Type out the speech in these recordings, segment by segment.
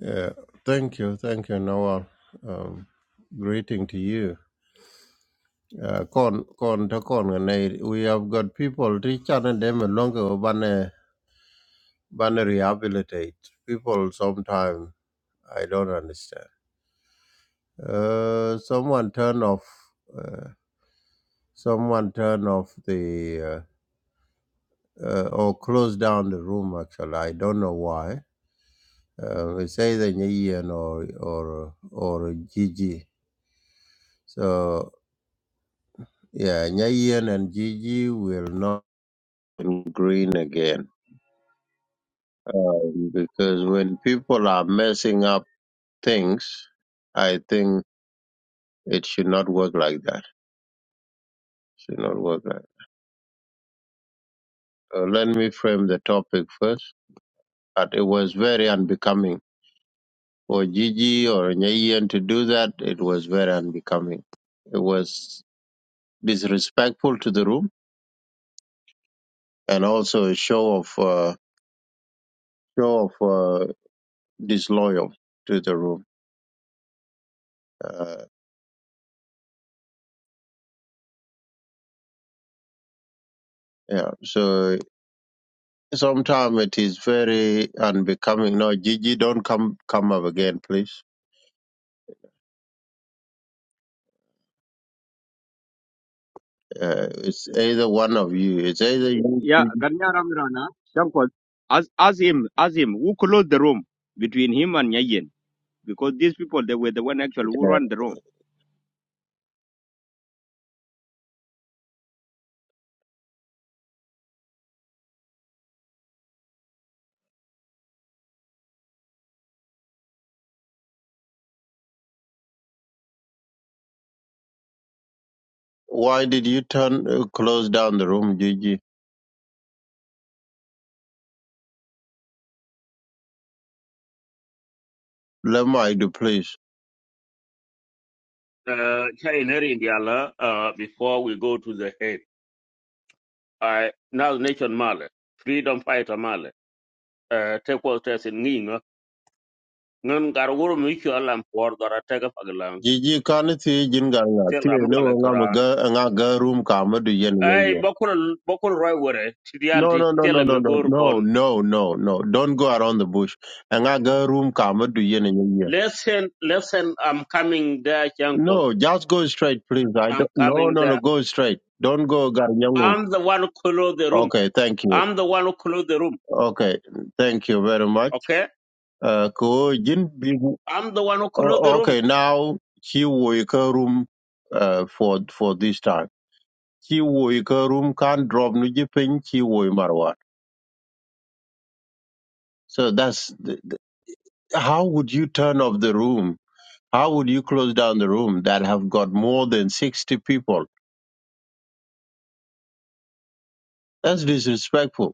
Yeah, thank you, thank you, Nawal. Um, greeting to you. Uh, Kon kon ta kon ga nei, we have got people to channel them longer bane bane rehabilitate people Sometimes I don't understand. Uh, someone turn off uh, someone turn off the uh, uh, or close down the room actually I don't know why. Uh, it's either Nyian or or or Gigi. So. Yeah, Nyayen and Gigi will not be green again. Um, because when people are messing up things, I think it should not work like that. should not work like that. Uh, let me frame the topic first. But it was very unbecoming for Gigi or Nyayen to do that. It was very unbecoming. It was disrespectful to the room and also a show of uh, show of uh, disloyal to the room. Uh, Yeah. So sometimes it is very unbecoming. No, Gigi, don't come come up again, please. Uh, it's either one of you. It's either you. Yeah, Gigi. Ganya Ramirana, Shankot, ask, ask him, as him, who closed the room between him and Nyayen? Because these people, they were the one actually who Yeah. ran the room. Why did you turn uh, close down the room, Gigi? Let me do, please. Uh, China in the Allah. uh, before we go to the head, I now nation Mali, freedom fighter Mali, uh, take what test in Nino, Nun Garwur Michel and Port Garatega Pagalang, Gigi, can it see jinga nga? Tell Tiye Amrala no nga Karan. mga nga ga room kama do yen I wenye. Bokul Bokul Roywere, No, Tidialti, no, no, Tell no, him no, no, no, Megorkon. no, no, no. Don't go around the bush. Nga ga room kama do yen wenye. Listen, listen, I'm coming there, Jankos. No, just go straight, please. I I'm don't, no, coming no, no, there. go straight. Don't go Garnyangu. I'm the one who closed the room. Okay, thank you. I'm the one who closed the room. Okay, thank you very much. Okay? Uh, ko Jin Bing- I'm the one who closed the o- room. okay, now he will room uh, for for this time. He will room can't drop Nujipin, he will Marwat. So that's the, the, how would you turn off the room? How would you close down the room that have got more than 60 people? That's disrespectful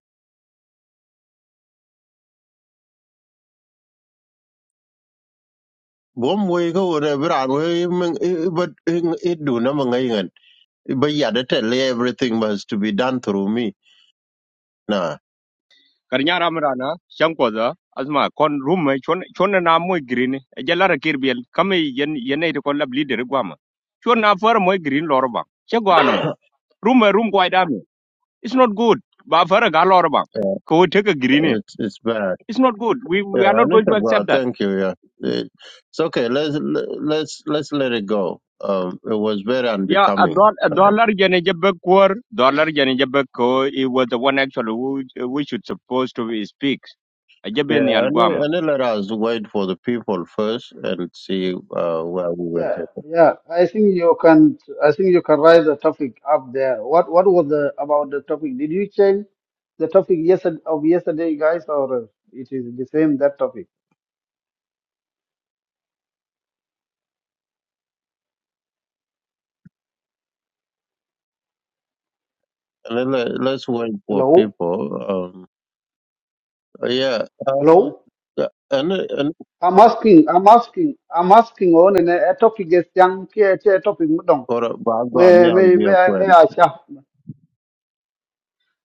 bom we ko re bran we men eh, eh, but eh, it do na man ngai ngan. but yeah that tell you everything has to be done through me nah Ganya Ramirana, Shankot, asma con room uh, chon chon na moy green jalara kirbiel kame yen yene to kolla leader gwama chon na far moy green lorba che gwanamo room eh, room kwai dami it's not good ba far ga lorba ko take a green eh. it's it's bad it's not good we we are yeah not and going it's to accept bad. that thank you yeah Eh, it's okay let's let's let's let it go um it was very Yeah, a unbecoming dollar, a dollar jene jebe kur, dollar jene jebe ko, it was the one actually we, we should supposed to be speak. Ajebe ni yeah and, alguama. and then let us wait for the people first and see uh, where we will Yeah, take it yeah. I think you can. I think you can write the topic up there. What What was the about the topic? Did you change the topic yesterday of yesterday, guys, or uh, it is the same that topic? and then let, let's wait for Hello, people um yeah uh, hello. and, and I'm asking. I'm asking. I'm asking on a topic is young. A topic. Mudong. और बात बात May में आ May गया May I May पर I? share?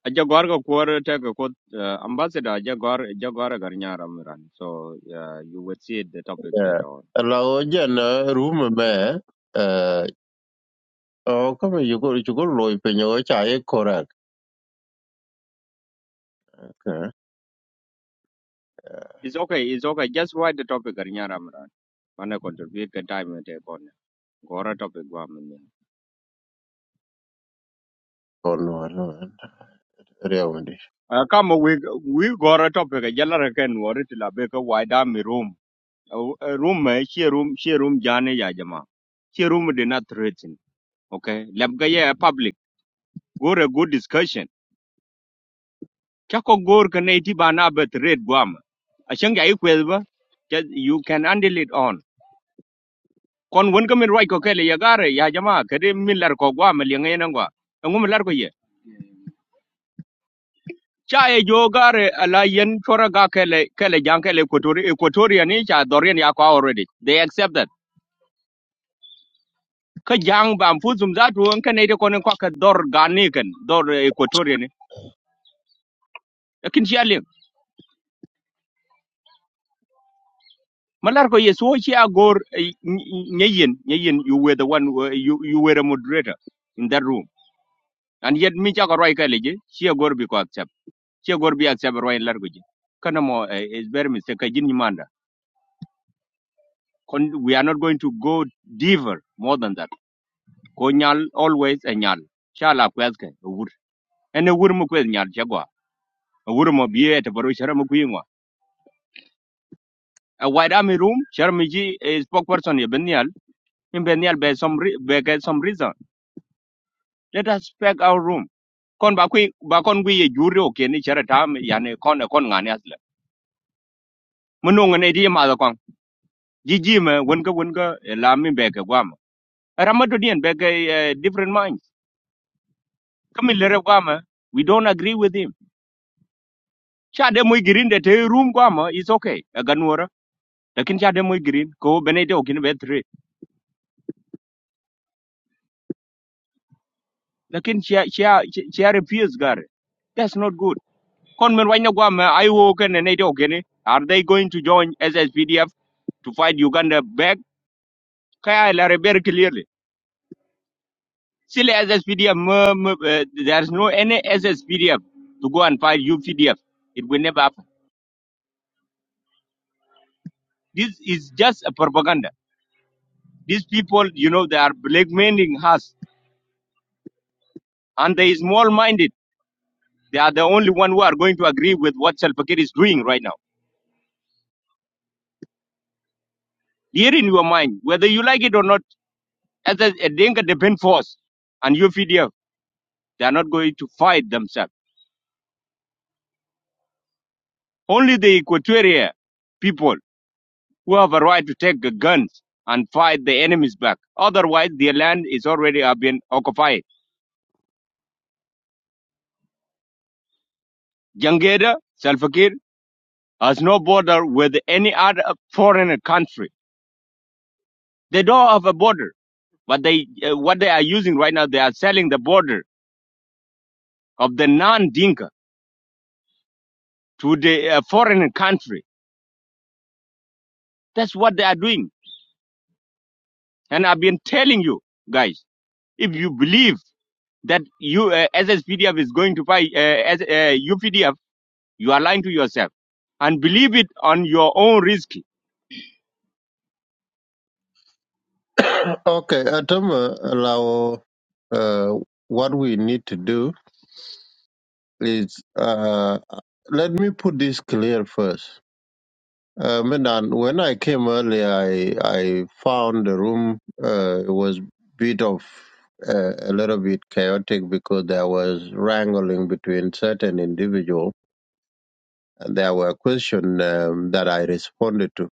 Aja gorga kur teka kot uh, ambassador aja gor aja gorga garnyara miran. So yeah, you would see the topic that all. लाओ जन room में अ, ओ कम युगो युगो लोई पे नो चाय कोरक It's okay, it's okay. Just write the topic garnyara miran. Mana contribute ke time e te kon. Gora topic gwa minya. Cone रेवंडी Uh, kama we we gora topic aja la reken wori tila beka wide mi room. Uh, uh, room eh, she room she room jane ya jama she room did not threaten okay labga ye public go a good discussion kako gor ka naiti ba na bet red guam ashang ya ba just you can handle it on kon won ka min right ko kele ya gare ya jama kede min lar ko guam le ngai nan gwa ngum lar ko ye cha e jo gare ala yen chora ga kele kele jang kele kotori equatoria ni cha dorian ya ko already they accept that ka jang ba fuzum za tu an kana ida konin kwa ka dor gane kan dor equatorial lakin shi alin malar ko yeso shi a gor eh, you were the one uh, you, you were a moderator in that room and yet mi cha ko roi ka leje shi a bi ko accept shi a gor bi accept roi lar ko ji kana mo eh, is very mistake ka jin ni manda kon we are not going to go deeper more than that ko nyal always a nyal shala kwes ka wur ene wur mu kwes nyal chagwa wur mo biye te baro shara mu kuyingwa A White Army Room, Sharmiji a spokesperson in Benial, in Benial by some re- by get some reason. Let us pack our room. Kon ba kui ba kon kui ye juri o ni chara tam yani kon kon ngani asla. Munung ne di ma kon. Jiji me wenka wenka la mi beke guam. Ramadu dien beke uh, different minds. Kami lere guam. We don't agree with him. Cha de muy green de te room guam is okay. Aganwara. Lakin cha de muy green ko benede o ni betre. Lakin cha cha cha refuse gare. That's not good. Conman Wanyagwama, Iwoken and Ethiopia, are they going to join SSPDF to fight Uganda back? Kaya Larry very clearly. Still SSPDF, mm, mm, uh, there's no any SSPDF to go and fight UPDF. It will never happen. This is just a propaganda. These people, you know, they are blackmailing us and they are small-minded. They are the only one who are going to agree with what Salva Kiir is doing right now. Here in your mind, whether you like it or not, as a Dinka depend force and UPDF They are not going to fight themselves. Only the Equatorial people who have a right to take the guns and fight the enemies back. Otherwise, their land is already have been occupied. Jangeda, Salfakir, has no border with any other foreign country. They don't have a border, but they uh, what they are using right now, they are selling the border of the non-Dinka to the uh, foreign country. That's what they are doing. And I've been telling you guys, if you believe that you uh, SSPDF is going to fight uh, S- uh, UPDF, you are lying to yourself and believe it on your own risk. okay atam lawo uh, what we need to do is uh, let me put this clear first Uh, Medan, when I came early, I I found the room uh, it was bit of uh, a little bit chaotic because there was wrangling between certain individual, and there were questions um, that I responded to.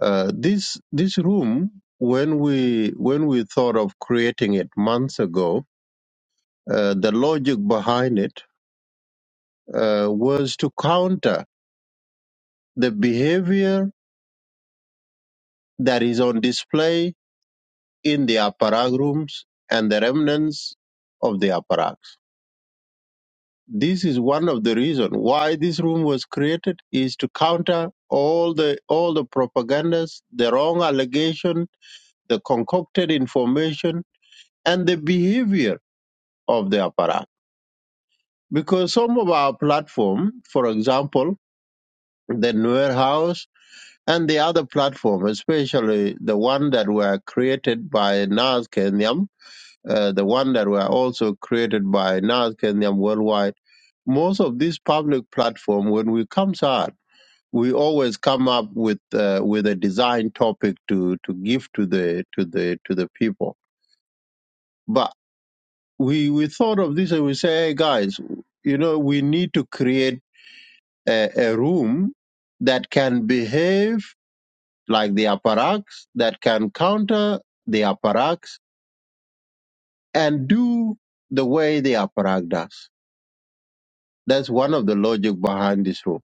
Uh, this this room, when we when we thought of creating it months ago, uh, the logic behind it uh, was to counter the behavior that is on display in the upper ark rooms and the remnants of the upper arks. This is one of the reasons why this room was created is to counter all the all the propagandas, the wrong allegation, the concocted information, and the behavior of the upper ark. Because some of our platform, for example, the Nuer House and the other platform, especially the one that were created by Nas Kenyam, uh, the one that were also created by NAS Kenyam Worldwide. Most of these public platform, when we comes out, we always come up with uh, with a design topic to to give to the to the to the people. But we we thought of this and we say, hey guys, you know, we need to create a, a room that can behave like the apparatus, that can counter the apparatus and do the way the apparatus does That's one of the logic behind this rule.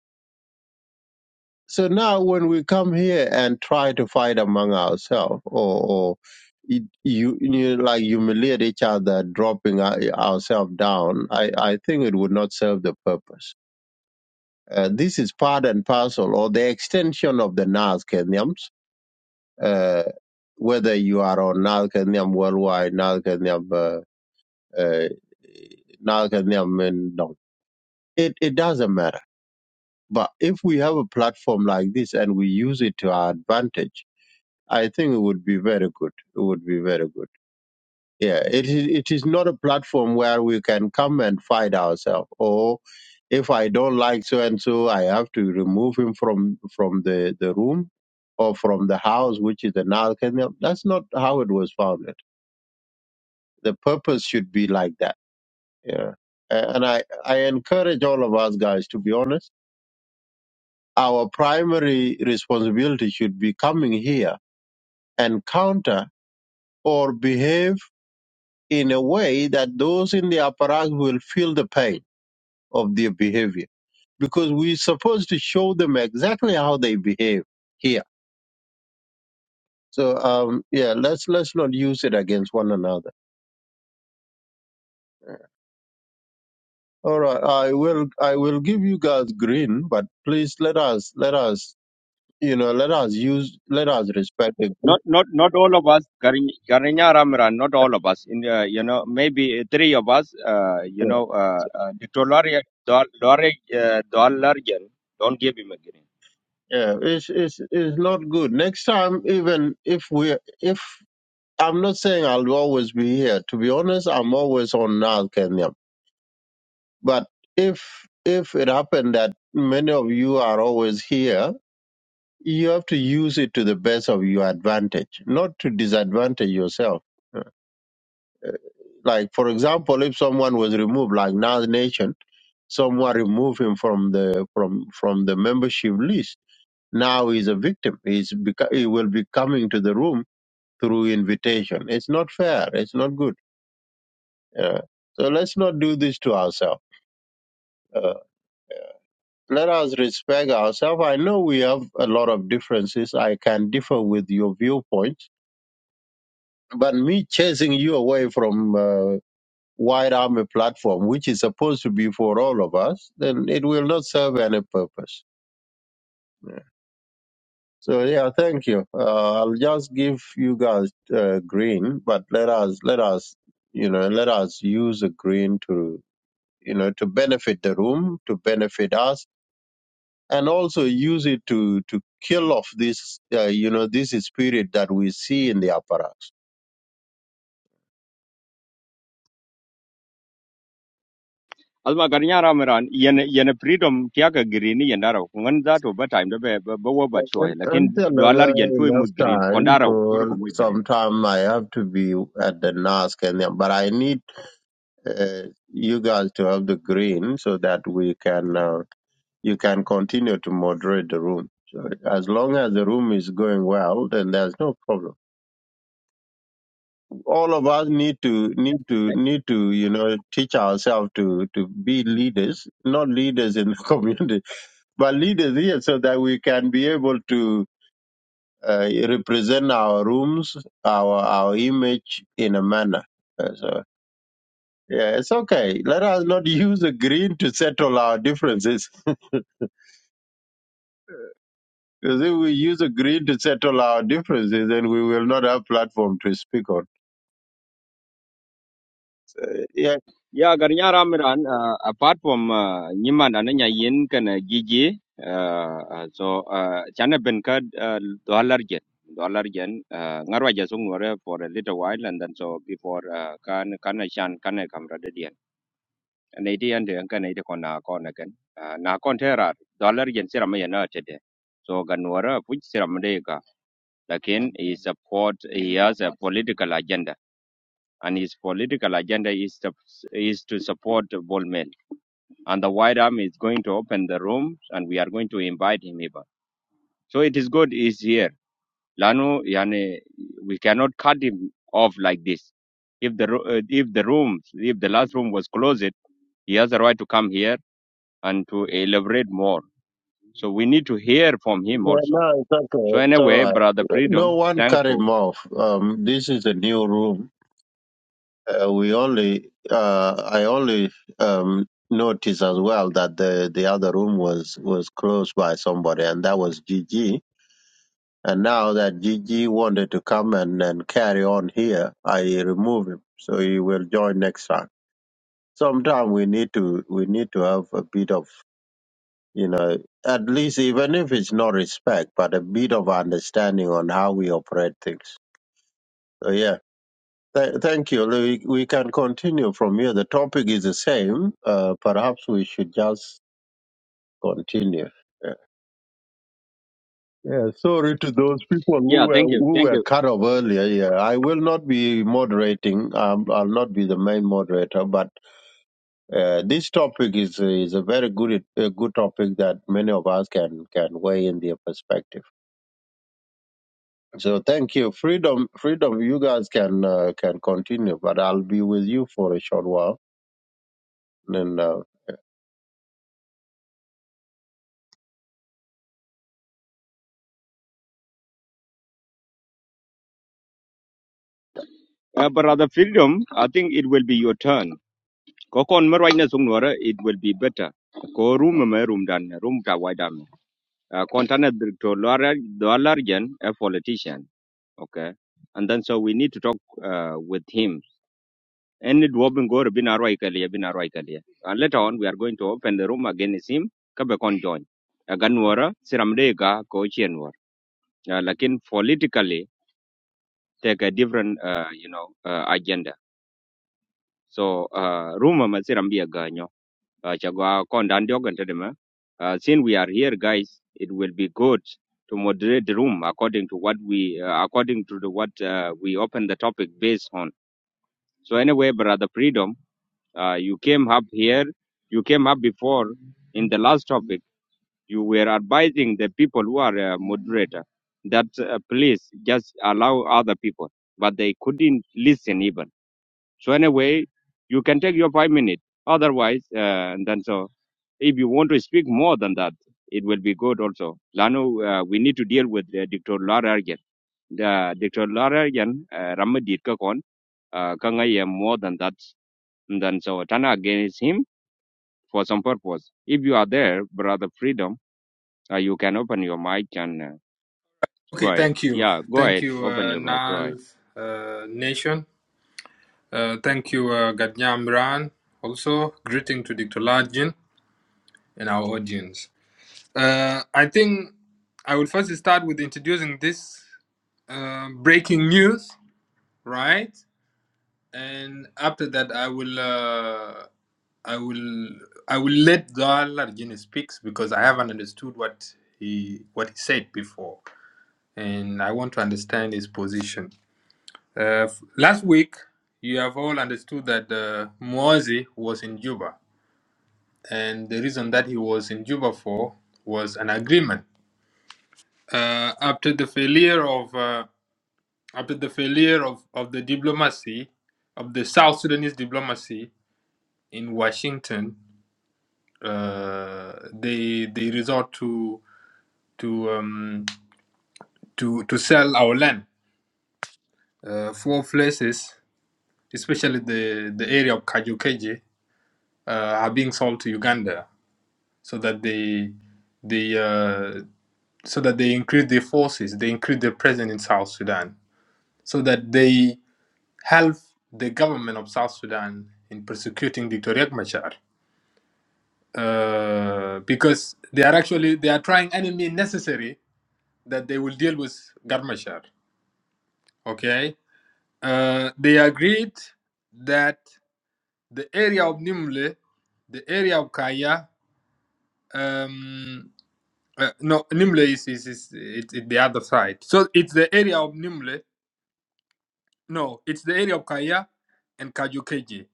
So now when we come here and try to fight among ourselves or, or it, you, you know, like humiliate each other, dropping our, ourselves down, I, I think it would not serve the purpose. Uh, this is part and parcel or the extension of the Nas Kenyans, uh, whether you are on Nas Kenyam worldwide, Nas Kenyam, uh, uh, Nas Kenyam, uh, no. it, it doesn't matter But if we have a platform like this and we use it to our advantage, I think it would be very good. It would be very good. Yeah, it is, it is not a platform where we can come and fight ourselves. Or if I don't like so and so, I have to remove him from from the, the room or from the house, which is another kind of- That's not how it was founded. The purpose should be like that. Yeah, and I I encourage all of us guys to be honest Our primary responsibility should be coming here and counter or behave in a way that those in the apparatus will feel the pain of their behavior because we're supposed to show them exactly how they behave here. So um, yeah, let's let's not use it against one another. All right, I will I will give you guys green, but please let us let us you know let us use let us respect the Not not not all of us, Karinya Ramiran, not all of us. In uh, you know maybe three of us, uh, you group. know, uh, uh, Dr. Lorry Lorry, uh, Largen, don't give him a green. Yeah, it's it's it's not good. Next time, even if we if I'm not saying I'll always be here. To be honest, I'm always on North Kenya. But if if it happened that many of you are always here, you have to use it to the best of your advantage, not to disadvantage yourself. Like for example, if someone was removed, like Nas Nation, someone removed him from the from from the membership list. Now he's a victim. He's beca- he will be coming to the room through invitation. It's not fair. It's not good. Uh, so let's not do this to ourselves. Uh, let us respect ourselves. I know we have a lot of differences. I can differ with your viewpoints, but me chasing you away from uh, White Army platform, which is supposed to be for all of us, then it will not serve any purpose. So yeah, thank you. Uh, I'll just give you guys uh, green, but let us let us you know let us use the green to you know, to benefit the room, to benefit us, and also use it to to kill off this, uh, you know, this spirit that we see in the apparatus. Alma Karinya Ramiran, yen yen freedom tiaka green yendaro. Kungan that over time the be be be wo bat choy. And Lakin Until Dollar uh, Gen to him enough green. time, Kondara, koro cool. kumwe green. Sometime I have to be at the NASC, and then- but I need uh, you guys to have the green so that we can uh, you can continue to moderate the room. So as long as the room is going well, then there's no problem. all of us need to need to need to you know teach ourselves to to be leaders not leaders in the community but leaders here so that we can be able to uh, represent our rooms our our image in a manner Uh, so yeah it's okay let us not use a green to settle our differences because if we use a green to settle our differences then we will not have platform to speak on Yeah, Yeah, Garnya Ramiran, uh, apart from uh, Nyiman and Nya Yin can uh, Gigi, uh, uh, so uh, Chana Benkad, uh, dollar yen, dollar yen, uh, Ngarwa Jasungware for a little while and then so before uh, Kan Kana Shan Kana Kamradian. And eighty and the Kanada Kona Konakan, Na Kontera, dollar yen Siramaya today. So Ganwara, which Siramadeka, Lakin is support, he has a political agenda. And his political agenda is to, is to support Bolmel and the white army is going to open the rooms and we are going to invite him even. So it is good he's here. Lano, yani, we cannot cut him off like this. If the ro- uh, if the rooms, if the last room was closed, he has a right to come here and to elaborate more. So we need to hear from him Yeah, also. no, it's So okay. It's all anyway, right. brother No Freedom, one cut thankful. him off. Um, this is a new room. Uh, we only, uh, I only um, noticed as well that the, the other room was, was closed by somebody, and that was Gigi. And now that Gigi wanted to come and, and carry on here, I remove him, so he will join next time. Sometime we need to we need to have a bit of You know, at least even if it's not respect, but a bit of understanding on how we operate things. So yeah. Th- thank you. We, we can continue from here. The topic is the same. Uh, perhaps we should just continue. Yeah. yeah. Sorry to those people who Yeah, were thank you, who thank were you, cut off earlier. Yeah. I will not be moderating. Um, I'll not be the main moderator. But uh, this topic is is a very good a good topic that many of us can can weigh in their perspective. So thank you. Freedom, freedom. You guys can uh, can continue, but I'll be with you for a short while. And uh, uh, brother Freedom. I think it will be your turn. Ko kon mo right na sung nuora, It will be better. Ko room mo room dan room ka wai dam. uh, container to Laura, Largen, a politician. Okay. And then so we need to talk uh, with him. And it will be good, been a right earlier, been a right And later on, we are going to open the room against him. Kabe kon join. Agan wara, siramdega, kochien war. Uh, Lakin politically, take a different, uh, you know, uh, agenda. So, uh, rumor masirambia ganyo. uh, Chagwa Konda Ndiogan Tedema. Uh, uh, since we are here, guys, it will be good to moderate the room according to what we, uh, according to the, what uh, we open the topic based on. So anyway, brother Freedom, uh, you came up here, you came up before in the last topic. You were advising the people who are uh, moderator that uh, please just allow other people, but they couldn't listen even. So anyway, you can take your five minutes. Otherwise, uh, and then so if you want to speak more than that, it will be good also. Lano, uh, we need to deal with uh, Dr. Lara again. The Dr. Lara again, uh, Ramadit Kakon, uh, Kangaya more than that. And then so Tana against him for some purpose. If you are there, brother Freedom, uh, you can open your mic and uh, go Okay, ahead. thank you. Yeah, go Thank ahead. you, Open uh, your mic. Go ahead. Nas uh, Nation. Uh, thank you, uh, Gadnyam Ran. Also, greeting to Dr. Lajin and our audience. Uh, I think I will first start with introducing this uh, breaking news, right? And after that, I will, uh, I will, I will let Dal Arjun speaks because I haven't understood what he what he said before, and I want to understand his position. Uh, f- last week, you have all understood that uh, Muazi was in Juba, and the reason that he was in Juba for was an agreement. Uh, after the failure of uh, after the failure of, of the diplomacy of the South Sudanese diplomacy in Washington, uh, they they resort to to um, to to sell our land. Uh, four places, especially the the area of Kajukeji, uh, are being sold to Uganda so that they they uh, so that they increase their forces, they increase their presence in South Sudan, so that they help the government of South Sudan in persecuting Dictator Riek Machar, uh, because they are actually they are trying any means necessary that they will deal with Garmachar. Okay, uh, they agreed that the area of Nimle, the area of Kaya. Um, Uh, no, Nimle is is, is it, it the other side. So it's the area of Nimle. No, it's the area of Kaya and Kajukeji.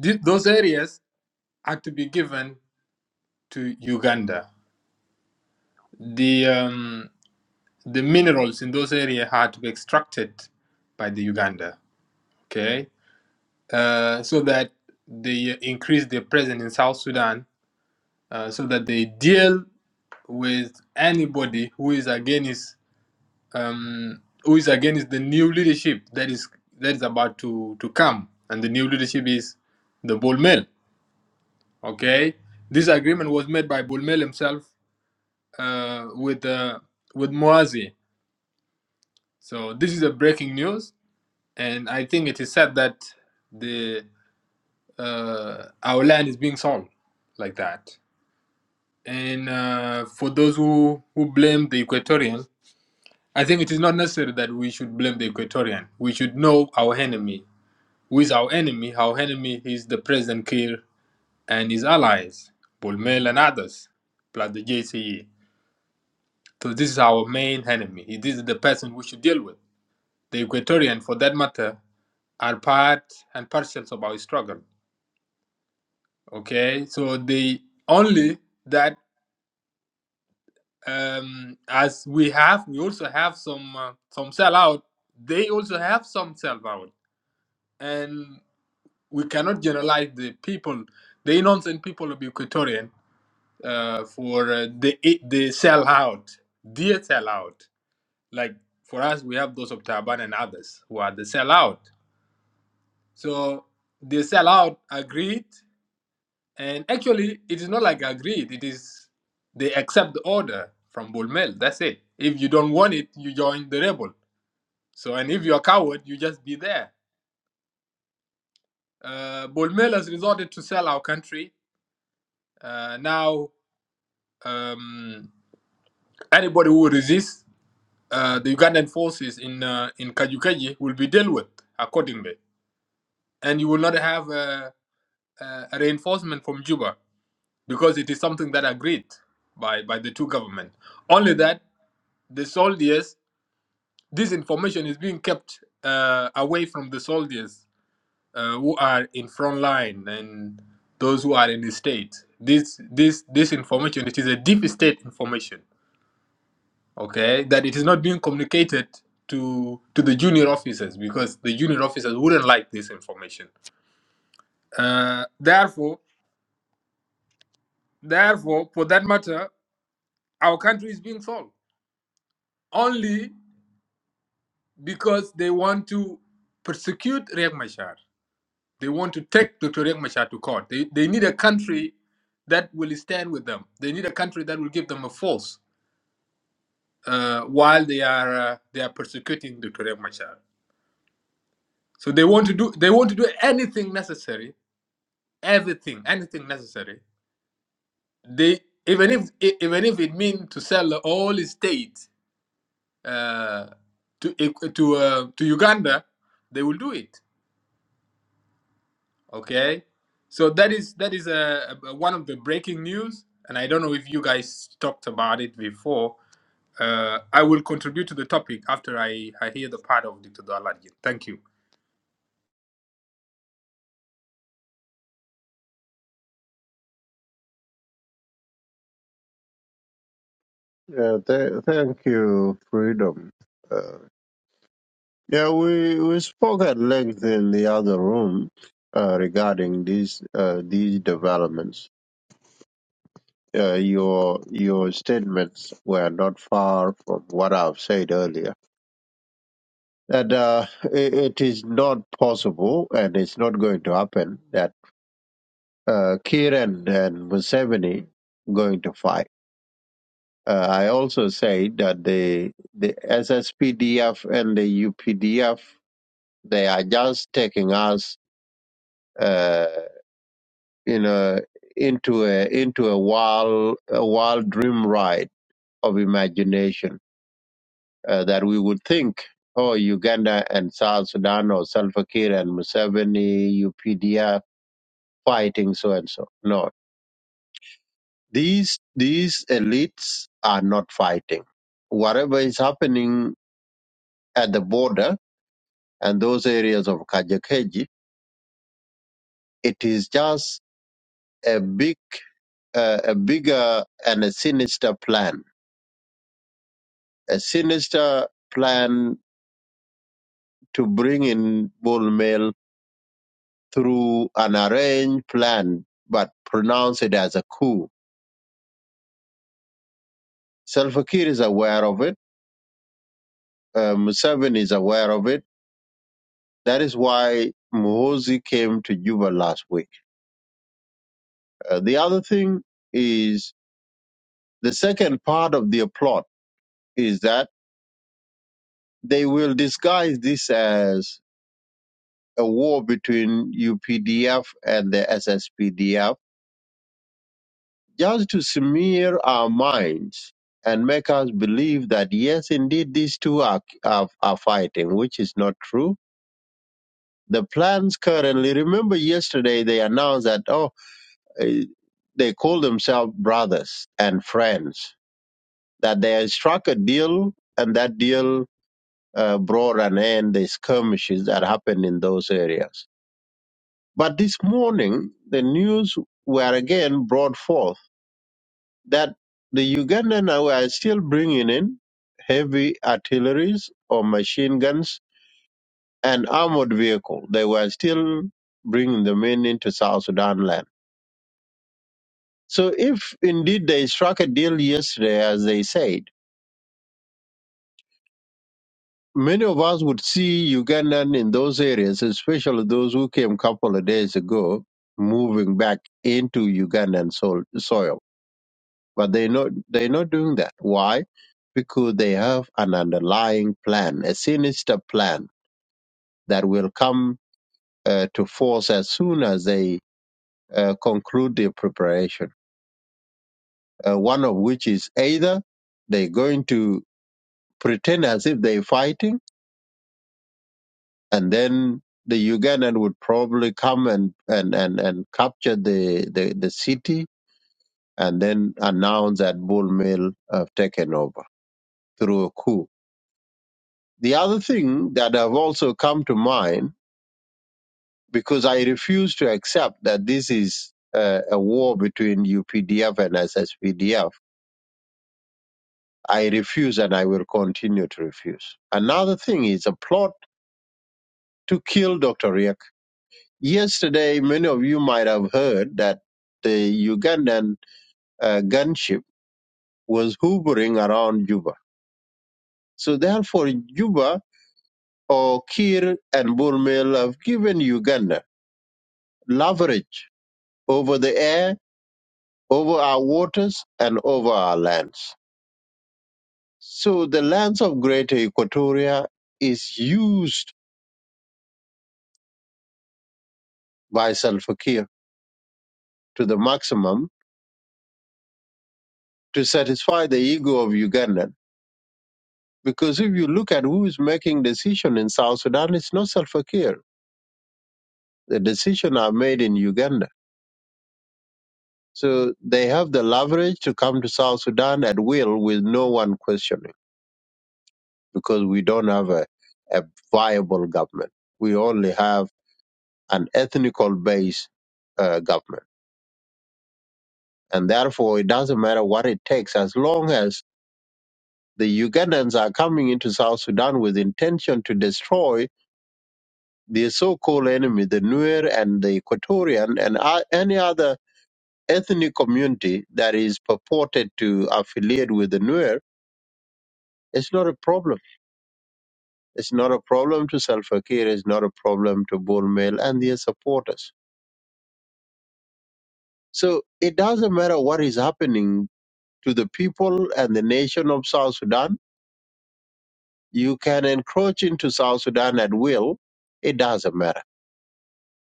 Th- those areas are to be given to Uganda. The um, the minerals in those areas are to be extracted by the Uganda. Okay, uh, so that they increase their presence in South Sudan, uh, so that they deal with anybody who is against um, who is against the new leadership that is that is about to to come, and the new leadership is the Bolmel. Okay, this agreement was made by Bolmel himself uh, with uh, with Moazi. So this is a breaking news, and I think it is said that the uh, our land is being sold like that. And uh, for those who who blame the Equatorian, I think it is not necessary that we should blame the Equatorian. We should know our enemy with our enemy. Our enemy is the President Kiir and his allies, Bulmel and others, plus the JCE. So this is our main enemy. This is the person we should deal with. The Equatorian, for that matter, are part and parcels of our struggle. Okay, so they only that um, as we have, we also have some uh, some sell out. They also have some sell out, and we cannot generalize the people, the innocent people of Equatorian uh, for uh, the the sell out, dear sell out. Like for us, we have those of Taban and others who are the sell out. So they sell out agreed, and actually, it is not like agreed. It is they accept the order from Bulmel. That's it. If you don't want it, you join the rebel. So, and if you're a coward, you just be there. Uh, Bulmel has resorted to sell our country. Uh, now, um, anybody who resists uh, the Ugandan forces in uh, in Kajukeji will be dealt with accordingly, and you will not have uh, uh, a reinforcement from Juba because it is something that agreed by by the two government. Only that the soldiers, this information is being kept uh, away from the soldiers uh, who are in front line and those who are in the state. This this this information it is a deep state information okay, that it is not being communicated to to the junior officers because the junior officers wouldn't like this information. Uh, therefore, therefore, for that matter, our country is being sold only because they want to persecute Riek Machar. They want to take Dr. Riek Machar to court. They, they need a country that will stand with them. They need a country that will give them a force uh, while they are uh, they are persecuting Dr. Riek Machar. So they want to do they want to do anything necessary everything, anything necessary. They even if e- even if it means to sell all state uh, to to uh, to Uganda, they will do it. Okay, so that is that is a uh, one of the breaking news, and I don't know if you guys talked about it before. Uh, I will contribute to the topic after I, I hear the part of Dr. Dalarjin. Thank you. yeah, th- thank you, freedom. Uh, yeah, we we spoke at length in the other room uh, regarding these uh, these developments. Uh, your your statements were not far from what I've said earlier. That uh, it, it is not possible, and it's not going to happen. that. uh, Kiir and, and Museveni going to fight. Uh, I also say that the the SSPDF and the UPDF they are just taking us, uh, you know, into a into a wild a wild dream ride of imagination uh, that we would think, oh, Uganda and South Sudan or Salva Kiir and Museveni, UPDF fighting so and so. No, These these elites are not fighting. Whatever is happening at the border and those areas of Kajakeji, it is just a big, uh, a bigger and a sinister plan, a sinister plan to bring in bull mail through an arranged plan, but pronounce it as a coup. Salva Kiir is aware of it. Uh, Museveni is aware of it. That is why Muhozi came to Juba last week Uh, the other thing is the second part of their plot is that they will disguise this as a war between UPDF and the SSPDF just to smear our minds and make us believe that yes, indeed, these two are, are, are fighting, which is not true. The plans currently, remember yesterday they announced that, oh, eh, they call themselves brothers and friends, that they struck a deal and that deal uh, brought an end the skirmishes that happened in those areas. But this morning, the news were again brought forth that the Ugandan were still bringing in heavy artilleries or machine guns and armored vehicle. They were still bringing them in into South Sudan land. So if indeed they struck a deal yesterday, as they said, Many of us would see Ugandan in those areas, especially those who came a couple of days ago, moving back into Ugandan soil. soil. But they not they're not doing that. Why? Because they have an underlying plan, a sinister plan that will come uh, to force as soon as they uh, conclude their preparation. Uh, one of which is either they're going to pretend as if they're fighting and then the Ugandan would probably come and and and, and capture the, the the city and then announce that Bull Mill have taken over through a coup. The other thing that have also come to mind because I refuse to accept that this is uh, a war between UPDF and SSPDF. I refuse and I will continue to refuse. Another thing is a plot to kill Dr. Riek Yesterday, many of you might have heard that the Ugandan uh, gunship was hovering around Juba. So, therefore, Juba or Kir and Burmel have given Uganda leverage over the air, over our waters, and over our lands. So, the lands of Greater Equatoria is used by Salva Kiir to the maximum to satisfy the ego of Uganda Because if you look at who is making decision in South Sudan, it's not Salva Kiir. The decision are made in Uganda. So they have the leverage to come to South Sudan at will with no one questioning because we don't have a, a viable government. We only have an ethnical based uh, government. And therefore, it doesn't matter what it takes as long as the Ugandans are coming into South Sudan with intention to destroy the so-called enemy, the Nuer and the Equatorian and uh, any other ethnic community that is purported to affiliate with the Nuer, it's not a problem. It's not a problem to Salva Kiir. It's not a problem to Bullmail and their supporters. So it doesn't matter what is happening to the people and the nation of South Sudan. You can encroach into South Sudan at will. It doesn't matter.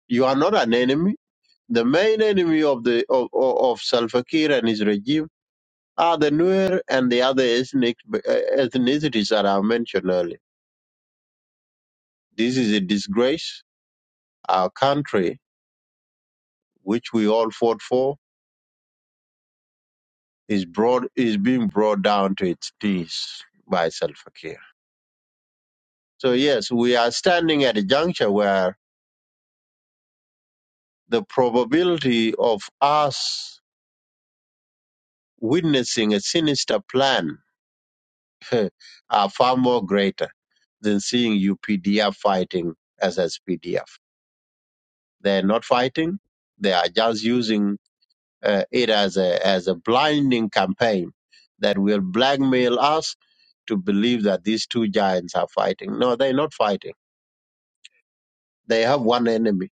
You are not an enemy. The main enemy of the of, of of Salva Kiir and his regime are the Nuer and the other ethnic, uh, ethnicities that I mentioned earlier. This is a disgrace. Our country, which we all fought for, is brought is being brought down to its knees by Salva Kiir. So yes, we are standing at a juncture where the probability of us witnessing a sinister plan are far more greater than seeing UPDF fighting SSPDF. They're not fighting; they are just using uh, it as a as a blinding campaign that will blackmail us to believe that these two giants are fighting. No, they're not fighting. They have one enemy.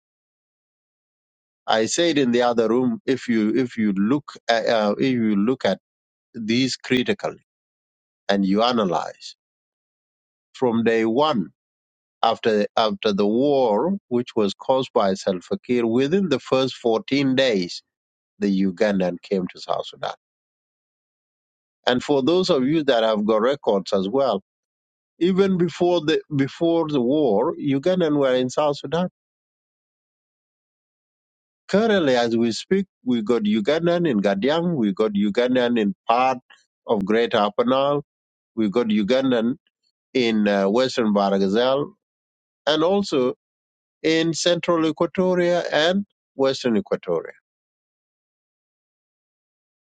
I said in the other room, if you if you look at, uh, if you look at these critically and you analyze from day one after after the war, which was caused by Salva Kiir, within the first 14 days, the Ugandan came to South Sudan. And for those of you that have got records as well Even before the before the war, Ugandan were in South Sudan. Currently, as we speak, we got Ugandan in Gadiang, we got Ugandan in part of Greater Upper Nile, we got Ugandan in uh, Western Baragazal, and also in Central Equatoria and Western Equatoria.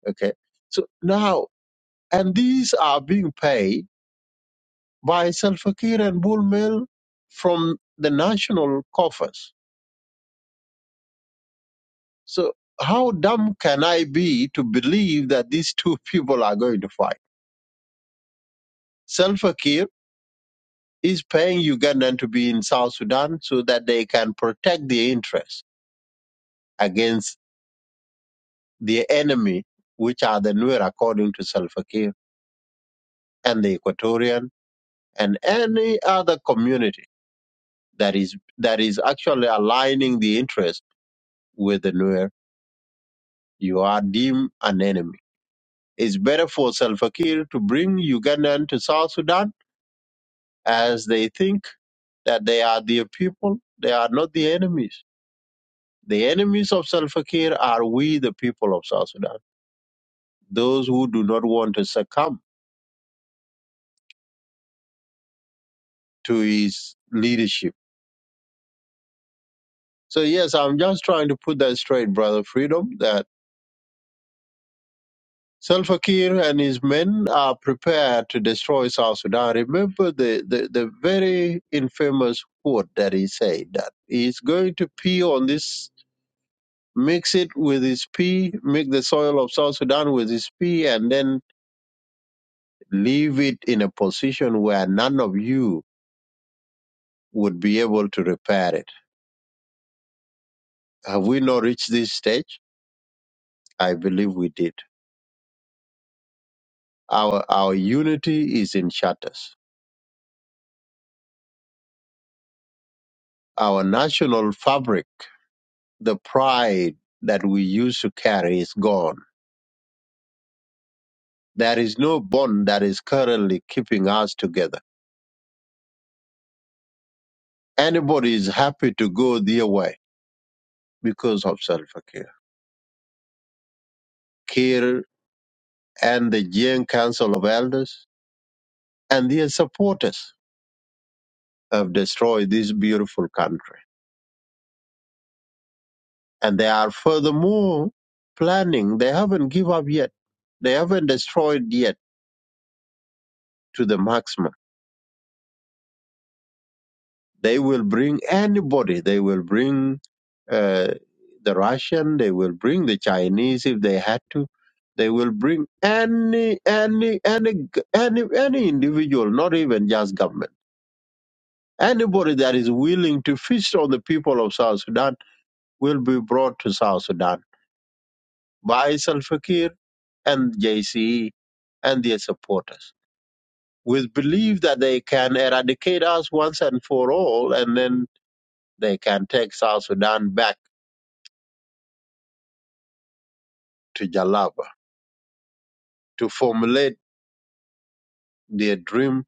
Okay, so now and these are being paid by Salva Kiir and Bull Mill from the national coffers So how dumb can I be to believe that these two people are going to fight? Salva Kiir is paying Ugandan to be in South Sudan so that they can protect their interests against the enemy, which are the Nuer, according to Salva Kiir, and the Equatorian and any other community that is that is actually aligning the interest with the Nuer. You are deemed an enemy. It's better for Salva Kiir to bring Ugandan to South Sudan as they think that they are their people. They are not the enemies. The enemies of Salva Kiir are we, the people of South Sudan, those who do not want to succumb to his leadership. So, yes, I'm just trying to put that straight, Brother Freedom, that Salva Kiir and his men are prepared to destroy South Sudan. Remember the, the, the very infamous quote that he said that he's going to pee on this mix it with his pee, make the soil of South Sudan with his pee, and then leave it in a position where none of you would be able to repair it. Have we not reached this stage? I believe we did. Our, our unity is in shatters. Our national fabric, the pride that we used to carry is gone. There is no bond that is currently keeping us together. Anybody is happy to go their way because of self-care. and the Jain Council of Elders and their supporters have destroyed this beautiful country. And they are furthermore planning, they haven't give up yet. They haven't destroyed yet to the maximum. They will bring anybody. They will bring uh, the Russian. They will bring the Chinese if they had to. They will bring any, any, any, g- any, any individual, not even just government. Anybody that is willing to feast on the people of South Sudan will be brought to South Sudan by Salva Kiir and JCE and their supporters with belief that they can eradicate us once and for all and then they can take South Sudan back to Jalaba to formulate their dream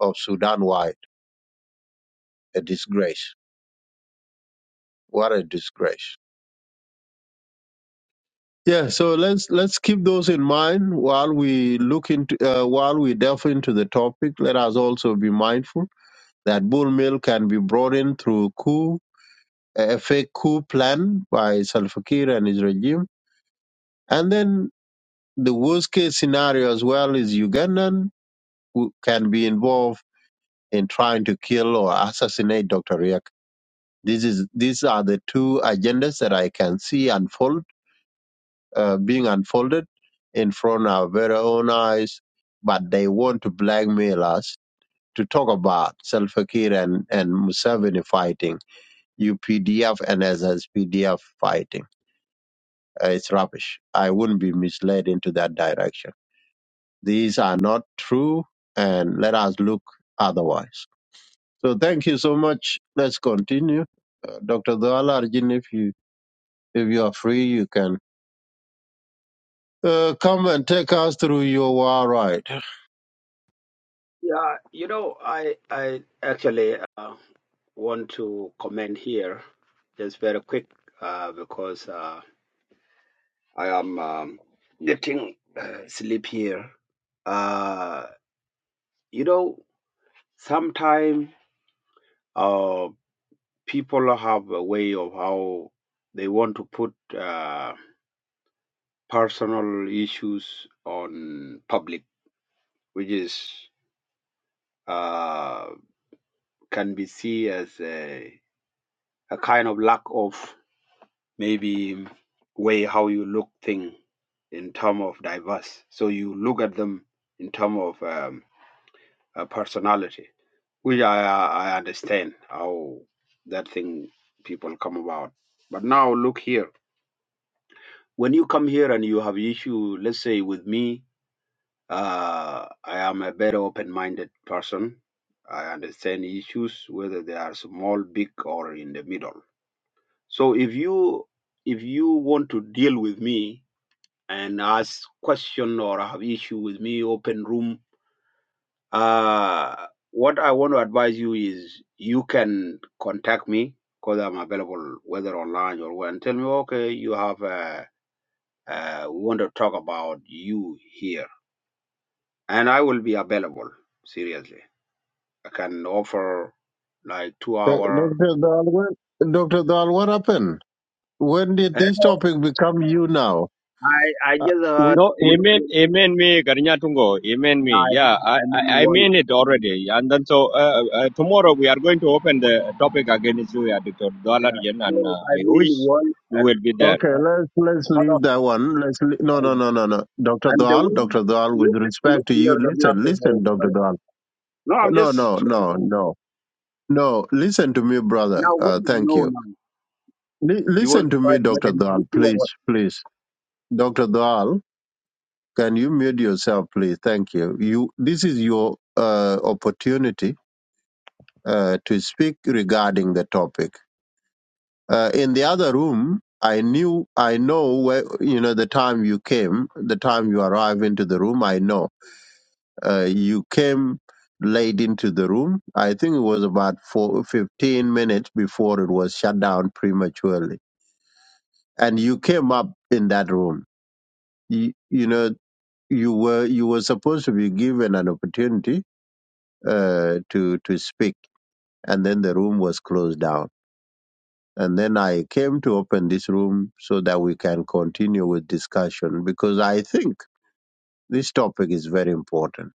of Sudan wide. A disgrace. What a disgrace. Yeah, so let's let's keep those in mind while we look into uh, while we delve into the topic. Let us also be mindful that bull meal can be brought in through coup a fake coup plan by Salva Kiir and his regime. And then the worst case scenario as well is Ugandan who can be involved in trying to kill or assassinate Dr. Riek. This is these are the two agendas that I can see unfold uh, being unfolded in front of our very own eyes, but they want to blackmail us to talk about Salva Kiir and, and Museveni fighting, UPDF and SSPDF fighting. uh, it's rubbish. I wouldn't be misled into that direction. These are not true, and let us look otherwise. So thank you so much. Let's continue, uh, Dr. Dalarjin. If you if you are free, you can uh, come and take us through your war ride, Yeah, you know, I I actually uh, want to comment here just very quick uh, because uh, I am um, getting uh, sleep here. Uh, you know, sometimes uh, people have a way of how they want to put uh, personal issues on public, which is uh, can be seen as a, a kind of lack of maybe way how you look thing in term of diverse. So you look at them in term of um, uh, personality, which I I I understand how that thing people come about. But now look here. When you come here and you have issue, let's say with me, uh, I am a better open-minded person. I understand issues whether they are small, big, or in the middle. So if you if you want to deal with me and ask question or have issue with me open room uh what i want to advise you is you can contact me because i'm available whether online or when tell me okay you have uh, uh we want to talk about you here and i will be available seriously i can offer like two uh, hour Dr. Dal. When, Dr. Dal, what happened? When did Uh, this no, topic become you now? i i Uh, just we, heard No, we, you amen, know amen me, Garinya Tungo, amen no, me. i mean, Yeah, I, I I, mean I one mean it yeah, already. And then so uh, uh, tomorrow we are going to open the topic again is you, yeah, Dr. yeah. Galarian, so and uh, i I wish mean one you and will be a there. Okay, let's let's lot leave that one. Let's le- no of no no no no. Doctor And the Dwal, way Doctor Dwal, with look, look respect to you, here, Governor listen, listen, uh, Doctor Dwal. no, I'm No just no trying no to. no no. Listen to me, brother. Now, what do Uh, you thank know you. now? Li- You want listen to to try me, to make Doctor an Dwal, issue or please, what? please. Doctor Dwal, can you mute yourself, please? Thank you. You. This is your uh, opportunity uh, to speak regarding the topic. Uh, in the other room, I knew, I know where, you know, the time you came, the time you arrived into the room, I know. Uh, you came late into the room. I think it was about four, 15 minutes before it was shut down prematurely. And you came up in that room. You, you know, you were, you were supposed to be given an opportunity, uh, to, to speak. And then the room was closed down And then I came to open this room so that we can continue with discussion because I think this topic is very important.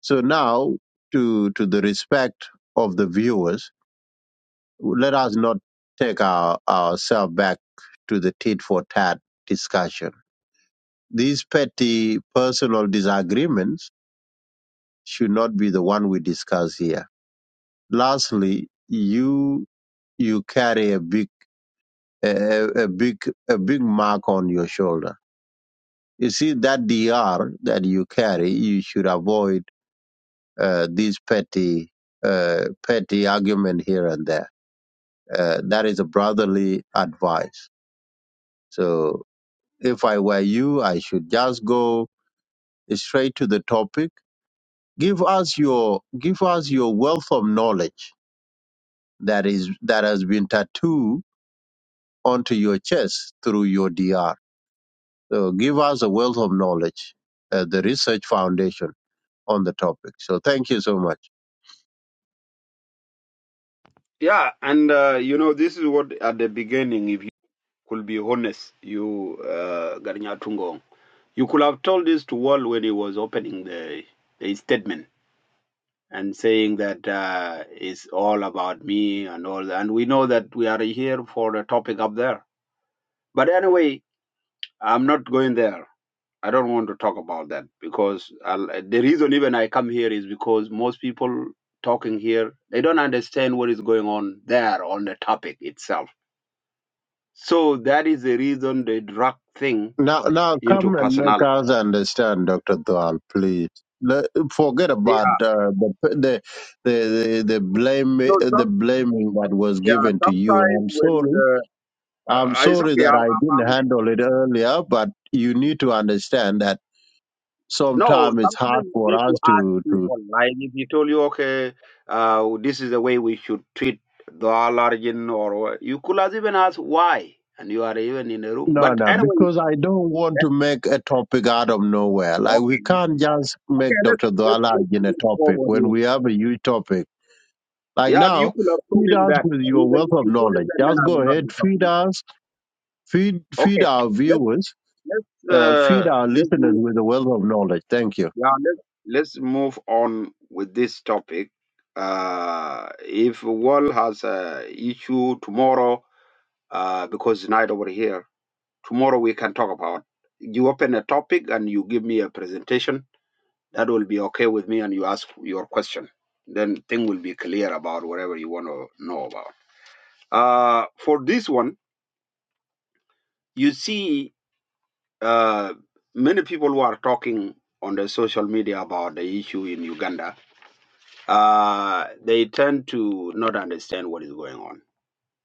So now to, to the respect of the viewers, let us not take our, ourselves back to the tit for tat discussion. These petty personal disagreements should not be the one we discuss here. Lastly, you, you carry a big, a, a a big, a big mark on your shoulder You see, that DR that you carry, you should avoid uh, these petty, uh, petty argument here and there. Uh, that is a brotherly advice. So if I were you, I should just go straight to the topic. Give us your, give us your wealth of knowledge that is, that has been tattooed onto your chest through your DR. So give us a wealth of knowledge, uh, the research foundation on the topic. So thank you so much. Yeah, and uh, you know, this is what at the beginning, if you could be honest, you, uh, Garinya Tungong, you could have told this to Wall when he was opening the, the statement and saying that uh, it's all about me and all that. And we know that we are here for a topic up there. But anyway, I'm not going there. I don't want to talk about that because I'll, the reason even I come here is because most people talking here they don't understand what is going on there on the topic itself. So that is the reason they drag thing Now, now into come and make personality. us understand, Doctor Dwal, please. Le- Forget Yeah. about uh, the, the the the the blame No, the some blaming that was yeah. given to you. Sometimes I'm when sorry. uh, I'm uh, it's sorry okay. that I'm, I I'm didn't handle it earlier, but you need to understand that No, sometimes it's sometimes hard you for need to us ask to to. people. Like if he told you, okay, uh, this is the way we should treat the allergen, or what- you could have even asked why, and you are even in a room. No, But no, anyway, because I don't want yeah, to make a topic out of nowhere. Like okay, we can't just okay, make let's Doctor let's Dwal let's argue in a move topic forward when here. we have a huge topic Like Yeah, you now, could have told feed him us that. with your Even wealth if of you told him knowledge. that, then Just I go will not be ahead, feed talking. us, feed feed Okay, our let's viewers, let's uh, feed uh, our let's move. listeners with the wealth of knowledge. Thank you. Yeah, let's let's move on with this topic. Uh, if world has a issue tomorrow, uh, because it's night over here, tomorrow we can talk about. You open a topic and you give me a presentation. That will be okay with me, and you ask your question. Then thing will be clear about whatever you want to know about. Uh, for this one, you see, uh, many people who are talking on the social media about the issue in Uganda uh, they tend to not understand what is going on.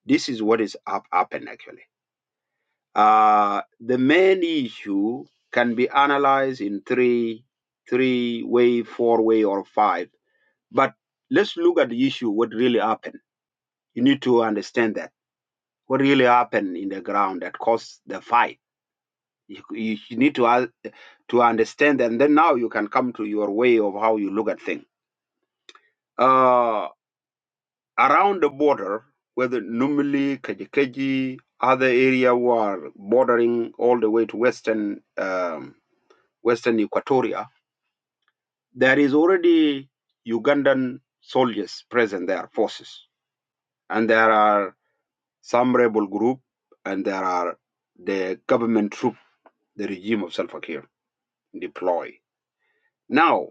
This is what is up, happened actually. Uh, the main issue can be analyzed in three, three way, four way, or five. But let's look at the issue. What really happened? You need to understand that what really happened in the ground that caused the fight. You, you, you need to uh, to understand, and then now you can come to your way of how you look at things. Uh, around the border, whether Numili, Kajikeji, other area were bordering all the way to western um, western Equatoria, there is already Ugandan soldiers present there, forces, and there are some rebel group, and there are the government troop, the regime of Salva Kiir deploy. Now,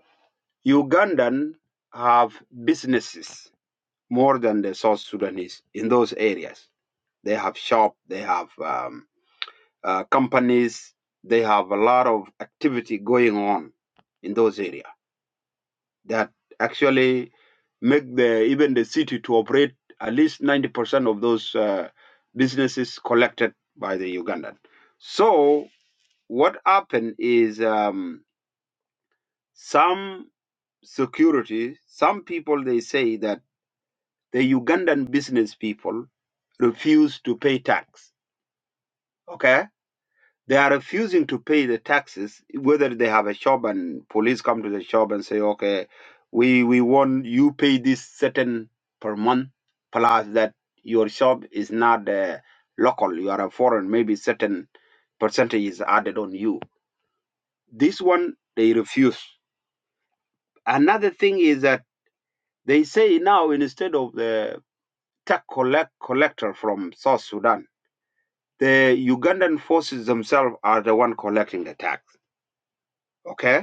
Ugandan have businesses more than the South Sudanese in those areas. They have shop, they have um, uh, companies they have a lot of activity going on in those areas that actually make the even the city to operate at least 90% of those uh, businesses collected by the ugandan so what happened is um, some security some people they say that the ugandan business people refuse to pay tax okay They are refusing to pay the taxes, whether they have a shop and police come to the shop and say, okay, we, we want you pay this certain per month, plus that your shop is not uh, local, you are a foreign, maybe certain percentage is added on you. This one, they refuse. Another thing is that they say now instead of the tax collect, collector from South Sudan, the Ugandan forces themselves are the one collecting the tax. Okay?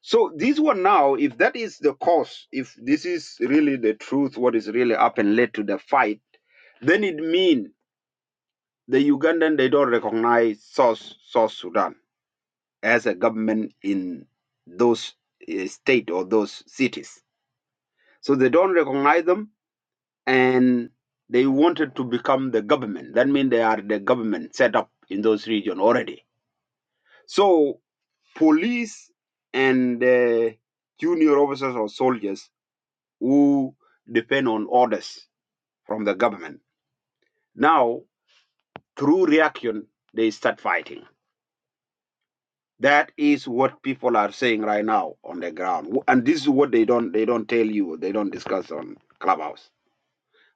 So these one now, if that is the cause, if this is really the truth, what is really happened led to the fight, then it means the Ugandan they don't recognize South South Sudan as a government in those uh, state or those cities. So they don't recognize them, and they wanted to become the government. That means they are the government set up in those region already. So police and uh, junior officers or soldiers who depend on orders from the government. Now, through reaction, they start fighting. That is what people are saying right now on the ground, and this is what they don't they don't tell you. They don't discuss on Clubhouse.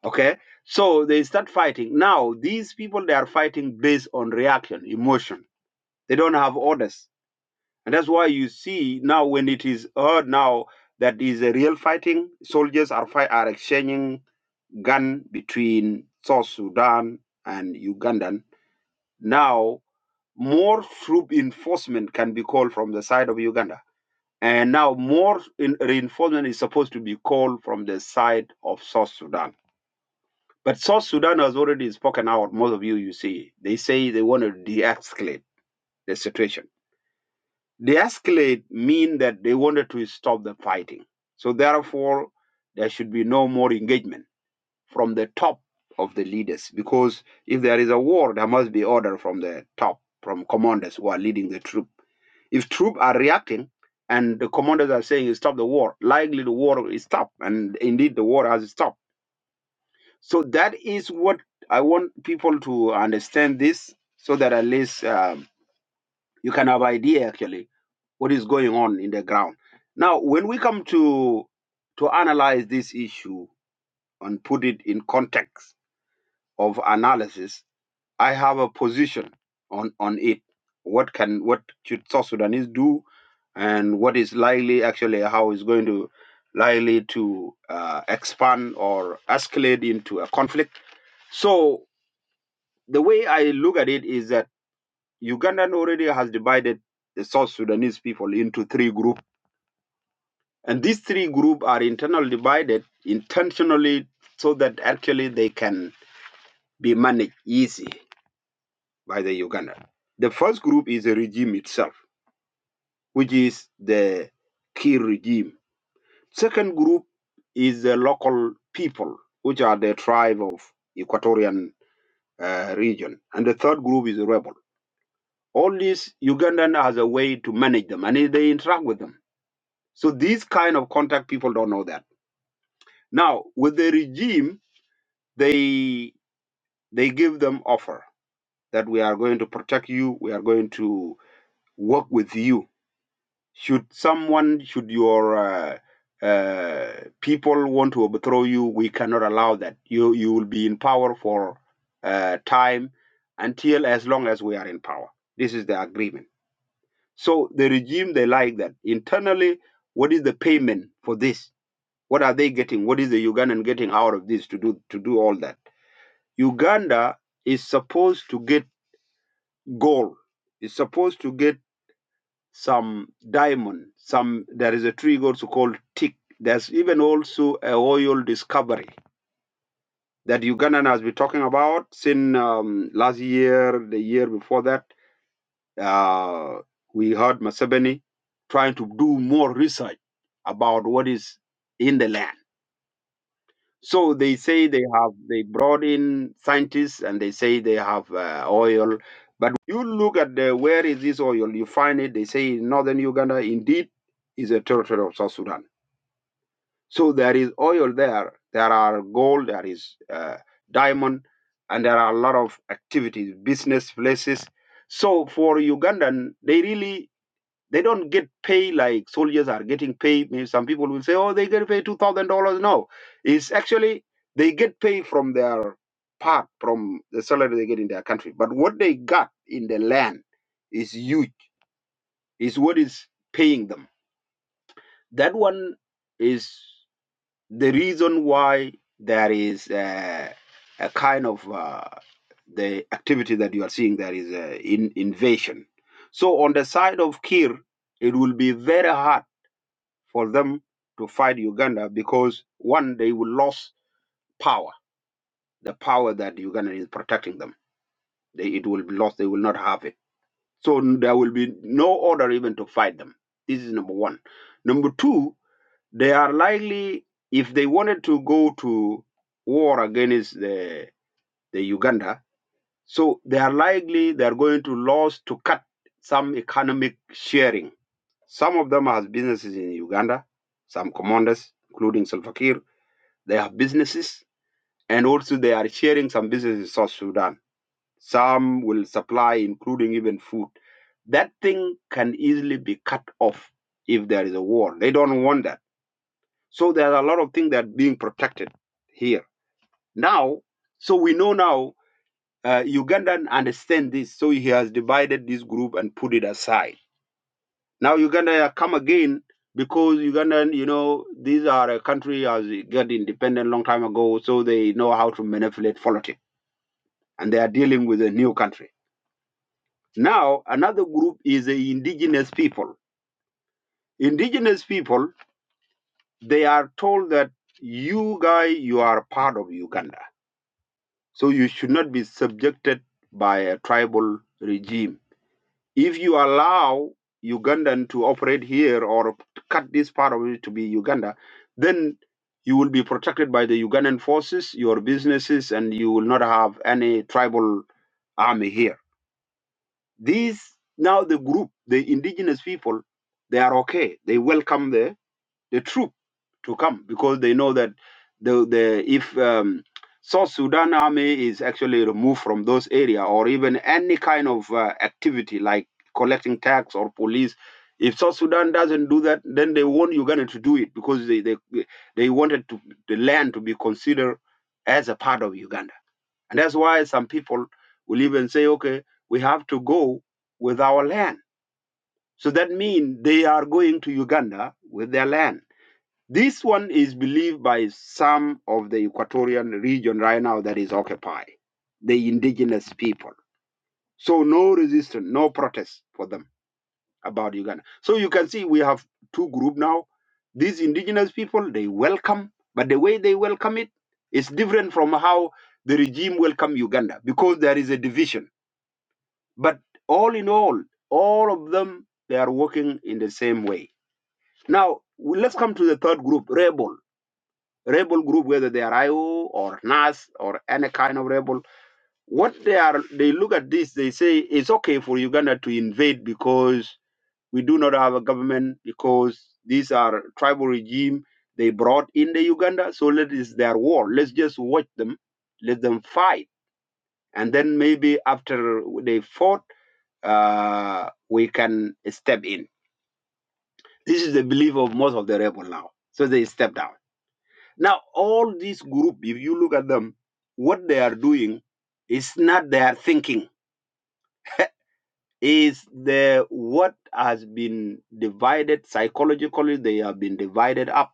Okay, so they start fighting. Now, these people they are fighting based on reaction, emotion. They don't have orders, and that's why you see now when it is heard now that is a real fighting. Soldiers are fight are exchanging gun between South Sudan and Ugandan. Now, more troop enforcement can be called from the side of Uganda. And now, more in reinforcement is supposed to be called from the side of South Sudan. But South Sudan has already spoken out. Most of you, you see, they say they want to de escalate the situation. De escalate mean that they wanted to stop the fighting. So, therefore, there should be no more engagement from the top of the leaders because if there is a war there must be order from the top from commanders who are leading the troop if troops are reacting and the commanders are saying stop the war likely the war is stopped and indeed the war has stopped so that is what i want people to understand this so that at least um, you can have idea actually what is going on in the ground now when we come to to analyze this issue and put it in context of analysis, I have a position on, on it. What can what should South Sudanese do, and what is likely actually how is going to likely to uh, expand or escalate into a conflict. So the way I look at it is that Ugandan already has divided the South Sudanese people into three groups, and these three groups are internally divided intentionally so that actually they can be managed easy by the Uganda. The first group is the regime itself, which is the key regime. Second group is the local people, which are the tribe of Equatorian uh, region. And the third group is the rebel. All these Ugandan has a way to manage them and they interact with them. So these kind of contact people don't know that. Now with the regime, they they give them offer that we are going to protect you, we are going to work with you should someone should your uh, uh, people want to overthrow you we cannot allow that you you will be in power for uh, time until as long as we are in power this is the agreement so the regime they like that internally what is the payment for this what are they getting what is the ugandan getting out of this to do to do all that uganda is supposed to get gold is supposed to get some diamond, some there is a tree also called tick. There's even also a oil discovery that Ugandan has been talking about since um, last year, the year before that. Uh, we heard Masebeni trying to do more research about what is in the land. So they say they have they brought in scientists and they say they have uh, oil, but you look at the where is this oil? You find it. They say in northern Uganda indeed is a territory of South Sudan. So there is oil there. There are gold. There is uh, diamond, and there are a lot of activities, business places. So for Ugandan, they really they don't get paid like soldiers are getting paid. Maybe some people will say, oh, they get paid $2,000. No, it's actually they get paid from their part, from the salary they get in their country. But what they got in the land is huge, is what is paying them. That one is the reason why there is uh, a kind of uh, the activity that you are seeing there is uh, in invasion. So on the side of Kir, it will be very hard for them to fight Uganda because one, they will lose power, the power that Uganda is protecting them. They, it will be lost. They will not have it. So there will be no order even to fight them. This is number one. Number two, they are likely, if they wanted to go to war against the, the Uganda, so they are likely they are going to lose to cut some economic sharing. Some of them has businesses in Uganda, some commanders, including Salva Kiir, They have businesses and also they are sharing some businesses in South Sudan. Some will supply, including even food. That thing can easily be cut off if there is a war. They don't want that. So there are a lot of things that are being protected here. Now, so we know now uh, Ugandan understand this. So he has divided this group and put it aside. Now Uganda have come again because Ugandan, you know, these are a country has got independent long time ago, so they know how to manipulate politics and they are dealing with a new country. Now, another group is the indigenous people. Indigenous people, they are told that you guys, you are part of Uganda. So you should not be subjected by a tribal regime. If you allow Ugandan to operate here or cut this part of it to be Uganda, then you will be protected by the Ugandan forces, your businesses, and you will not have any tribal army here These now the group, the indigenous people, they are okay. They welcome the the troop to come because they know that the the if um, South Sudan army is actually removed from those area or even any kind of uh, activity like collecting tax or police. If South Sudan doesn't do that, then they want Uganda to do it because they they, they wanted to, the land to be considered as a part of Uganda and that's why some people will even say, okay, we have to go with our land. So that means they are going to Uganda with their land. This one is believed by some of the Equatorian region right now that is occupied, the indigenous people. So no resistance, no protest for them about Uganda. So you can see we have two group now. These indigenous people, they welcome, but the way they welcome it is different from how the regime welcome Uganda because there is a division But all in all, all of them they are working in the same way. Now let's come to the third group, rebel. Rebel group, whether they are IO or NAS or any kind of rebel, what they are, they look at this, they say it's okay for Uganda to invade because we do not have a government, because these are tribal regime they brought in the Uganda, so let is their war. Let's just watch them, let them fight, and then maybe after they fought uh, we can step in. This is the belief of most of the rebel now. So they step down. Now all these group, if you look at them, what they are doing is not their thinking. Is the what has been divided psychologically? They have been divided up,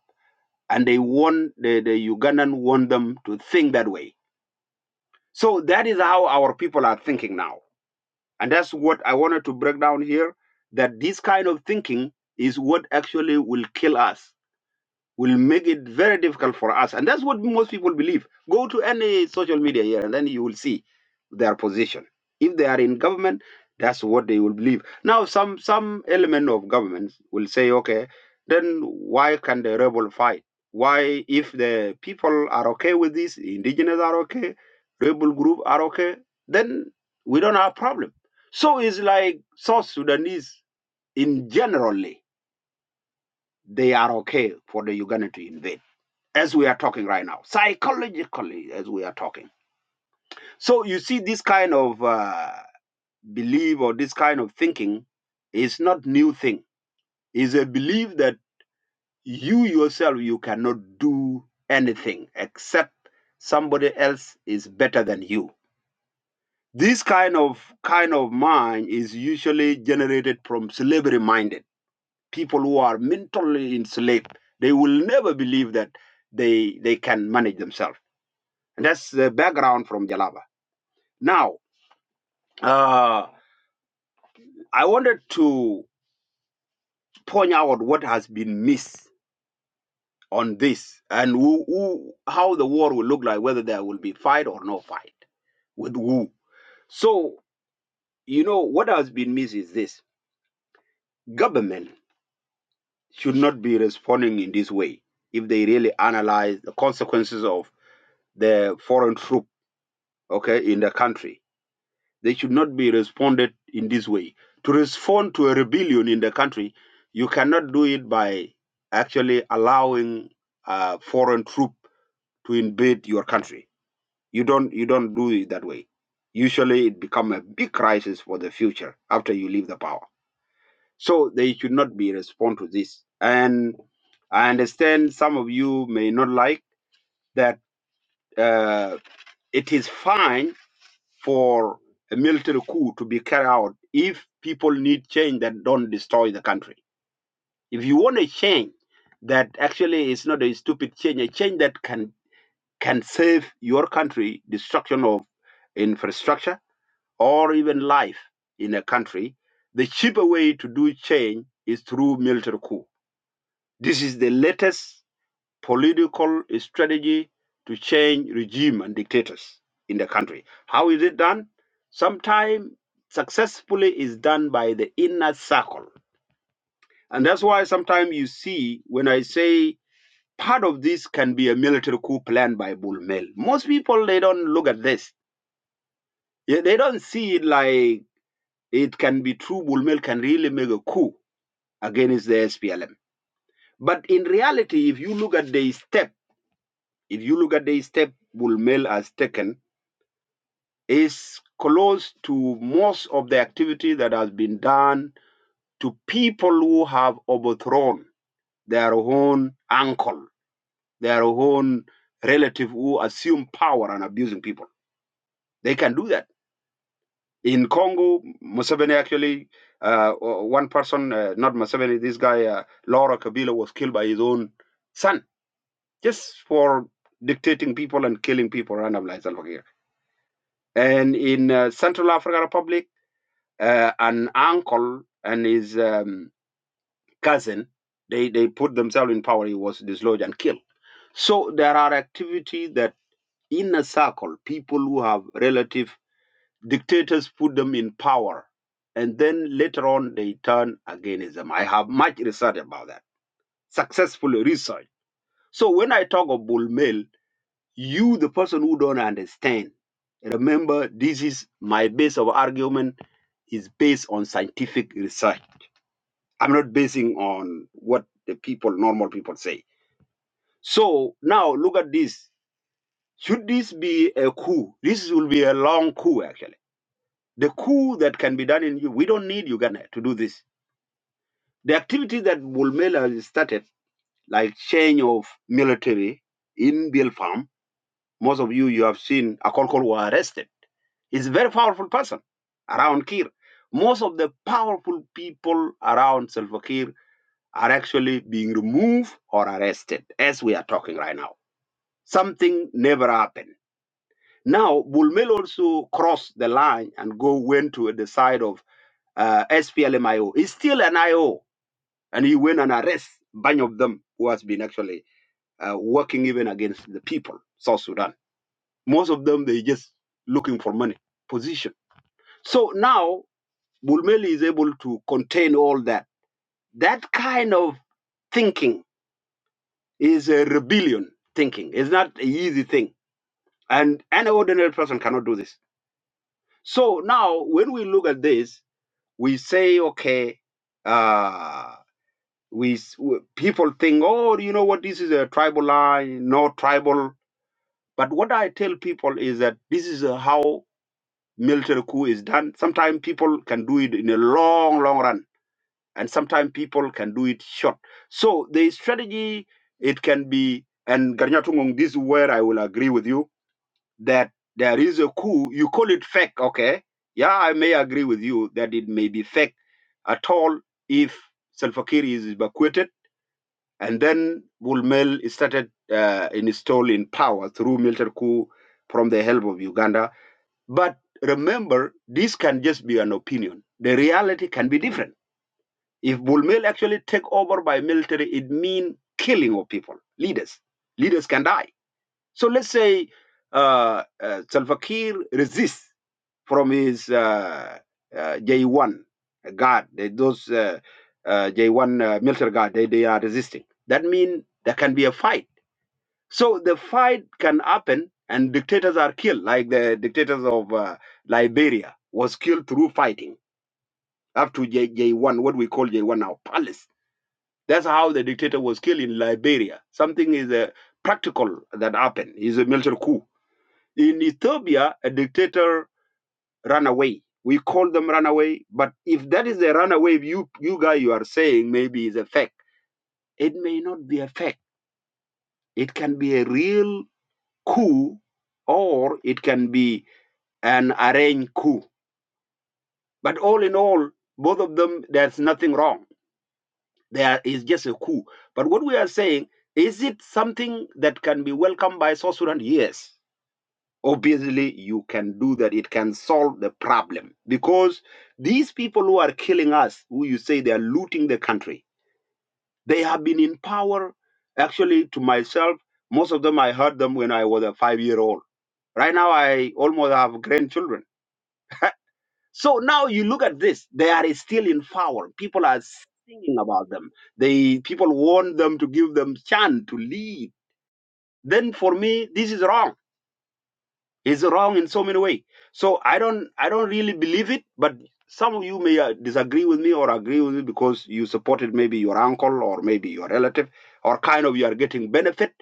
and they want the, the Ugandan want them to think that way. So that is how our people are thinking now And that's what I wanted to break down here that this kind of thinking is what actually will kill us will make it very difficult for us. And that's what most people believe. Go to any social media here and then you will see their position. If they are in government, that's what they will believe. Now, some, some element of government will say, okay, then why can the rebel fight? Why, if the people are okay with this, indigenous are okay, rebel group are okay, then we don't have problem. So it's like South Sudanese in generally, they are okay for the Uganda to invade as we are talking right now, psychologically, as we are talking. So you see, this kind of uh, belief or this kind of thinking is not new thing. Is a belief that you yourself you cannot do anything except somebody else is better than you. This kind of kind of mind is usually generated from slavery minded people who are mentally enslaved. They will never believe that they they can manage themselves And that's the background from Jalaba. Now, uh, I wanted to point out what has been missed on this and who, who, how the war will look like, whether there will be fight or no fight with who. So, you know, what has been missed is this government should not be responding in this way if they really analyze the consequences of the foreign troop, okay, in the country They should not be responded in this way. To respond to a rebellion in the country, you cannot do it by actually allowing a foreign troop to invade your country. You don't you don't do it that way. Usually, it becomes a big crisis for the future after you leave the power. So they should not be respond to this. And I understand some of you may not like that. Uh, it is fine for a military coup to be carried out if people need change that don't destroy the country. If you want a change that actually is not a stupid change, a change that can can save your country destruction of infrastructure or even life in a country, the cheaper way to do change is through military coup. This is the latest political strategy to change regime and dictators in the country. How is it done? Sometimes successfully is done by the inner circle. And that's why sometimes you see when I say part of this can be a military coup planned by Bull Mel. Most people they don't look at this. Yeah, They don't see it like it can be true Bull Mel can really make a coup against the SPLM. But in reality, if you look at the step, if you look at the step Bull Mel has taken is close to most of the activity that has been done to people who have overthrown their own uncle, their own relative who assume power and abusing people. They can do that. In Congo, Museveni actually, uh, o- one person, uh, not Museveni, this guy, uh, Laura Kabila, was killed by his own son just for dictating people and killing people randomly. Salva Kiir. And in uh, Central African Republic, uh, an uncle and his um, cousin, they, they put themselves in power. He was dislodged and killed. So there are activities that in a circle, people who have relative dictators put them in power. And then later on, they turn against them. I have much research about that, successful research. So when I talk of bull mail, you, the person who don't understand, remember this is my base of argument is based on scientific research I'm not basing on what the people, normal people say. So now look at this. Should this be a coup? This will be a long coup, actually. The coup that can be done in you, we don't need Uganda to do this. The activity that Bulmela has started, like change of military in Bill most of you, you have seen Akolkol were arrested. He's a very powerful person around Kir. Most of the powerful people around Salva Kiir are actually being removed or arrested as we are talking right now. Something never happened. Now, Bulmel also crossed the line and go went to the side of uh, SPLMIO. He's still an IO, and he went and arrest bunch of them who has been actually uh, working even against the people, South Sudan. Most of them, they just looking for money, position. So now, Bulmel is able to contain all that. That kind of thinking is a rebellion thinking. It's not an easy thing. And any ordinary person cannot do this. So now, when we look at this, we say, okay, uh, we s- w- people think, oh, you know what, this is a tribal line, no tribal. But what I tell people is that this is uh, how military coup is done. Sometimes people can do it in a long, long run, and sometimes people can do it short. So the strategy, it can be, and Garnyatungong, this is where I will agree with you that there is a coup. You call it fake, okay? Yeah, I may agree with you that it may be fake at all if Salva Kiir is evacuated and then Bulmel is started uh, installed power through military coup from the help of Uganda. But remember, this can just be an opinion. The reality can be different. If Bulmel actually take over by military, it means killing of people, leaders. Leaders can die so let's say uh, uh, Salva Kiir resists from his uh, uh, J1 guard, they- those uh, uh, J1 uh, military guard, they, they are resisting. That means there can be a fight. So the fight can happen and dictators are killed, like the dictators of uh, Liberia was killed through fighting up to J, J1, what we call J1 now, palace. That's how the dictator was killed in Liberia. Something is uh, practical that happened. It's a military coup in Ethiopia, a dictator ran away. We call them runaway, but if that is a runaway, you you guy you are saying maybe is a fake. It may not be a fake. It can be a real coup, or it can be an arranged coup. But all in all, both of them, there's nothing wrong. There is just a coup. But what we are saying is it something that can be welcomed by South Sudan? Yes. obviously you can do that it can solve the problem because these people who are killing us who you say they are looting the country they have been in power actually to myself most of them i heard them when i was a 5 year old right now i almost have grandchildren so now you look at this they are still in power people are singing about them they people want them to give them chance to lead then for me this is wrong It's wrong in so many ways. So I don't I don't really believe it, but some of you may uh, disagree with me or agree with me because you supported maybe your uncle or maybe your relative or kind of you are getting benefit.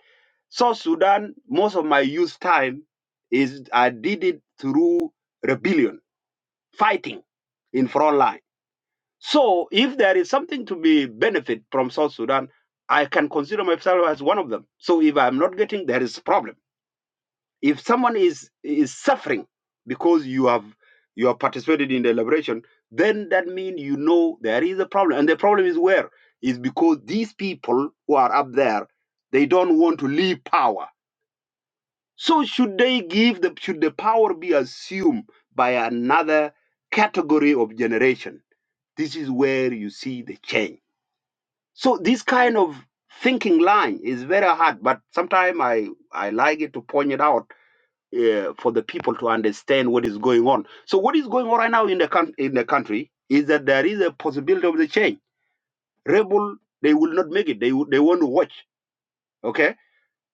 So Sudan, most of my youth time is I did it through rebellion, fighting in front line. So if there is something to be benefit from South Sudan, I can consider myself as one of them. So if I'm not getting, there is problem. If someone is is suffering because you have you have participated in the liberation, then that means you know there is a problem, and the problem is where is because these people who are up there they don't want to leave power. So should they give the should the power be assumed by another category of generation? This is where you see the change. So this kind of thinking line is very hard, but sometimes I, I like it to point it out uh, for the people to understand what is going on. So what is going on right now in the coun- in the country is that there is a possibility of the change. Rebel, they will not make it. They will- they want to watch. Okay,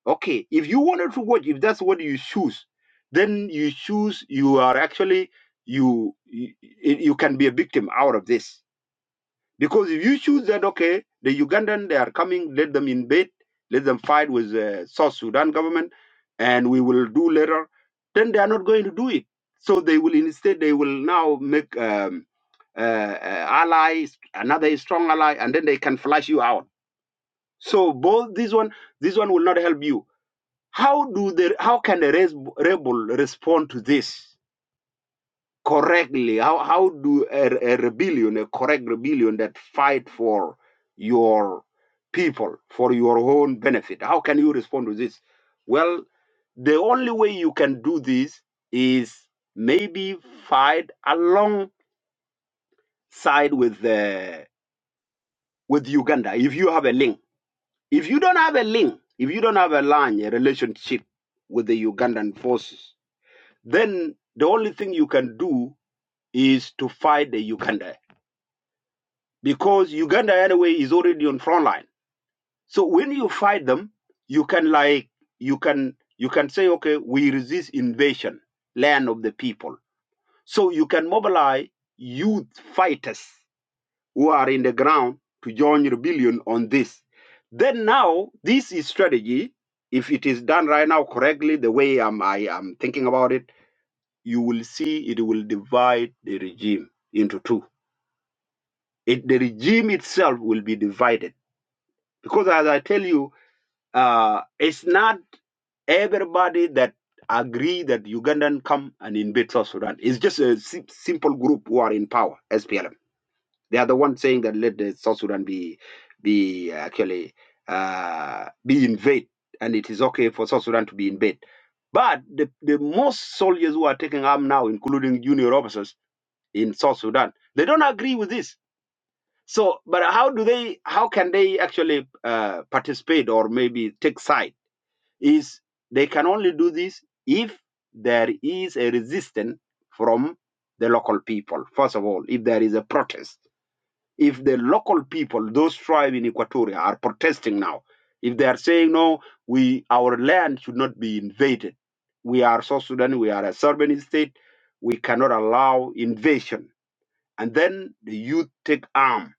okay. If you wanted to watch, if that's what you choose, then you choose. You are actually you you, you can be a victim out of this because if you choose that, okay, the Ugandan, they are coming, let them invade, let them fight with the South Sudan government, and we will do later, then they are not going to do it. So they will instead, they will now make um, uh, uh, allies, another strong ally, and then they can flush you out. So both this one, this one will not help you. How do they, how can the res- rebel respond to this? correctly how how do a, a rebellion a correct rebellion that fight for your people for your own benefit how can you respond to this well the only way you can do this is maybe fight alongside with the with uganda if you have a link if you don't have a link if you don't have a line a relationship with the ugandan forces then the only thing you can do is to fight the uganda because Uganda anyway is already on front line. So when you fight them, you can like you can you can say okay, we resist invasion, land of the people. So you can mobilize youth fighters who are in the ground to join rebellion on this. Then now this is strategy. If it is done right now correctly, the way I'm, I am thinking about it, you will see it will divide the regime into two. It, the regime itself will be divided Because as I tell you, uh, it's not everybody that agree that Ugandan come and invade South Sudan. It's just a sim- simple group who are in power, SPLM. They are the ones saying that let the South Sudan be be uh, actually uh, be invade, and it is okay for South Sudan to be invade. But the, the most soldiers who are taking arm now, including junior officers in South Sudan, they don't agree with this so, but how do they? How can they actually uh, participate or maybe take side? Is they can only do this if there is a resistance from the local people. First of all, if there is a protest, if the local people, those tribes in Equatoria, are protesting now, if they are saying no, we our land should not be invaded. We are South Sudan. We are a sovereign state. We cannot allow invasion. And then the youth take arm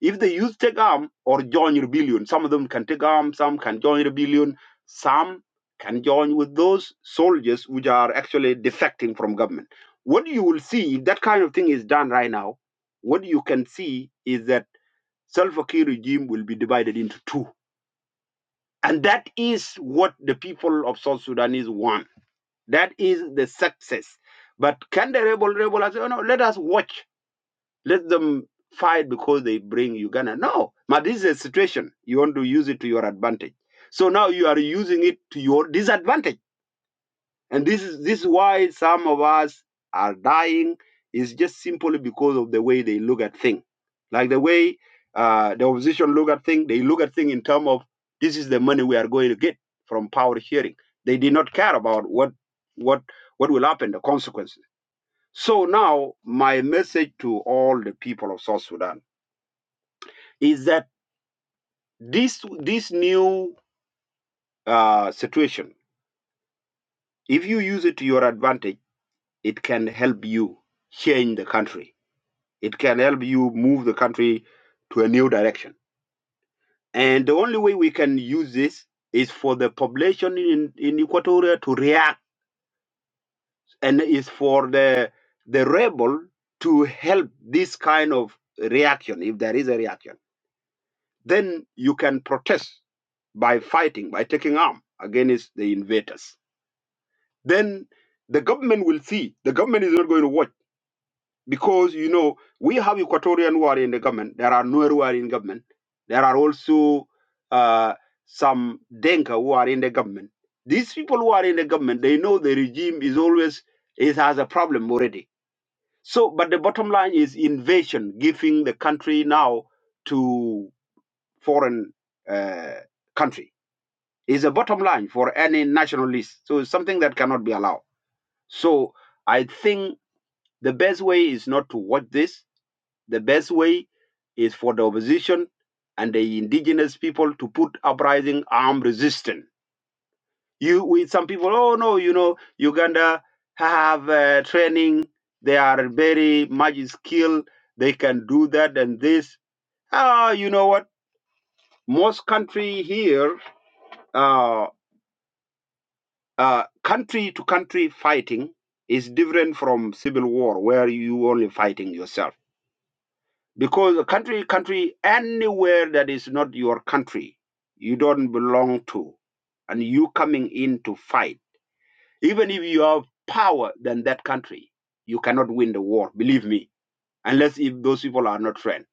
if the youth take arm or join rebellion, some of them can take arm, some can join rebellion, some can join with those soldiers which are actually defecting from government. What you will see if that kind of thing is done right now, what you can see is that Salva Kiir regime will be divided into two. And that is what the people of South Sudanese want. That is the success. But can the rebel rebel say, oh no, let us watch let them fight because they bring Uganda. No, but this is a situation. You want to use it to your advantage. So now you are using it to your disadvantage. And this is this is why some of us are dying is just simply because of the way they look at things. Like the way uh, the opposition look at things, they look at things in terms of this is the money we are going to get from power sharing. They did not care about what what what will happen, the consequences. So now my message to all the people of South Sudan is that this this new uh, situation, if you use it to your advantage, it can help you change the country. It can help you move the country to a new direction. And the only way we can use this is for the population in, in Equatoria to react, and is for the the rebel to help this kind of reaction, if there is a reaction. Then you can protest by fighting, by taking arm against the invaders then the government will see. The government is not going to watch because you know we have Equatorian who are in the government. There are Nuer who are in government. There are also uh, some Denka who are in the government. These people who are in the government, they know the regime is always it has a problem already. So, but the bottom line is invasion, giving the country now to foreign uh, country is a bottom line for any nationalist. So, it's something that cannot be allowed. So I think the best way is not to watch this. The best way is for the opposition and the indigenous people to put uprising armed resistance. You with some people, oh no, you know, Uganda have uh, training. They are very much skilled. They can do that and this. Ah, you know what? Most country here, uh, uh, country to country fighting is different from civil war, where you only fighting yourself because a country country anywhere that is not your country you don't belong to and you coming in to fight even if you have power than that country you cannot win the war believe me unless if those people are not friends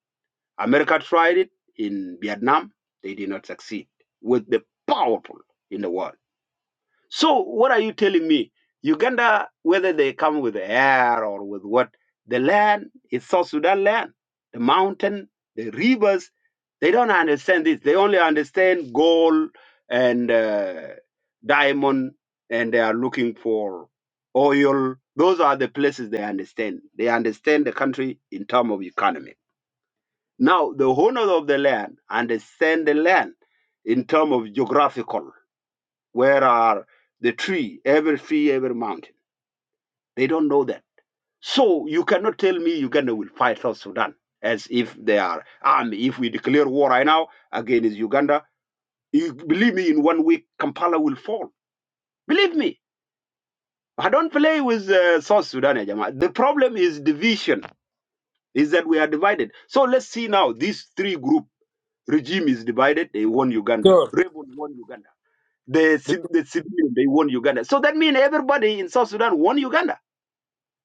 america tried it in vietnam they did not succeed with the powerful in the world so what are you telling me? Uganda, whether they come with air or with what, the land is South Sudan land, the mountain, the rivers. They don't understand this. They only understand gold and uh, diamond, and they are looking for oil. Those are the places they understand. They understand the country in terms of economy. Now, the owners of the land understand the land in terms of geographical. Where are the tree, every tree, every mountain? They don't know that. So you cannot tell me Uganda will fight South Sudan as if they are army. If we declare war right now against Uganda, you, believe me, in one week Kampala will fall. Believe me. I don't play with uh, South Sudan, eh, Jama. The problem is division, is that we are divided. So let's see now, these three group regime is divided. They won Uganda. Sure. Rebel won Uganda. The, ci- the civilian, they won Uganda. So that means everybody in South Sudan won Uganda.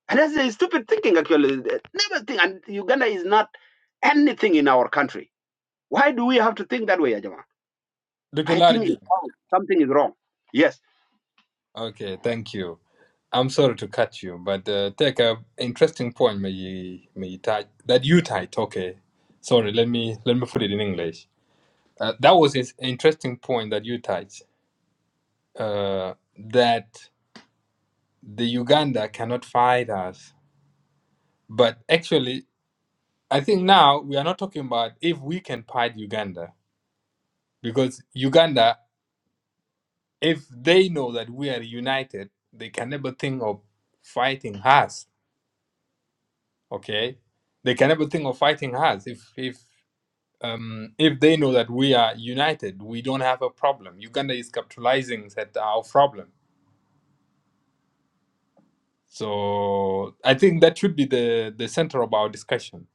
And that's a stupid thinking, actually. Never think. And Uganda is not anything in our country. Why do we have to think that way, Ajama? Dr. I think it's Largin. wrong. something is wrong. Yes. Okay, thank you. I'm sorry to cut you, but uh, take a interesting point, may you, may you type that you typed. Okay, sorry. Let me let me put it in English. Uh, that was an interesting point that you touched. Uh, that the Uganda cannot fight us, but actually, I think now we are not talking about if we can fight Uganda because Uganda, if they know that we are united, they can never think of fighting us okay they can never think of fighting us if if um, if they know that we are united we don't have a problem uganda is capitalizing that our problem so i think that should be the the center of our discussion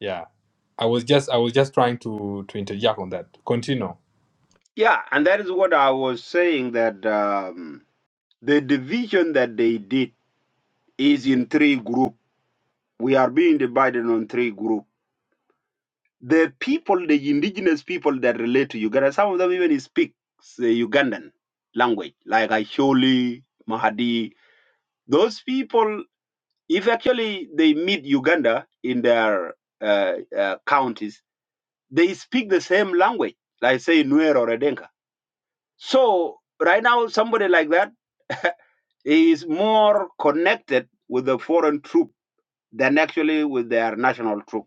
yeah i was just i was just trying to to interject on that continue Yeah. And that is what I was saying that um, the division that they did is in three groups. We are being divided on three groups. The people, the indigenous people that relate to Uganda, some of them even speak the Ugandan language, like Asholi, Mahadi. Those people If actually they meet Uganda in their uh, uh, counties, they speak the same language, like say Nuer or Edenka. So right now, somebody like that is more connected with the foreign troop than actually with their national troop.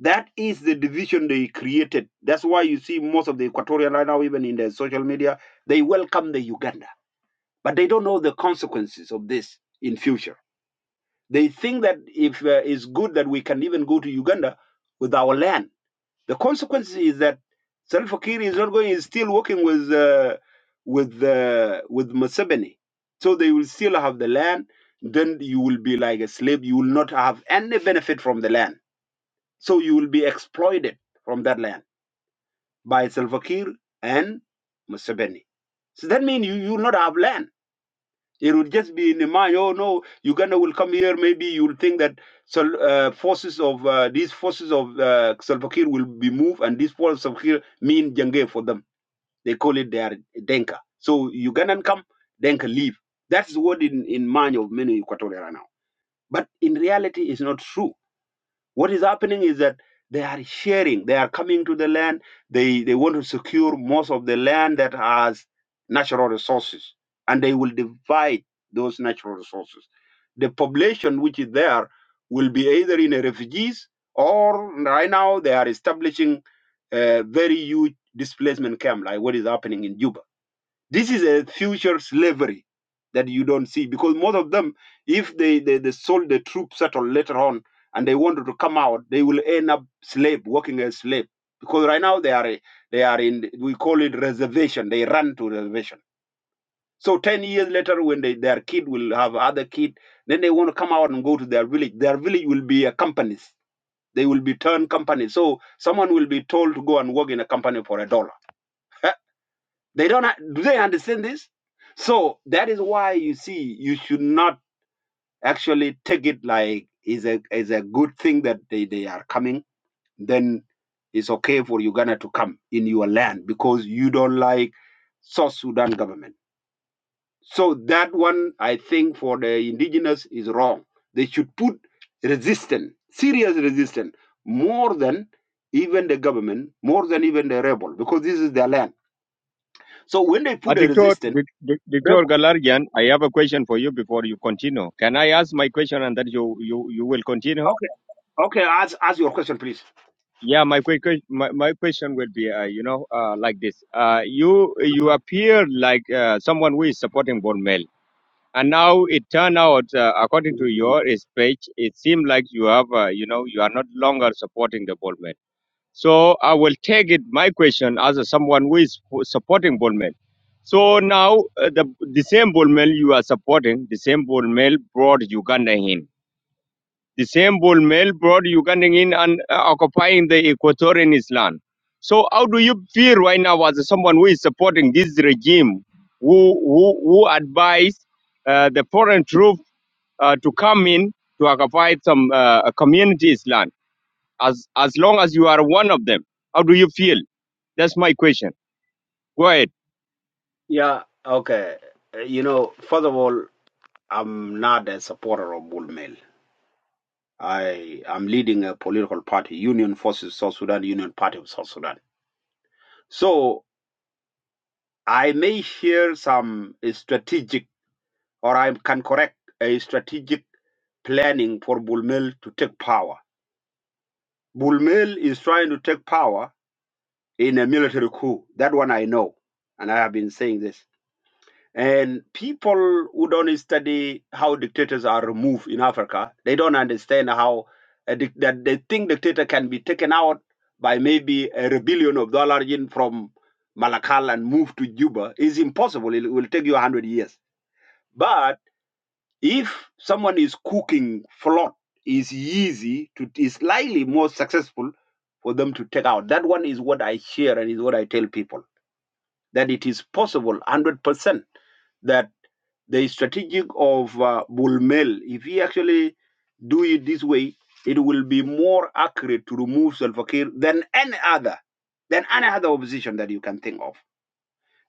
That is the division they created. That's why you see most of the Equatorian right now, even in their social media, they welcome the Uganda, but they don't know the consequences of this in future. They think that if uh, it's good that we can even go to Uganda with our land. The consequence is that Salva Kiir is not going. Is still working with uh, with uh, with Museveni, so they will still have the land. Then you will be like a slave. You will not have any benefit from the land. So you will be exploited from that land by Salva Kiir and Museveni. So that means you you will not have land it would just be in the mind, oh no, Uganda will come here. Maybe you'll think that Sal- uh, forces of uh, these forces of uh, Salva Kiir will be moved, and these forces of Salva Kiir mean Jange for them. They call it their Denka. So Ugandan come, Denka leave. That's what in, in mind of many Equatorial right now. But in reality, it's not true what is happening is that they are sharing, they are coming to the land, they, they want to secure most of the land that has natural resources, and they will divide those natural resources. The population which is there will be either in a refugees or right now they are establishing a very huge displacement camp, like what is happening in Juba this is a future slavery that you don't see because most of them, if they, they, they sold the troop settle later on and they wanted to come out, they will end up slave, working as slave. Because right now they are a- they are in we call it reservation. They run to reservation. So ten years later, when they, their kid will have other kid, then they want to come out and go to their village. Their village will be a companies. They will be turned companies. So someone will be told to go and work in a company for a dollar. They don't ha- do they understand this? So that is why you see you should not actually take it like is a is a good thing that they, they are coming, then it's okay for Uganda to come in your land because you don't like South Sudan government. So that one I think for the indigenous is wrong. They should put resistance, serious resistance, more than even the government, more than even the rebel, because this is their land. So when they Uh, put a Dr. resistance, D- rebel. Galarian, I have a question for you before you continue. Can I ask my question and then you, you, you will continue? okay. Okay, ask ask your question, please. Yeah, my quick que- my, my question will be, uh, you know, uh, like this. Uh, you you appear like uh, someone who is supporting Bonmel And now it turned out, uh, according to Mhm. your speech, it seemed like you have, uh, you know, you are not longer supporting the Bolman. So I will take it my question as a, someone who is who is supporting Bolman. So now uh, the the same Bolman you are supporting, the same Bolman brought Uganda in. The same bull male brought Ugandan in and uh, occupying the Equatorian Island. So how do you feel right now as someone who is supporting this regime, who who, who advised uh, the foreign troop uh, to come in to occupy some uh, communities land? As as long as you are one of them, how do you feel? That's my question. Go ahead. Yeah, okay. Uh, You know, first of all, I'm not a supporter of Bull Mail. I am leading a political party, Union Forces South Sudan, Union Party of South Sudan. So I may share some strategic, or I can correct a strategic planning for Bull Mail to take power. Bull Mail is trying to take power in a military coup. That one I know, and I have been saying this. And people who don't study how dictators are removed in Africa, they don't understand how a dic- that they think dictator can be taken out by maybe a rebellion of dollar in from Malakal and moved to Juba is impossible. It will take you hundred years. But if someone is cooking flot, is easy to is slightly more successful for them to take out. That one is what I share and is what I tell people that it is possible hundred percent that the strategic of uh, Bulmel, if he actually do it this way, it will be more accurate to remove Salva Kiir than any other, than any other opposition that you can think of.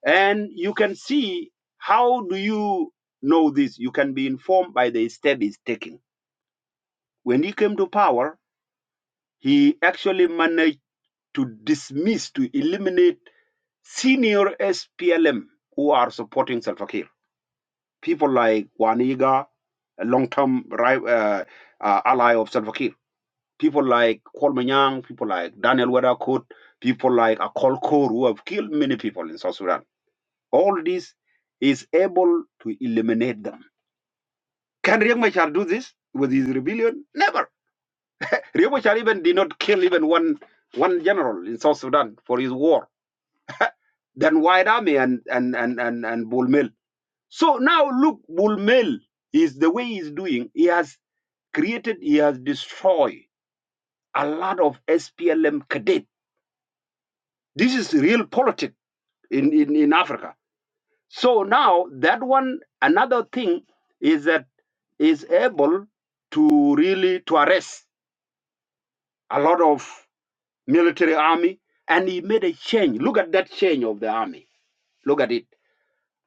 And you can see how do you know this? You can be informed by the step he's taking. When he came to power, he actually managed to dismiss, to eliminate senior SPLM who are supporting Salva Kiir people like Waniga, a long-term ri- uh, uh, ally of Salva Kiir. People like Kolmanyang, people like Daniel Wedakut, people like Akol Kor, who have killed many people in South Sudan. All this is able to eliminate them. Can Riek Machar do this with his rebellion? Never. Riek Machar even did not kill even one one general in South Sudan for his war. Then White Army and and and and, and Bull So now look, Bull is the way he's doing. He has created, he has destroyed a lot of SPLM cadet. This is real politics in, in, in Africa. So now that one, another thing is that is able to really to arrest a lot of military army and he made a change. Look at that change of the army. Look at it.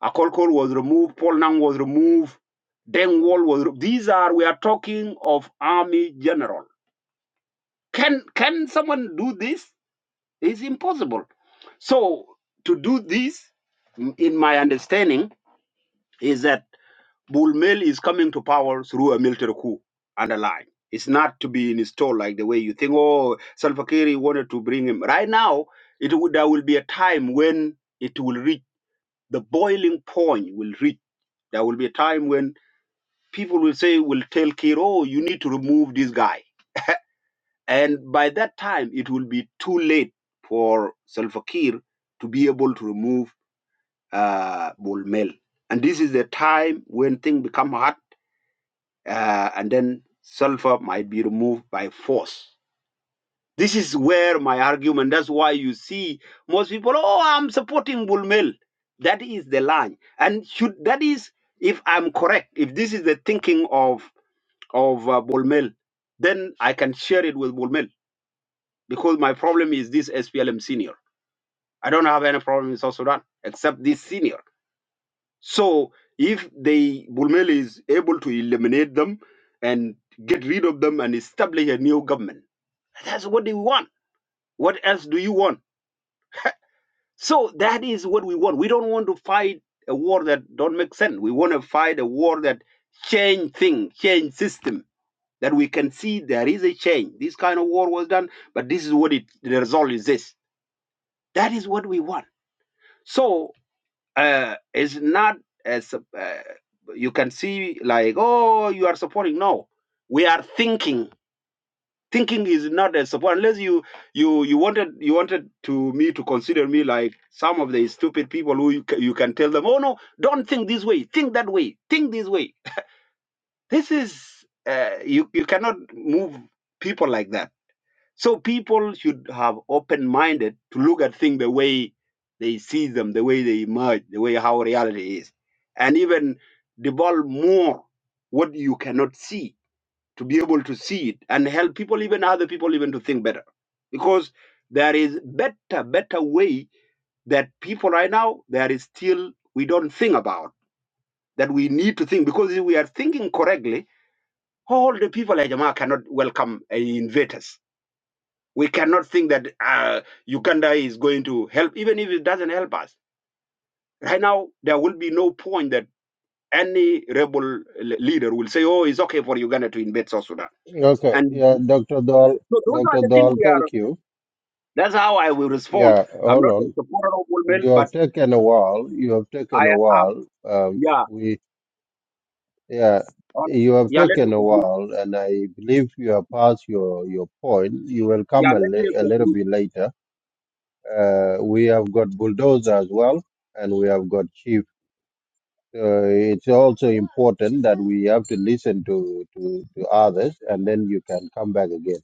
Akolkol was removed, Paul Nang was removed, Deng Wall was removed. These are, we are talking of army general. Can, can someone do this? It's impossible. So to do this, in my understanding, is that Bulmel is coming to power through a military coup. Underline, it's not to be installed like the way you think. Oh, Salva Kiir wanted to bring him. Right now, it would there will be a time when it will reach the boiling point. Will reach. There will be a time when people will say, will tell Kiir, oh, you need to remove this guy and by that time, it will be too late for Salva Kiir to be able to remove uh, Bulmel. And this is the time when things become hot, uh, and then Salva might be removed by force. This is where my argument, that's why you see most people, oh, I'm supporting Bulmel. That is the line. And should that is, if I'm correct, if this is the thinking of, of uh, Bulmel, then I can share it with Bulmel because my problem is this SPLM senior. I don't have any problem in South Sudan except this senior. So if they Bulmel is able to eliminate them and get rid of them and establish a new government, that's what they want. What else do you want? So that is what we want. We don't want to fight a war that don't make sense. We want to fight a war that change thing, change system. That we can see there is a change. This kind of war was done, but this is what it the result is this. That is what we want. So uh, it's not as uh, you can see like oh you are supporting no we are thinking thinking is not a support unless you you you wanted you wanted to me to consider me like some of the stupid people who you, ca- you can tell them oh no don't think this way think that way think this way this is uh, you you cannot move people like that so people should have open minded to look at things the way they see them, the way they emerge, the way how reality is, and even devolve more what you cannot see to be able to see it and help people, even other people, even to think better, because there is better, better way that people right now there is still we don't think about that we need to think because if we are thinking correctly, all the people like Jamaa cannot welcome uh, invaders we cannot think that uh, Uganda is going to help, even if it doesn't help us. Right now, there will be no point that any rebel l- leader will say, oh, it's okay for Uganda to invade South Sudan. Okay, And yeah, Dr. Dahl, so those are Dr. the things Dahl, we are, thank you. that's how I will respond. Yeah, I'm hold not a on. supporter of Bull Mill, You but have taken a while. You have I taken a have, while. Um, yeah, we, yeah, all- you have yeah, let me taken a conclude. while, and I believe you have passed your your point. You will Yeah, come a, let me li- a little conclude. bit later. Uh, we have got bulldozer as well, and we have got chief. uh, it's also important that we have to listen to, to, to others and then you can come back again.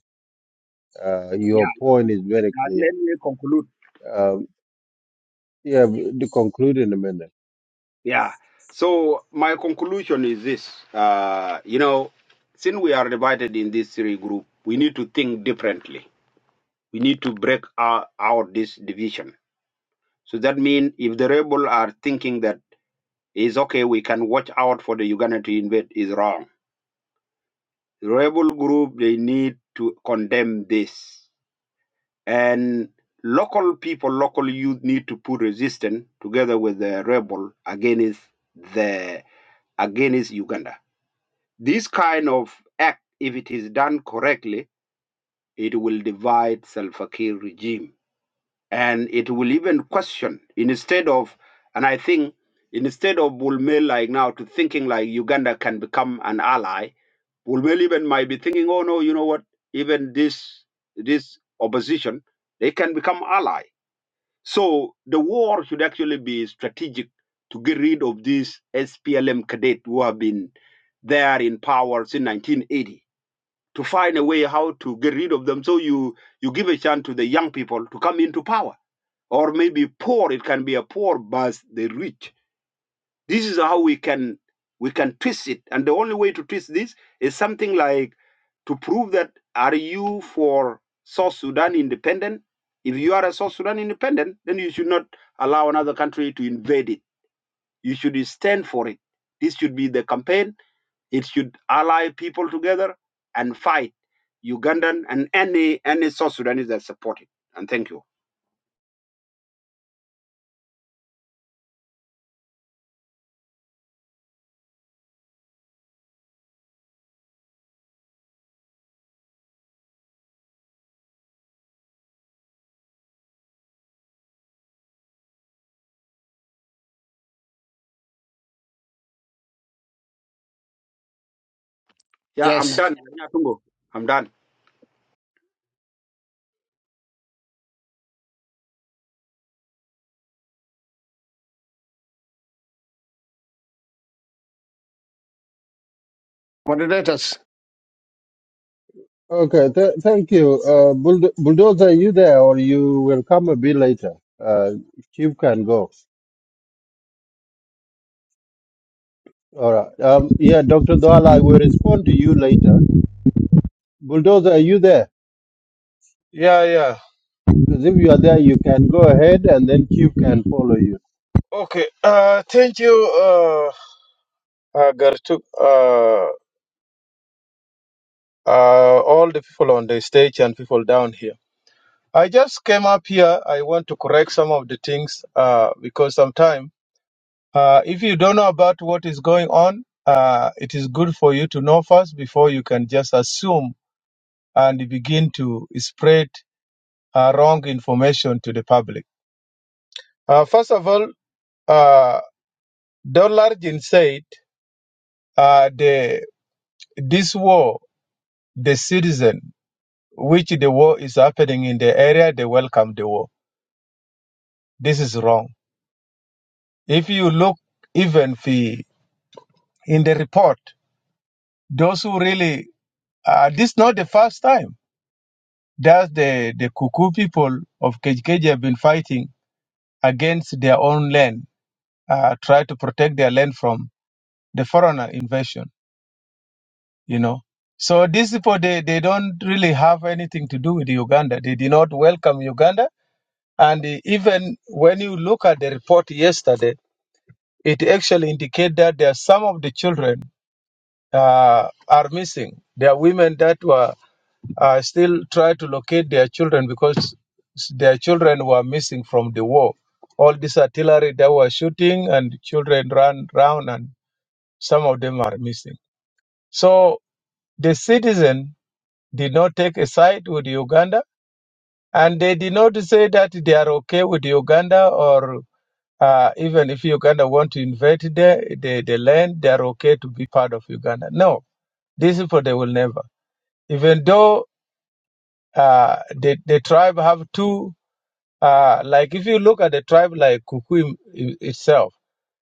Uh, Yeah, your point is and, very uh, clear. let me conclude. Um, yeah, to conclude in a minute. Yeah. So my conclusion is this: uh, you know, since we are divided in these three group, we need to think differently. We need to break our, out this division. So that means if the rebel are thinking that it's okay, we can watch out for the Uganda to invade, is wrong. The rebel group they need to condemn this, and local people, local youth need to put resistance together with the rebel against the against Uganda. This kind of act, if it is done correctly, it will divide Salva Kiir regime and it will even question instead of, and I think instead of Bulmel like now to thinking like Uganda can become an ally, Bulmel even might be thinking, oh no, you know what? Even this this opposition, they can become ally. So the war should actually be strategic to get rid of these SPLM cadet who have been there in power since 1980 to find a way how to get rid of them. So you you give a chance to the young people to come into power, or maybe poor. It can be a poor, but the rich. This is how we can we can twist it, and the only way to twist this is something like to prove that are you for South Sudan independent? If you are a South Sudan independent, then you should not allow another country to invade it. You should stand for it. This should be the campaign it should ally people together and fight Ugandan and any any South Sudanese that support it. And thank you. Yeah, I'm Yes, done. Yeah, Tungo, I'm done. moderators, Okay, th- thank you. Uh, Bulldo- Bulldozer, are you there or you will come a bit later? Uh, Chief can go. All right. Um, yeah, Dr. Dwala, I will respond to you later. Bulldozer, are you there? Yeah, yeah. Because if you are there, you can go ahead and then Chief can follow you. Okay. Uh, thank you, uh, uh, Gartu, uh, uh, all the people on the stage and people down here. I just came up here. I want to correct some of the things uh, because sometimes uh, if you don't know about what is going on, uh, it is good for you to know first before you can just assume and begin to spread uh, wrong information to the public. Uh, first of all, uh, Dollar Jin said uh, the this war. the citizen which the war is happening in the area, they welcome the war. This is wrong. If you look even the, in the report, those who really, uh, this is not the first time that the, the Kuku people of Kejkeji have been fighting against their own land, uh, try to protect their land from the foreigner invasion, you know. So these people, they, they don't really have anything to do with Uganda. They did not welcome Uganda And even when you look at the report yesterday, it actually indicated that there are some of the children uh, are missing. There are women that were uh, still trying to locate their children because their children were missing from the war. All this artillery that were shooting and children ran round and some of them are missing. So the citizen did not take a side with Uganda and they did not say that they are okay with Uganda or Uh, even if Uganda want to invade the, the, the land, they are okay to be part of Uganda. No, these people, they will never. Even though uh, the, the tribe have two, uh, like if you look at the tribe like Kuku itself,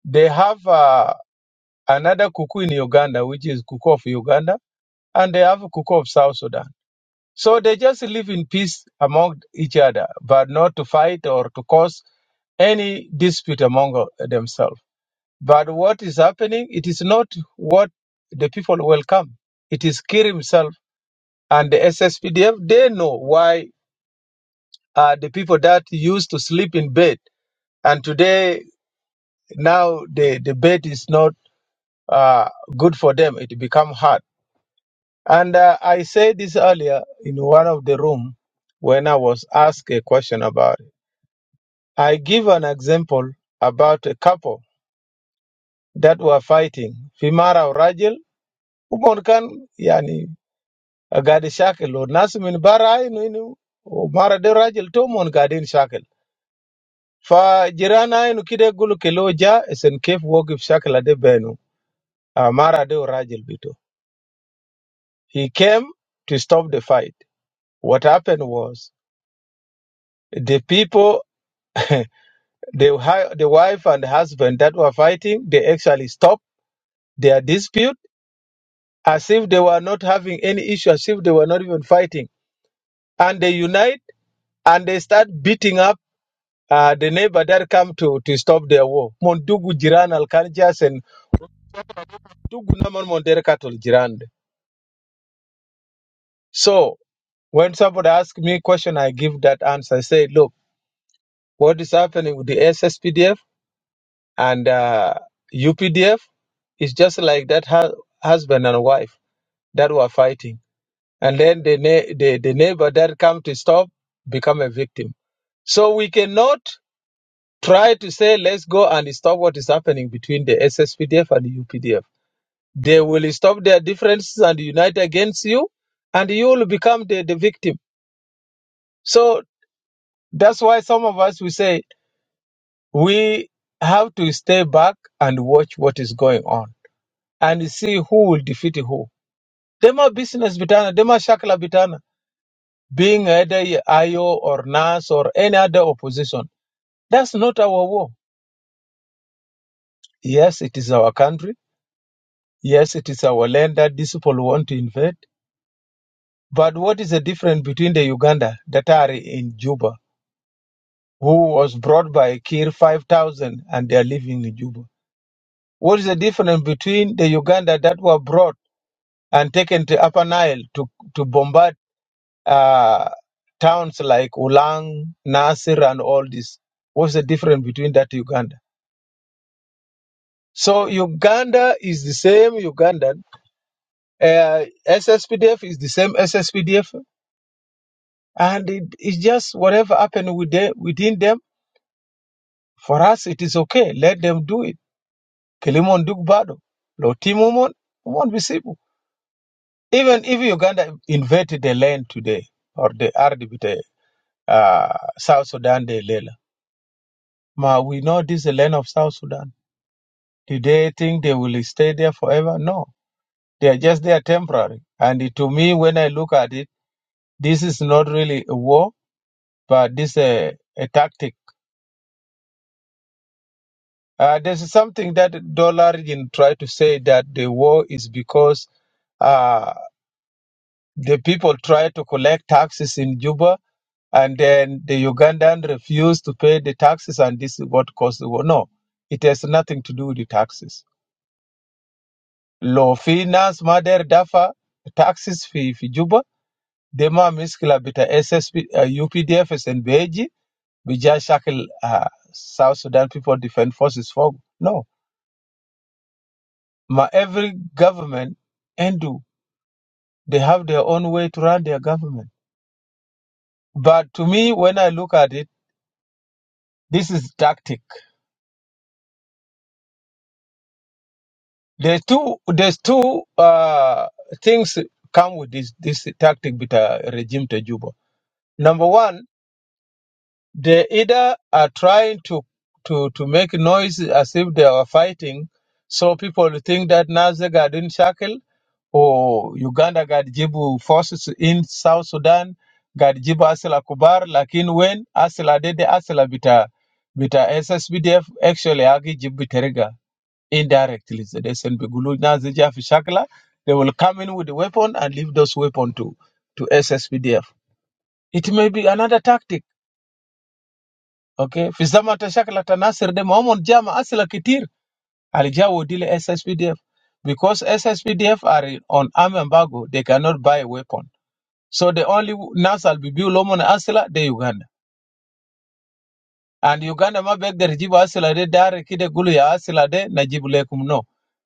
they have uh, another Kuku in Uganda, which is Kuku of Uganda, and they have Kuku of South Sudan. So they just live in peace among each other, but not to fight or to cause any dispute among uh, themselves. But what is happening, it is not what the people welcome. It is Kir himself and the SSPDF. They know why uh, the people that used to sleep in bed and today now the, the bed is not uh, good for them. It become hard. And uh, I said this earlier in one of the room when I was asked a question about it. I give an example about a couple that were fighting, Fimara Rajel, Umar Khan, yani قاعد شاكل والناس من برا انه انه ومره ده راجل تومون قاعدين شاكل فجيران انه كده يقولوا كيلو جاء اسن كيف وقف شاكل ده بينه آه، مره ده راجل بيتو he came to stop the fight what happened was the people the hi- the wife and husband that were fighting they actually stopped their dispute as if they were not having any issue as if they were not even fighting and they unite and they start beating up Uh, the neighbor that come to, to stop their war. Mondugu Jiran Al Kanjas and Dugu Naman Monderka to Jiran. So when somebody asks me a question, I give that answer. I say, look, what is happening with the SSPDF and uh, UPDF is just like that hu- husband and wife that were fighting. And then the, na- the, the neighbor that come to stop become a victim. So we cannot try to say, let's go and stop what is happening between the SSPDF and the UPDF They will stop their differences and unite against you, and you will become the, the victim. So that's why some of us we say we have to stay back and watch what is going on and see who will defeat who. Them are business bitana, them are shakla bitana, being either IO or NAS or any other opposition. That's not our war. Yes, it is our country. Yes, it is our land that these people want to invade. But what is the difference between the Uganda that are in Juba? who was brought by Kir 5,000 and they are living in Juba. What is the difference between the Uganda that were brought and taken to Upper Nile to, to bombard uh, towns like Ulang, Nasir, and all this? What's the difference between that Uganda? So Uganda is the same Ugandan. Uh, SSPDF is the same SSPDF. And it, it's just whatever happened with the, within them, for us, it is okay. Let them do it Kilimon Duk Bado, Lotimo Mon, won't Even if Uganda invaded the land today, or the Ardibite, uh, South Sudan, the Lela, ma, we know this is the land of South Sudan. Do they think they will stay there forever? No. They are just there temporary. And it- to me, when I look at it, this is not really a war, but this is a, a tactic. Uh, there's something that Dollarigin tried to say that the war is because uh, the people try to collect taxes in Juba and then the Ugandan refused to pay the taxes, and this is what caused the war. No, it has nothing to do with the taxes. Lo fi nas mader dafa taxes fi fi Juba dema miskila bita SSP uh, UPDF SNBG bija shakil uh, South Sudan People Defense Forces for no. Ma every government and do they have their own way to run their government. But to me, when I look at it, this is tactic There's two. There's two uh, things come with this this tactic with uh, regime to Juba. Number one, they either are trying to to to make noise as if they are fighting, so people think that Nazi got in shackle or Uganda got Jibu forces in South Sudan got Jibu Asila Kubar. Lakin when Asila did the Asila bita bita SSBDF actually agi Jibu Terega indirectly so they send Begulu Nazija Fishakla, they will come in with a weapon and leave those weapon to to SSPDF. It may be another tactic. Okay. Fizama Tashakla Tanasir de Momon Jama Asila Kitir Alija will deal SSPDF. Because SSPDF are in- on arm embargo, they cannot buy a weapon. So the only Nasal Bibu Lomon Asila de Uganda. And Uganda ma beg the Rajibu Asila de Dare Kide Gulu ya Asila de Najibu Lekum no.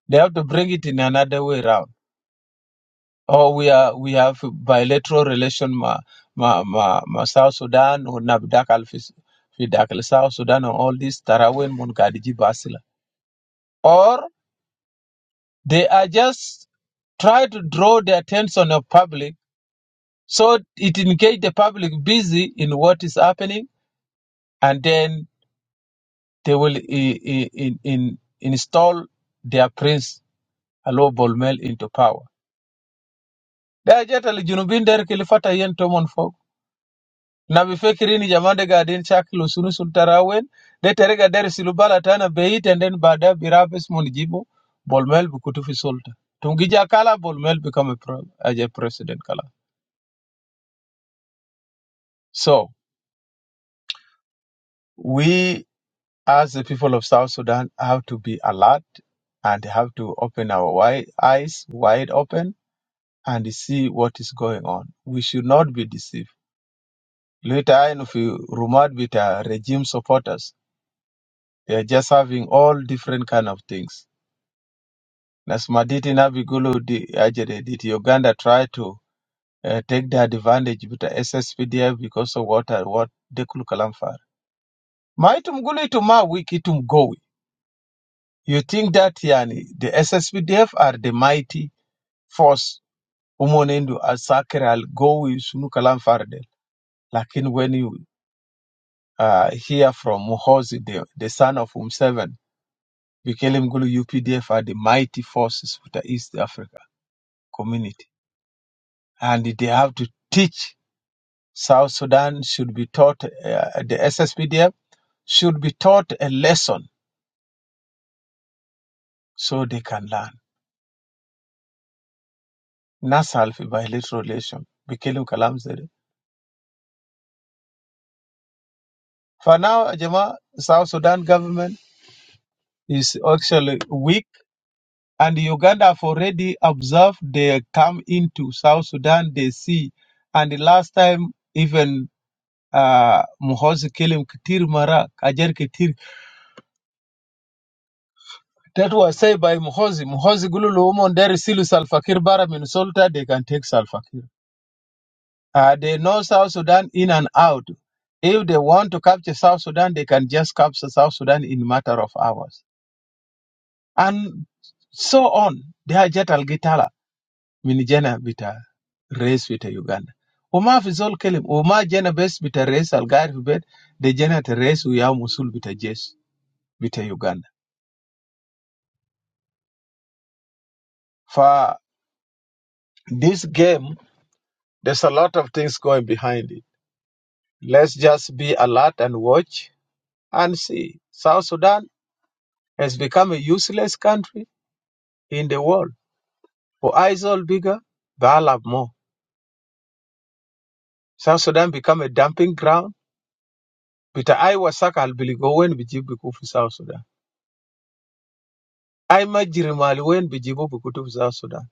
They have to bring it in another way round. Or we are we have bilateral relation ma ma ma, ma South Sudan or Nabdak Alfis Fidakal South Sudan and all these Tarawen Munkadiji Basila. Or they are just try to draw the attention of public so it engage the public busy in what is happening and then they will i i in, in, install their prince Alo Bolmel into power. They are just al Junubin der kilifata yen tomon na vifikirini jamande gadin shakil usunu sultarawen de terega der silubala tana beit and then bada birabis munjibu bolmel bukutu sulta tungija kala bolmel become a, pro- as a president kala so we as the people of south sudan have to be alert and have to open our wide eyes wide open and see what is going on we should not be deceived later on if you rumored with uh, regime supporters they are just having all different kind of things na Sumaditi Nabigulu di- Ajere, did Uganda try to uh, take the advantage with the SSPDF because of what uh, what Dekul Kalamfar? Maitumgulu ituma wiki tumgowi. You think that yani the SSPDF are the mighty force umonendu asakere al gowi sunu Kalamfar del. Lakin when you uh, hear from Muhozi, the, the son of Umseven, Bikele Mgulu UPDF are the mighty forces of the East Africa community. And they have to teach South Sudan should be taught, uh, the SSPDF should be taught a lesson so they can learn. Nasal fi bilateral relation. Bikelu kalam zede. For now, Jama, South Sudan government is actually weak and Uganda have already observed they come into South Sudan, they see. And the last time, even uh, Muhoozi Kelim Kitir Mara, Kajer That was said by Muhozi. Muhozi Gululu Umon Deri Silu Salfakir Bara Minnesota, they can take Salfakir. Uh, they know South Sudan in and out. If they want to capture South Sudan, they can just capture South Sudan in matter of hours. And so on. They are Jetal Gitala, Minijana Bita, race with Uganda. Uma Fizol Kelim, Uma Jena Bes Bita race Algar Bit, the Jena race Uya Musul Bita Jes, Bita Uganda. For this game, there's a lot of things going behind it Let's just be alert and watch and see. South Sudan has become a useless country in the world. For eyes all bigger, they the have more. South Sudan become a dumping ground. Bita ai wasaka albiligo wen bijibu biku fi South Sudan. Ai majirimali wen bijibu bikutu fi South Sudan.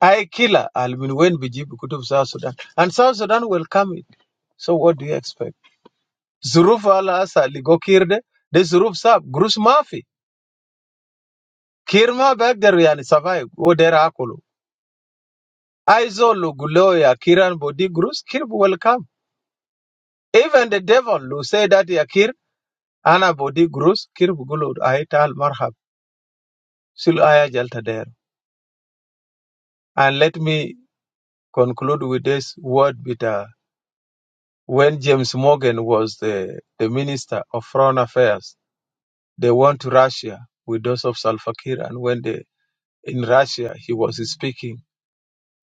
I killer almin wen bijibu bikutu South Sudan. And South Sudan will come it. So what do you expect? Zuruf ala asa ligo kirde. De zuruf sab. Grus mafi. Kirma bagder yani survive. Wo dera akulu. Aizo Lugulo Yakiran body Grus Kirb welcome. Even the devil who say that Yakir Ana Bodi Grus Kirb Gulu Aital Marhab Sul Aya Jalta there. And let me conclude with this word with uh, when James Morgan was the, the minister of foreign affairs, they went to Russia with those of Salva Kiir and when they in Russia he was speaking,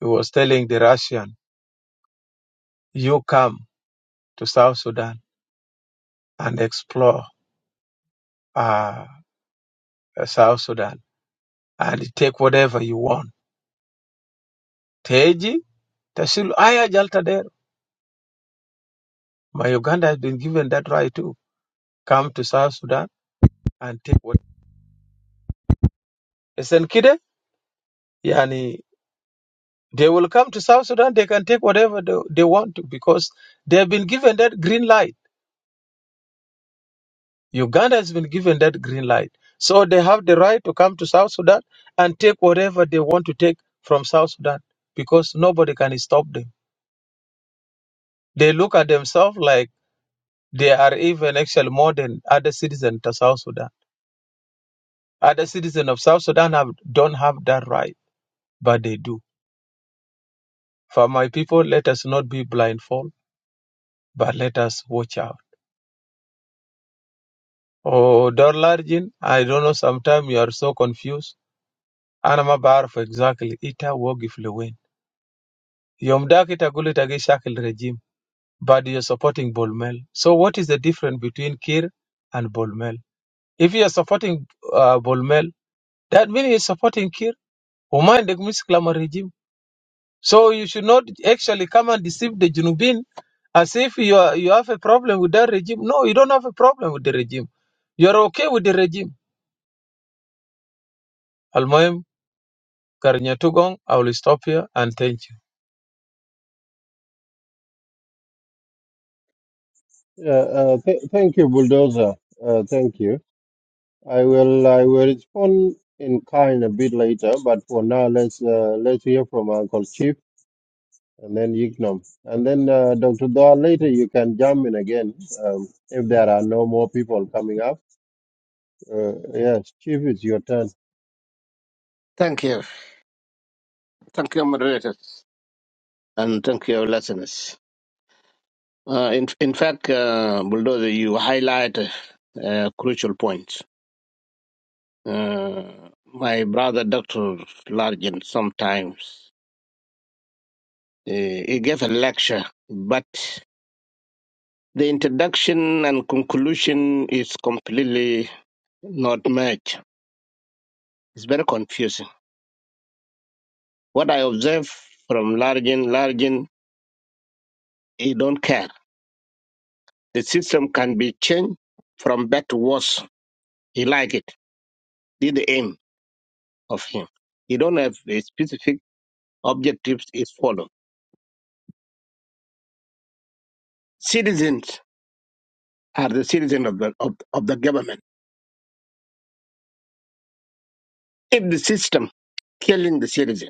he was telling the Russian, You come to South Sudan and explore uh, South Sudan and take whatever you want. Teji, Tasilu, Aya Jaltadero. My Uganda has been given that right to come to South Sudan and take what. Esenkide, yani, they will come to South Sudan, they can take whatever they, they want to because they have been given that green light. Uganda has been given that green light. So they have the right to come to South Sudan and take whatever they want to take from South Sudan because nobody can stop them. They look at themselves like they are even actually more than other citizens to South Sudan Other citizens of South Sudan have, don't have that right, but they do. For my people, let us not be blindfolded, but let us watch out. Oh, Dorlarjin, I don't know, sometimes you are so confused. أنا ما بعرف exactly ita wogif لوين. يوم داك تقول تاجي شاكل regime, but you're supporting Bolmel. So what is the difference between Kir and Bolmel? If you're supporting uh, Bolmel, that means you're supporting Kir. وما عندك مشكلة مع الرجيم. So you should not actually come and deceive the Junubin as if you are, you have a problem with that regime. No, you don't have a problem with the regime. You are okay with the regime. Almoem, Garnyatugong, I will stop here and thank you. Yeah, uh, th- thank you, Bulldozer. Uh, thank you. I will I will respond in kind a bit later, but for now let's uh, let's hear from Uncle Chief and then Ignom. And then uh, Dr. Daw. later you can jump in again um, if there are no more people coming up. Uh, yes, Chief, it's your turn. thank you. Thank you, moderators, and thank you, listeners. Uh, in, in fact, uh, Bulldozer, you highlight a crucial point. Uh, my brother, Dr. Largent, sometimes uh, he gave a lecture, but the introduction and conclusion is completely not matched. It's very confusing. What I observe from Largent, Largent, he don't care. The system can be changed from bad to worse. He like it. This the aim of him. He don't have a specific objective is followed. Citizens are the citizens of the, of, of the government. If the system killing the citizen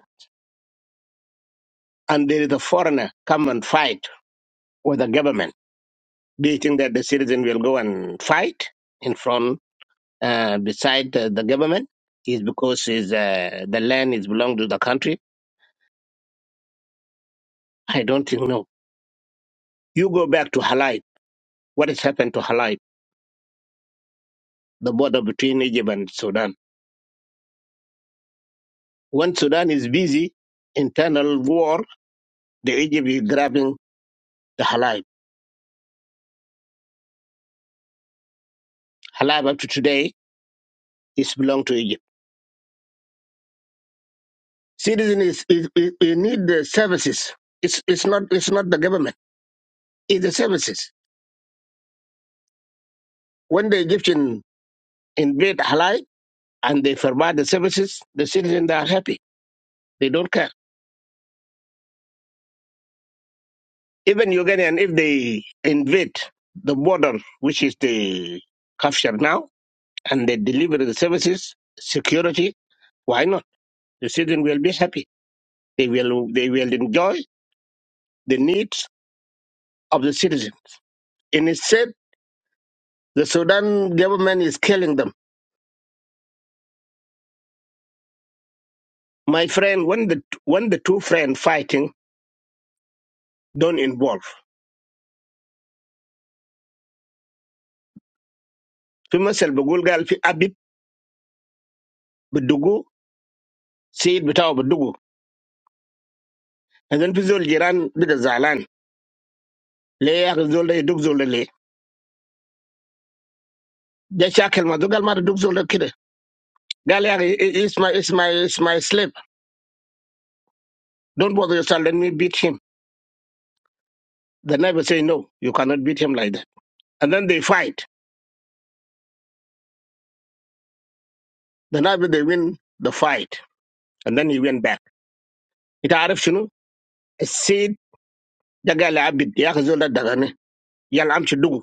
and there is a foreigner come and fight with the government, do you think that the citizen will go and fight in front uh, beside uh, the government? Is because is uh, the land is belong to the country? I don't think no. You go back to Halai. What has happened to Halai? the border between Egypt and Sudan. When Sudan is busy, internal war, the Egypt is grabbing the Halab. Halab up to today is belong to Egypt. Citizens is, is, is, need the services. It's, it's not it's not the government. It's the services. When the Egyptian invade Halab and they provide the services, the citizens are happy. They don't care. Even Ugandan, if they invade the border, which is the Kafshar now, and they deliver the services, security, Why not? The citizen will be happy. They will they will enjoy the needs of the citizen. And instead, the Sudan government is killing them. My friend, when the when the two friends fighting, don't involve. في مثل بقول قال في أبيب بدقوا سيد بتاعه بدقوا and then في زول جيران بدا زعلان ليه يا أخي زول ده يدق زول ده ليه؟ ده شاكل ما ده قال ما تدق زول ده كده قال يا أخي it's my it's my it's my slave don't bother yourself let me beat him the neighbor say no you cannot beat him like that and then they fight Then after they win the fight, and then he went back. Ita araf shuno. A seed jaga la abid. Ya hazul da dagan e. Yalam shidung.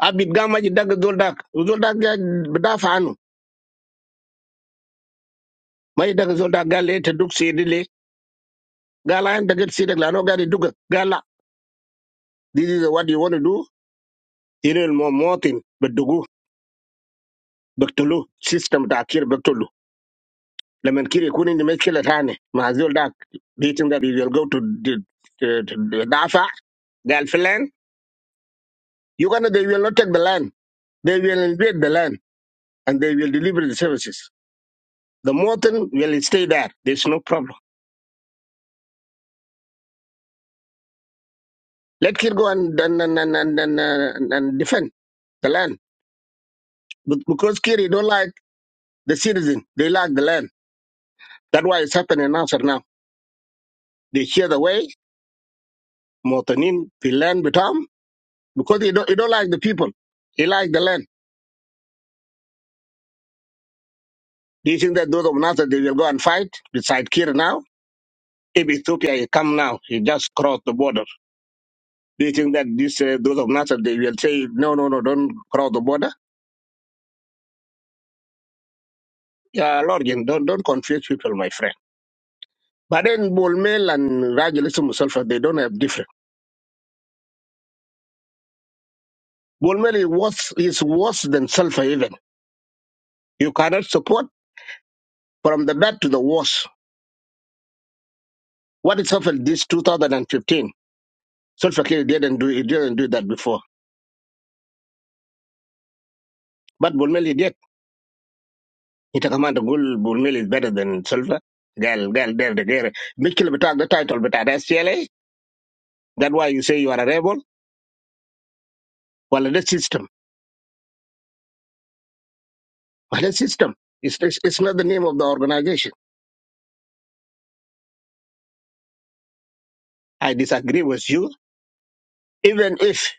Abid gama jidaga zul da. Zul da bedafa ano. Ma jidaga zul da galat duku siri le. Galan daga siri galano gari duku. Gala. This is what you want to do. You know more thing. Beduku betulu. System ta akhir betulu. Le menkiri kuning dimaskele tane. Ma hazul da. Beling that he will go to the dafa gal filan. You gonna they will not take the land. They will invade the land and they will deliver the services. The Morton will stay there. There's no problem. Let Kir go and and and and and, and, uh, and defend the land. But because Kiri don't like the citizen, they like the land. That's why it's happening now. Nasser now. They hear the way Mortonin the land become because he don't he don't like the people. He like the land. Do you think that those of Nasser they will go and fight beside Kir now? If Ethiopia he come now, he just crossed the border. Do you think that this uh, those of Nasser they will say no no no don't cross the border? Yeah, Lord, Jim, don't don't confuse people, my friend. But then Bolmel and Rajalism Sulfur, they don't have different. Bolmel is worse, is worse than Sulfur even. You cannot support from the bad to the worse. What is happened this 2015? Sulfur K didn't do It didn't do that before. But Bolmel he did. He took a man to goal Bolmel is better than Sulfur. Girl, girl, there the girl. Mikil betak the title, but at SCLA, that's why you say you are a rebel. Well, the system. Well, the system. It's, it's, it's not the name of the organization. I disagree with you Even if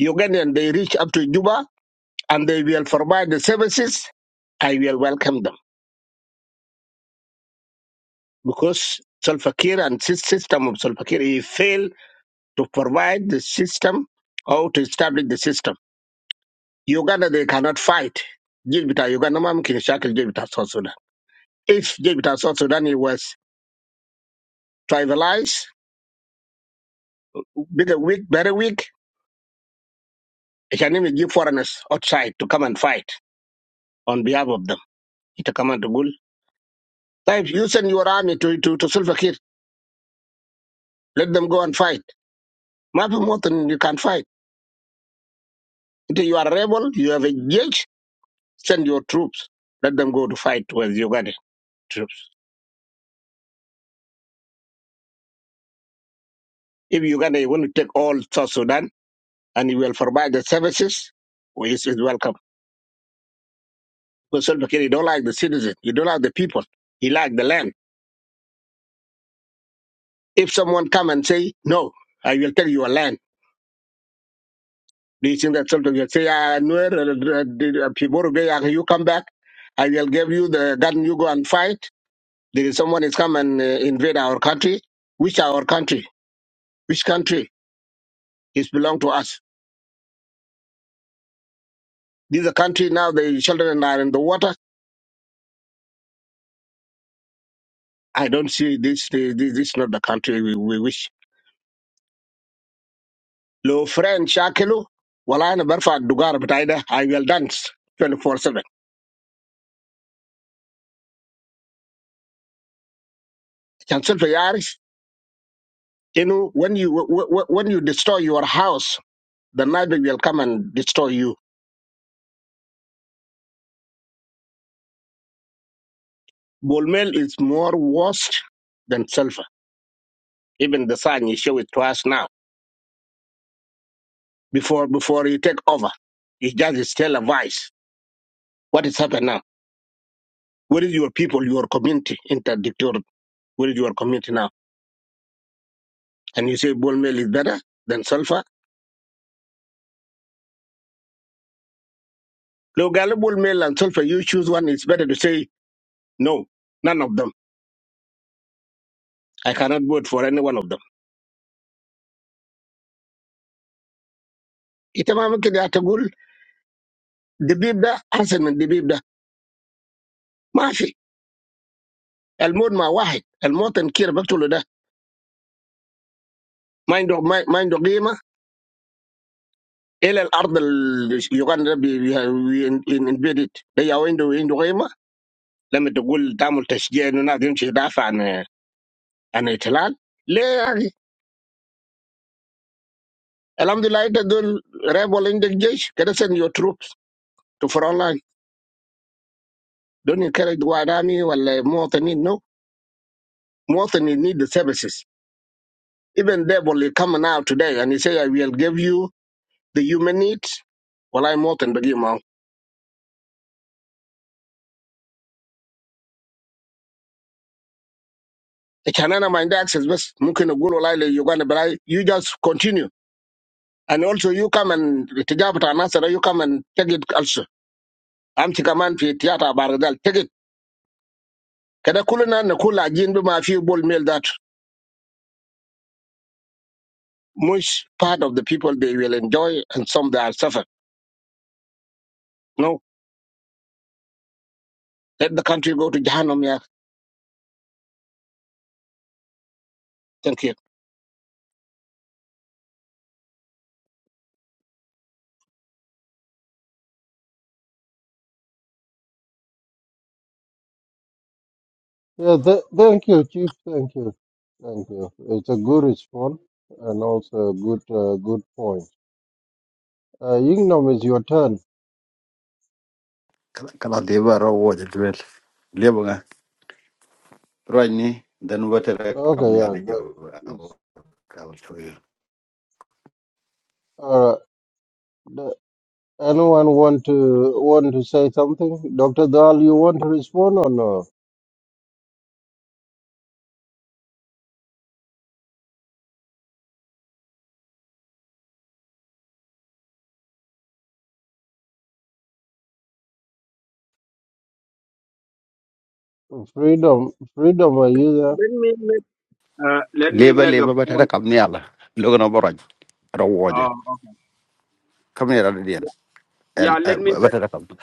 Ugandan they reach up to Juba and they will provide the services, I will welcome them because Salva Kiir and sys- system of Salva Kiir he failed to provide the system or to establish the system. Uganda they cannot fight. Jibita Uganda mam kin shakil Jibita South Sudan. If Jibita South Sudan he was tribalized, bigger weak, very weak, he can even give foreigners outside to come and fight on behalf of them. It come and to Gul. If you send your army to to, to Salva Kiir, Let them go and fight. Nothing more than you can fight. If you are a rebel, you have a judge, send your troops. Let them go to fight with Uganda troops. If Uganda want to take all South Sudan and you will provide the services, well, it's, it's welcome. Because Salva Kiir, he don't like the citizen. He don't like the people. He like the land. If someone come and say, no, I will take your land, do you think that Salva Kiir will say, ah, no, uh, uh, uh, Piboro Bey, uh, you come back, I will give you the gun, you go and fight? There is someone is come and uh, invade our country, which our country, which country is belong to us. This is a country now. The children are in the water. I don't see this. This, this is not the country we, we wish. Lo friend shakelu, wala na barfa dugar betaida. I will dance twenty four seven. Chancel for yaris. You know when you wh- wh- when you destroy your house, the neighbor will come and destroy you. Bolmel is more worse than sulfur. Even the sign you show it to us now before before you take over. You just still a vice. What is happening now? Where is your people, your community in that dictator? Where is your community now? And you say bull mail is better than sulfur? Look, bull mail and sulfur, you choose one, it's better to say no, none of them. I cannot vote for any one of them. إتمام كده تقول دبيب da أحسن من دبيب ده ما في الموت مع واحد الموت كير بقتله ده ما عنده ما ما عنده قيمة إلى الأرض ال- يوغندا بي- بي- بي- invaded ده يا عنده عنده قيمة لما تقول تعمل تشجيع انه الناس يمشي يدافع عن عن الاحتلال ليه يا اخي؟ الحمد لله انت دول راب ولا عندك جيش كده send your troops to front line don't encourage white army ولا مواطنين no مواطنين need the services even they will come now today and he say I will give you the human needs والله مواطن بقي معه عشان انا ما عندي access بس ممكن اقول والله ليوغندا بلاي you just continue and also you come and تجاب بتاع ناصر you come and take it also امشي كمان في تياتر باردال take it Kada kulina na kula jin bi ma fi bold mail that much part of the people they will enjoy and some they are suffer. No, let the country go to Jahannam, yeah. Thank you. Yeah, th- thank you, Chief. Thank you, thank you. It's a good response and also a good uh, good point. Uh, Ignom, it's your turn. kala kala deba ro wo de duel lebo nga roj ni den wote re Okay, kabni yeah, ala yo go- awo it's kawal to yo all right. Anyone want to want to say something? Dr. Dahl, you want to respond or no? Freedom, freedom, are you there? Let me make, uh, let me leba make a leba bata re point. kabni ala logo no boroj ro woja Uh, kabni ala dien okay. el yeah, let me bata make, re kabni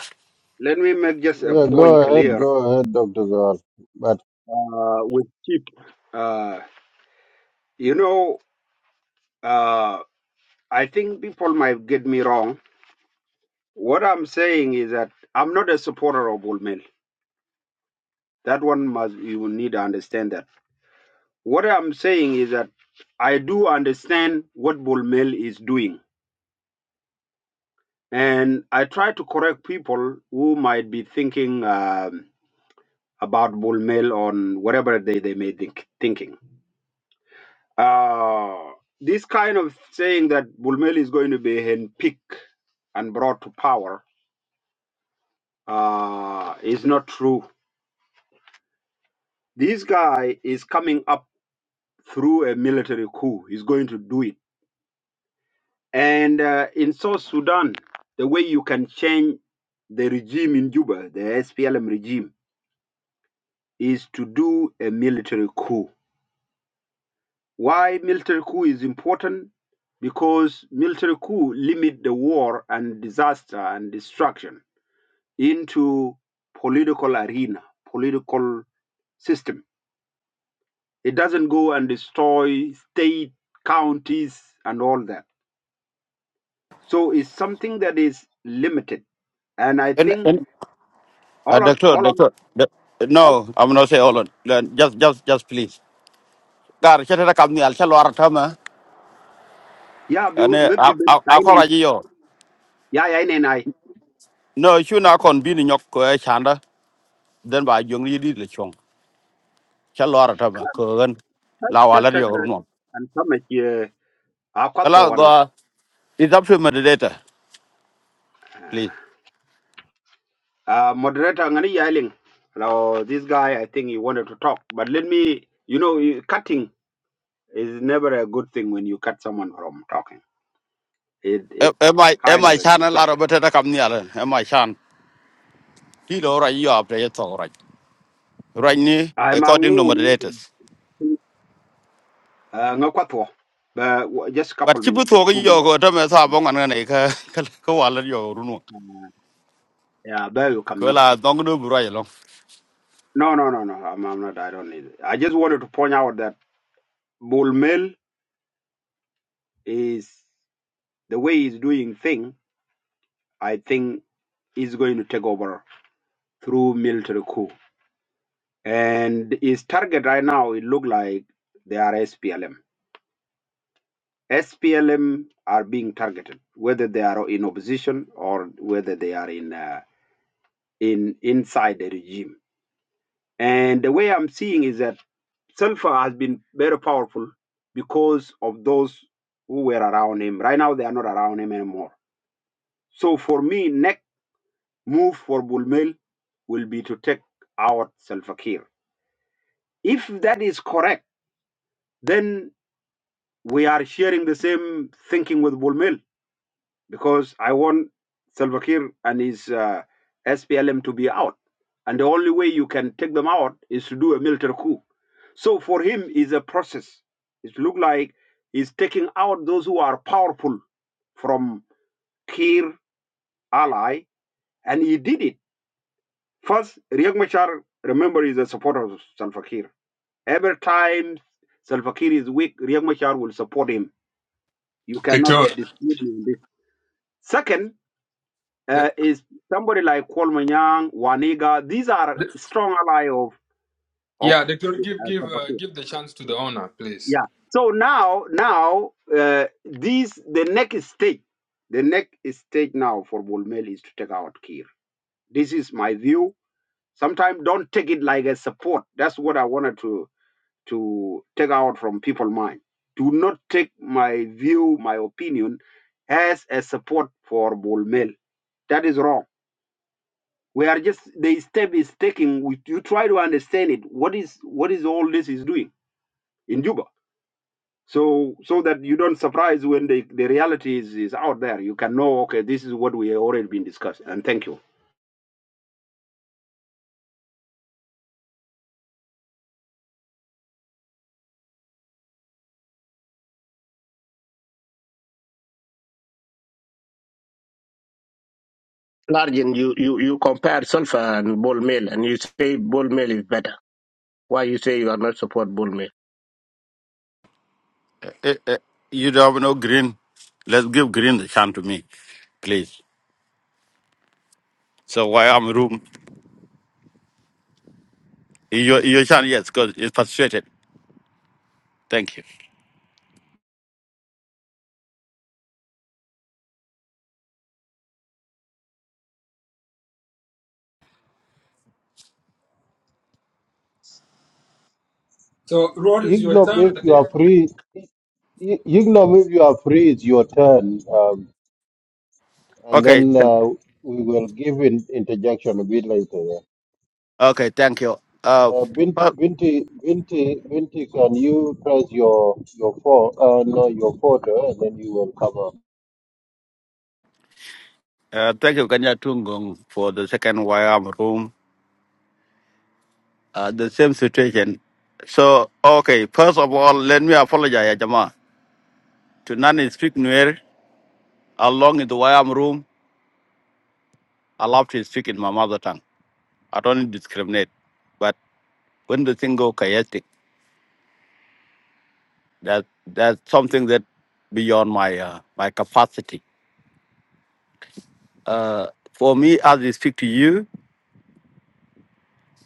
let me make just a Yeah, go point ahead, clear go ahead, Dr. Dahl. But uh, with Chief. Uh, you know, uh, I think people might get me wrong. What I'm saying is that I'm not a supporter of Bull Mill. That one must you will need to understand that. What I'm saying is that I do understand what Bullmel is doing. And I try to correct people who might be thinking um, about Bullmel on whatever they, they may think thinking. Uh, this kind of saying that Bullmel is going to be handpicked and brought to power uh, is not true. This guy is coming up through a military coup. He's going to do it. And uh, in South Sudan, the way you can change the regime in Juba, the SPLM regime, is to do a military coup. Why military coup is important? Because military coup limit the war and disaster and destruction into political arena, political system. It doesn't go and destroy state, counties, and all that. So it's something that is limited. And I en think en uh, all on doctor all doctor on doc- no i'm not say hold on Uh, just just just please gar chete re kabni al chalo artama Yeah, bi ane maybe ben akora tainen ji yo Yeah, ya ne nai no chu na kon bi ni nyok ko e chanda den ba jong yi di le chong chalo artama ko gan la ta wala ta ka yo an fama ke a kwato Hello, wannan go. It's up to moderator, please. uh, moderator ngani yelling now this guy i think he wanted to talk but let me you know you- cutting is never a good thing when you cut someone from talking it Am it am I am kind of I a chan a lot of destruction better come near? Am I chan? Kilo right you are play it all right. Right now, i'm a according to moderators. ngakwato but w- just a couple But chibu minutes thoga two yo minutes go to me sa bong an ne ka ka ka wala yo runu. yeah there you come Ko ye dong do bura yo. no no no no i'm, I'm not i don't need it i just wanted to point out that Bull Mel is the way he's doing thing. I think he's going to take over through military coup. And his target right now, it look like they are SPLM. SPLM are being targeted, whether they are in opposition or whether they are in uh, in inside the regime. And the way I'm seeing is that Sulfur has been very powerful because of those who were around him. Right now, they are not around him anymore. So for me, next move for Bulmel will be to take out Salva Kiir. If that is correct, then we are sharing the same thinking with Bulmel because I want Salva Kiir and his uh, SPLM to be out. And the only way you can take them out is to do a military coup. So for him, is a process. It look like he's taking out those who are powerful from Kiir ally, and he did it First, Riek Machar, remember, is a supporter of Salva Kiir. Every time Salva Kiir is weak, Riek Machar will support him. You cannot Doctor, dispute me on this. Second, the, uh, is somebody like Kolmanyang, Waniga. These are the, strong ally of of yeah, Doctor, uh, give give Salva uh, Kiir. give the chance to the owner, please. Yeah. So now, now, uh, these the next stage, the next stage now for Bolmel is to take out Kiir. This is my view. Sometimes don't take it like a support. That's what I wanted to to take out from people's mind. Do not take my view, my opinion, as a support for bol mail. That is wrong. We are just the step is taking. We, you try to understand it. What is what is all this is doing in Juba? So so that you don't surprise when the, the reality is, is out there. You can know. Okay, this is what we have already been discussing. And thank you. Largin, you, you, you compare sulfur and bold mail and you say bold mail is better. Why you say you are not support bold mail? You don't have no green. Let's give green the chance to me, please. So why I'm room? You you chan yes, cause it's frustrated. Thank you. So, Rod is your ignore turn, I if you think. are free, Ignore if you are free, it's your turn. Um, and Okay, then uh, we will give in interjection a bit later. Yeah. okay, thank you. Uh, Uh, Binti, Binti, Binti, Binti, can you press your your phone? Uh, no, your photo, and then you will cover. Uh, thank you, Kanya Tungong, for the second YM room. Uh, the same situation. So, okay, first of all, let me apologize, Jama. To none speak Nuer, along in the YM room, I love to speak in my mother tongue. I don't discriminate. But when the thing go chaotic, that that's something that beyond my uh, my capacity. Uh, for me, as I speak to you,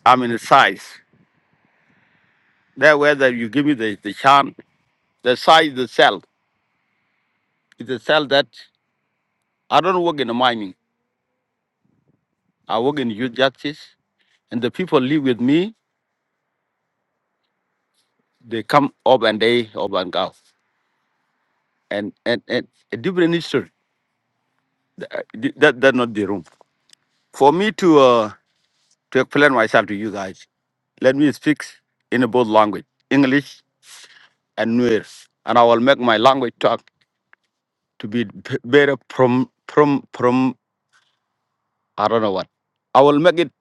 I'm in a size. That whether you give me the, the chance, the size, is the cell, it's a cell that I don't work in the mining. I work in youth justice, and the people live with me. They come up and they up and go, and and, and a different history. Uh, th- That that not the room for me to uh, to explain myself to you guys. Let me speak in both language, English and Nuer, and I will make my language talk to be b- better from from from I don't know what. I will make it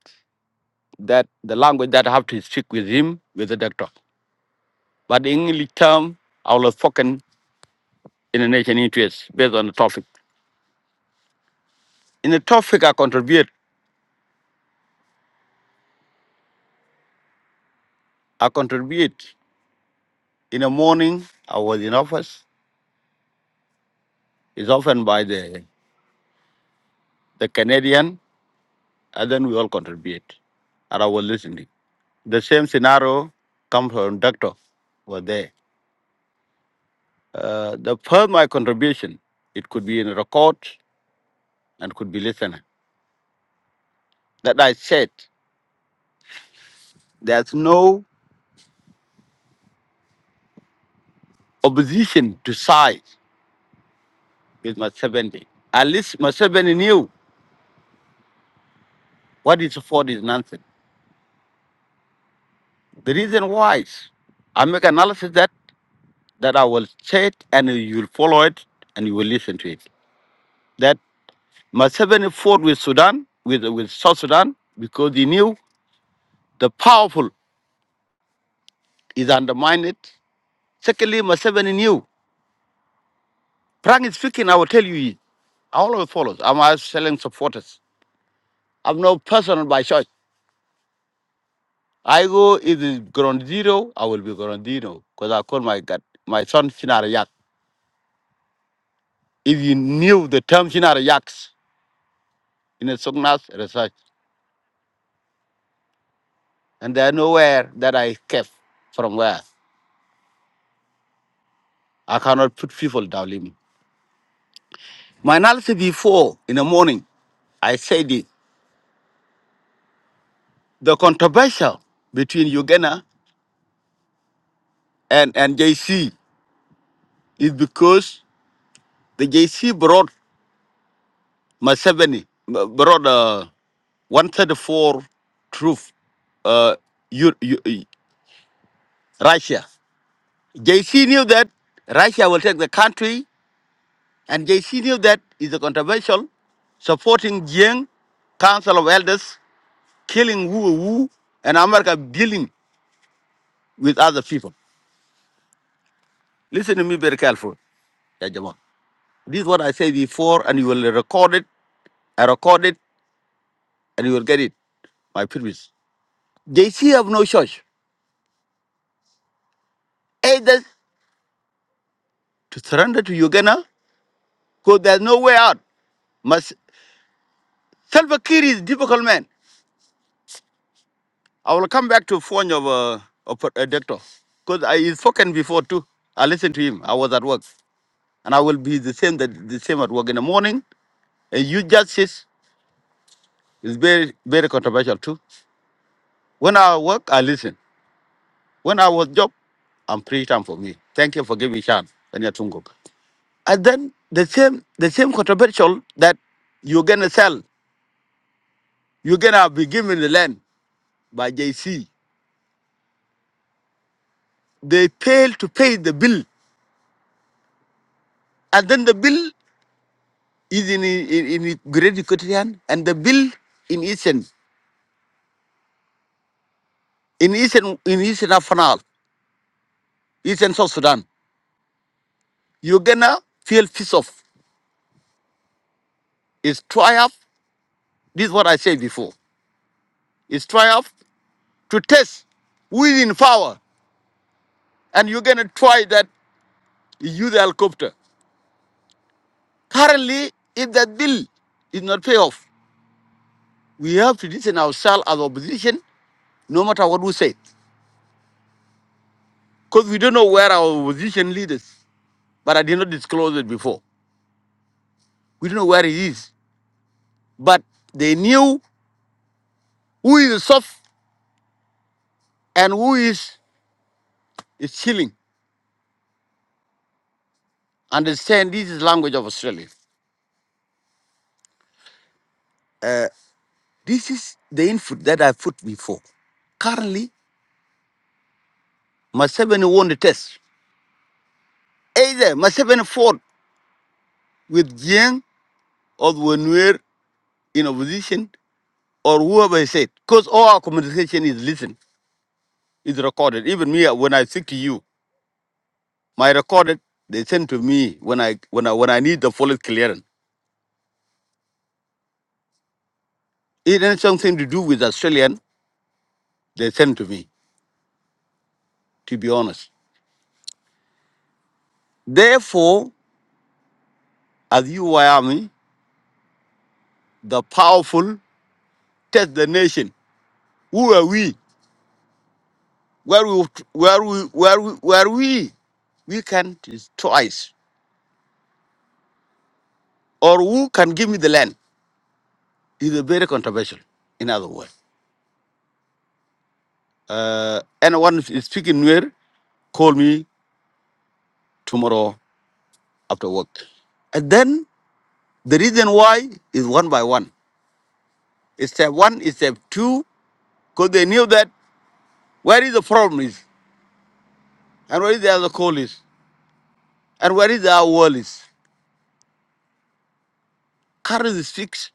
that the language that I have to speak with him with the doctor, but the English term I will spoken in the nation interest based on the topic. In a topic I contribute, I contribute. In the morning, I was in office. It's often by the, the Canadian, and then we all contribute. And I was listening. The same scenario comes from doctor were there. Uh, the first my contribution, it could be in a record and could be listener. That I said, there's no opposition to side with Museveni. At least Museveni knew what is for is nonsense. The reason why is I make analysis that. that I will say it and you will follow it and you will listen to it. That Museveni fought with Sudan, with, with South Sudan, because he knew the powerful is undermined. Secondly, Museveni knew. Frank is speaking, I will tell you, it. I always follow. I'm always selling supporters. I'm no personal by choice. I go, if it's ground zero, I will be ground zero because I call my God, my son Shinara Yak. If you knew the term Shinara Yaks in the Sognas research, and there are nowhere that I escape from where I cannot put people down limit. My analysis before in the morning, I said it. The controversial between Uganda and, and JC is because the JC brought Museveni, b- brought uh, 134 troops, uh, U, U- Russia. JC knew that Russia will take the country, and JC knew that is a controversial supporting Jiang Council of Elders killing who who, and America dealing with other people. Listen to me very careful, Ya Jamal. This is what I said before, and you will record it. I record it, and you will get it. My previous. They see have no choice either to surrender to Uganda, because there's no way out. Must Salva Kiir is difficult man. I will come back to phone of uh, of a doctor, because I is spoken before too. I listened to him. I was at work, and I will be the same that the same at work in the morning. And you justice It's very, very controversial too. When I work, I listen. When I was job, I'm free time for me. Thank you for giving me chance. And you're Tunguk. And then the same, the same controversial that you're gonna sell, you're gonna be given the land by JC. They fail to pay the bill, and then the bill is in in, in Great Equatorian and the bill in Eastern, in Eastern, in Eastern Afanal, Eastern South Sudan. You're gonna feel piece off. It's triumph. This is what I said before. It's triumph to test who is in power, and you're gonna try that use the helicopter. Currently, if that bill is not pay off, we have to listen ourselves as opposition, no matter what we say, because we don't know where our opposition leaders. But I did not disclose it before. We don't know where he is, but they knew who is soft and who is is chilling. Understand this is language of Australia. Uh, this is the input that I put before. Currently, Museveni won the test. Either must have fought with Jiang or when we're in opposition or whoever is it. Because all our communication is listened, is recorded. Even me, uh, when I speak to you, my recorded, they send to me when I when I when I need the fullest clearance. It has something to do with Australian, they send to me, to be honest. Therefore, as you Wyoming, the powerful test the nation. Who are we? Where we where we where we where we? We can twice. or who can give me the land is a very controversial, in other words. Uh, anyone who is speaking Nuer, call me tomorrow after work. And then the reason why is one by one. It's step one, it's step two, because they knew that where is the problem is, and where is the other call is, and where is our world is. Current is fixed.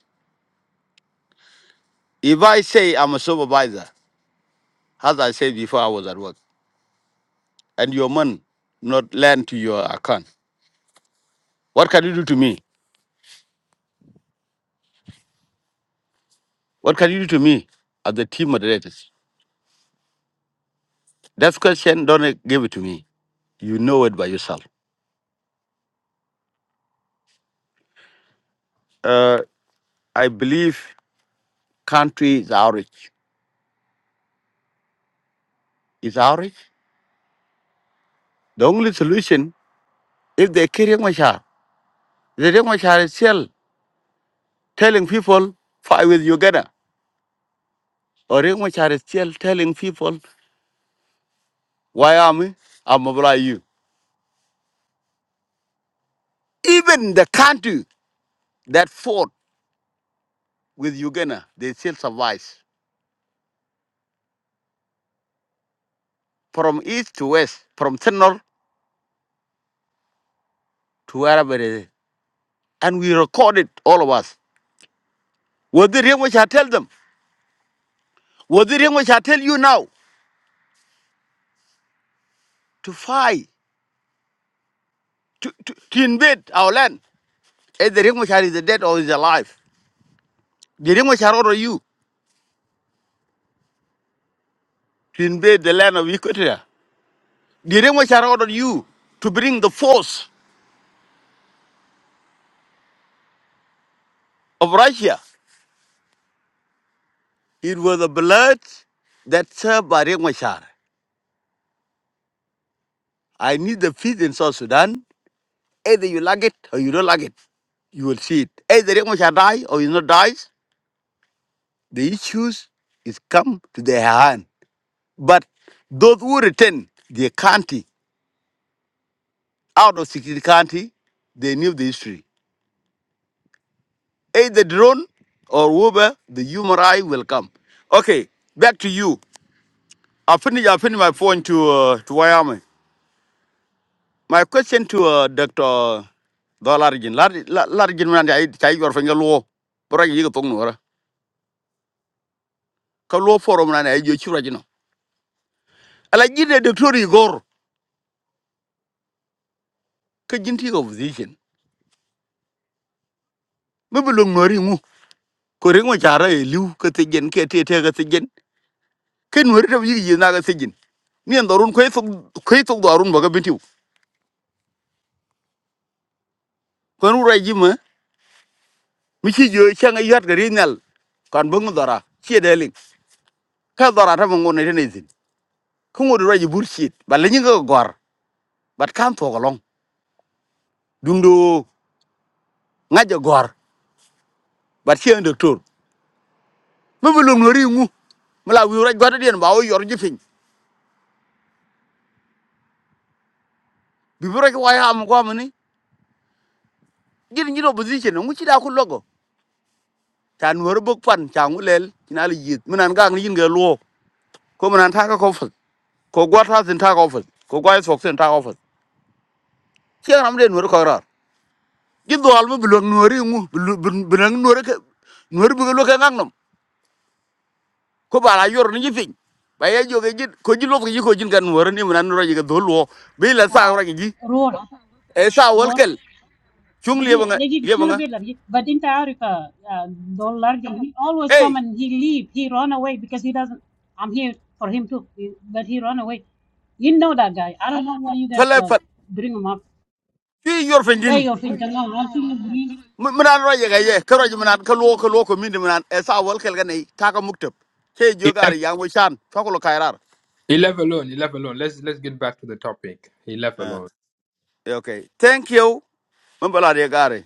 If I say I'm a supervisor, as I said before I was at work, and your money not land to your account, what can you do to me? What can you do to me as the team moderators? That question, don't uh, give it to me. You know it by yourself. Uh, I believe country is outrage. Is outrage? The only solution is they kill Riek Machar. The Riek Machar is still telling people, fight with Uganda. Or Riek Machar is still telling people, why army? I'll mobilize you. Even the country that fought with Uganda, they still survive. From east to west, from central to wherever it is and we recorded all of us. Was the reason which I tell them? Was the reason which I tell you now to fight, to, to, to invade our land? Is the reason which I is dead or is alive? The reason which I order you to invade the land of Equatoria. The reason which I ordered you to bring the force of Russia. It was the blood that served by Remashar. I need the peace in South Sudan. Either you like it or you don't like it. You will see it. Either Remashar die or he not dies. The issues is come to their hand. But those who return their county out of security county, they knew the history. Either drone or Uber, the human eye will come. Okay, back to you. i finish, i finish my phone to, uh, to Wyoming. My question to uh, Dr. Dolarjin. Larjin, man, I tell your finger low. But I give a tongue or a low forum na na I you you. I like you, Dr. Igor. Kajinti opposition. Maybe long ko ringo chara e liu ka te gen ke te te ka sejen ken wer ta yi na ka te gen ni an dorun ko eso ko eso dorun ba ka bintiu ko ru rai jima mi chi yo changa yat ga rinal kan bung dora chi de ling ka dora ta mon ne ne zin ko ngod rai ji burshit ba le ni ga gor bat kan to ga long dung ngaja gor bat chi an doctor me bulum no ri ngu mala wi rai gwa ta dien ba o yor ji fin bi ro ki wa ha am ko amani jin ni do position ngu chi da ku logo chan wor bok pan chang ulel kina li yit minan gang ni yin luo ko minan ta ka ko fut ko gwa ta sin ta ko fut ko gwa sok sin ta ko fut chiang nam den wor ko rar gi dol bu blong nori ngu blong nori ke nori bu lo ke ngang nam ko bala yor ni fin ba ye jo ge ko ji lo gi ko jin gan wor ni minan ro ji dol luo bi la sa ro آه، gi رول e sa wol رول kel chung le ba دقيقة nga دقيقة le ba شنو nga بيلر but انت عارف آه، آه، دول لارجن he always ei come and he leave he run away because he doesn't I'm here for him too but he run away you know that guy I don't know why you guys fele uh, fat bring him up fi yor fin ده din يوفين تمام minan roje ga ye ka roje minan ka luo ko minde minan e sa wal kel ganai ta muktab ke jo He gar left, yang wo chan fakolo kairar he left alone. He left alone. Let's let's get back to the topic. He left uh, alone. okay thank you mambala de gare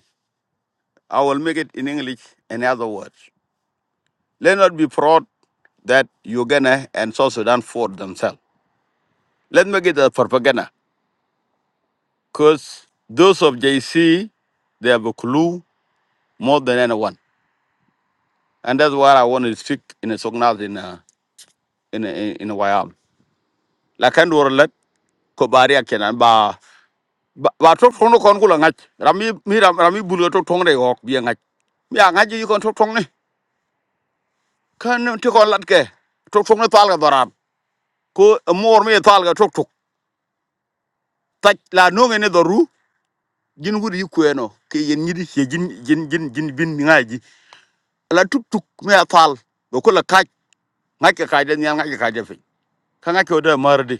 i will make it in english and other words let not be proud that uganda and south sudan fought themselves let me get the propaganda because those of jc they have a clue more than anyone and that's why i want to speak in a sognath in a in a in a wyam ko baria kenan ba ba ba tok tong no kon kula ngach rami mi ram rami bulo tok tong re ok bi ngach mi ngach yi kon tok tong ne kan ti kon lat ke tok tong ne tal ga doram ko mor mi tal ga tok tok tak la no ngene do ru jin wuri ku ke yen nyidi che jin jin jin jin bin mi ngaji la tuk tuk mi tal do kula kaj ngach ke kaj de nyal ngach ke kaj de fi ka ngach ko de mardi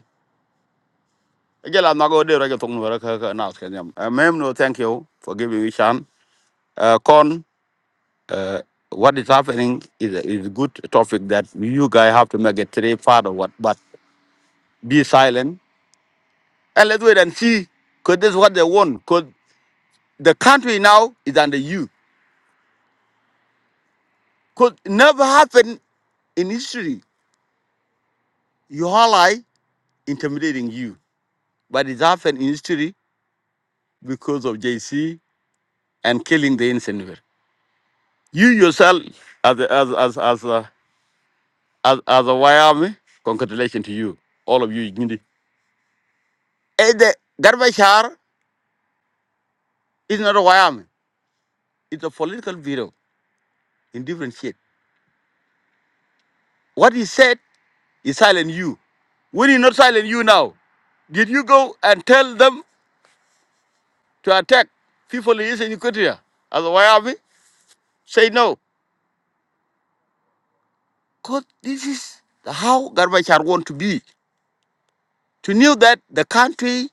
jela mago de ra ga tong no ra ka ka nas ke nyam Eh, mem no thank you for giving me chance Eh, kon Uh, what is happening is a, is a good topic that you guys have to make a three part of what, but be silent and let's wait and see. Because this is what they want. Because the country now is under you. Because never happened in history. Your ally intimidating you. But it's happened in history because of JC and killing the innocent. You yourself, as a, as as as a, as, as a Y Army, congratulations to you, all of you. Igindi. Eh, The Garbashar is not a Y Army. It's a political video in different shit. What he said is silent you. When he not silent you now, did you go and tell them to attack people in Eastern Equatoria? As a White Army? Say no. Because this is the how Gorbachev want to be. To know that the country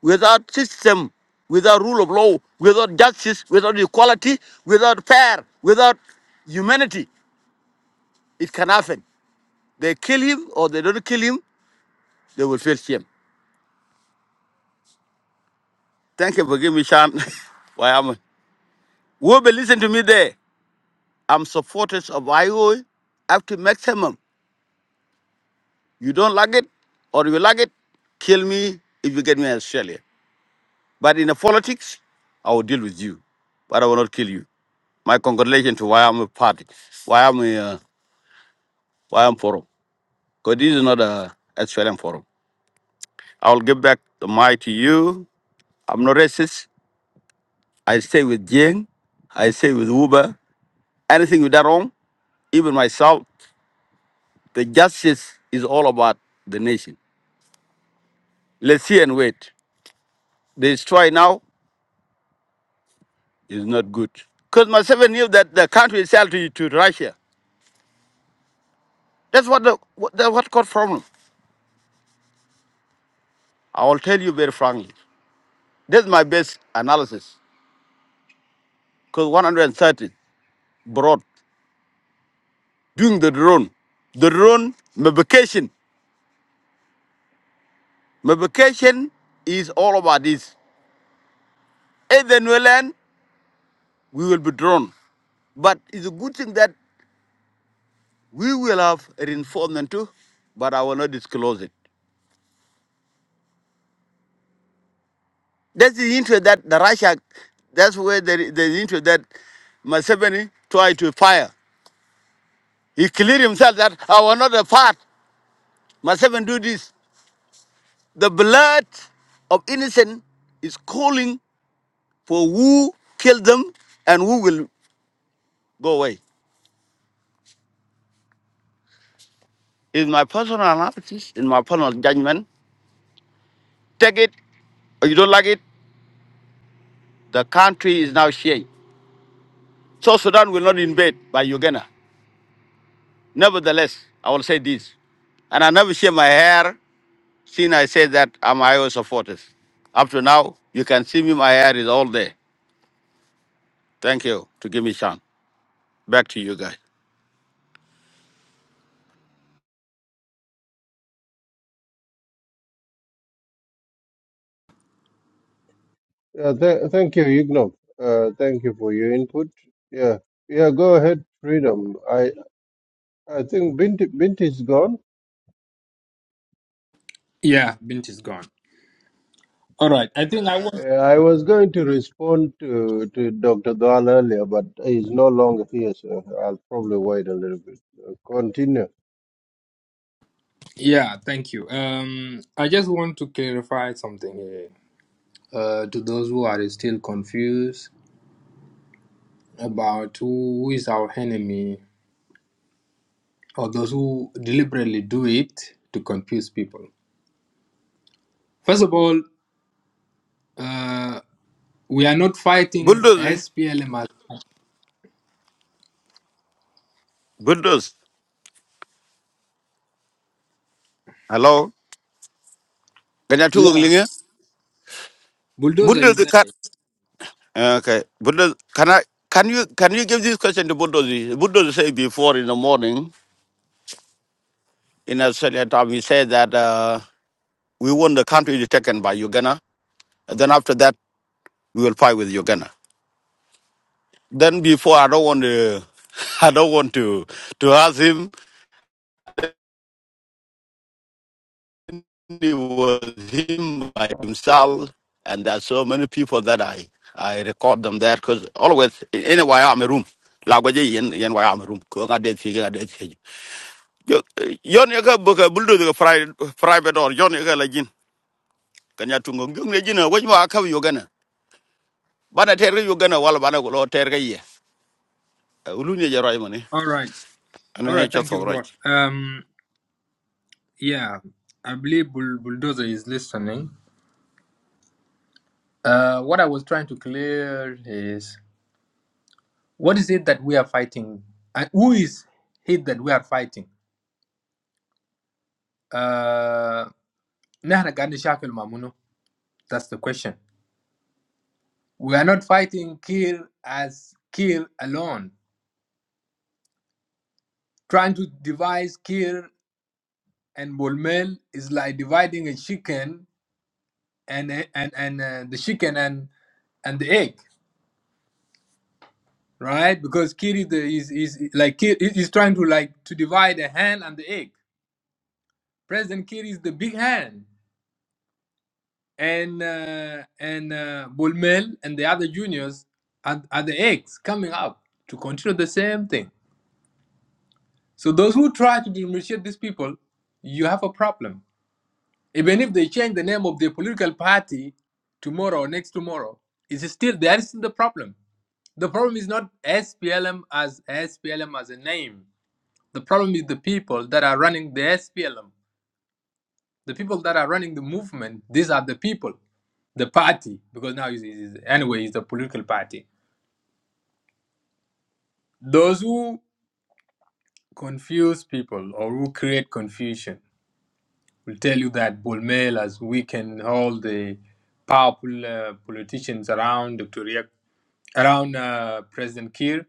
without system, without rule of law, without justice, without equality, without fair, without humanity, it can happen. They kill him or they don't kill him, they will face him. Thank you for giving me chance. Why am I? Will be listen to me there. I'm supporters of IO up to maximum. You don't like it or you like it, kill me if you get me in Australia. But in the politics, I will deal with you. But I will not kill you. My congratulations to why I'm a party, why I'm a, uh, why I'm forum. Because this is not a Australian forum. I will give back the mic to you. I'm not racist. I stay with Jing. I stay with Uber. Anything with that wrong, even myself. The justice is all about the nation. Let's see and wait. The Destroy now is not good. Because Museveni knew that the country is sell to, to Russia. That's what the what, the, what got problem. I will tell you very frankly. That's my best analysis. Because 130 brought doing the drone. The drone, my vacation. My vacation is all about this. If then we land, we will be drawn. But it's a good thing that we will have reinforcement too, but I will not disclose it. That's the interest that the Russia, that's where the, the interest that Museveni tried to fire. He cleared himself that I was not a part. Museveni do this. The blood of innocent is calling for who killed them and who will go away. In my personal analysis, in my personal judgment, take it or you don't like it, the country is now shaking. So Sudan will not invade by Uganda. Nevertheless, I will say this and I never share my hair. Since I said that, I'm Ios supporters. Up to now, you can see me, my hair is all there. Thank you to give me chance. Back to you guys. Yeah, th- thank you, Yugnok. Uh, thank you for your input. Yeah, yeah. Go ahead, Freedom. I I think Binti Binti is gone. Yeah, Bint is gone. All right. I think I want. Uh, I was going to respond to to Dr. Dwal earlier, but he's no longer here, so I'll probably wait a little bit. Uh, continue. Yeah. Thank you. Um, I just want to clarify something here. Uh, to those who are still confused about who is our enemy, or those who deliberately do it to confuse people. First of all, uh, we are not fighting Bulldoze, eh? SPLM. bulldoze. Hello? Can I talk Yeah. English? Bulldozer is Bulldoze cut. there. Ah, Okay. Bulldoze, can I? Can you can you give this question to Bulldoze? Bulldoze said before in the morning in Australia time he said that uh, we want the country to taken by Uganda. And then after that we will fight with Uganda. Then before I don't want to I don't want to to ask him it was him by himself, and there's so many people that I I record them there because always in in a way I'm a room. Lagwaje yen yen way I'm a room. Ko ngade fi ngade fi. Yo- Yon yaga boka buldo private private or yon yaga lagin. Kanya tungo ngung ne jina wajwa akaw yogana. Bana terga yogana wala bana ko lo terga ye. Ulu ne jaro imani. All right. All Ana right. Thank you, cha Rod. Um. Yeah. I believe Bull- Bulldozer is listening. Uh, what I was trying to clear is What is it that we are fighting? And who is it that we are fighting? Uh, نحن قاعدين نشاكل مع منو? That's the question. We are not fighting Kir as Kir alone. Trying to devise Kir and Bolmel is like dividing a chicken and and and uh, the chicken and and the egg, right? Because Kir is, the, is is like Kir is is trying to like to divide the hand and the egg. President Kir is the big hand. and uh, and uh, Bulmel and the other juniors are, are the eggs coming up to continue the same thing. So those who try to differentiate these people, you have a problem. Even if they change the name of their political party tomorrow or next tomorrow, it's still there is still the problem. The problem is not SPLM as SPLM as a name. The problem is the people that are running the SPLM. The people that are running the movement. These are the people. the party because now he's, he's anyway he's a political party those who confuse people or who create confusion will tell you that Bulmel has weakened all the powerful uh, politicians around Dr. Riek, around uh, President Kiir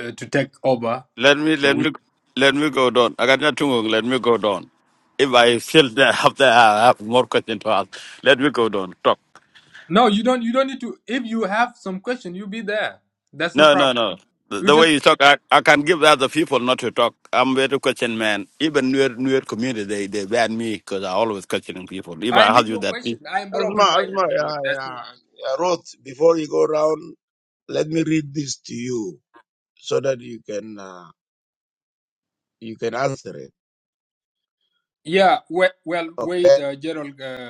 uh, to take over Let me so let we me let me go down. I got nothing. wrong. Let me go down. If I feel that after I have more questions to ask, let me go down. Talk. no you don't you don't need to if you have some question you be there that's no No, no, problem no. The, you the just way you talk, I, I can give other people not to talk. I'm very question man. Even newer newer community, they they ban me because I always questioning people. If I I ask need you your that, question we I am very Asma, open minded Asma, by the way yeah, that's no yeah, yeah. Roth, before you go round, let me read this to you so that you can uh, you can answer it. yeah well, well Okay. wait uh, Gerald Uh,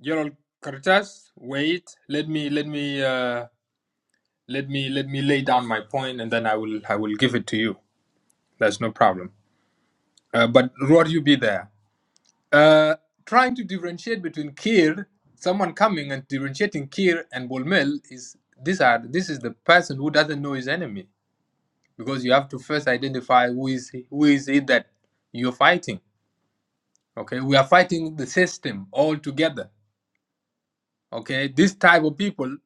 Gerald Cortez, wait. Let me let me uh, let me let me lay down my point, and then I will I will give it to you. That's no problem. Uh, but Rod, you be there. Uh, trying to differentiate between Kir, someone coming and differentiating Kir and Bolmel is these are this is the person who doesn't know his enemy because you have to first identify who is who is it that you're fighting. Okay, we are fighting the system all together Okay, this type of people,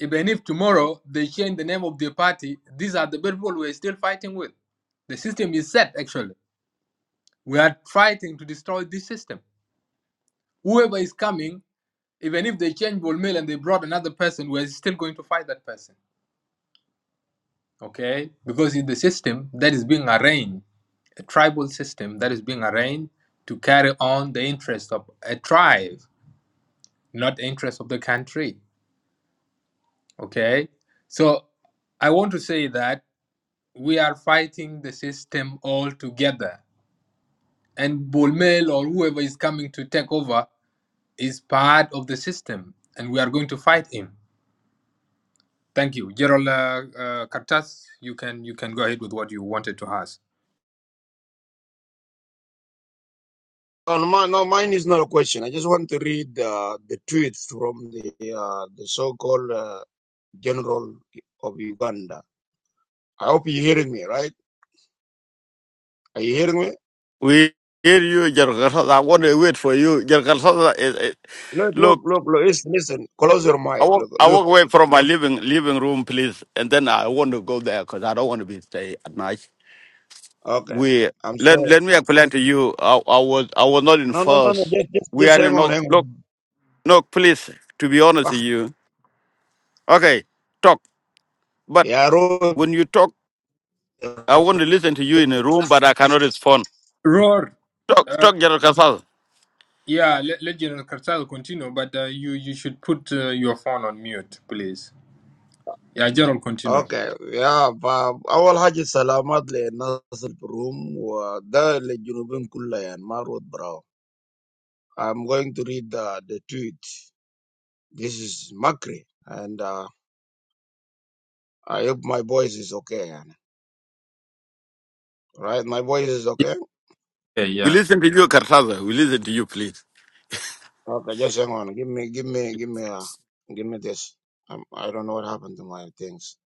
even if tomorrow they change the name of their party, these are the people we're still fighting with. The system is set, actually. We are fighting to destroy this system. Whoever is coming, even if they change Bolmel and they brought another person, we're still going to fight that person. Okay? Because it's the system that is being arranged, a tribal system that is being arranged to carry on the interests of a tribe, not the interests of the country. Okay? So I want to say that we are fighting the system all together. And Bolmel or whoever is coming to take over is part of the system, and we are going to fight him. Thank you, Gerald uh, uh, Kartas. You can you can go ahead with what you wanted to ask. Oh, no, mi- no, mine is not a question. I just want to read uh, the tweet from the uh, the so-called uh, general of Uganda. I hope you're hearing me, right? Are you hearing me? hear you, Jargarsas. I want to wait for you. Jargarsas is, is Look, look, look. look, look. Listen, listen. Close your I mic. walk, Look, I look. walk away from my living living room, please, and then I want to go there because I don't want to be stay at night. Okay. we I'm let sorry. let me explain to you. I, I was I was not in No, no, no, no. force. Just, just, We just are hang in on, no hang look on. no please to be honest with Ah, you. Okay, talk. But yeah, when Roth. you talk, I want to listen to you in a room, but I cannot respond. Roar. Talk Uh, talk, General Kasaz. yeah, let, let General Kartas continue, but uh, you you should put uh, your phone on mute, please. Yeah, Gerald, continue. اوكي يا فا- اول حاجه سلامات للناس اللي في الروم وده للجنوبين كلها يعني ما رود براو I'm going to read the, the tweet this is Makri and uh, I hope my voice is okay يعني right my voice is okay Yeah, We yeah. listen to you, Kasaz. We listen to you, please. okay just hang on give me give me give me uh, give me this um, I don't know what happened to my things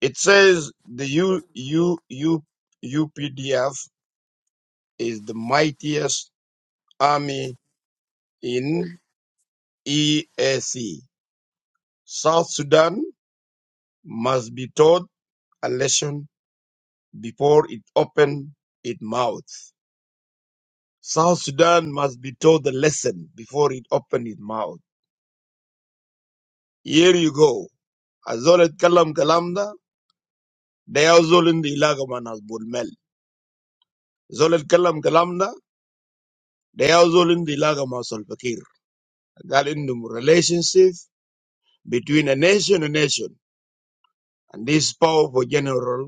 it says the U U U UPDF is the mightiest army in EAC South Sudan must be taught a lesson before it open its mouth. South Sudan must be taught the lesson before it open its mouth. Here you go. Azol kalam kalamda, they are zol in the ilagama nas bulmel. Zol kalam kalamda, they are zol in the ilagama solfakir. Gal indum relationship between a nation and nation. And this powerful general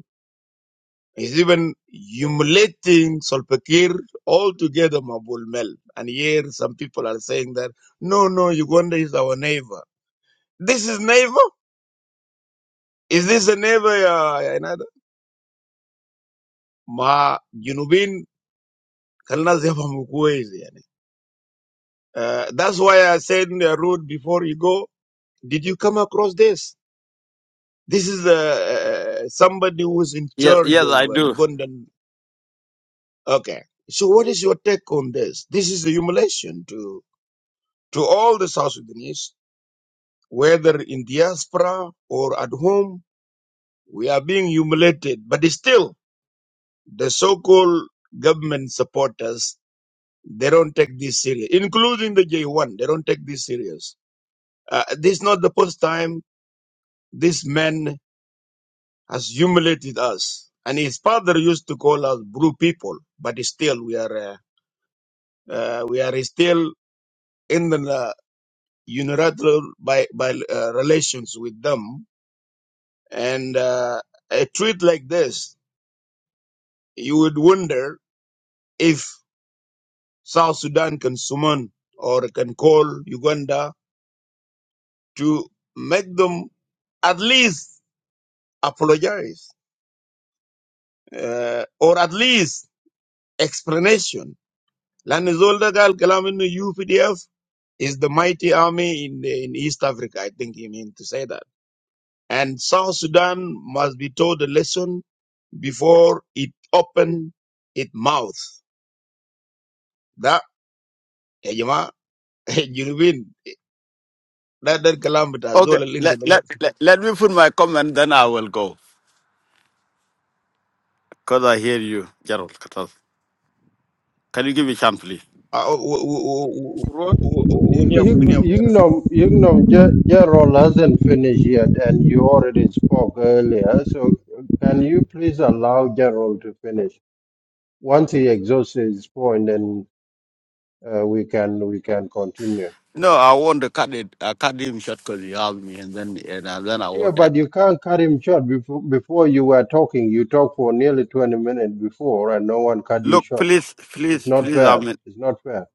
He's even humiliating Solpakir altogether, Mabul Mel. And here some people are saying that, no, no, Uganda is our neighbor. This is neighbor? Is this a neighbor? ya- ya Ma, Junubin, kalna ziyafahamu kwezi yani. Uh, that's why I said in the road before you go, did you come across this? This is uh, uh, somebody who's in Yes, charge yes, of I uh, do. Ugandan. Okay. So what is your take on this? This is a humiliation to to all the South Sudanese whether in diaspora or at home, we are being humiliated. But still, the so-called government supporters, they don't take this serious, including the J1. They don't take this serious. Uh, this is not the first time this man has humiliated us. And his father used to call us blue people, but still we are uh, uh, we are still in the uh, unilateral by by uh, relations with them. And uh, a tweet like this you would wonder if South Sudan can summon or can call Uganda to make them at least apologize uh, or at least explanation. Lanizolda Gal kalam innu UPDF is the mighty army in, the, in East Africa, I think he meant to say that. And South Sudan must be taught a lesson before it open its mouth. That, eh, jama, eh, you win. that, that kalam bita, Okay, zola linda. let let let, let me put my comment, then I will go. Cause I hear you, Gerald Kasaz. Can you give me a chance, please? Uh, uh, w- w- w- Road, w- w- Y- William, Yug- William, William. Yugnom Yugnom Ge- Gerald hasn't finished yet, and you already spoke earlier. So can you please allow Gerald to finish once he exhausts his point, and. uh, we can we can continue. No, I want to cut it. I cut him short because he asked me, and then and then I Yeah, want that. but you can't cut him short. Before before you were talking, you talked for nearly twenty minutes before, and no one cut you Look, short. please, It's please, not please. I fair. mean, It's not fair.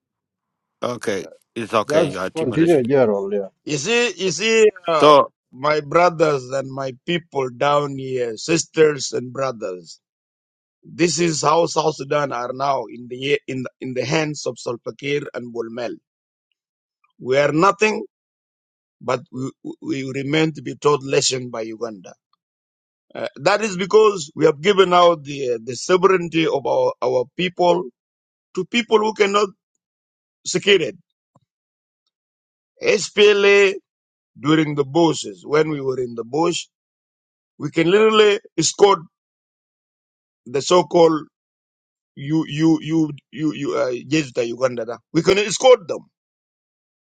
okay, it's okay. You Just are continue, timorated. Gerald. Yeah. You see, you see, uh, So my brothers and my people down here, sisters and brothers. This is how South Sudan are now in the in the, in the hands of Salva Kiir and Bulmel. We are nothing, but we, we remain to be taught lesson by Uganda. Uh, that is because we have given out the the sovereignty of our, our people to people who cannot secure it. SPLA during the bushes, when we were in the bush, we can literally escort the so-called you you you you you uh, Jesuita Uganda. da. We can escort them.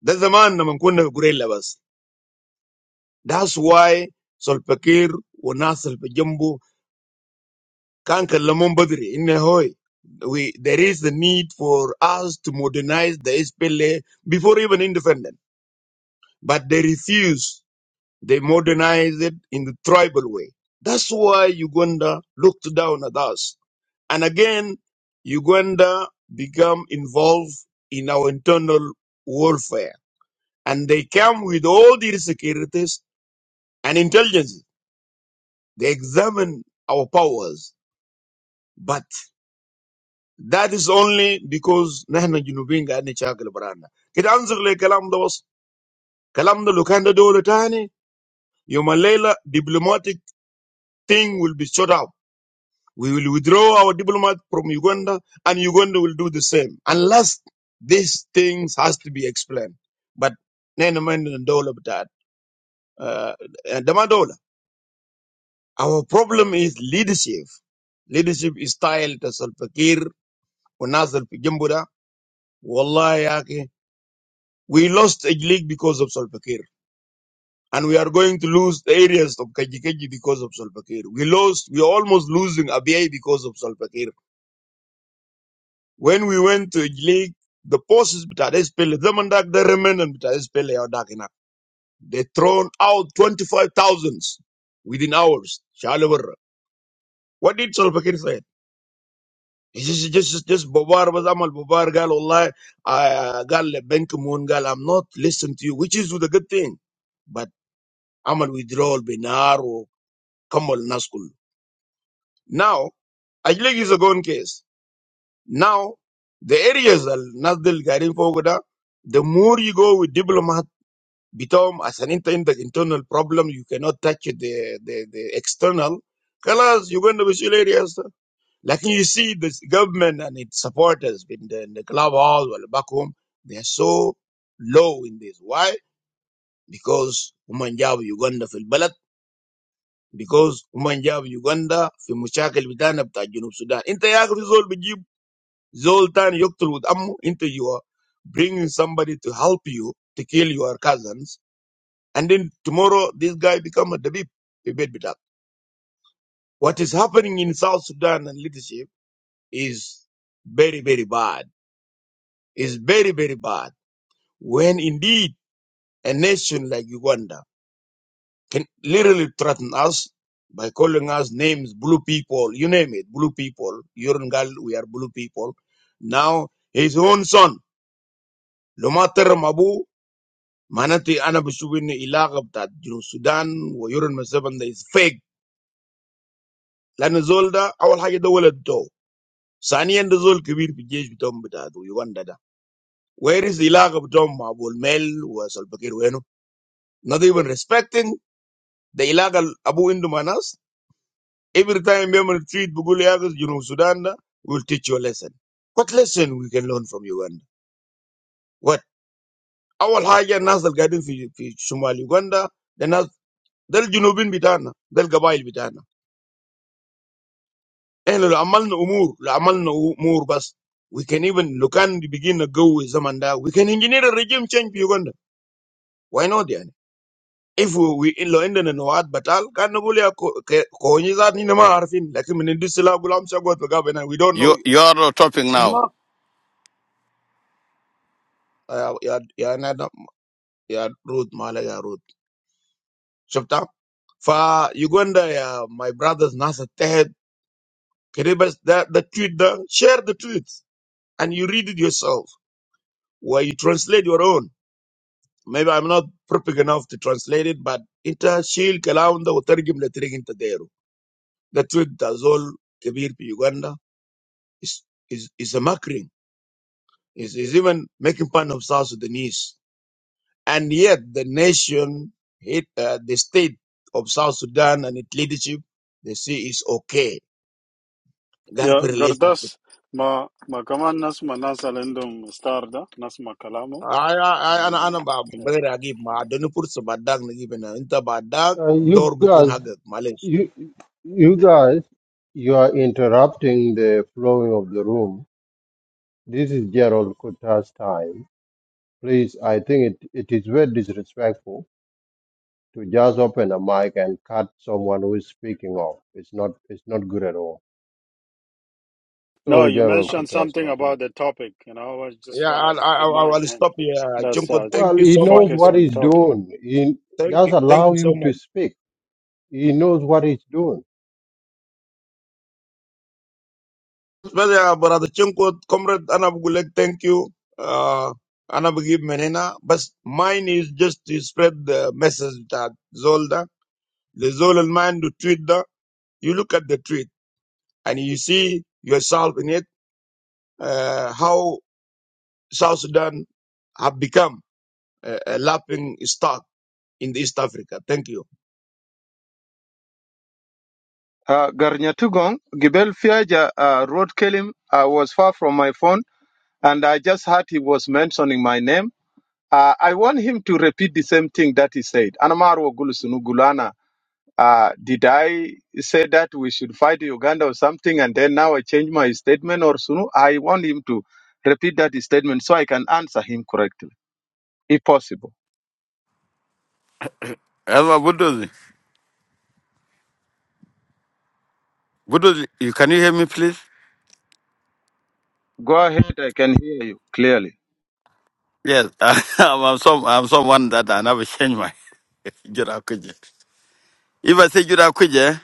That's the man naman kunna gure labas. That's why Solpakir Wanas Solpajumbu kanka kalamon badri in hoy. We there is the need for us to modernize the SPLA before even independent, but they refuse. They modernize it in the tribal way. That's why Uganda looked down at us And again, Uganda become involved in our internal warfare. And they come with all the securities and intelligence. They examine our powers. But that is only because نحن جنوبين قاعدين نشاكل برانا. كده انظر لكلام ده بس. كلام ده لو كان ده دولة تاني، يوم الليلة diplomatic thing will be shut out. We will withdraw our diplomat from Uganda and Uganda will do the same. Unless these things has to be explained. But nene mende na dola bata- uh, eh, dama dola. Our problem is leadership. Leadership is style to Salpakir, Unazal Pijambura, Wallahi yake. We lost a league because of Salpakir. And we are going to lose the areas of Kajikeji because of Salpakir. We lost, we are almost losing Abiy because of Salpakir. When we went to league, the forces that is Pele, them and that they remain and that is Pele or Dakinak. They thrown out 25 thousands within hours. Shalawar. What did Solpakir say? He just, just, just, bobar was Amal bobar Gal Allah, uh, Gal Benkamun Gal, I'm not listening to you, which is the good thing. But Amal withdrawal, Binar, or Kamal Naskul. Now, Ajlik is a gone case. Now, the areas al the Garin Fogoda, the more you go with diplomat, become as an inter- inter- internal problem, you cannot touch the, the, the external. Colors, you're going to visual areas. Like you see, the government and its supporters in the, in the club hall or back home, they're so low in this. Why? Because Umanjab Uganda fil balad. Because Umanjab Uganda fi mushakil bitana bita Junub Sudan. Inta yak result Zoltan Yoktul with Ammu into you are bringing somebody to help you to kill your cousins. And then tomorrow this guy become a Dabib. He bet it up. What is happening in South Sudan and leadership is very, very bad. Is very, very bad. When indeed a nation like Uganda can literally threaten us by calling us names, blue people, you name it, blue people, Urungal, we are blue people. Now his own son, Lumater Mabu Manati, I na beshubi ni ilagab dat jinu Sudan wajurun masaban da is fake. La nzulda awal haya da wale ddo. Sani enda zul kabir bijeji bitam bitado Uganda. Where is ilagab jom ma bolmel waselepeke ruendo? Not even respecting the ilagal abuindo manas. Every time we retreat buguliagas jinu Sudan da we'll teach you a lesson. What lesson we can learn from Uganda? What awal haya nas guiding fi fi Shomal Uganda? Then nas dal jinubin bitana dal gabayi bitana. And the amal no umur, the amal no umur. But we can even look at the beginning of the time. We can engineer a regime change in Uganda. Why not, dear? If we in the end of the war battle, can nobody co-conjecture? We don't know. you you you are topping It's now. not. Yeah, yeah, yeah. Yeah, root, Malay, yeah, root. Shut up. For Uganda, yeah, my brothers, Nasir, Teher, Kribes, that the truth, share the truth, and you read it yourself, or you translate your own. Maybe I'm not perfect enough to translate it, but ita shil kalam da utargim la tirig inta dairu. The truth that's all kabir pi Uganda is is is a mockery. Is is even making fun of South Sudanese. And yet the nation, it, uh, the state of South Sudan and its leadership, they see is okay. Galpi Ya relationship. Gardas ma ma kaman nas ma nasal endum star da nas ma kalamu I I I ana uh, ana ba yeah. brother agib ma adonu pursa badag na gibe na inta badag Uh, you dor bukun guys, hagak you you guys, you are interrupting the flowing of the room. This is Gerald Kuta's time. Please, I think it, it is very disrespectful to just open a mic and cut someone who is speaking off. It's not it's not good at all. No, Sorry, you Gerald mentioned Kutras, something about continue. the topic, and I was just Yeah, want I, to I, I remind will him stop here. that's uh, Chinko, thank Well, you he so much. knows focus what Thank on you. he's topic. doing. He, Thank just you. Thank allow you so him to much. speak. He knows what he's doing. Well, yeah, brother Chinko, comrade Anabgulek, thank you. Uh, Anabgib Menena. But mine is just to spread the message that Zolda, the Zolda man, to tweet, the, you look at the tweet and you see yourself in it, uh, how South Sudan have become a, a laughing stock in East Africa. Thank you. uh, Garnyatugong, Gibel Fiaja uh, Road Kelim I was far from my phone, and I just heard he was mentioning my name. Uh, I want him to repeat the same thing that he said. Anamaro Gulusunugulana Uh, did I say that we should fight Uganda or something and then now I change my statement or so I want him to repeat that statement so I can answer him correctly, if possible. Hello, Buduzi. Buduzi, you can you hear me, please? Go ahead, I can hear you clearly. Yes, I'm, I'm some I'm someone that I never change my Jurakuje. If I say Jurakuje,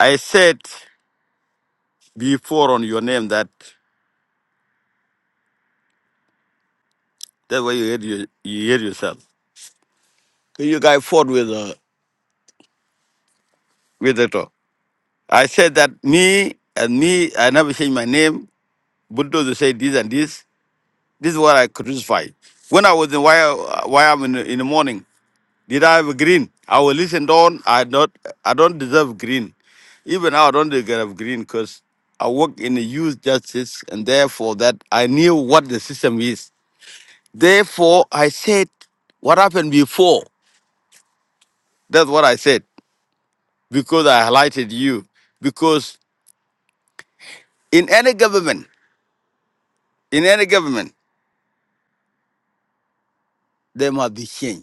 I said before on your name that that's why you hear you, you hear yourself. So You guys fought with uh, with the talk. I said that me and me, I never change my name. Buduzi said this and this. This is what I crucify. When I was in why why I'm in, the- in the morning, did I have a green? I will listen down. I not I don't deserve green. Even now I don't deserve green because I work in the youth justice and therefore that I knew what the system is. Therefore I said what happened before. That's what I said. Because I highlighted you. Because in any government, in any government, there must be change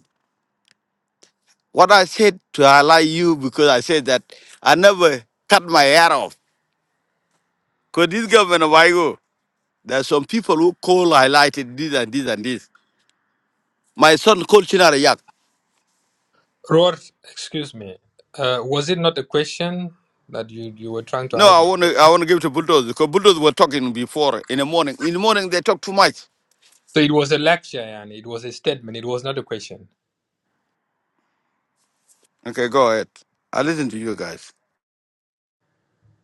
What I said to highlight you because I said that I never cut my hair off. Because this government of Igo, there are some people who call highlighted this and this and this. My son called Chinara Yak. Roar, excuse me. Uh, was it not a question that you, you were trying to No, ask? I want to I want to give it to Bulldoze because Bulldoze were talking before in the morning. In the morning they talk too much. So it was a lecture, and it was a statement. It was not a question. Okay, go ahead. I listen to you guys.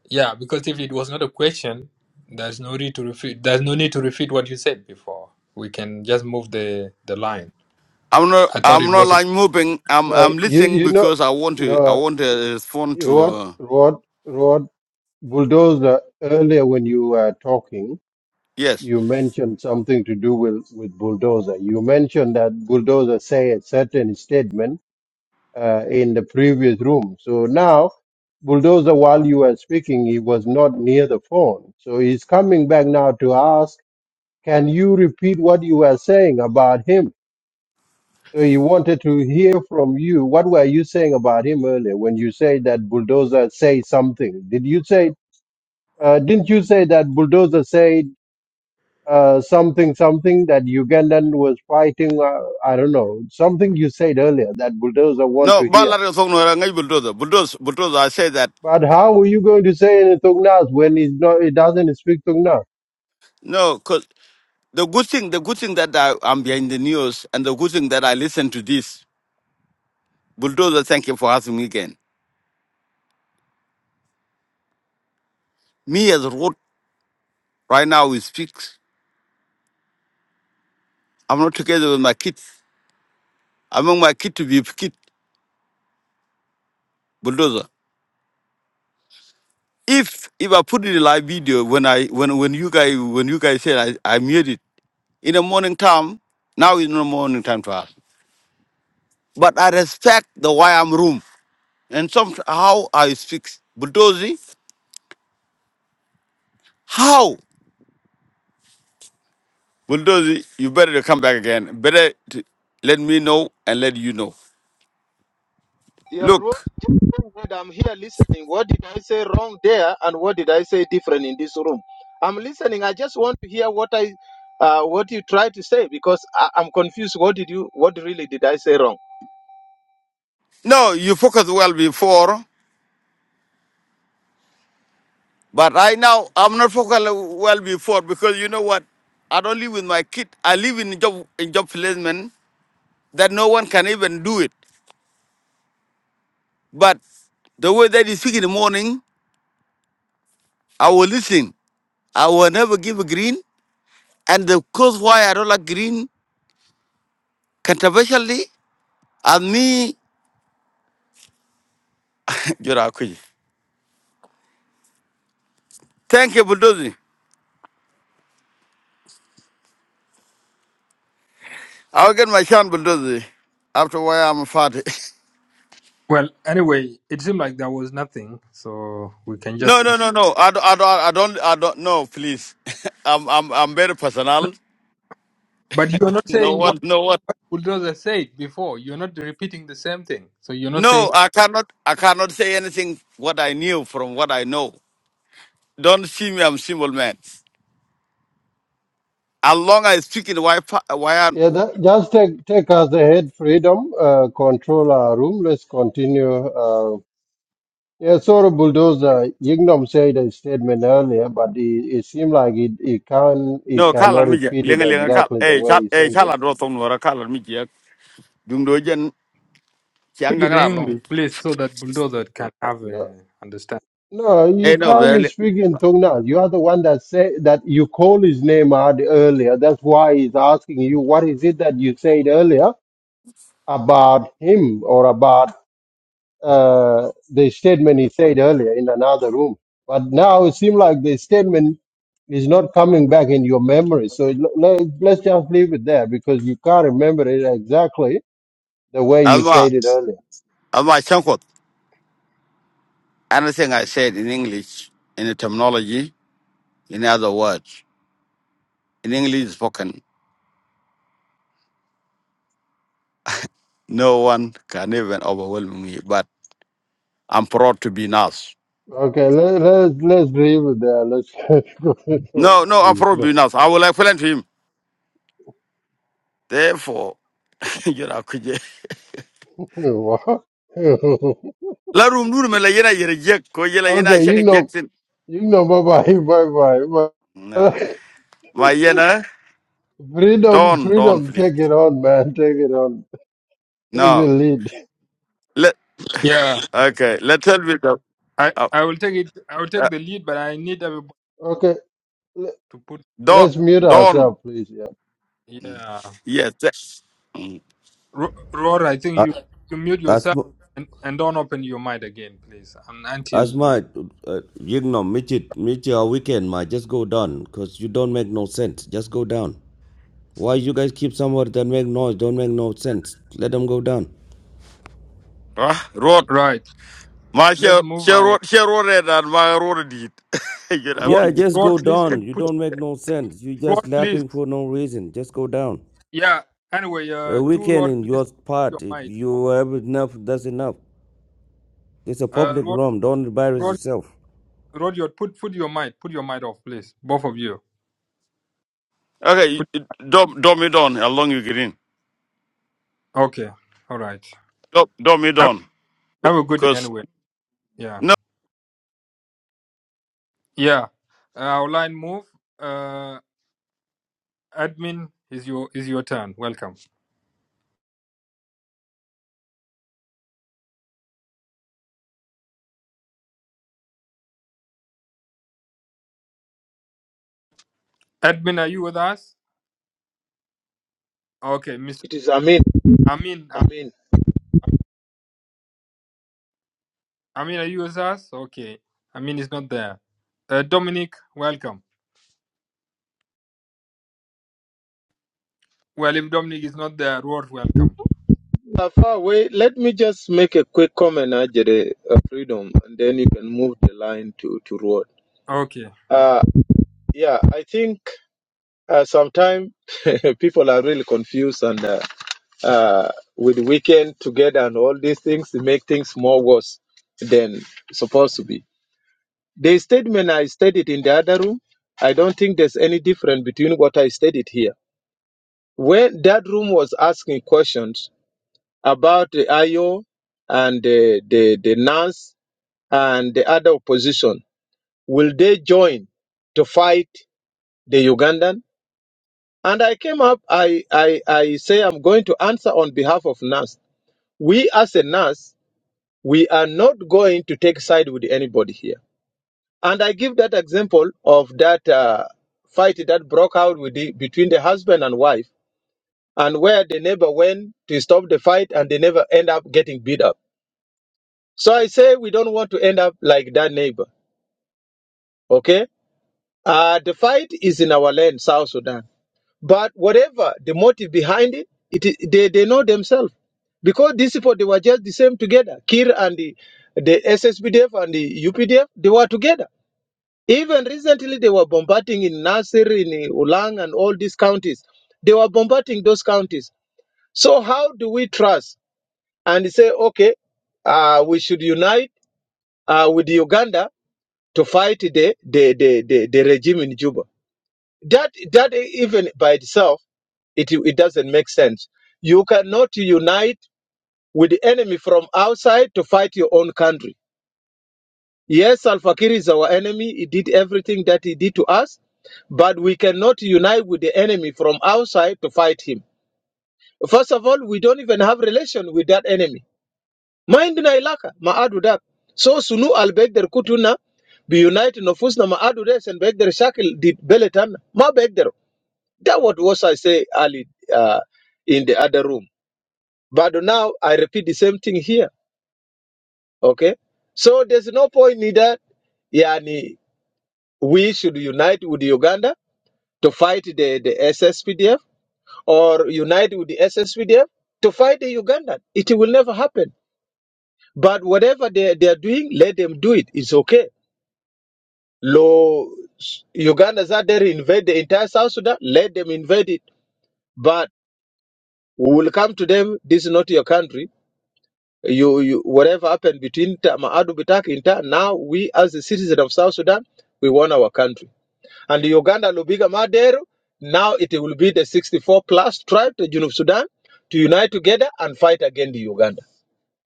Yeah, because if it was not a question, there's no need to repeat. There's no need to repeat what you said before. We can just move the the line. I'm not I thought I'm it not was. A... like moving. I'm Now, I'm you, listening you know, because I want to I no, want to respond to Rod, uh Rod, Rod Bulldozer, earlier when you were talking, yes. you mentioned something to do with, with Bulldozer. You mentioned that Bulldozer say a certain statement uh, in the previous room. So now Bulldozer, while you were speaking, he was not near the phone. So he's coming back now to ask Can you repeat what you were saying about him? So he wanted to hear from you. What were you saying about him earlier when you said that bulldozer say something? Did you say? Uh, didn't you say that bulldozer said uh, something something that Ugandan was fighting? Uh, I don't know something you said earlier that bulldozer want No, to but hear. let us talk no bulldozer. Bulldozer bulldozer I say that But how are you going to say in Tungnas when he's not? He doesn't speak Tungnas. no, 'cause The good thing, the good thing that I, I'm behind the news and the good thing that I listen to this, Bulldozer, thank you for asking me again. Me as a road right now we speak. I'm not together with my kids. I want my kid to be a kid, Bulldozer. If if I put it in live video when I when when you guys when you guys said I, I made it in the morning time, now is no morning time for us. But I respect the why I'm room and some how I speak Bulldozer. How? Bulldozer, you better come back again. Better to let me know and let you know. You're wrong, Look, but I'm here listening. What did I say wrong there, and what did I say different in this room? I'm listening. I just want to hear what I, uh, what you try to say because I, I'm confused. What did you? What really did I say wrong? no, you focused well before, but right now I'm not focused well before because you know what? I don't live with my kid. I live in job in job placement that no one can even do it. But the way that you speak in the morning, I will listen. I will never give a green. And the cause why I don't like green controversially, and me, Jura Akwi. Thank you, Bulldozer. I'll get my chance, bulldozer. After why I'm fat. Well, anyway, it seemed like there was nothing, so we can No, just. no, no, no. I don't, I don't, I don't, I don't. No, please. I'm, I'm, I'm very personal. But you're not No saying what one, no one. bulldozer said before. You're not repeating the same thing. So you're not saying. No, I cannot, I cannot say anything what I knew from what I know. Don't see me, I'm simple man. As long as I speak in why, pa- why I, Yeah, that, just take take us ahead, freedom, uh, control our room. Let's continue. Uh, Yeah, sort of bulldozer. Yingnom said a statement earlier, but it, it seemed like it, it can it no, call cannot me, repeat it lenga lenga call. exactly the Hey, call, way he hey, said call, it. I draw some number. call me, Dung dojen, chiang Speak it in gang long. English, please, so that bulldozer can have No, a understand. no, you Hey, no, can't very. speak in tongue now. You are the one that say that you call his name out earlier. That's why he's asking you what is it that you said earlier about him or about uh, the statement he said earlier in another room. But now it seems like the statement is not coming back in your memory. So it- let, let's just leave it there because you can't remember it exactly the way you Alma, said it earlier. alma, Anything I said in English, in the terminology, in other words, in English spoken, no one can even overwhelm me. But I'm proud to be Nas. Okay, let, let's let's leave it there. Let's go. No, no, I'm You proud to know. be Nas. I will explain to him. Therefore, you know, could you- La room do me la yena yere jek ko yela yena okay, you shang know, Jackson. you know. Bye bye, bye No, bye. my yena Freedom, don't don't freedom. please. Take it on, man. Take it on. Take the No, lead. let Yeah, okay. Let's tell me the I uh, I will take it. I will take uh, the lead, but I need everybody Okay. to put. don't Let's mute don't. ourselves, please. Yeah. Yeah. Yes. that- Mm. Ro- Rora, I think Uh, you, you mute As yourself mu- and, and don't open your mic again, please, un until as you. my, uh, you know, meet it, meet your weekend, my. Just go down, cause you don't make no sense. Just go down. Why you guys keep somewhere that make noise? Don't make no sense. Let them go down. Huh? Right. Ma Let's share move share our. road share road red and my road did. Get up. Ror, Yeah, just Ror go please down. put, You put don't make no sense. You just Ror, please. laughing for no reason. Just go down. Yeah. Anyway, A uh, two weekend Ror, in please put your part, your if mic off. you have enough. That's enough. It's a Uh, public Ror, room. Don't embarrass Ror, yourself. Ror, your- put put your mic, put your mic off, please. Both of you. Okay, Put, dom dom me down How long you get in? okay. All right. Dom dom me Have, down. have a good day Cause anyway. Yeah. no Yeah. Uh, our line move. Uh, admin is your is your turn. Welcome. Admin, are you with us? Okay, Mr. It is Amin. I mean, I, Amin. I mean, are you with us? Okay. I mean, it's not there. Uh, Dominic, welcome. Well, if Dominic is not there, Roar, welcome. Uh, far away, let me just make a quick comment, Ajere, uh, Freedom, and then you can move the line to, to Road. Okay. Uh, yeah, I think uh, sometimes people are really confused and uh, uh, with weekend together and all these things, they make things more worse than supposed to be. The statement I stated in the other room, I don't think there's any difference between what I stated here. When that room was asking questions about the IO and the, the, the NAS and the other opposition, will they join to fight the Ugandan? And I came up, I, I, I say I'm going to answer on behalf of NAS. We as a NAS, we are not going to take side with anybody here. And I give that example of that uh, fight that broke out with the, between the husband and wife, and where the neighbor went to stop the fight and they never end up getting beat up. So I say we don't want to end up like that neighbor. Okay? Uh, the fight is in our land, South Sudan. But whatever the motive behind it, it i- they, they know themselves. Because these people, they were just the same together. Kir and the, the SSPDF and the UPDF, they were together. Even recently, they were bombarding in Nasir, in Ulang, and all these counties. They were bombarding those counties. So, how do we trust and say, okay, uh, we should unite uh, with Uganda to fight the, the, the, the, the regime in Juba? that that even by itself it it doesn't make sense you cannot unite with the enemy from outside to fight your own country yes al-fakir is our enemy he did everything that he did to us but we cannot unite with the enemy from outside to fight him first of all we don't even have relation with that enemy mindna ilaka ma'adu dak so sunu al-baghdad kutuna be united nofusna ma'adu des and baghdad shakil did beletan ma begder. That what was I say early uh, in the other room. But now I repeat the same thing here. Okay. So there's no point in that. Yani, we should unite with Uganda to fight the, the SSPDF or unite with the SSPDF to fight the Ugandan. It will never happen. But whatever they, they are doing, let them do it. It's okay. Lo Uganda's are there invade the entire South Sudan, let them invade it. But we will come to them, this is not your country you, you whatever happened between Ta- Maadu Bitaki and Ta, now we as the citizen of South Sudan, we want our country. And Uganda Lubiga Madero, now it will be the 64 plus tribe to Junub Sudan to unite together and fight against Uganda.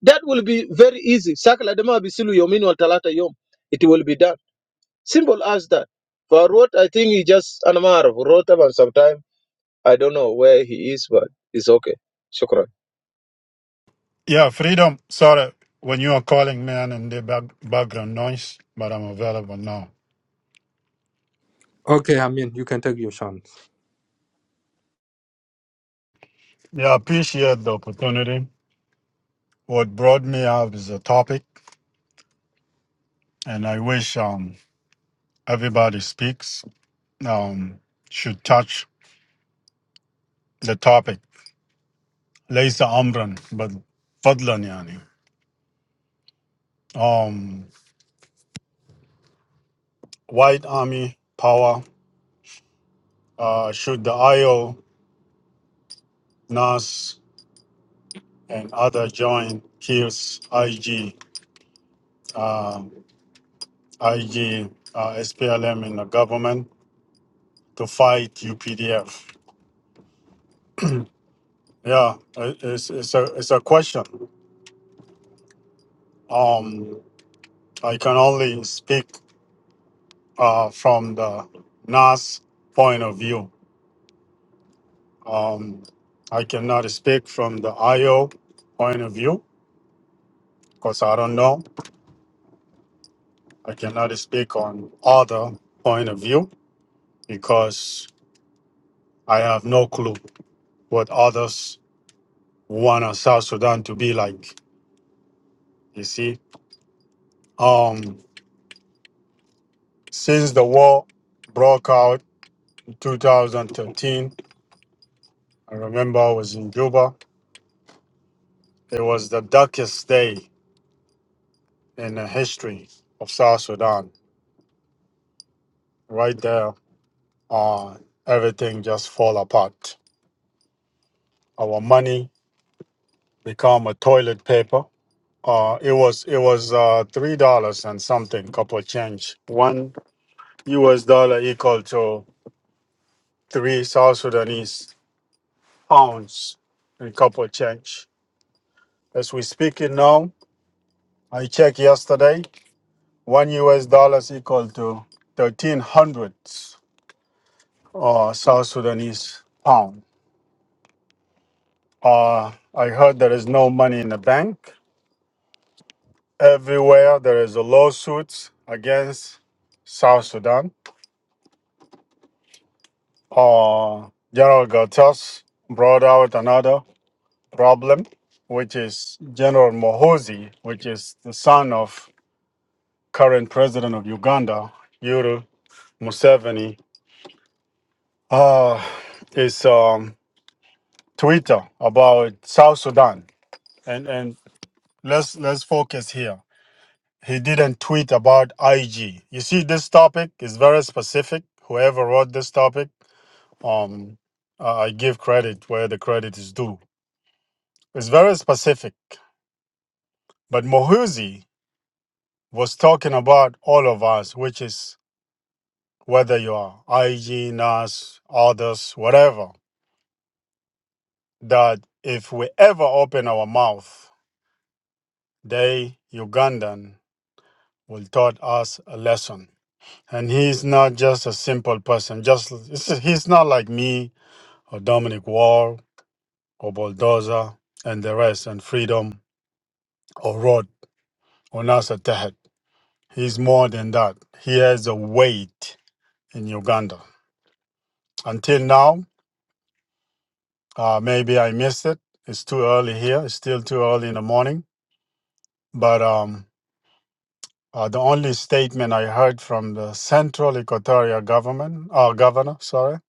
That will be very easy. Sakala Dema Bisilu Yomin wal Talata Yom. It will be done. Simple as that. For what I think he just Anamar wrote about sometime. I don't know where he is, but it's okay. Shukran. Yeah, freedom. Sorry when you are calling me and in the back, background noise, but I'm available now. Okay, I mean, you can take your chance. Yeah, I appreciate the opportunity. What brought me out is a topic, and I wish um, everybody speaks um, should touch the topic. ليس أمرا بل فضلا يعني. Um, White Army power uh, should the IO, NAS, and other join kills IG, uh, IG, uh, SPLM in the government to fight UPDF. Yeah, i- it's, it's a it's a question. Um, I can only speak uh, from the NAS point of view Um, I cannot speak from the IO point of view because I don't know. I cannot speak on other point of view because I have no clue what others want our South Sudan to be like. You see, um, since the war broke out in 2013, I remember I was in Juba. It was the darkest day in the history of South Sudan. Right there, uh, everything just fall apart Our money become a toilet paper. Uh, it was it was uh, three dollars and something, couple change. One U.S. dollar equal to three South Sudanese pounds and couple change. As we speaking now, I checked yesterday. One U.S. dollars equal to thirteen hundred uh, South Sudanese pound. Uh, I heard there is no money in the bank. Everywhere there is a lawsuit against South Sudan. Uh, General Gatas brought out another problem, which is General Mohozi, which is the son of current president of Uganda, Yuru Museveni, uh, is um, Twitter about South Sudan. And and let's let's focus here. He didn't tweet about IG. You see, this topic is very specific. Whoever wrote this topic Um, I I give credit where the credit is due. It's very specific, but Mohuzi was talking about all of us, which is whether you are IG, NAS, others, whatever, that if we ever open our mouth, they, Ugandan, will taught us a lesson. And he's not just a simple person. Just it's- he's not like me or Dominic Wall or Bulldozer and the rest and Freedom or Rod or Nasser Tehet. He's more than that. He has a weight in Uganda. Until now, uh, maybe I missed it. It's too early here. It's still too early in the morning. But um, uh, the only statement I heard from the Central Equatoria Government, uh, Governor, sorry,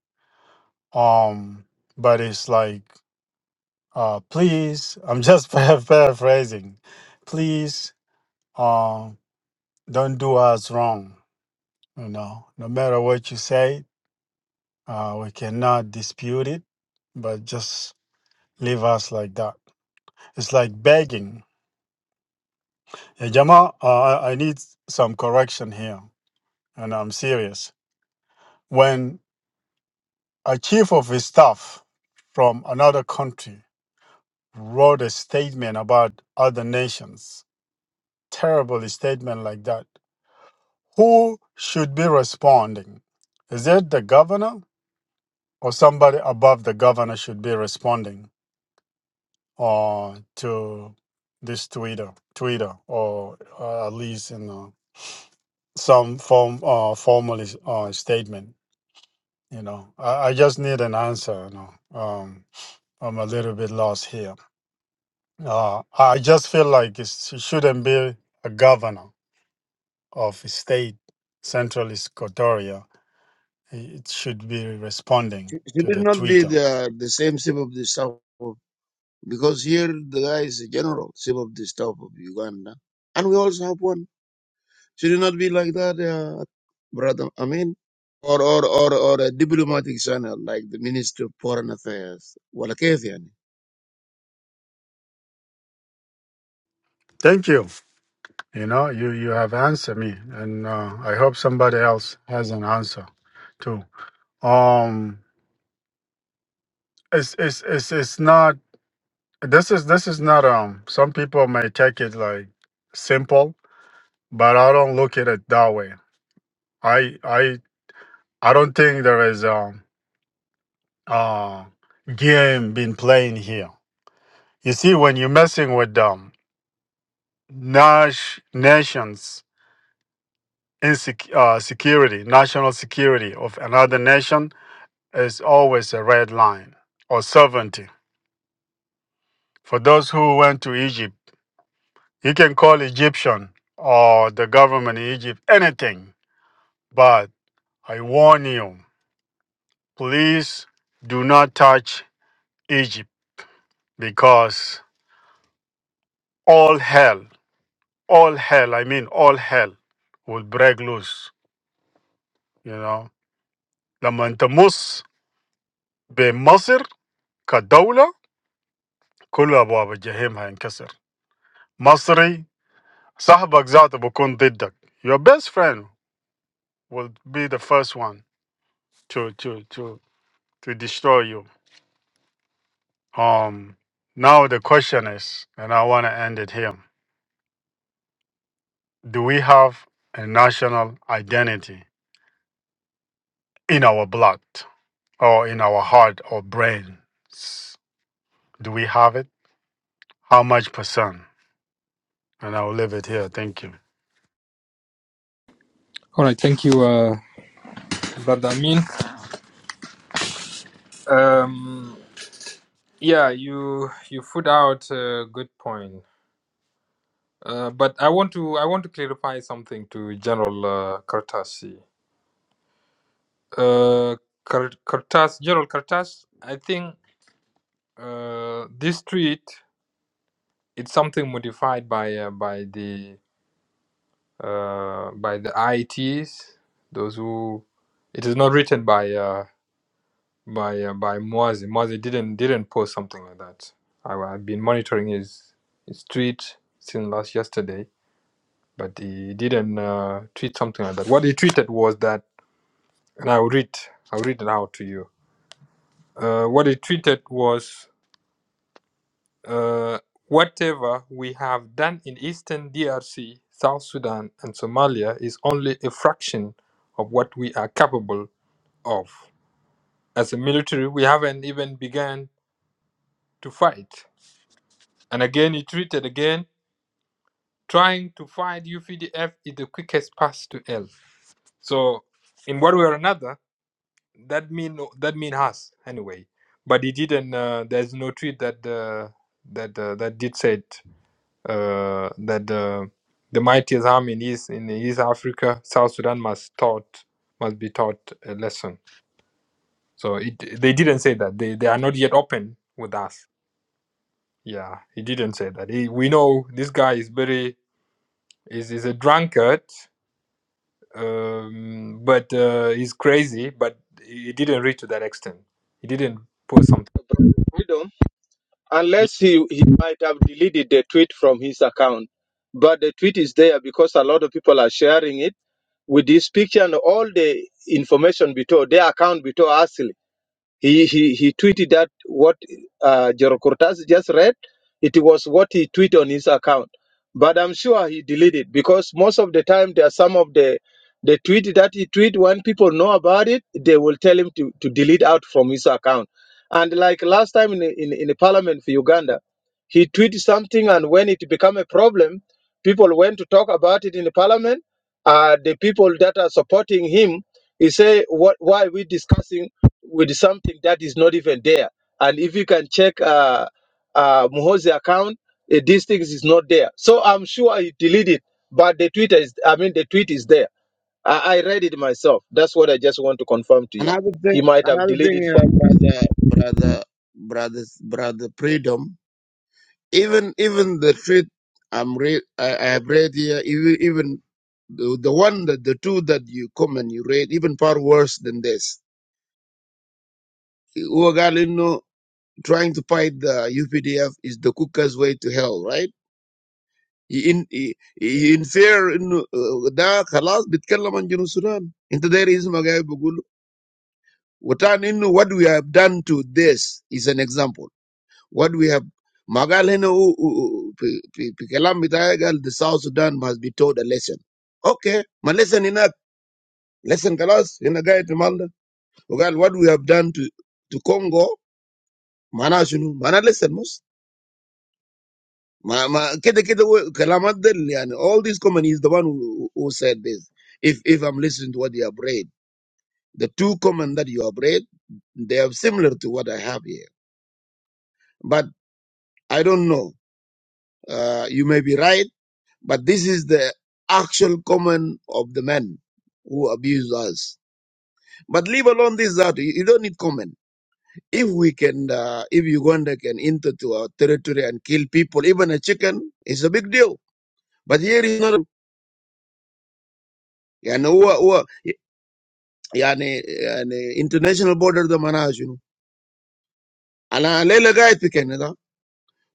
um, but it's like, uh, please, I'm just par- paraphrasing, please uh, don't do us wrong. You know, no matter what you say, Uh, we cannot dispute it, but just leave us like that. It's like begging. Yeah, Jama, uh, I I need some correction here, and I'm serious. When a chief of his staff from another country wrote a statement about other nations, terrible statement like that, who should be responding? Is it the governor or somebody above the governor should be responding? or to this Twitter, Twitter, or uh, at least you know some form uh, formal is- uh, statement. You know, I, I just need an answer. You know, um, I'm a little bit lost here. Uh, I just feel like it's- it shouldn't be a governor of a state, Central Equatoria. It should be responding Should to it the not be Twitter. the, the same shape of the South? Because here the guy is a general, chief of the staff of Uganda. And we also have one. Should it not be like that, uh, brother Amin? Or, or, or, or a diplomatic channel like the Minister of Foreign Affairs. Well, yani. Thank you. You know, you you have answered me, and uh, I hope somebody else has an answer too. Um, it's it's it's it's not. This is this is not. Um, some people may take it like simple, but I don't look at it that way. I I I don't think there is um uh game being playing here. You see, when you're messing with um Nash nations insec- uh, security, national security of another nation is always a red line or sovereignty. For those who went to Egypt. You can call Egyptian or the government in Egypt anything, but I warn you, please do not touch Egypt because all hell, all hell, I mean all hell will break loose, you know. لما انت مص بمصر كدولة كل أبواب الجحيم هينكسر مصري صاحبك ذاته بكون ضدك your best friend will be the first one to to to to destroy you Um, now the question is, and I want to end it here: Do we have a national identity in our blood, or in our heart or brains? Do we have it? How much percent? And I will leave it here. Thank you. All right, thank you, uh, brother. I mean, um, yeah, you you put out a good point, uh, but I want to I want to clarify something to General uh, Kartasi. Uh, Kar- Kartas, General Kartas, I think uh, this tweet. it's something modified by uh, by the uh, by the IETs. Those who it is not written by uh, by uh, by Moazi. Moazi didn't didn't post something like that. I, I've been monitoring his his tweet since last yesterday, but he didn't uh, tweet something like that. What he tweeted was that, and I'll read I'll read it out to you. Uh, what he tweeted was. Uh, whatever we have done in eastern DRC, South Sudan, and Somalia is only a fraction of what we are capable of. As a military, we haven't even begun to fight. And again, he treated again, trying to fight UPDF is the quickest path to hell. So, in one way or another, that mean that mean us anyway. But he didn't. Uh, there's no tweet that uh, that uh, that did said. uh, that the the mightiest army in East in East Africa, South Sudan must taught must be taught a lesson. So it, they didn't say that. They they are not yet open with us. Yeah, he didn't say that. He, we know this guy is very is is a drunkard, um, but uh, he's crazy. But he didn't reach to that extent. He didn't put something. Yeah, unless he, he might have deleted the tweet from his account. But the tweet is there because a lot of people are sharing it with this picture and all the information below, their account below us. He he he tweeted that what uh, Jero Cortaz just read. It was what he tweeted on his account, but I'm sure he deleted because most of the time there are some of the the tweet that he tweet when people know about it, they will tell him to, to delete out from his account. And like last time in in, in the parliament for Uganda, he tweeted something, and when it became a problem, people went to talk about it in the parliament. Uh, the people that are supporting him, he say, "What? Why are we discussing?" with something that is not even there. And if you can check uh, uh, Muhozi account, uh, these things is not there. So I'm sure I deleted, but the Twitter is, I mean, the tweet is there. I, I read it myself. That's what I just want to confirm to you. Another He thing, might have another deleted thing, uh, from. brother, brother, brother, brother, freedom. Even, even the treat I'm read, I, I have read here, even, even the, the one that the two that you come and you read even far worse than this. trying to fight the UPDF is the quickest way to hell, right? In in fear in uh, da خلاص بيتكلم عن جنوب السودان انت داير اسمع قاعد بقول وتاني انه what we have done to this is an example what we have ما قال هنا هو- هو- في في في كلام بتاعي قال the South Sudan must be taught a lesson okay ما lesson هناك lesson خلاص هنا قاعد في مالنا وقال what we have done to to Congo معناه شنو معناه lesson مش Ma, ma, kede, kede, we- kalamat del, yani, all these comment is the one who, who said this. If, if I'm listening to what you have read, the two comment that you have read, they are similar to what I have here. But I don't know. Uh, you may be right, but this is the actual comment of the men who abuse us. But leave alone this out. You, you don't need comment. If we can, uh, if Uganda can enter to our territory and kill people, even a chicken, it's a big deal. But here is not. You know, I mean, international border that manages. And I'll explain to you, Canada.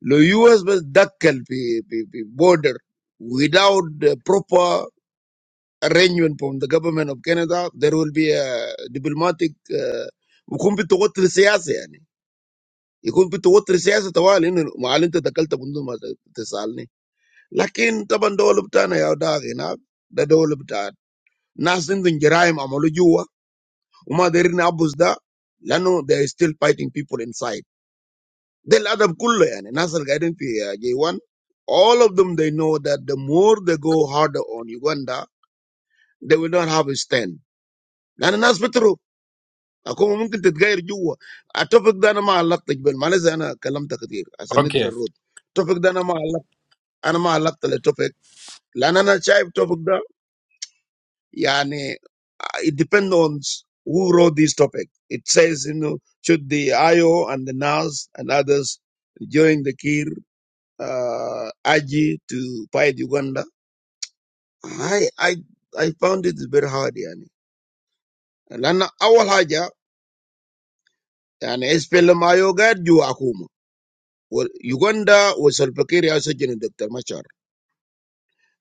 The U.S. will declare the border without the proper arrangement from the government of Canada. There will be a diplomatic, we can't be too aggressive. We can't be too aggressive. That's why we are not declaring the border this year. But if we declare, we will have a lot of people. We will have a lot of people. Nasindengirai, Amalujua, Umadirina, Busda. Now there are still fighting people inside. They'll add up. All of them, they know that the more they go harder on Uganda, they will not have a stand. Like the Nas, for example, I come up, I'm going to change the topic. The topic that I'm going to Okay. talk about, I'm going to talk about the topic. Like I'm not sure about the topic. It depends on who wrote this topic. It says, you know, should the IO and the Nas and others during the Kir. uh, Aji to fight Uganda. I I I found it very hard yani. لأن أول حاجة يعني SPLM أيوة قاعد جوا حكومة Uganda was وسلفاكير also سجن Dr. Machar.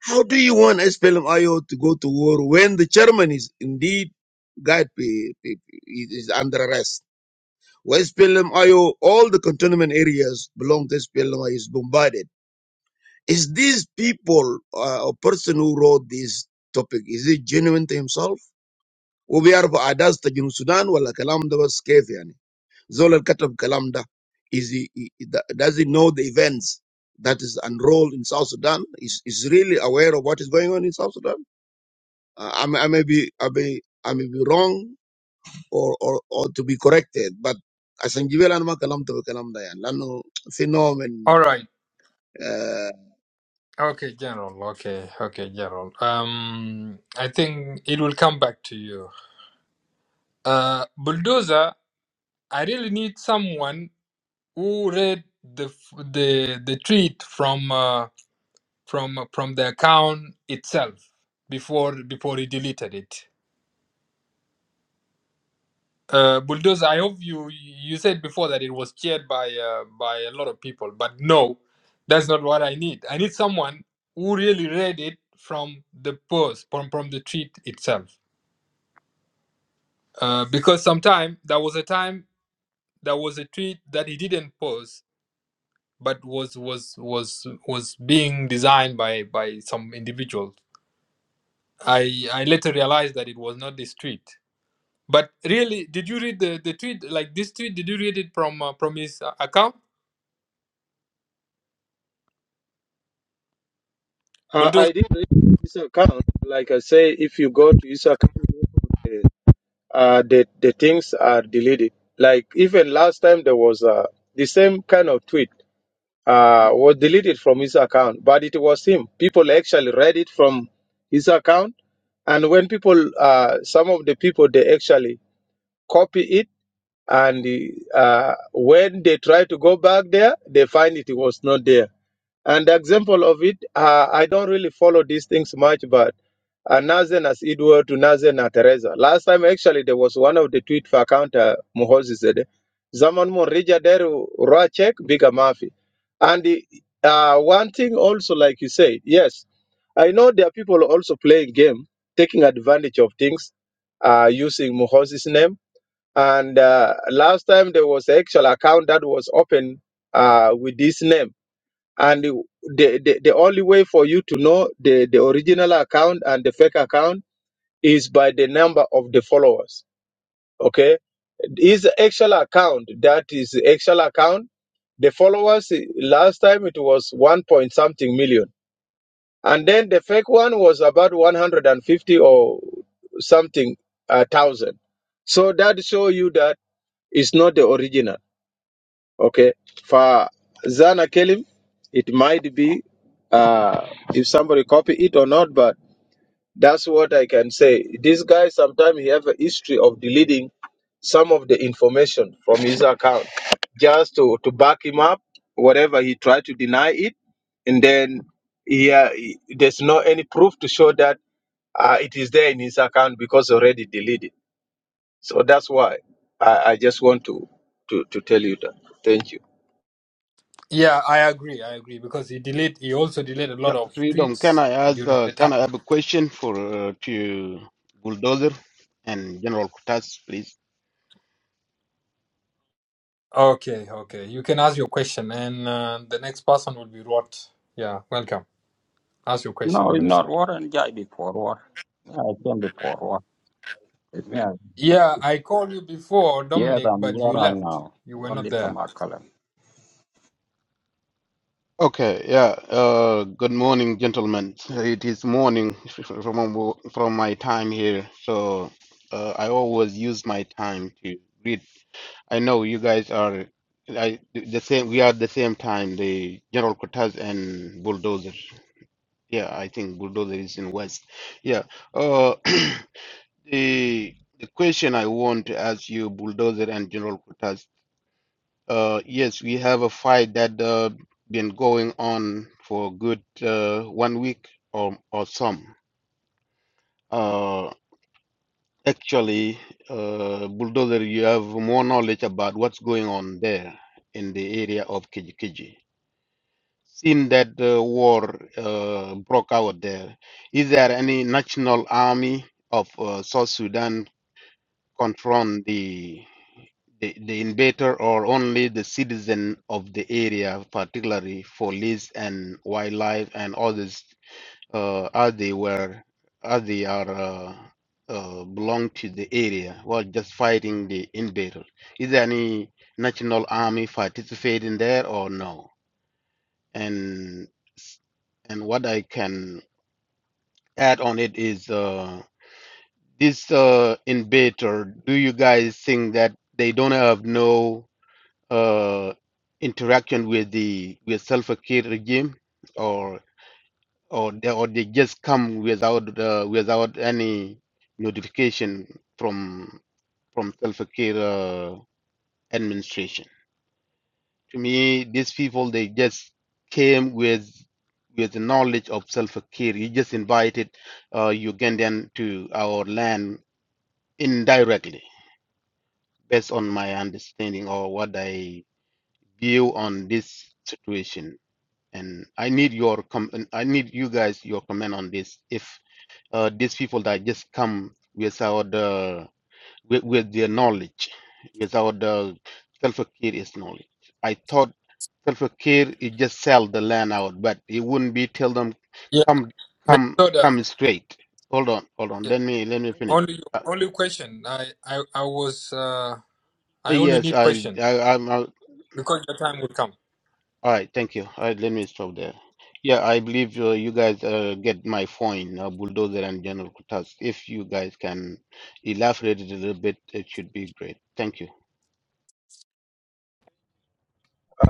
How do you want SPLM IO to go to war when the chairman is indeed guide be, be, be- is under arrest? Well, SPLM IO, all the cantonment areas belong to SPLM IO is bombarded. Is these people uh, a person who wrote this topic? Is it genuine to himself? وبيعرفوا احداث تا جنوب السودان ولا كلام ده بس كيف يعني زول اللي كتب كلام ده is he, he, he- does he know the events that is unrolled in South Sudan is is really aware of what is going on in South Sudan Uh, I, may, I may be I may I may be wrong or or or to be corrected but عشان جبال انا ما كلمت بالكلام ده يعني لانه في نوع من All right. uh, Okay, General. Okay, okay, General. Um, I think it will come back to you. Uh, bulldozer, I really need someone who read the f- the the tweet from uh, from from the account itself before before he deleted it. Uh, bulldozer, I hope you you said before that it was shared by uh, by a lot of people, but no, that's not what I need. I need someone who really read it from the post from from the tweet itself. Uh, because sometime there was a time there was a tweet that he didn't post but was was was was being designed by by some individuals. i i later realized that it was not this tweet but really did you read the the tweet like this tweet did you read it from uh, from his uh, account Uh, bulldozer I did read his account. Like I say, if you go to his account, eh, uh, the the things are deleted. Like even last time there was uh, the same kind of tweet. uh, was deleted from his account, but it was him. People actually read it from his account, and when people, uh, some of the people, they actually copy it, and uh, when they try to go back there, they find it was not there. And the example of it, uh, I don't really follow these things much, but uh, Nazen as Edward to Nazen as Teresa. Last time, actually, there was one of the tweet for account uh, Muhozi said, Zaman mo rija deru ra check biga mafi. And the, uh, one thing also, like you said, yes, I know there are people also playing game, taking advantage of things, uh, using Muhozi's name. And uh, last time there was an actual account that was open uh, with this name and the, the, the only way for you to know the, the original account and the fake account is by the number of the followers. Okay. Is the actual account that is the actual account. The followers eh, last time it was one point something million. And then the fake one was about 150 or something uh, thousand. So that show you that it's not the original. Okay. For Zana Kelim, it might be uh, if somebody copy it or not, but that's what I can say. This guy sometimes he have a history of deleting some of the information from his account just to, to back him up, whatever he tried to deny it, and then yeah, there's no any proof to show that uh, it is there in his account because already deleted. So that's why I, I just want to, to to tell you that. Thank you. yeah i agree i agree because he delete he also deleted a Yeah, lot of freedom. Can tweets I ask? during Uh, the can time I have a question for uh, to Bulldozer and General Kutas, please? okay okay you can ask your question and uh, the next person will be rot yeah welcome ask your question No, it's not minnesota war and Jai before war. Yeah, I came before war. It's me. yeah i called you before Yeah, dominic I'm but here you right left now. you were Only not the there Makalan. Okay. Yeah. Uh, good morning, gentlemen. It is morning from from my time here, so uh, I always use my time to read. I know you guys are I, the same. We are the same time. The General Kutas and Bulldozer. Yeah, I think Bulldozer is in West. Yeah. Uh, The the question I want to ask you, Bulldozer and General Kutas, uh, yes, we have a fight that uh, been going on for a good uh, one week or or some. Uh, actually, uh, Bulldozer, you have more knowledge about what's going on there in the area of Kijiji. Since that uh, war uh, broke out there, is there any national army of uh, South Sudan confront the, the the invader or only the citizen of the area, particularly for police and wildlife and others, uh, as they were as they are uh, uh, belong to the area, while just fighting the invader. Is there any national army participating there or no? And and what I can add on it is. Uh, this uh, in bit, or do you guys think that they don't have no uh, interaction with the with self care regime, or or they, or they just come without uh, without any notification from from self care uh, administration? To me, these people they just came with with the knowledge of self care. You just invited uh, Ugandan to our land indirectly based on my understanding or what I view on this situation. And I need your com- and I need you guys your comment on this. If uh, these people that just come without uh, with, with their knowledge, without uh, self-care is knowledge. I thought self-care is just sell the land out, but it wouldn't be tell them Yeah. come come Minnesota, come straight. Hold on, hold on. yeah, Let me let me finish. only Uh, only question. I I, I was uh, I only yes, need I, question I I'm- i am because your time will come. All right, thank you. All right, let me stop there. Yeah, I believe uh, you guys uh, get my point, uh, Bulldozer and General Kutas. If you guys can elaborate it a little bit, it should be great. Thank you.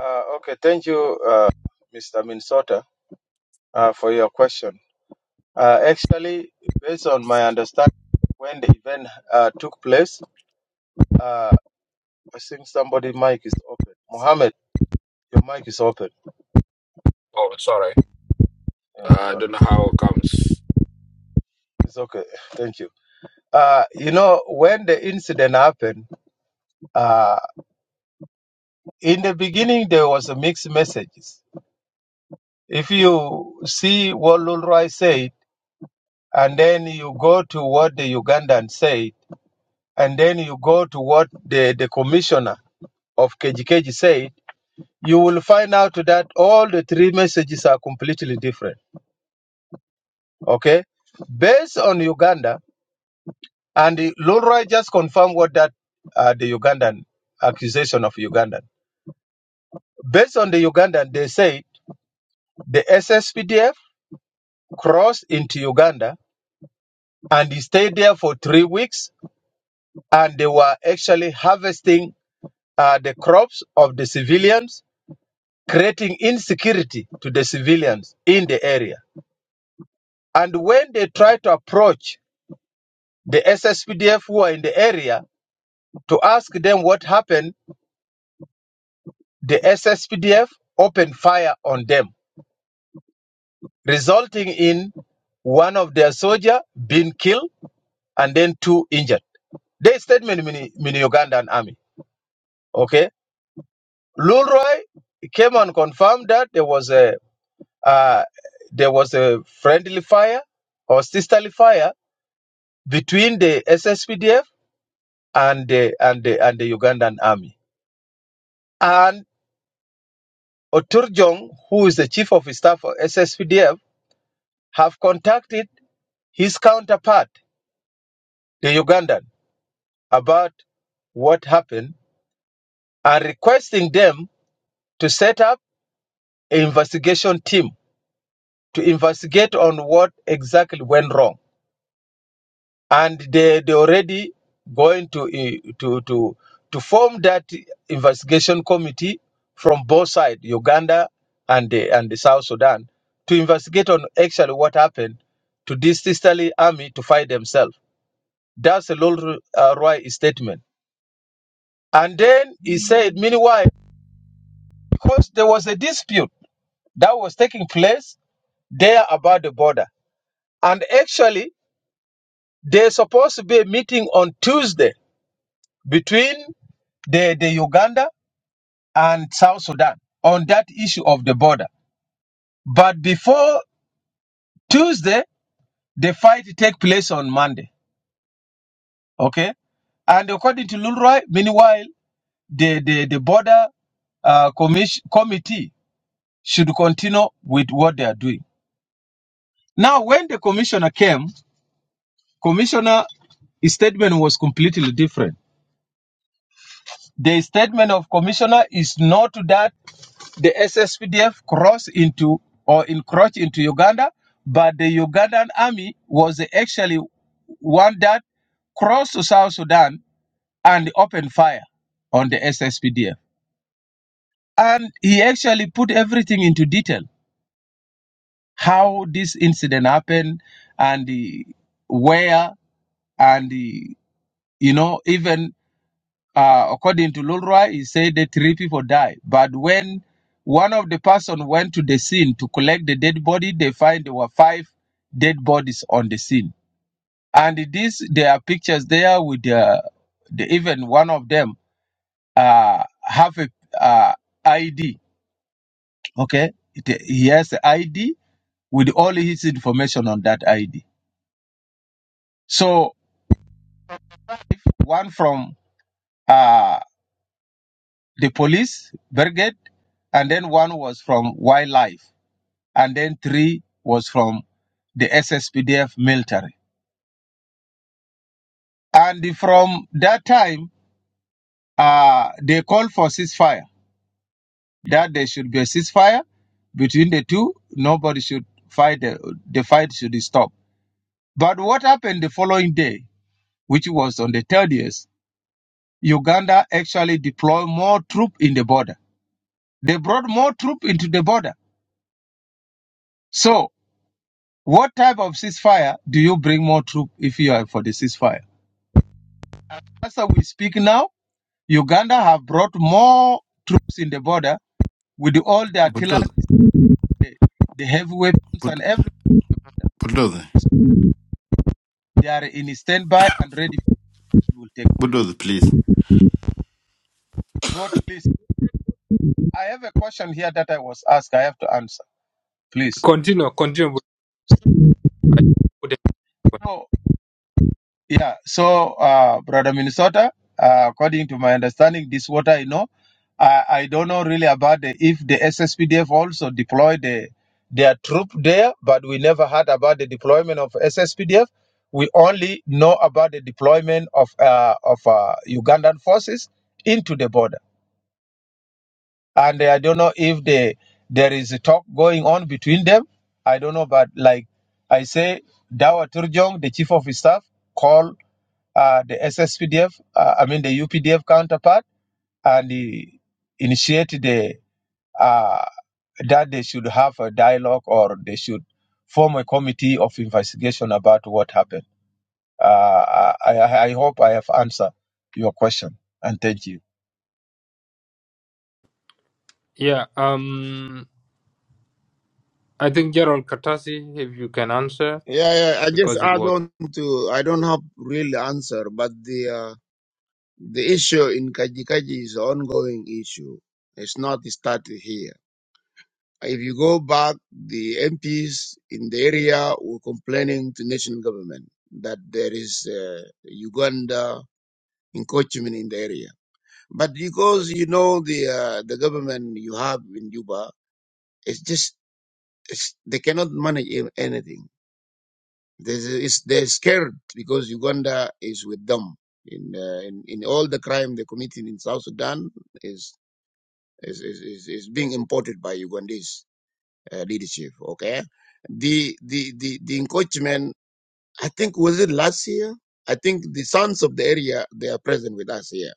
Uh, okay, thank you, uh, Mr. Minnesota, uh, for your question. Uh, actually, based on my understanding, when the event uh, took place, uh, I think somebody' mic is open. Mohammed, your mic is open. Oh, sorry. Yeah, so I don't know it's, how it comes. it's okay. Thank you. Uh, you know, when the incident happened, uh, in the beginning there was a mixed messages. If you see what Lulroy said, and then you go to what the Ugandan said. and then you go to what the, the commissioner of KGKG said, you will find out that all the three messages are completely different. Okay? Based on Uganda, and the- Lulroy just confirmed what that uh, the Ugandan accusation of Ugandan. Based on the Ugandan, they say the SSPDF crossed into Uganda and they stayed there for three weeks and they were actually harvesting uh, the crops of the civilians creating insecurity to the civilians in the area. And when they try to approach the SSPDF who are in the area to ask them what happened, the SSPDF opened fire on them, resulting in one of their soldier being killed and then two injured. They statement mini, mini Ugandan army. Okay, Lulroy came and confirmed that there was a uh, there was a friendly fire or sisterly fire between the SSPDF and the and the and the Ugandan army. And Oturjong, who is the chief of staff of SSPDF, have contacted his counterpart, the Ugandan, about what happened and requesting them to set up an investigation team to investigate on what exactly went wrong and they they already going to eh, to to to form that investigation committee from both sides, Uganda and the and the South Sudan, to investigate on actually what happened to this sisterly army to fight themselves. That's a Lord uh, Roy statement. And then he said, meanwhile, because there was a dispute that was taking place there about the border, and actually there's supposed to be a meeting on Tuesday between the, the Uganda and South Sudan on that issue of the border. But before Tuesday, the fight take place on Monday. Okay. And according to Lulroy, meanwhile, the, the, the border uh, commis- committee should continue with what they are doing. Now, when the commissioner came, commissioner his statement was completely different. The statement of commissioner is not that the SSPDF crossed into or encroached into Uganda, but the Ugandan army was actually one that crossed to South Sudan and opened fire on the SSPDF. And he actually put everything into detail how this incident happened and the, where and the, you know even Uh, according to Lulroy, he said that three people died. But when one of the person went to the scene to collect the dead body, they find there were five dead bodies on the scene. And this, there are pictures there with the, the even one of them uh, have a uh, ID. Okay, It- he has a ID with all his information on that ID. So one from uh, the police brigade, and then one was from wildlife. and then three was from the SSPDF military. And from that time, uh, they called for ceasefire, that there should be a ceasefire between the two. Nobody should fight, the, the fight should stop. But what happened the following day, which was on the 30th, Uganda actually deployed more troops in the border. They brought more troops into the border. So, what type of ceasefire do you bring more troops if you are for the ceasefire? As we speak now, Uganda have brought more troops in the border with all the artillery, Bulldozer, the, the heavy weapons, bud- and everything. bulldozer, They are in standby and ready will take place. bulldozer, please. Road, please. I have a question here that I was asked. I have to answer, please. Continue, continue. with- I put it- So Yeah. So, uh, brother Minnesota, uh, according to my understanding, this water, I know. I, I don't know really about the, if the SSPDF also deployed the, their troop there, but we never heard about the deployment of SSPDF. We only know about the deployment of uh, of uh, Ugandan forces into the border, and I don't know if the there is a talk going on between them. I don't know, but like I say, Dawa Turjong, the chief of his staff, called uh, the SSPDF, uh, I mean the UPDF counterpart, and he initiated the, uh, that they should have a dialogue or they should form a committee of investigation about what happened. Uh, I, I I hope I have answered your question, and thank you. Yeah, um, I think Gerald Katasi, if you can answer, it, yeah yeah I just because it add was on to I don't have really answer but the uh, The issue in Kajikaji is an ongoing issue. It's not started here. If you go back, the MPs in the area were complaining to national government that there is uh, Uganda encroachment in the area. But because you know the uh, the government you have in Juba, it's just it's, they cannot manage a- anything. There's, it's, they're scared because Uganda is with them in, uh, in in all the crime they committed in South Sudan. is. is, is, is, is being imported by Ugandese uh, leadership. Okay, the the the the encroachment. I think was it last year. I think the sons of the area they are present with us here.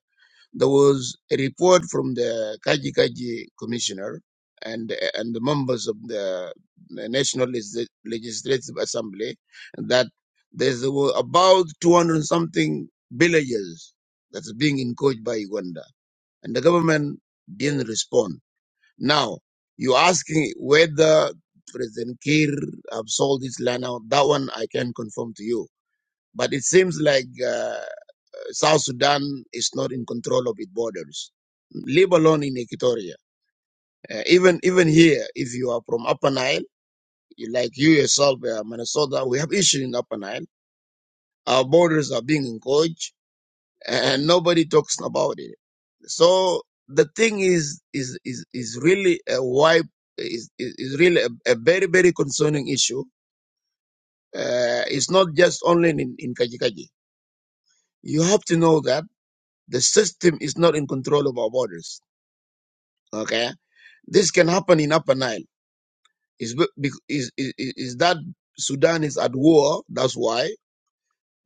There was a report from the Kaji Kaji commissioner and and the members of the National Legis- Legislative Assembly that there's there were about 200 and something villages that's being encroached by Uganda and the government didn't respond now, you're asking whether President Kir have sold this land out. That one I can confirm to you. But it seems like uh, South Sudan is not in control of its borders. Leave alone in Equatoria. Uh, even even here, if you are from Upper Nile, you- like you yourself, uh, Minnesota, we have issues in Upper Nile. Our borders are being encroached, and nobody talks about it. So the thing is is is is really a wide is is, is really a, a very very concerning issue. Uh, it's not just only in in Kajikaji. You have to know that the system is not in control of our borders. Okay, this can happen in Upper Nile. Is is is is that Sudan is at war? That's why.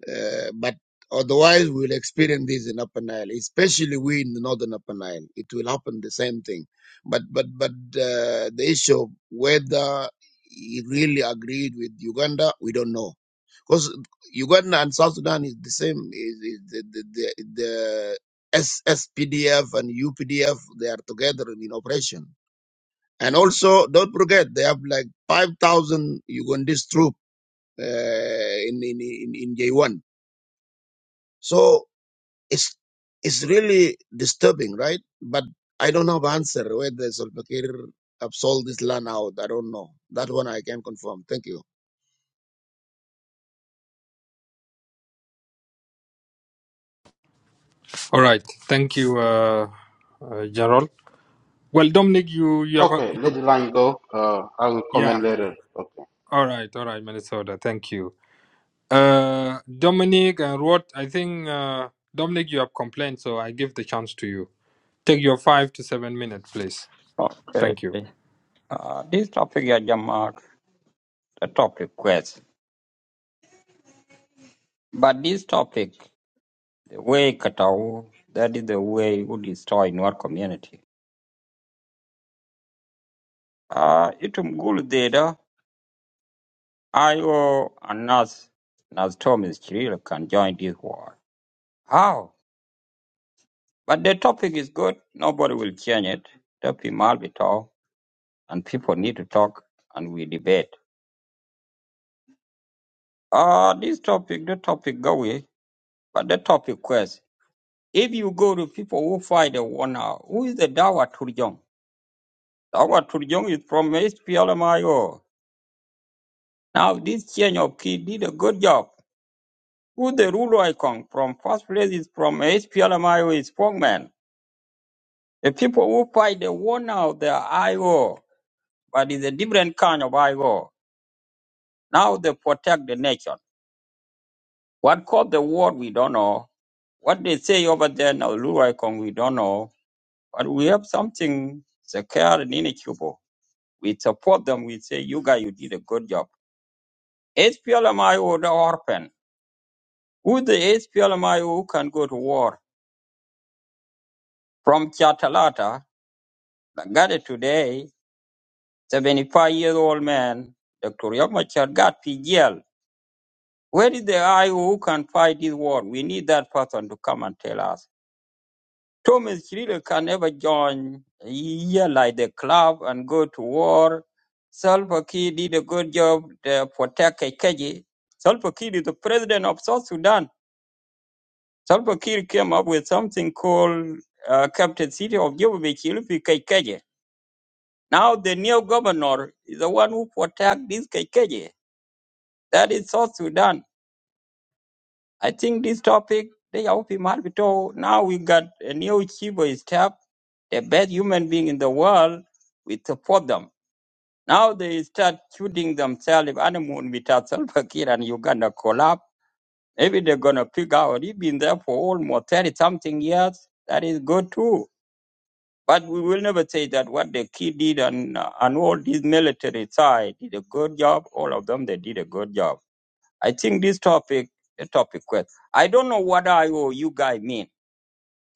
Uh, but otherwise, we'll experience this in Upper Nile, especially we in the northern Upper Nile. It will happen the same thing. But but but uh, the issue of whether he really agreed with Uganda, we don't know. Because Uganda and South Sudan is the same. Is, is the, the, the, the SSPDF and UPDF, they are together in operation. And also, don't forget, they have like 5,000 Ugandese troops uh, in, in, in, in J1. So it's it's really disturbing, right? But I don't have answer whether Salva Kiir have sold this land out. I don't know. That one I can confirm. Thank you. all right. Thank you, uh, uh, Gerald. Well, Dominic, you you have a, Okay, you, let the line go. Uh, I will yeah. comment later. Okay. All right, all right, Minnesota. Thank you, uh, Dominic and Rod. I think uh, Dominic, you have complained, so I give the chance to you. Take your five to seven minutes, please. Okay. Thank you. Uh, this topic, yeah, Jamak, the topic quest. But this topic, the way Katau, that is the way we destroy in our community. Uh, itum gul data, Io and Nas, Nas Thomas Chiril can join this war. How? But the topic is good. Nobody will change it. The Pimal Bitao. and people need to talk and we debate. Ah, this topic, the topic go away, but the topic quest. If you go to people who fight the war now, who is the Dawa Turjong? Dawa Turjong is from SPLMIO. Now this change of key did a good job. Who the ruler icon from first place is from SPLMIO is Pongman. The people who fight the war now, they are IO, but it's a different kind of IO. Now they protect the nation. What caused the war, we don't know. What they say over there in Kong we don't know. But we have something secure and inequitable. We support them. We say, you guys, you did a good job. HPLMIO, the orphan. Who the HPLMIO who can go to war? From Chatalata, that got it today, 75 year old man, Dr. Yomachar got PGL. Where is the IO who can fight this war? We need that person to come and tell us. Thomas is Chirilo can never join here like the club and go to war. Salva Kiir did a good job to protect Kekeji. Salva Kiir is the president of South Sudan. Salva Kiir came up with something called uh, Captain City of Jubilee Chilupi Kekeji. Now the new governor is the one who protects this Kekeji. That is South Sudan. I think this topic, they are hard to Now we got a new chief of staff, the best human being in the world. We support them. Now they start shooting themselves if animal without Salva Kiir and Uganda collapse. Maybe they're gonna figure out. He's been there for almost thirty something years. That is good too. But we will never say that what the kid did and uh, and all these military side did a good job. All of them they did a good job I think this topic, a topic quest. I don't know what IO you guy mean.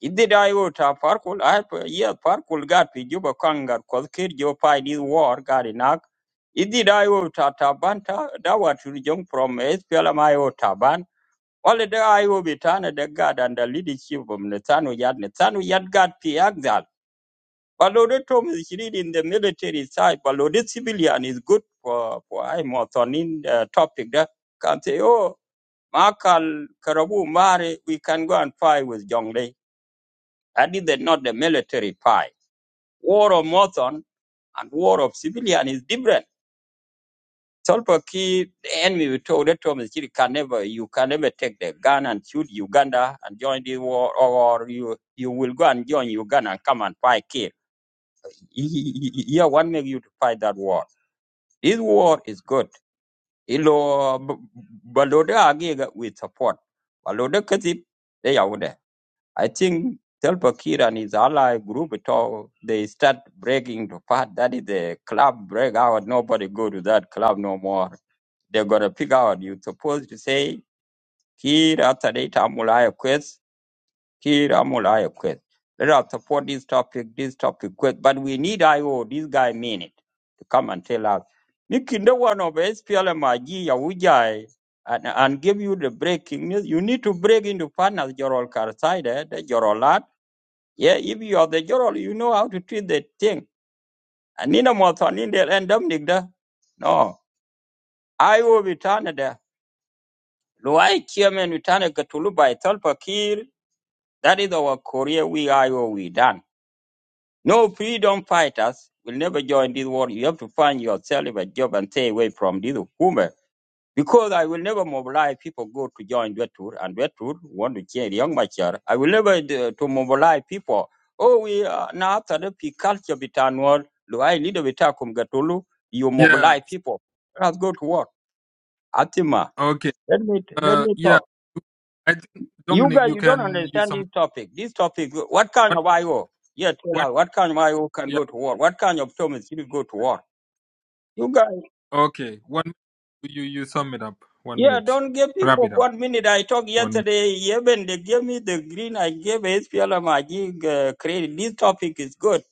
It did IO to Parkul. I have yeah, Parkul got to Juba Kangar because kid your pie this war got enough. It did IO to Tabanta. That was to young from SPLM IO Taban. All the IO Bitana, the God and the leadership of Netanu Yad Netanu Yad got Piagdal. Balode Tom is read in the military side, Balodet civilian is good for, for I'm on in uh, topic that can say, oh, Makal Karabu Mari, we can go and fight with Jonglei. That is the- not the military fight. War of Mothon and war of civilian is different. Solpa Key, the enemy we told that Thomas Chiri can never, you can never take the gun and shoot Uganda and join the war, or you you will go and join Uganda and come and fight Kir. Yeah, what make you to fight that war? This war is good. Ilo Balode Agega with support. Balode Katip, they are there. I think Telpa Kir and his ally group talk, they start breaking to part. That is the club break out. Nobody go to that club no more. They gotta pick out. You supposed to say Kir after that Amulaya quest. Kir Amulaya quest. Let us support this topic, this topic quest. But we need IO. This guy mean it to come and tell us. Nikinda one of SPLMIG Yawujai and, and give you the breaking news. You need to break into partners, Jorol Karsai, the Jorolat yeah, if you are the general, you know how to treat the thing. And Nina Mothon in there and Dominic da. No. I will return there. Luai chairman return a Gatulu by Tolpa Kir. That is our Korea. We are or we done. No freedom fighters will never join this war. You have to find yourself a job and stay away from this woman. Because I will never mobilize people go to join Dwetur and Dwetur want to change young mature. I will never uh, to mobilize people. Oh, we are now after the peak culture bitanwal, do I lead a bitakum gatulu? You Yeah. mobilize people. Let's go to work. Atima, Okay. let me let Uh. me Yeah. talk. I think You Dominic, guys, you you don't can use understand some. this topic. This topic, what kind What? of IO? Yeah, tell What? us, what kind of IO can Yeah. go to war? What kind of Thomas you go to war? You guys. Okay. One. You you sum it up. One Yeah, minute. don't give Wrap people it up. one minute. I talked One. Minute. yesterday, even they gave me the green, I gave SPLM, I give uh, credit. This topic is good.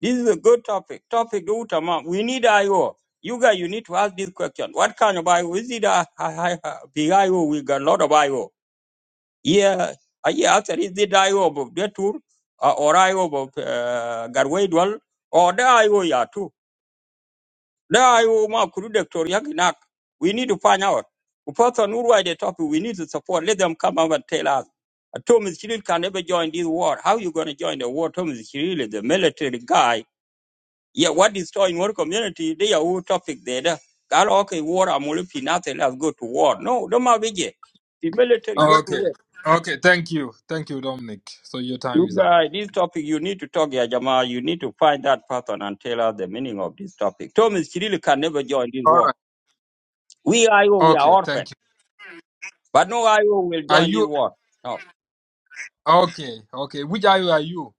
This is a good topic. Topic Utama. We need IO. You guys, you need to ask this question. What kind of IO? Is it a, a, a, a big IO? We got a lot of IO. Yeah, I yeah, after is it IO of Detour uh, or IO of uh, Garway Dwell or the IO, yeah, too. La iwo ma kuru doctor yaki We need to find out. The person who write the topic, we need to support. Let them come up and tell us. Uh, Thomas Chiril can never join this war. How you going to join the war? Thomas Chiril is the military guy. Yeah, what destroying our community? They are who topic there. da. Gal okay, war, I'm only nothing. Let's go to war. No, don't matter. The military, you have to Okay. wait. Okay. Thank you. Thank you, Dominic. So your time You is up. guys, this topic, you need to talk, yeah, Jamal. You need to find that person and tell us the meaning of this topic. Thomas Chiril can never join this All war. right. We are, we are Okay. orphans. Thank you. But no IO will Are join this you war. No. okay? Okay. Which IO are you?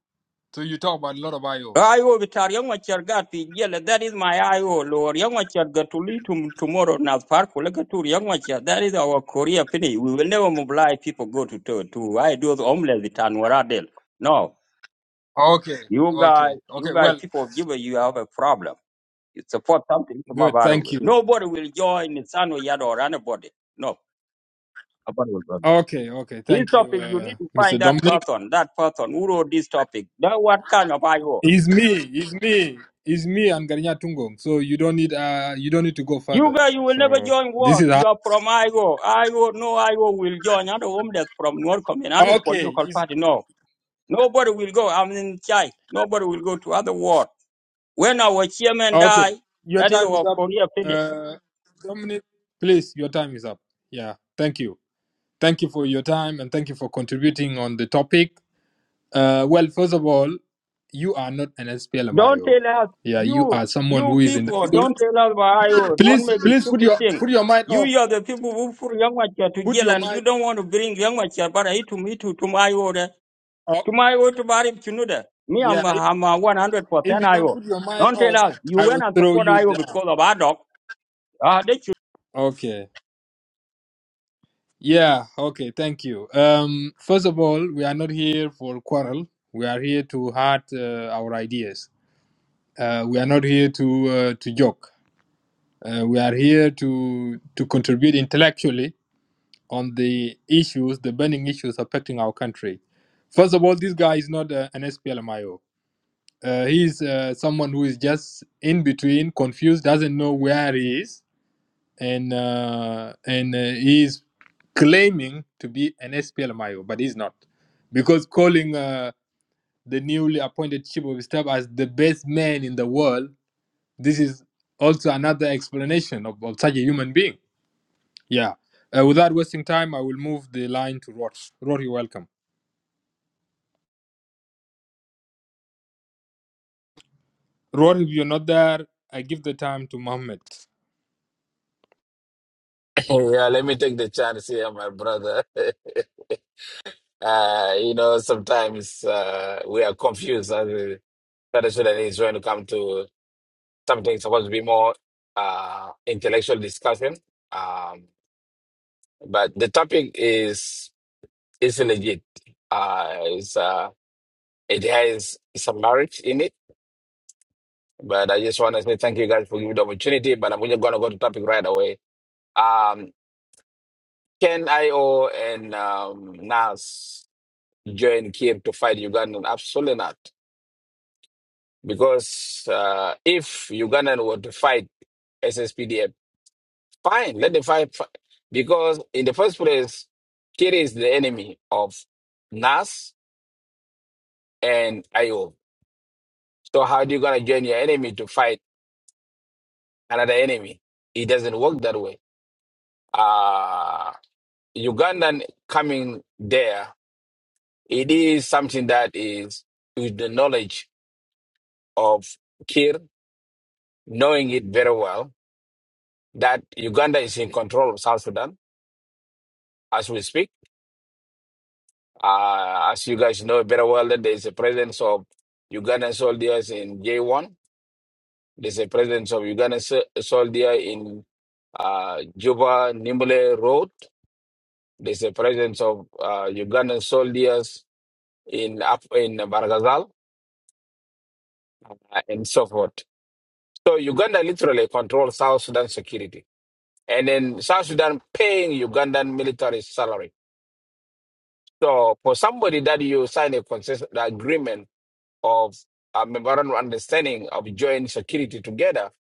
So you talk about a lot of IOs. IO vitar yang wacher gat pi jela. That is my IO lord. Yamachar got to lead to tomorrow nas park will gatur yang wacher. That is our Korea finish. We will never mobilize people go to to, to I do the homeless vitar waradel. No. Okay. You guys, Okay. you Okay. guys, Well. people of Juba, you have a problem. You support something from Good. our Thank you. Nobody will join Nisano Yad or anybody. No. Nobody will go there. Okay. Okay. This Thank you, topic, you uh, need to find Mr. that Dominic. person, that person who wrote this topic. Now, what kind of IO? It's me. It's me. It's me and Garinya Tungong. So you don't need uh you don't need to go You further. guys, you will never So join this war. is how You are from IGO. IGO, no IGO will join. I don't want from North Korean, not okay. political It's party, no. Nobody will go. I'm in Chai. Nobody will go to other war. When our chairman okay. die, Your that is time is our up. Korea finished. Uh Dominic, please, your time is up. Yeah. Thank you. Thank you for your time and thank you for contributing on the topic. Uh well, first of all, you are not an Don't SPLMIO. tell us, Yeah, you you, are someone you who is in the people, middle. don't tell us about IGO. Don't Please, make a please put stupid your thing. put your mind You, off. you are the people who put Yangwacha to Put jail your and you mind don't want to bring young Yangwacha, but I to me to, to my I O. off. To my way to Barib Chinuda. Me, I'm, Yeah, I'm uh, If 100% you don't IO. put your mind Don't off, tell us you I went will and throw support you IO down. because of our dog. Okay. Yeah, okay, thank you. Um, first of all, we are not here for quarrel. We are here to heart uh, our ideas. Uh, we are not here to uh, to joke. Uh, we are here to to contribute intellectually on the issues, the burning issues affecting our country. First of all, this guy is not uh, an SPLMIO. Uh, he is uh, someone who is just in between, confused, doesn't know where he is and uh, and uh, he's claiming to be an SPLMIO, but he's not, because calling uh, the newly appointed chief of staff as the best man in the world, this is also another explanation of, of such a human being. Yeah. Uh, without wasting time, I will move the line to Rod. Rod, you're welcome. Rod, if you're not there, I give the time to Mohammed. yeah, let me take the chance here, my brother. uh, you know, sometimes uh, we are confused as a South Sudanese when it comes to something supposed to be more uh, intellectual discussion. Um, but the topic is is legit. Uh, it's, uh, it has some merit in it. But I just want to say thank you guys for giving the opportunity. But I'm just going to go to topic right away. Um, Can IO and um, Nas join Kiev to fight Ugandan? Absolutely not. Because uh, if Ugandan were to fight SSPDF, fine, let them fight. fi- Because in the first place, Kiev is the enemy of Nas and IO. So how do you gonna join your enemy to fight another enemy? It doesn't work that way. Uh, Ugandan coming there, it is something that is with the knowledge. of Kir knowing it very well that Uganda is in control of South Sudan as we speak. Uh, as you guys know very well, that there is a presence of Ugandan soldiers in J1. There's a presence of Ugandan so- soldier in uh, Juba Nimbule Road. There's a presence of uh, Ugandan soldiers in Af- in Bargazal uh, and so forth. So Uganda literally controls South Sudan security, and then South Sudan paying Ugandan military salary So for somebody that you sign a consent agreement of a memorandum of understanding of joint security together,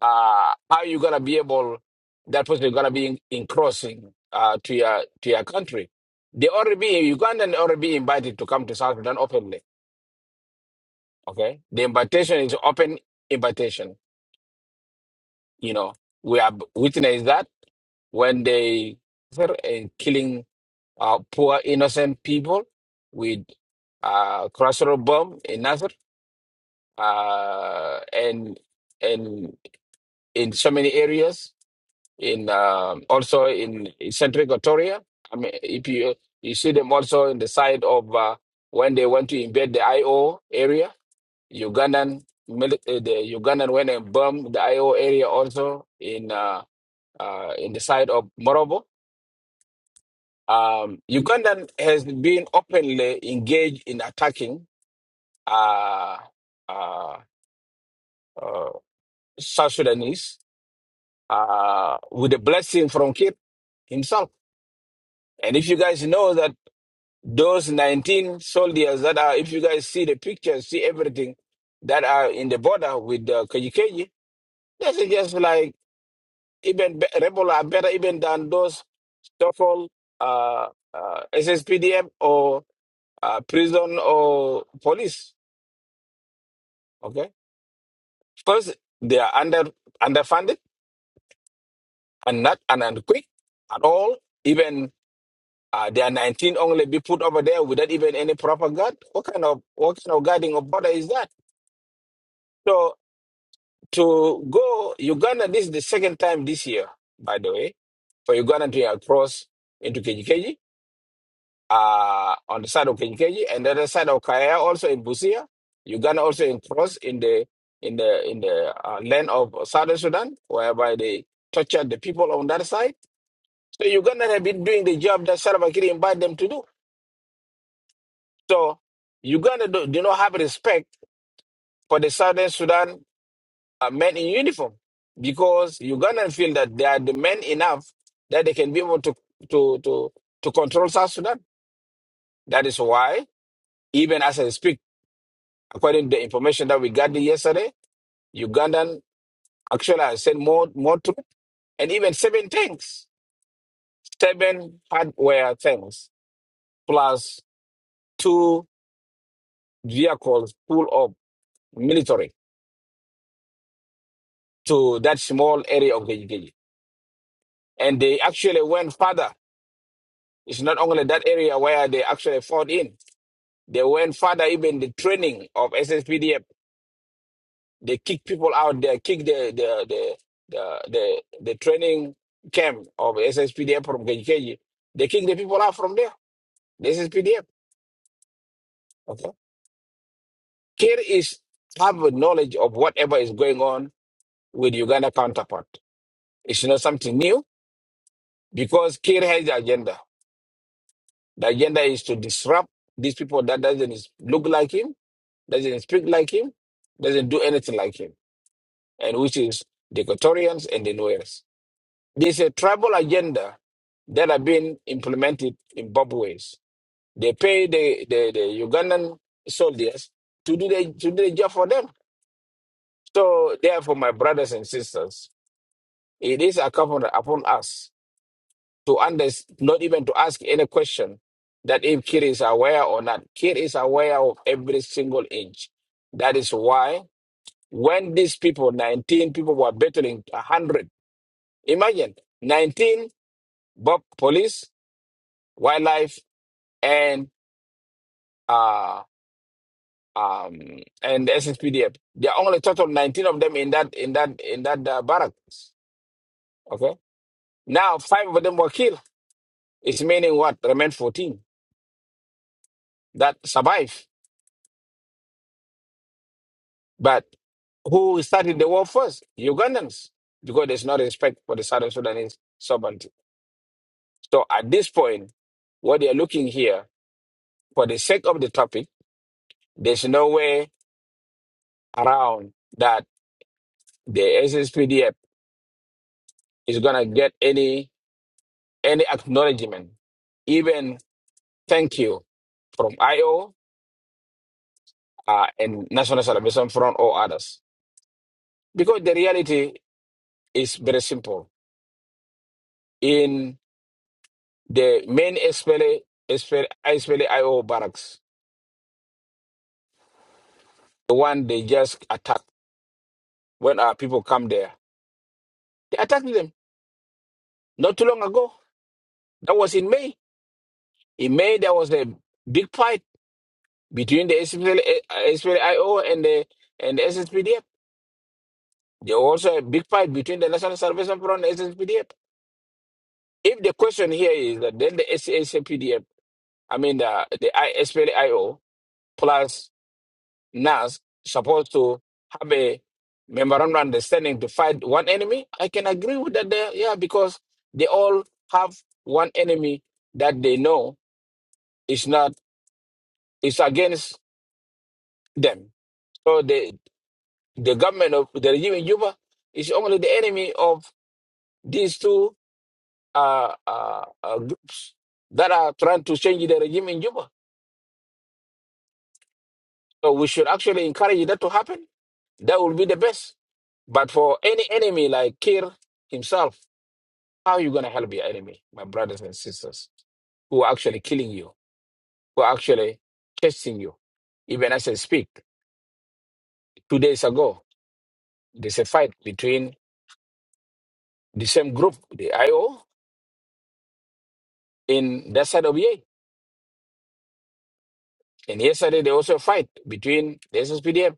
uh, how you gonna be able that person gonna be in, in crossing uh, to your to your country? They already be Ugandan already be invited to come to South Sudan openly. Okay, the invitation is open invitation. You know, we have witnessed that when they were uh, killing uh, poor innocent people with uh, crossroad bomb in Nazareth. uh, and and in so many areas in um also in, in central Equatoria. I mean, if you you see them also in the side of uh, when they went to invade the IO area, Ugandan mili- uh, the Ugandan went and bombed the IO area also in uh, uh, in the side of Morobo. Um, Ugandan has been openly engaged in attacking uh, uh, uh, South Sudanese uh, with a blessing from Kir himself. And if you guys know that those 19 soldiers that are, if you guys see the pictures, see everything that are in the border with uh, Kajikeji, this is just like even be- rebel are better even than those Stoffel, uh, uh, SSPDM or uh, prison or police. Okay. First, they are under underfunded and not and, and quick at all. Even Uh, there are 19 only be put over there without even any proper guard. What kind of what kind of guarding of border is that? So to go Uganda, this is the second time this year, by the way, for Uganda to cross into Kejikeji, uh, on the side of Kejikeji and the other side of Kaya, also in Busia. Uganda also in cross in the in the in the uh, land of Southern Sudan, whereby they tortured the people on that side. So Uganda have been doing the job that Salva Kiir invited them to do. So Uganda do, do not have respect for the Southern Sudan uh, men in uniform because Ugandan feel that they are the men enough that they can be able to to to to control South Sudan. That is why, even as I speak, according to the information that we got yesterday, Ugandan actually has sent more more troops and even seven tanks, seven hardware tanks plus two vehicles full of military to that small area of the And they actually went further. It's not only that area where they actually fought in. They went further, even the training of SSPDF. They kick people out there, kick the the the the the, the training camp of SSPDF from KGKG. They kick the people out from there. The SSPDF. Okay. Kir is have a knowledge of whatever is going on with Uganda counterpart. It's not something new because Kir has the agenda. The agenda is to disrupt these people that doesn't is- look like him doesn't speak like him, doesn't do anything like him, and which is the Equatorians and the Nuers. There's a tribal agenda that have been implemented in both ways. They pay the, the, the Ugandan soldiers to do the to do the job for them. So therefore, my brothers and sisters, it is incumbent upon us to understand, not even to ask any question that if Kir is aware or not. Kir is aware of every single inch. That is why When these people, 19 people, were battling 100, imagine 19 Bob police, wildlife, and uh, um, and SSPDF. There are only total 19 of them in that in that in that uh, barracks. Okay, now five of them were killed. It's meaning what remained 14 that survive. but who started the war first? Ugandans, because there's no respect for the Southern Sudanese sovereignty. So at this point, what they are looking here for the sake of the topic, there's no way around that the SSPDF is gonna get any any acknowledgement, even thank you from IO uh, and National Salvation Front or others. Because the reality is very simple. In the main SPLA, SPLA, SPLA IO barracks, the one they just attacked when our people come there, they attacked them not too long ago. That was in May. In May, there was a big fight between the SPL, SPLIO and the and the SSPDF. There was also a big fight between the National Salvation Front and SSPDF. If the question here is that then the S S P D F, I mean the the I- S P L I O plus NAS supposed to have a memorandum understanding to fight one enemy, I can agree with that. There, yeah, because they all have one enemy that they know is not is against them. So they. the government of the regime in Juba is only the enemy of these two uh, uh, uh, groups that are trying to change the regime in Juba. So we should actually encourage that to happen. That will be the best. But for any enemy like Kir himself, how are you going to help your enemy, my brothers and sisters, who are actually killing you, who are actually testing you? Even as I speak, two days ago, there's a fight between the same group, the IO, in that side of Ye. And yesterday, there was a fight between the SSPDF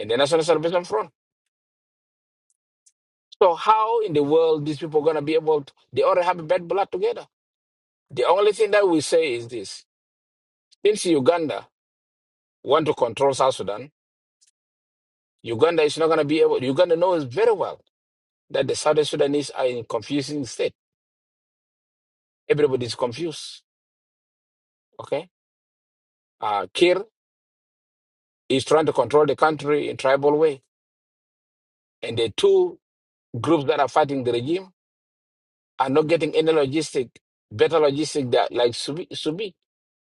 and the National Salvation Front. So how in the world these people going to be able to, they already have bad blood together. The only thing that we say is this. Since Uganda want to control South Sudan, Uganda is not going to be able, Uganda knows very well that the South Sudanese are in confusing state. Everybody is confused, okay? Uh, Kir is trying to control the country in tribal way. And the two groups that are fighting the regime are not getting any logistic, better logistic that like Subi, Subi,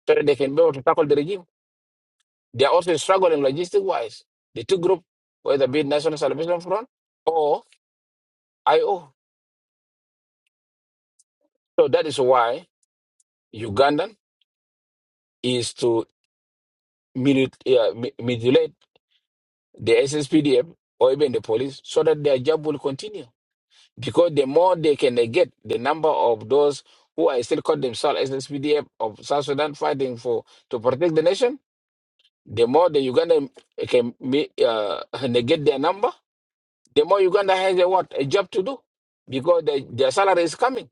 so that they can be able to tackle the regime. They are also struggling logistic wise. The two group, whether be it National Salvation Front or IO. So that is why Ugandan is to milit- uh, mi- mutilate the SSPDM or even the police so that their job will continue. Because the more they can negate the number of those who are still called themselves SSPDF of South Sudan fighting for to protect the nation, The more the Uganda can be, uh, negate their number, the more Uganda has a what a job to do because the, their salary is coming.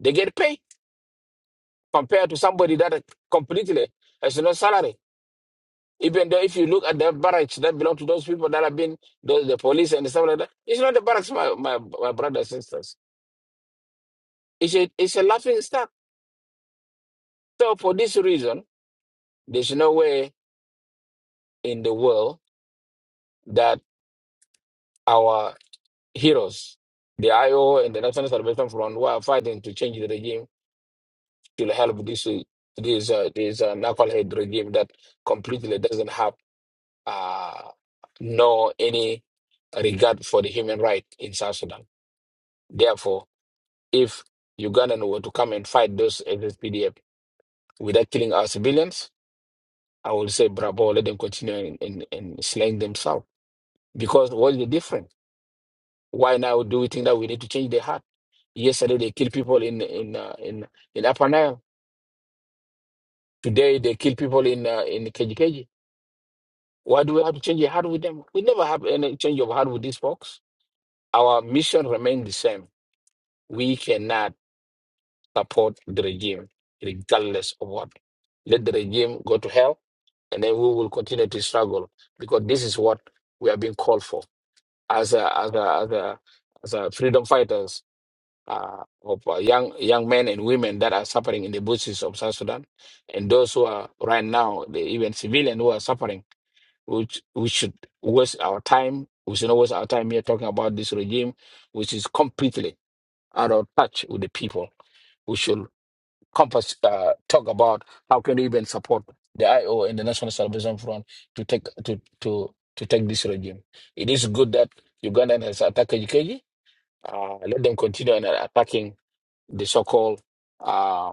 They get paid compared to somebody that completely has no salary. Even though if you look at the barracks that belong to those people that have been those, the police and stuff like that, it's not the barracks, my, my, my brothers and sisters. It's a, it's a laughing stock. So for this reason, there's no way in the world that our heroes, the IO and the National Salvation Front, who are fighting to change the regime to help this uh, this uh, this uh, knucklehead regime that completely doesn't have uh, no any regard for the human right in South Sudan. Therefore, if Ugandan were to come and fight those SSPDF without killing our civilians, I would say bravo, let them continue and, and, and slaying themselves. Because what is the difference? Why now do we think that we need to change the heart? Yesterday they killed people in in uh, in in Upper Nile. Today they kill people in uh, in Kejikeji. Why do we have to change the heart with them? We never have any change of heart with these folks. Our mission remains the same. We cannot support the regime regardless of what. Let the regime go to hell, and then we will continue to struggle because this is what we are being called for as a as a as a as a freedom fighters uh, of uh, young young men and women that are suffering in the bushes of South Sudan, and those who are right now, the, even civilian who are suffering, which we should waste our time. We should not waste our time here talking about this regime, which is completely out of touch with the people. We should compass, uh, talk about how can we even support the IO and the National Salvation Front to take to to to take this regime. It is good that Ugandan has attacked Kijiji. Uh, let them continue on attacking the so-called uh,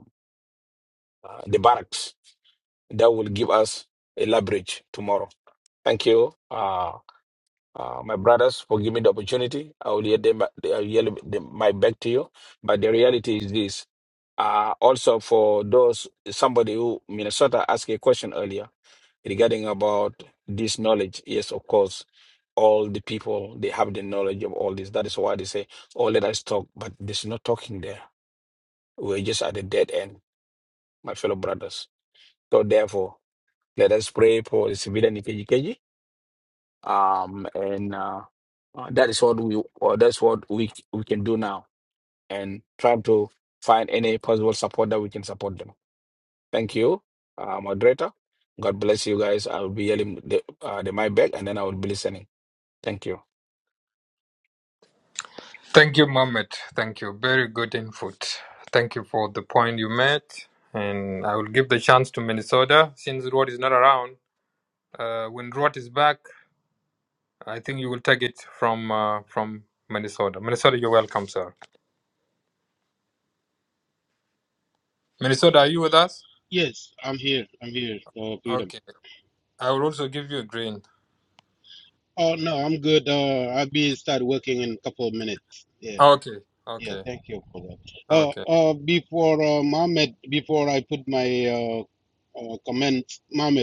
uh, the barracks that will give us a leverage tomorrow. Thank you, uh, uh, my brothers, for giving me the opportunity. I will yield them, I will yield them- my back to you. But the reality is this. Uh, also, for those somebody who Minnesota asked a question earlier regarding about this knowledge. Yes, of course, all the people they have the knowledge of all this. That is why they say, "Oh, let us talk," but there's no talking there. We're just at the dead end, my fellow brothers So therefore, let us pray for the civilian in KGKG. Um, and uh, uh, that is what we or that's what we we can do now, and try to find any possible support that we can support them. Thank you, uh, moderator. God bless you guys. I will be yelling the, uh, the my back, and then I will be listening. Thank you. Thank you, Mohammed. Thank you. Very good input. Thank you for the point you made. And I will give the chance to Minnesota since Rod is not around. Uh, when Rod is back, I think you will take it from uh, from Minnesota. Minnesota, you're welcome, sir. Minnesota, are you with us? Yes, I'm here. I'm here, uh, Freedom. Okay. I will also give you a green. Oh, no, I'm good. Uh, I'll be start working in a couple of minutes. Yeah, Okay. yeah, Okay. thank you for that. Uh, Okay. uh, before uh, Mohammed, before I put my uh, uh, comments, Mohammed.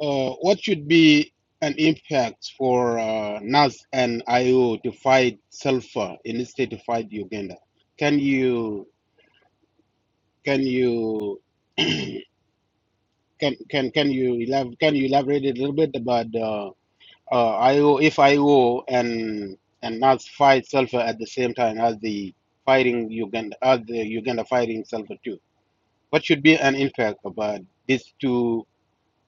Uh, what should be an impact for uh, NAS and IO to fight sulfur in the state to fight Uganda? Can you can you can can can you elab- can you elaborate a little bit about uh, uh, IO if IO and and NAS fight sulfur at the same time as the fighting Uganda as the Uganda fighting sulfur too? What should be an impact about these two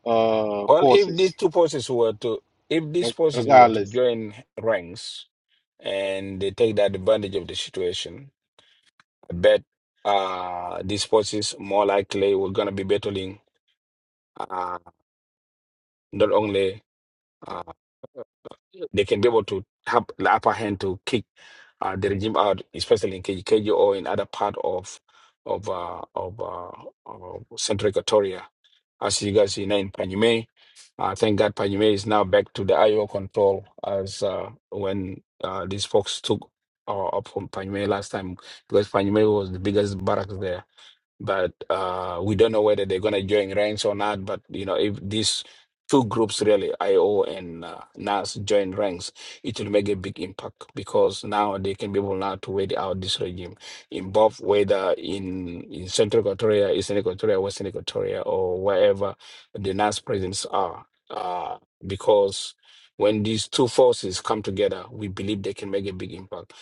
uh, Well, if these forces, two forces were to if these re- forces were to regardless? join ranks and they take that advantage of the situation, But uh, these forces more likely we're gonna be battling. Uh, not only uh, they can be able to have the upper hand to kick uh, the regime out, especially in KG or in other part of of uh, of, uh, of Central Equatoria. As you guys see now in Panyume, uh, thank God Panyume is now back to the IO control as uh, when uh, these folks took uh, up from Panyume last time because Panyume was the biggest barracks there but uh, we don't know whether they're going to join ranks or not. But you know, if these two groups really, IO and uh, NAS, join ranks, it will make a big impact because now they can be able now to wait out this regime in both whether in in Central Equatoria, Eastern Equatoria, Western Equatoria, or wherever the NAS presence are, uh, because. When these two forces come together, we believe they can make a big impact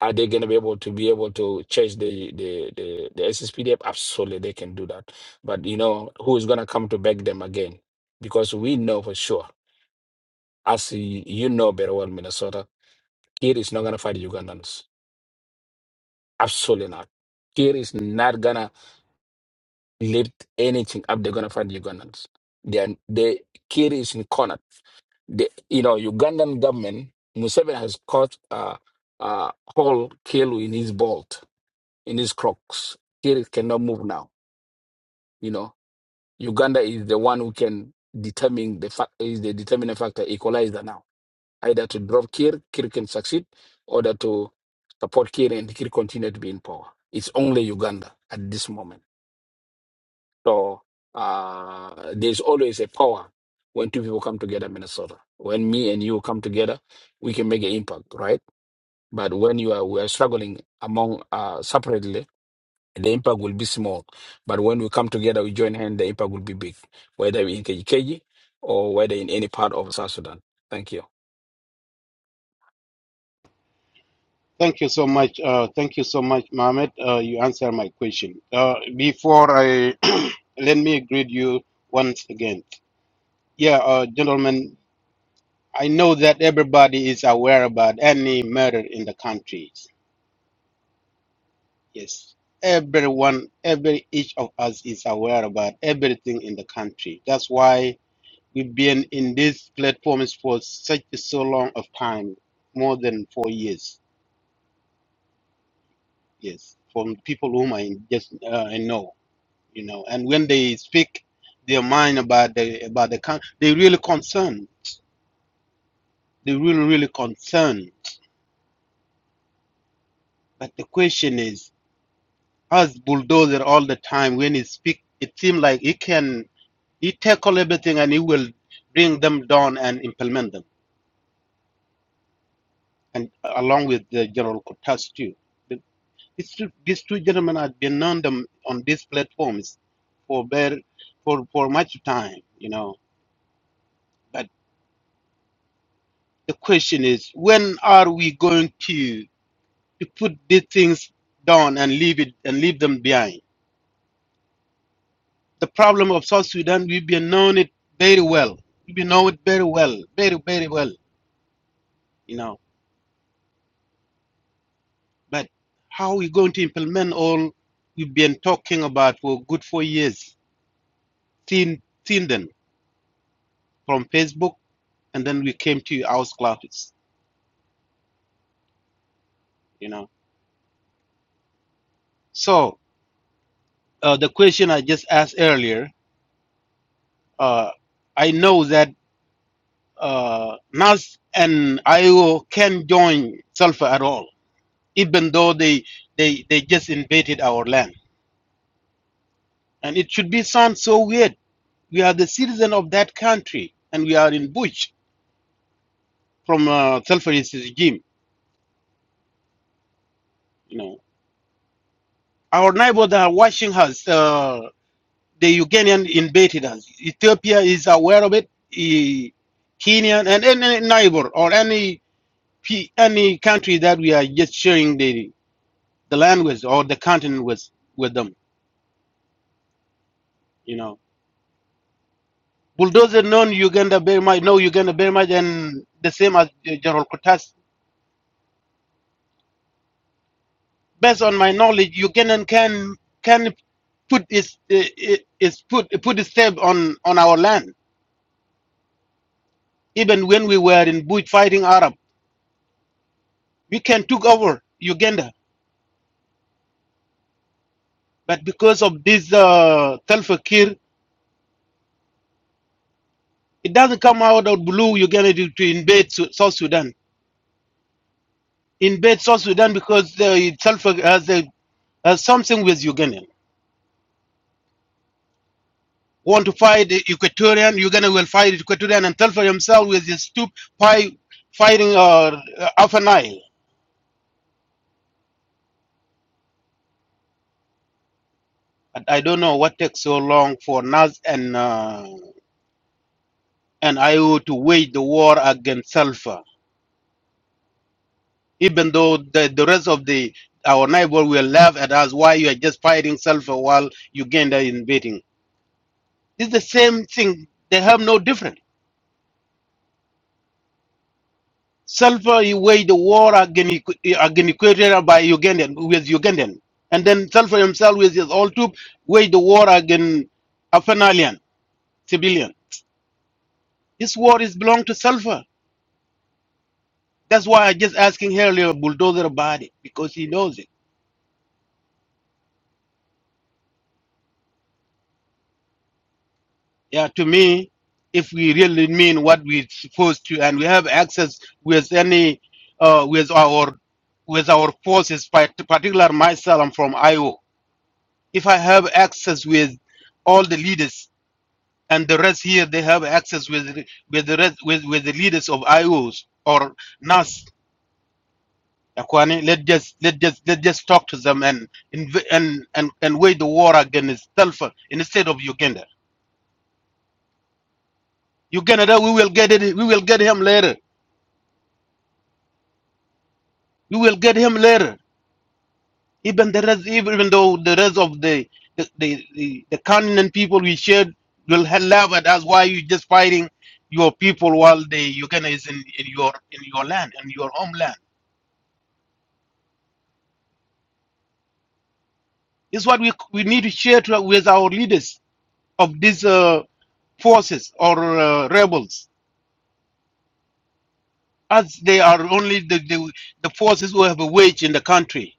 are they going to be able to be able to change the the the, the SSPDF? Absolutely, they can do that. But you know who is going to come to back them again? Because we know for sure, as y- you know very well, Minnesota, Kiri is not going to fight the Ugandans. Absolutely not. Kiri is not going to lift anything up. They're going to fight the Ugandans. They are, they Kiri is in corner. The you know Ugandan government Museveni has caught uh uh whole kill in his bolt in his crocs. Kiri cannot move now You know, Uganda is the one who can determine the fact is the determining factor equalizer now. Either to drop Kir, Kir can succeed, or that to support Kir and Kir continue to be in power. It's only Uganda at this moment. So uh, there's always a power when two people come together, Minnesota. When me and you come together, we can make an impact, right? But when you are we are struggling among uh, separately, the impact will be small. But when we come together, we join hands, the impact will be big, whether in Kejikeji or whether in any part of South Sudan. Thank you. Thank you so much. Uh, thank you so much, Mohammed. Uh, you answered my question. Uh, before I let me greet you once again. Yeah, uh, gentlemen, I know that everybody is aware about any murder in the country. Yes, everyone, every each of us is aware about everything in the country. That's why we've been in these platforms for such a so long of time, more than four years. Yes, from people whom I just uh, I know. you know and when they speak their mind about the about the country they really concerned they really really concerned but the question is as bulldozer all the time when he speak it seems like he can he tackle everything and he will bring them down and implement them and along with the general Kutas too these two, these two gentlemen have been on them on these platforms for very for for much time you know but the question is when are we going to to put these things down and leave it and leave them behind. The problem of South Sudan, we've been known it very well. We've been know it very well, very very well, you know. But how are we going to implement all we've been talking about for good four years? Seen seen them from Facebook, and then we came to our classes, you know. So uh, the question I just asked earlier, uh, I know that uh, NAS and IO can join sulfur at all even though they they they just invaded our land and it should be sound so weird we are the citizen of that country and we are in bush from uh, self regime you know our neighbors are watching us uh, the ugandan invaded us ethiopia is aware of it E- kenya and any neighbor or any pe- any country that we are just sharing the the land with or the continent with with them you know bulldozer known Uganda very much, know Uganda very much, and the same as uh, General Kutas. Based on my knowledge, Ugandan can can put his uh, uh, his put put his step on on our land. Even when we were in bush fighting Arab, we can took over Uganda. But because of this uh, Salva Kiir, it doesn't come out of blue Uganda to, to invade Su- South Sudan. Invade South Sudan because uh, Salva has, a, has something with Uganda. want to fight the Equatorian, Uganda will fight Equatorian and Telfer himself with his stupid fight, fighting uh, Alpha Nile. I don't know what takes so long for Nas and uh, and IO to wage the war against Sulfur. Even though the, the rest of the our neighbor will laugh at us why you are just fighting Sulfur while Uganda is invading. It's the same thing. They have no difference. Sulfur he waged a war against, against Equatorial by Ugandan with Ugandan, and then Sulfur himself with his old troop waged the war against Afanalian civilian. This war is belong to Sulfur. That's why I just asking earlier bulldozer about it because he knows it. Yeah, to me, if we really mean what we supposed to, and we have access with any uh, with our with our forces, part- particular myself, I'm from Iowa. If I have access with all the leaders and the rest here they have access with with the rest, with with the leaders of IOs or NAS. Akwani, let just let just let just talk to them and inv- and and and wage the war against Telfer instead of Uganda. Uganda, that we will get it. We will get him later. We will get him later. Even the rest, even even though the rest of the the the, the, the continent people we shared will ha- laugh at us. Why you just fighting your people while the Uganda is in, in your in your land and your homeland? This is what we, we need to share to, with our leaders of these uh, forces or uh, rebels, as they are only the, the, the forces who have a wage in the country,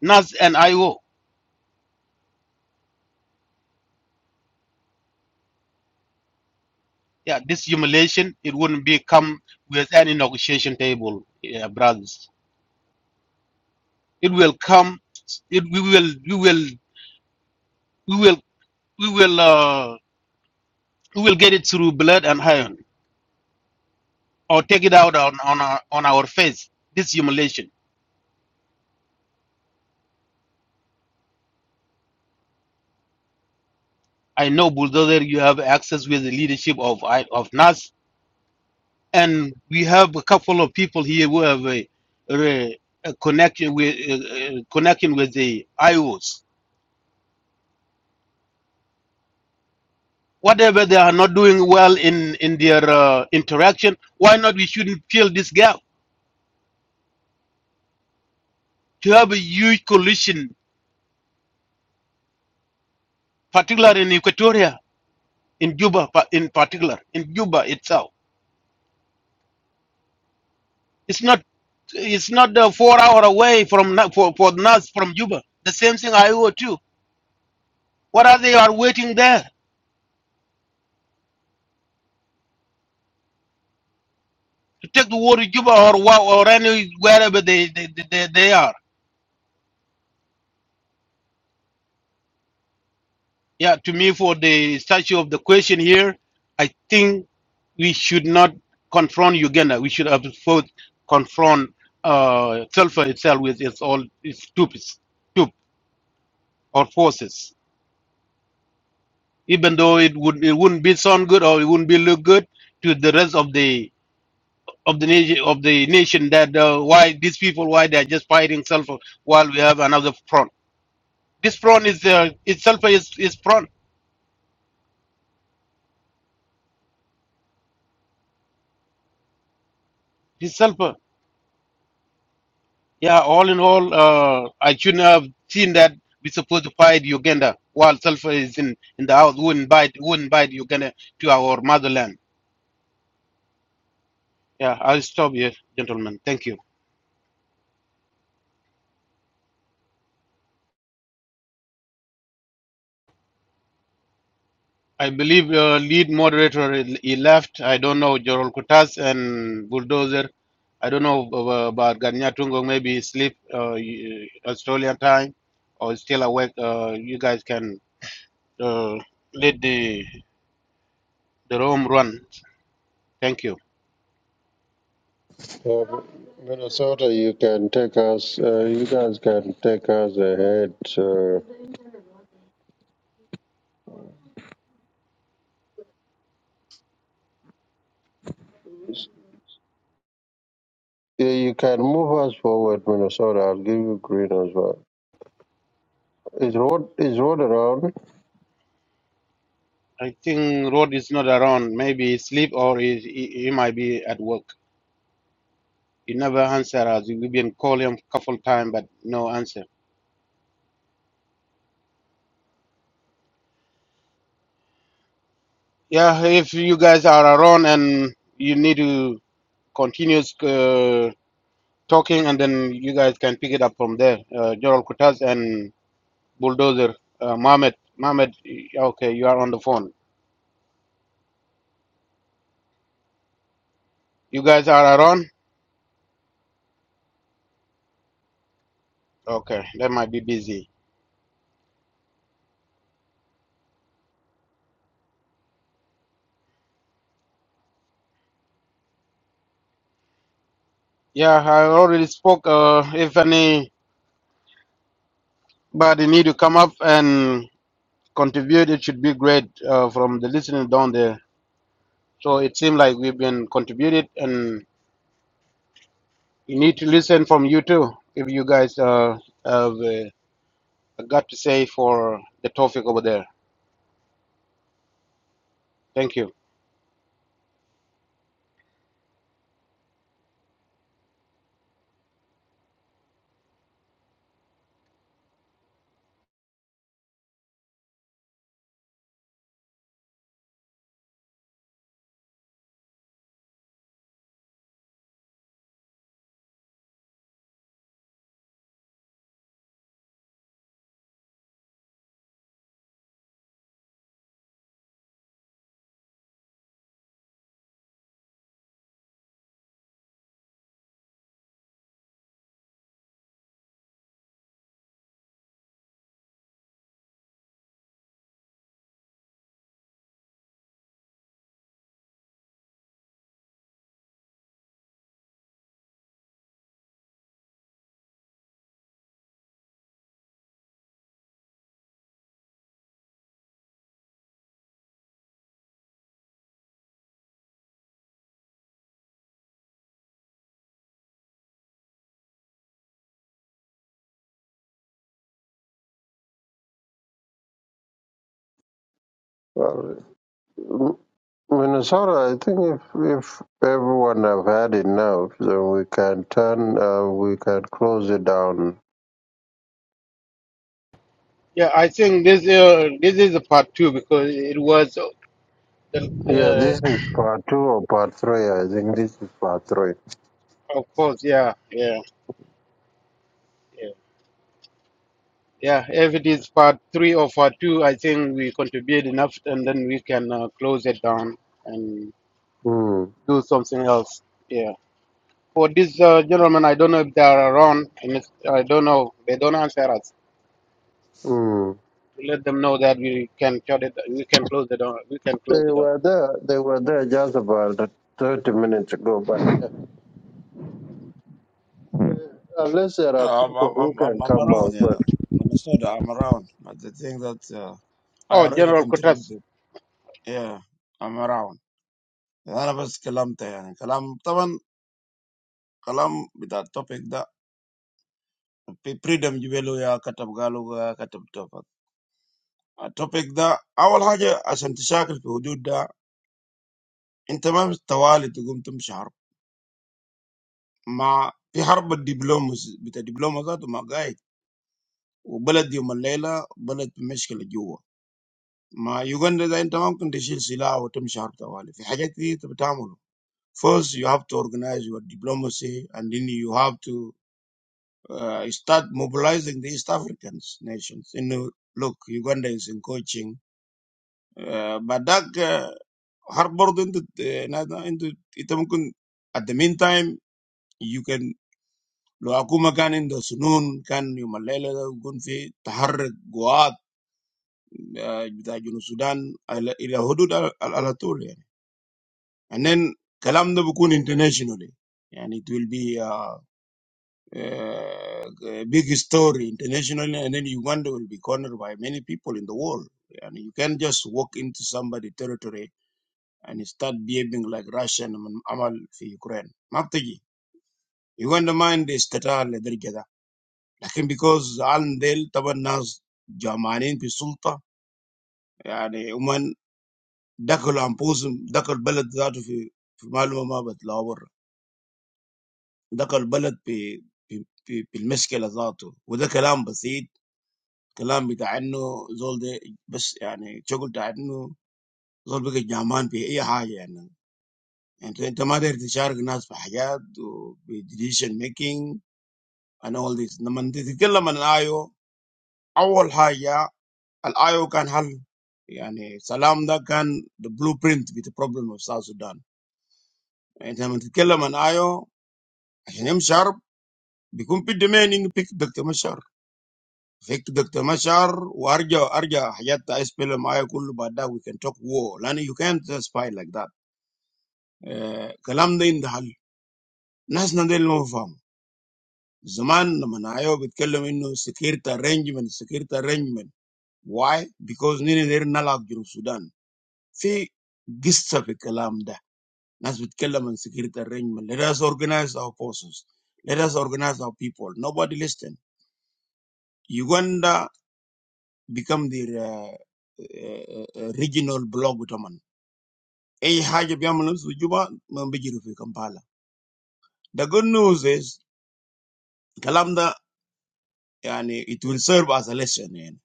NAS and IO. Yeah, this humiliation, it wouldn't be come with any negotiation table, yeah, brothers. It will come, it, we will, we will, we will, we will, uh, we will get it through blood and iron, or take it out on, on, our, on our face, this humiliation I know, Bulldozer, you have access with the leadership of I- of NAS, and we have a couple of people here who have a, a, a connection with a, a connection with the IOs. Whatever they are not doing well in in their uh, interaction, why not we shouldn't fill this gap to have a huge coalition, particularly in Equatoria, in Juba, pa- in particular, in Juba itself. It's not it's not uh, four hour away from Na- for for NAS from Juba. The same thing IO too What are they are waiting there to take the war to Cuba or wha- or any wherever they they, they they they are? Yeah, to me for the statue of the question here, I think we should not confront Uganda. We should have first confront uh, Sulfur itself with its all its stupid, stupid or forces. Even though it would it wouldn't be sound good or it wouldn't be look good to the rest of the of the nation of the nation that uh, why these people why they are just fighting Sulfur while we have another front. this prawn is uh, it's sulfur is, is prawn it's sulfur yeah all in all uh, i shouldn't have seen that we supposed to fight uganda while sulfur is in in the house wouldn't bite wouldn't bite uganda to our motherland yeah i'll stop here gentlemen thank you i believe uh, lead moderator he he left i don't know Joel kutas and bulldozer i don't know uh, about ganya tungo maybe he sleep uh, y- australian time or still awake uh, you guys can uh, lead the The room runs. Thank you. Uh, Minnesota, you can take us. Uh, you guys can take us ahead. Uh, yeah, you can move us forward, Minnesota. I'll give you green as well. Is road is road around? I think Rod is not around. Maybe he sleep or he, he, he might be at work. He never answer us. We've been calling him a couple time, but no answer. Yeah, if you guys are around and you need to continue uh, talking, and then you guys can pick it up from there. Uh, Gerald Kutas and Bulldozer uh, Mohammed. Mohammed, okay, you are on the phone. You guys are around? Okay, they might be busy. Yeah, I already spoke. Uh, if any. But you need to come up and contribute. It should be great uh, from the listening down there. So it seems like we've been contributed, and you need to listen from you too if you guys uh, have uh, got to say for the topic over there. Thank you. Uh, M- Minnesota, I think if if everyone have had enough, then we can turn. Uh, we can close it down. Yeah, I think this uh, this is a part two because it was uh, Yeah, the, this is part two or part three. I think this is part three. uh, of course yeah yeah yeah yeah if it is part three or part two I think we contribute enough and then we can uh, close it down Mm, do something else. Yeah. For this uh, gentlemen, I don't know if they are around, and if, I don't know. They don't answer us. mm. We Let them know that we can shut it. We can close it down. We can close They it down. were there. They were there just about 30 minutes ago. But uh, unless there Yeah, are I'm, people I'm, I'm, who I'm can I'm come around, out, yeah. Minnesota, I'm around. But the thing that uh, I Oh, already General Kutas. contributed, yeah, I'm around. أنا بس كلمت يعني كلام طبعا كلام بتاع التوبيك ده بريدم جبلو يا كتب قالوا يا كتب توفت التوبيك ده أول حاجة عشان تشاكل في حدود ده أنت ما بالتوالي تقوم تمشي مع في حرب الدبلوماسي بتاع الدبلوماسات وما قاعد وبلد يوم الليله بلد في مشكله جوا مع يوغندا ده انت ما ممكن تشيل سلاح وتمشي حرب طوالي في حاجات كتير انت بتعمله First, you have to organize your diplomacy, and then you have to uh, start mobilizing the East African nations. You know, look, Uganda is encroaching. Uh, but that uh, hard border into, uh, into, into, at the meantime, you can. لو حكومة كان عندها سنون كان يوم الليلة ده يكون في تحرك قوات آه، بتاع جنوب السودان على- إلى حدود على على طول يعني and then كلام ده بيكون internationally يعني it will be a, a big story internationally and then Uganda will be cornered by many people in the world and you can't just walk into somebody territory and start behaving like Russia لما عمل في Ukraine ما بتجي Uganda ما عندي استطاعة لدرجة ده لكن because الان ديل طبعا الناس جعانين في السلطة، يعني ومن دخلوا أنفسهم دخل البلد ذاته في في معلومة ما بتلاقوها برا، دخل البلد في في في في المشكلة ذاته. وده كلام بسيط، كلام بتاع إنه زول ده بس يعني شغل بتاع إنه زول بقى جعان في أي حاجة. يعني أنت أنت ما تقدر تشارك الناس في حاجات و decision making and all this. لما أنت تتكلم عن آيو، أول حاجة The audio can help. I mean, Salamda can the blueprint with the problem of South Sudan. And When they talk about audio, they're not sharp. Because the main thing is pick the doctor sharp. Pick the doctor sharp. Arga, arga. We can talk war. I mean, you can't just fight like that. The language is the help. Nas nadele no form. The time when they talk about security arrangement, security arrangement. Why? Because you're not in Sudan. There's a history with the language. Nas bitkellem on security arrangement. Let us organize our forces. Let us organize our people. Nobody listen. Uganda become the uh, uh, uh, regional bloc Utaman. Ey haja biyamanu sujuba mambijiru fi Kampala. The good news is Kalamda yani it will serve as a lesson yani,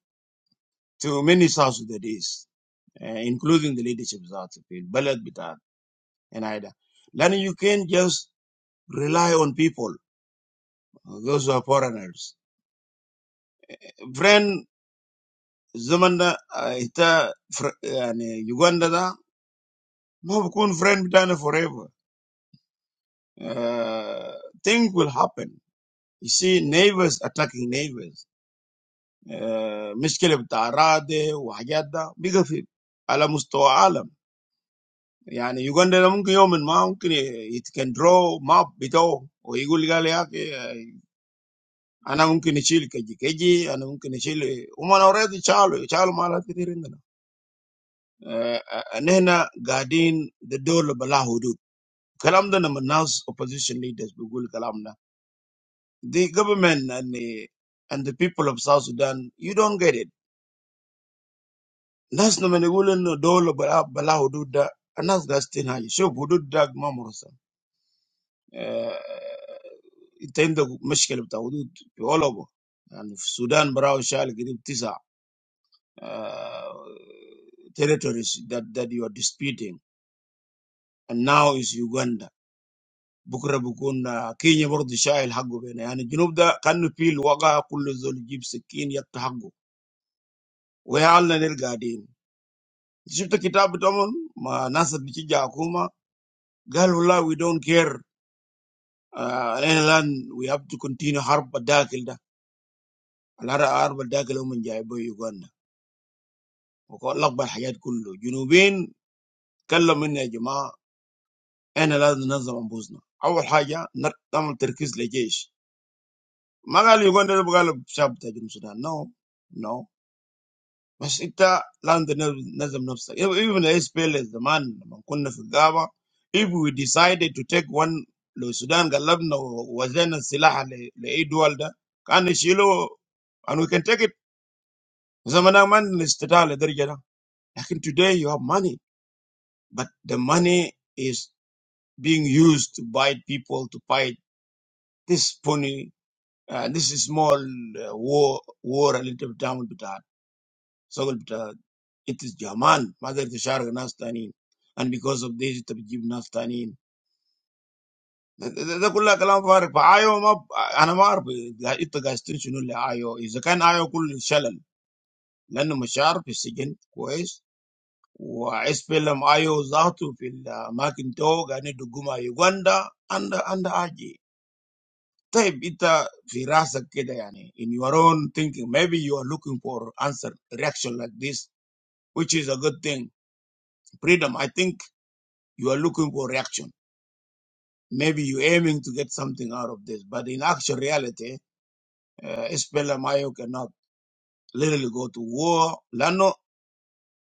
to many South Sudanese, uh, including the leadership of South Sudan, Balad Bitat and Ida. Then you can just rely on people, those who are foreigners. Friend Zumanda ita, yuganda na mo biko un friend bita na forever. Things will happen. You see neighbors attacking neighbors. Mischief da arade, wajada biga fit ala musto alam. Yani yuganda na mung kiyomin maung kini it can draw map bito o iguliga leake. Ana mung kini chile kaji kaji ana mung kini chile uma na ora di chalo chalo malati diringa na nena garden the door balahudut. Kalam da naman nas opposition leaders bugul kalam na. The government and the, and the people of South Sudan, you don't get it. Nas naman igul no dolo bala bala hudud da. Anas gastin haji. Shuf hudud da mamursa. انت عندك مشكله hudud حدود في اولابو يعني في السودان براو شال قريب تسع uh, territories that that you are disputing and now is Uganda Bukra bukun Kenya ward Shayil Hagbo bene. I mean, south da canu fill wagah kulu zol gib sikin yatta Hagbo. Weh alna nelgadi. You see the book, man. Ma nasa bicija akuma. Girl, holla. We don't care. England. We have to continue harp daakilda. Alara harp daakila oman jai boyu gudda. O ko lagba hayat kulu. South da kala mina Jama. I na lazat nazaam buzna. Aweh haja. Not tamu terkis lejish. Magali gudda bugalu Shayil batajum soda. No, no. بس انت لازم تنظم نفسك even the SPLA زمان لما كنا في الغابة if we decided to take one لو السودان قلبنا ووزعنا السلاح ل- لأي دول ده كان يشيلوا and we can take it زمان ما عندنا استطاعة لدرجة ده لكن today you have money but the money is being used to buy people to fight this pony. uh, this small uh, war war اللي انت with that. It is Jaman, Mother Tisharag Nastanin. And because of this, it will give Nastanin. ده كلها كلام فارغ فايو ما انا ما اعرف انت قاعد شنو اللي ايو اذا كان ايو كله شلل لانه مشاعر في السجن كويس وعس فيلم ايو ذاته في الاماكن تو قاعدين يدقوا مع يوغندا عند عند اجي طيب in your own thinking maybe you are looking for answer reaction like this which is a good thing freedom I think you are looking for reaction Maybe you're aiming to get something out of this, but in actual reality, uh, SPLM IO cannot literally go to war. Lano,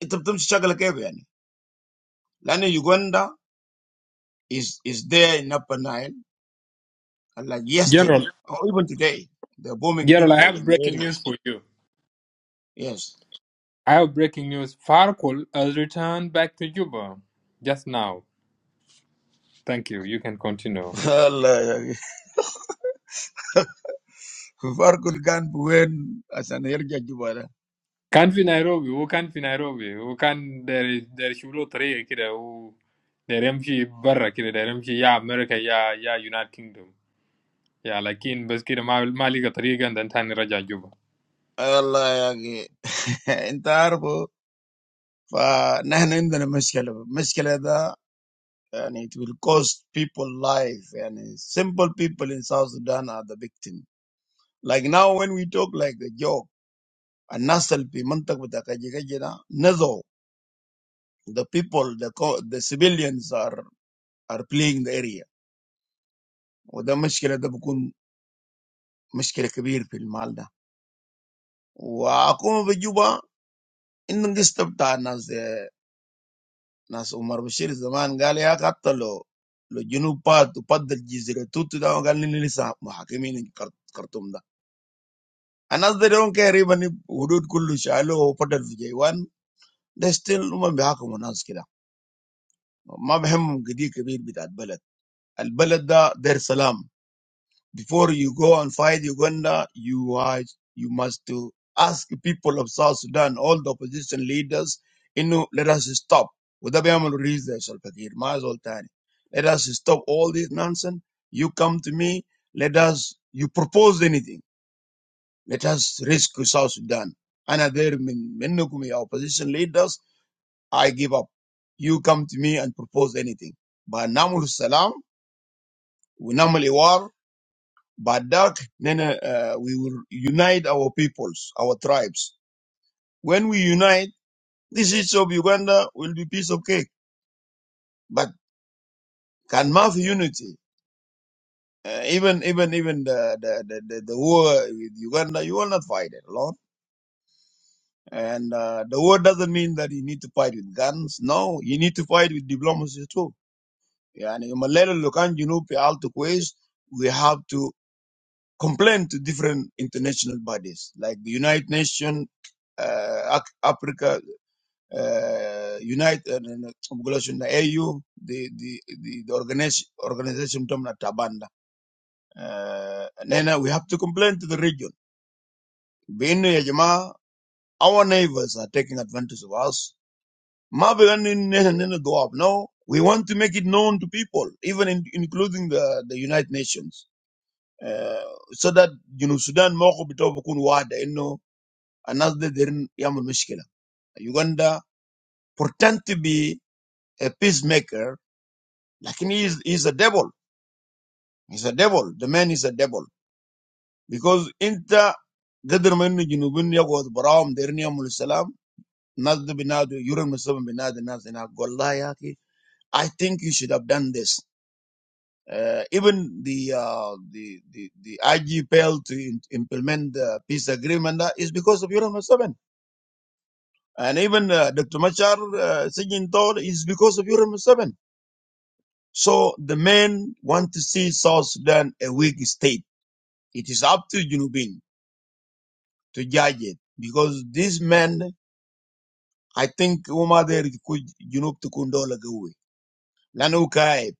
it becomes struggle again. يعني. Lano Uganda is is there in Upper Nile, and like yesterday General, or even today, they're bombing General, I people have in the breaking area. news for you. Yes. I have breaking news. Farquhar has returned back to Juba just now. Thank you. You can continue. Allah ya ke. Kufar kul kan buen asan irja jubara. كان في نيروبي هو كان في نيروبي هو كان داير داير يشوف له طريقة كده هو داير يمشي برا كده داير يمشي يا أمريكا يا يا يونايتد كينجدوم يا لكن بس كده ما ما لقى طريقة عندن تاني رجع جوبا. Allah ya ke. Inta arbo fa nahna indana mishkala. Mishkala da and it will cost people life and uh, simple people in South Sudan are the victim. Like now when we talk like a joke, and nasal pi mantak bata kaji kaji na, nazo, the people, the co- the civilians are are playing the area. وده مشكلة ده بكون مشكلة كبيرة في المال ده. وأكون في جوبا إنهم دي استبتاع ناس ناس عمر بشير زمان قال يا حتى لو لو جنوب بات وبات الجزيرة توت ده قال لي لسه محاكمين كرتوم ده. And as they don't care even if Hudud Kullu Shalo or Potel Vijay one, they still woman Bihakum on Askira. Mabhem Gidi Kabir bit al Balad. Al Balada their salam. Before you go and fight Uganda, you are you must to ask people of South Sudan, all the opposition leaders, Inu, let us stop. Udabayamul reasons Fakir, Maz al Tani. Let us stop all this nonsense. You come to me, let us you propose anything. Let us rescue South Sudan. Another min- minnukum, your opposition leaders, I give up. You come to me and propose anything. But namul salam, we namul iwar, but dark, then uh, we will unite our peoples, our tribes. When we unite, this issue of Uganda will be piece of cake. But can math unity, uh, even, even, even the, the, the, the, the war with Uganda, you will not fight it alone And uh, the war doesn't mean that you need to fight with guns. No, you need to fight with diplomacy too. Yeah, and in Malaya, Lukan, Junub, Alto Quest, we have to complain to different international bodies like the United Nations, uh, Ac- Africa, uh, United, uh, no, no, I'm gonna say the AU, the, the, the, the organization, organization term na Tabanda. Uh, and then uh, we have to complain to the region. بإنه يا جماعة, Our neighbors are taking advantage of us Marvin didn't go up. No, we want to make it known to people, even in, including the, the United Nations, uh, so that you know Sudan moko bitobo kun wada inno another derin yamun mishkila. Uganda pretend to be a peacemaker, like he is he's a devil. He's a devil. The man is a devil because inta قدر ما انه جنوبين يقعد براهم ديرني يعملوا السلام الناس دي بينادوا يورن مسبب بينادوا الناس هناك والله يا اخي I think you should have done this Uh, even the, uh, the the the IG failed to im- implement the peace agreement uh, is because of Urim 7. And even uh, Dr. Machar uh, Singing Thor is because of Urim 7. So the men want to see South Sudan a weak state. It is up to Junubin to judge it because these men, I think, Umar there Junub to Kundola Gawi, Lanukai,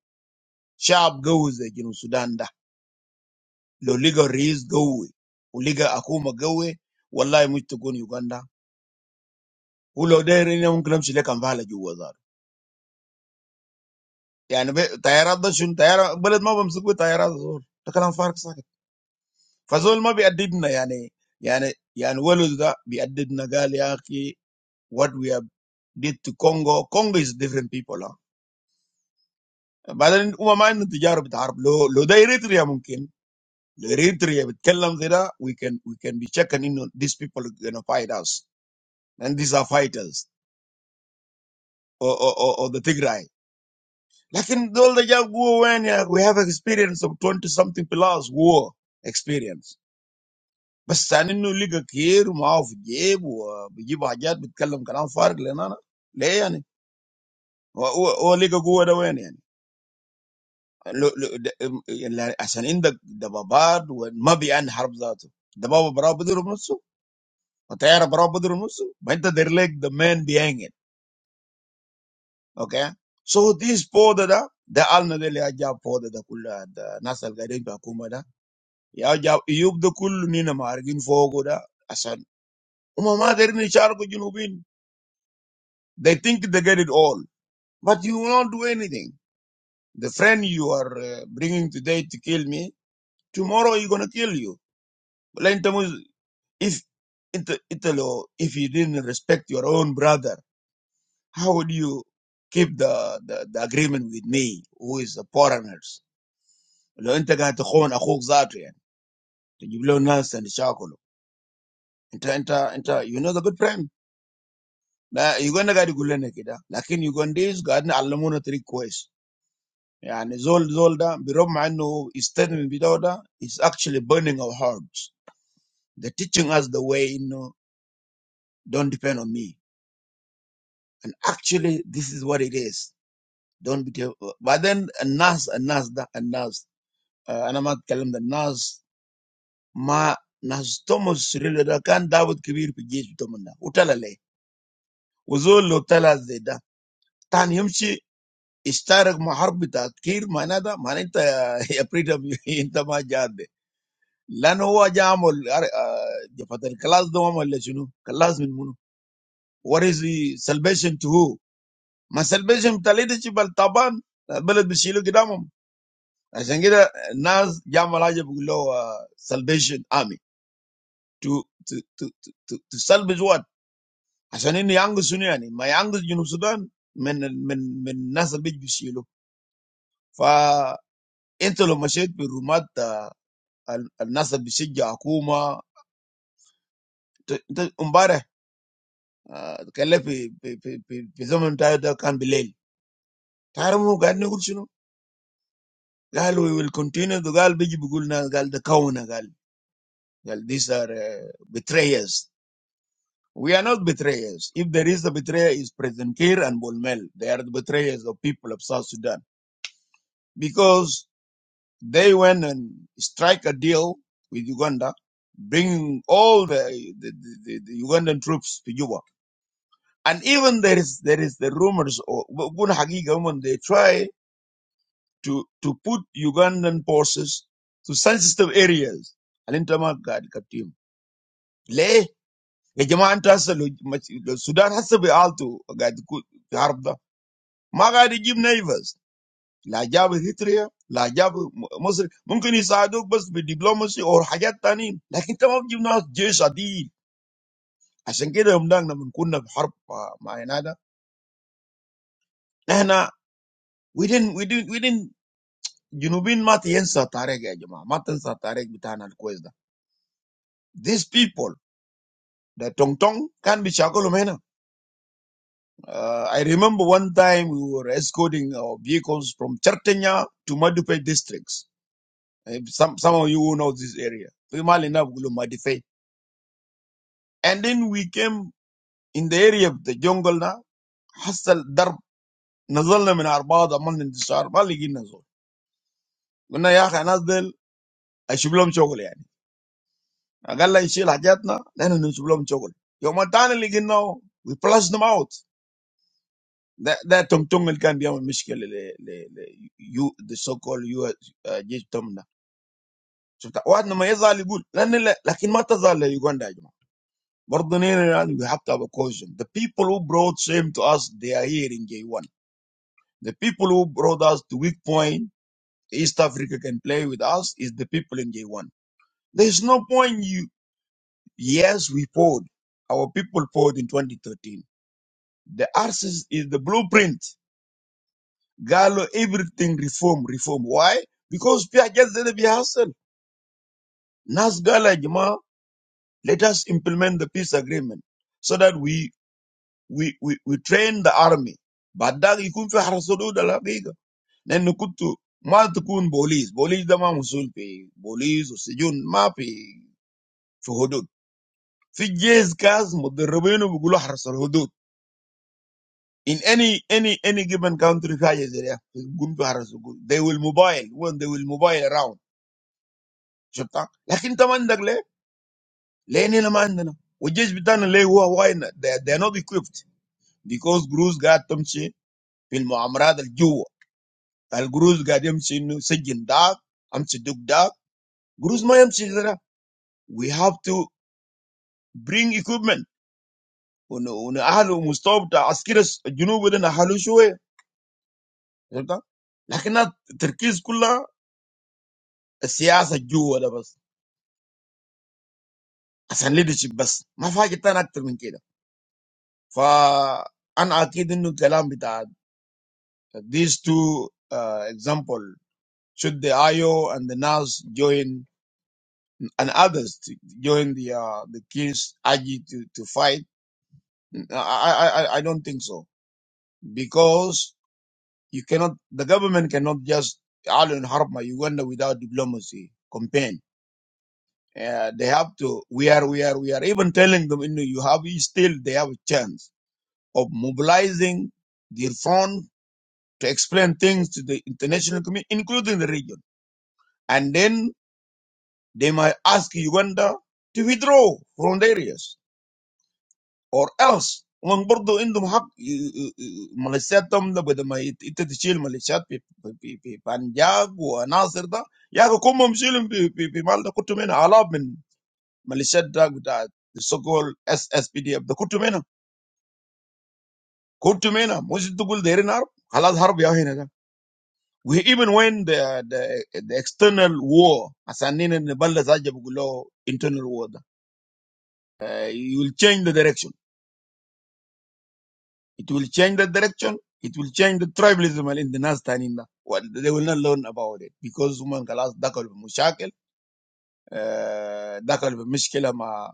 sharp goes the Junub Sudan The legal reasons go away. The legal outcome go away. Allah is going to go in Uganda. Who are there? We are talking about the Ministry of Justice. I mean, terrorism. Terrorism. But we are not talking about terrorism. There is a big difference. So we are not adding. I mean, I mean, I mean, we are not adding. I am saying that what we have done to Congo, Congo is different people. But if we are not dealing with the Arab, who are there? It is possible. There is a problem. We can, we can be checking انه these people who are fighters, and these are fighters. or, or, or, or the Tigray. Like in all the young war, when yeah, we have experience of twenty something plus war experience. But standing no liga here, mouth jib, or jib hajat, but kalam kalam farik lenana, layani, or or liga go the way. As an in the babad, when mabi and harbzat, the baba brabadurmusu, a terra brabadurmusu, went to their leg the man behind it. Okay. So these four that are the alnadeli ajab four that are kulla the nasal gadin pa kuma da ya ajab yub the kullu nina margin fogo da asan uma ma derin char ko junubin they think they get it all but you won't do anything the friend you are uh, bringing today to kill me tomorrow he going to kill you Lain tamu if it, italo if you didn't respect your own brother how would you keep the, the, the agreement with me who is a foreigner لو انت قاعد تخون اخوك ذاته يعني تجيب له ناس تشاكله انت انت انت You know the good friend? You're going to get it going again. But in these days, God has a lot more requests. And it's all, it's all that. But I know it's definitely better. It's actually burning our hearts. They're teaching us the way. You know, don't depend on me. And actually, this is what it is. Don't be. But then, and now, and now, that and now, and I'm not telling the now. Ma, now, Thomas, really, I can't. David, give me a piece of the mind. What the hell? وزول لو طلع زي ده تاني يمشي يشترك مع حرب تذكير، معناه ده معناه انت يا بريدم انت ما جاد ده، لانه هو جا عمل جفت الكلاس ده ولا شنو؟ كلاس من منو؟ What is the salvation to who? My salvation is telling you, "Chibal Taban, I believe you." As I said, Naz, young Malaysia people, Salvation Army to to to to to Salvation. What? As I said, my English is not Sudan. Men, men, men, Naz, believe you. فانت لو مشيت بالرومات الناس بيشجع حكومه. انت امبارح آه، تكلم في في في في في زمن بتاعه ده كان بالليل، تعرف هو قاعد نقول شنو؟ قال وي ويل كونتينيو، قال بيجي بيقول لنا، قال ده كونه، قال قال these are uh, betrayers. We are not betrayers. If there is a betrayer, is President Kiir and Bolmel. They are the betrayers of people of South Sudan. Because They went and strike a deal with Uganda, bringing all the, the, the, the Ugandan troops to Juba. And even there is there is the rumors or when they try to, to put Ugandan forces to sensitive areas. Alintama gad katim. Le Ejama Antasa Sudan has to be all to Gad Harb. Maga give neighbors. The job is here. The job, maybe, maybe we can do something with diplomacy or high tension. But the most important thing is ready. So that's why we didn't come to war with Canada. We didn't, we didn't, we didn't. The South Indians are not a target anymore. Not a target to be taken away. These people, the Tong Tong, can be conquered. I remember one time we were escorting our vehicles from Chertanya to Madipai districts. If Some, some of you who know this area. We are not going to Madipai. And then we came in the area of the jungle. Na hustle, dar, nazar na min arbaad aman in the sharba, ligina zor. Guna yaqa nazar, a sublam chogol yani. Agala ishi lajat na, then ishi sublam chogol. Yomadane liginao, we plussed them out. That that jungle can be a little, the so-called you, the so-called you, ah, James Tom na. So that what number is that? I will. Then, le, but what number is that? We wonder. We have to be cautious. The people who brought shame to us, they are here in day one. The people who brought us to weak point, East Africa can play with us, is the people in J1. There's no point you, yes, we poured. Our people poured in 2013. The arses is the blueprint. Galo, everything reform, reform. Why? Because we are just going to be hustled. Nas Gala Jama, let us implement the peace agreement so that we, we, we, we train the army. Badag ikun fi harasudud al-haqiqa. Now, no matter what police, police, they are not equipped because the police are not equipped. Because the police are not equipped. we have to bring equipment ون ونأهل ومستوى بتاع عسكري الجنوب ده نأهله شوية فهمت؟ لكن التركيز كله السياسة جوا ده بس عشان leadership بس ما في حاجة تانية أكتر من كده فأنا أكيد إنه الكلام بتاع these two uh, example should the IO and the NAS join and others to join the uh, the King's AG to to fight I I I I don't think so because You cannot, the government cannot just in Harma Uganda without diplomacy campaign. Uh, they have to. We are, we are, we are even telling them, you know, you have still they have a chance of mobilizing their front to explain things to the international community, including the region, and then they might ask Uganda to withdraw from the areas. Or else, when Burdo Indum Hak militias them, they will do my it. It is the militias in in in Punjab and Nazirda. Yeah, the common militias in in in Malda Kutumena. A lot of militias there with the so-called SSPD. The Kutumena, Kutumena. We should not go there. Now, unless there is a war, we even when the the the external war, as I mentioned, the Balda Zajja, we call internal war. ده. Uh, You will change the direction. It will change the direction. It will change the tribalism in the Nas Taninda. Well, they will not learn about it because women kalas dakal mushakil, dakal mishkila ma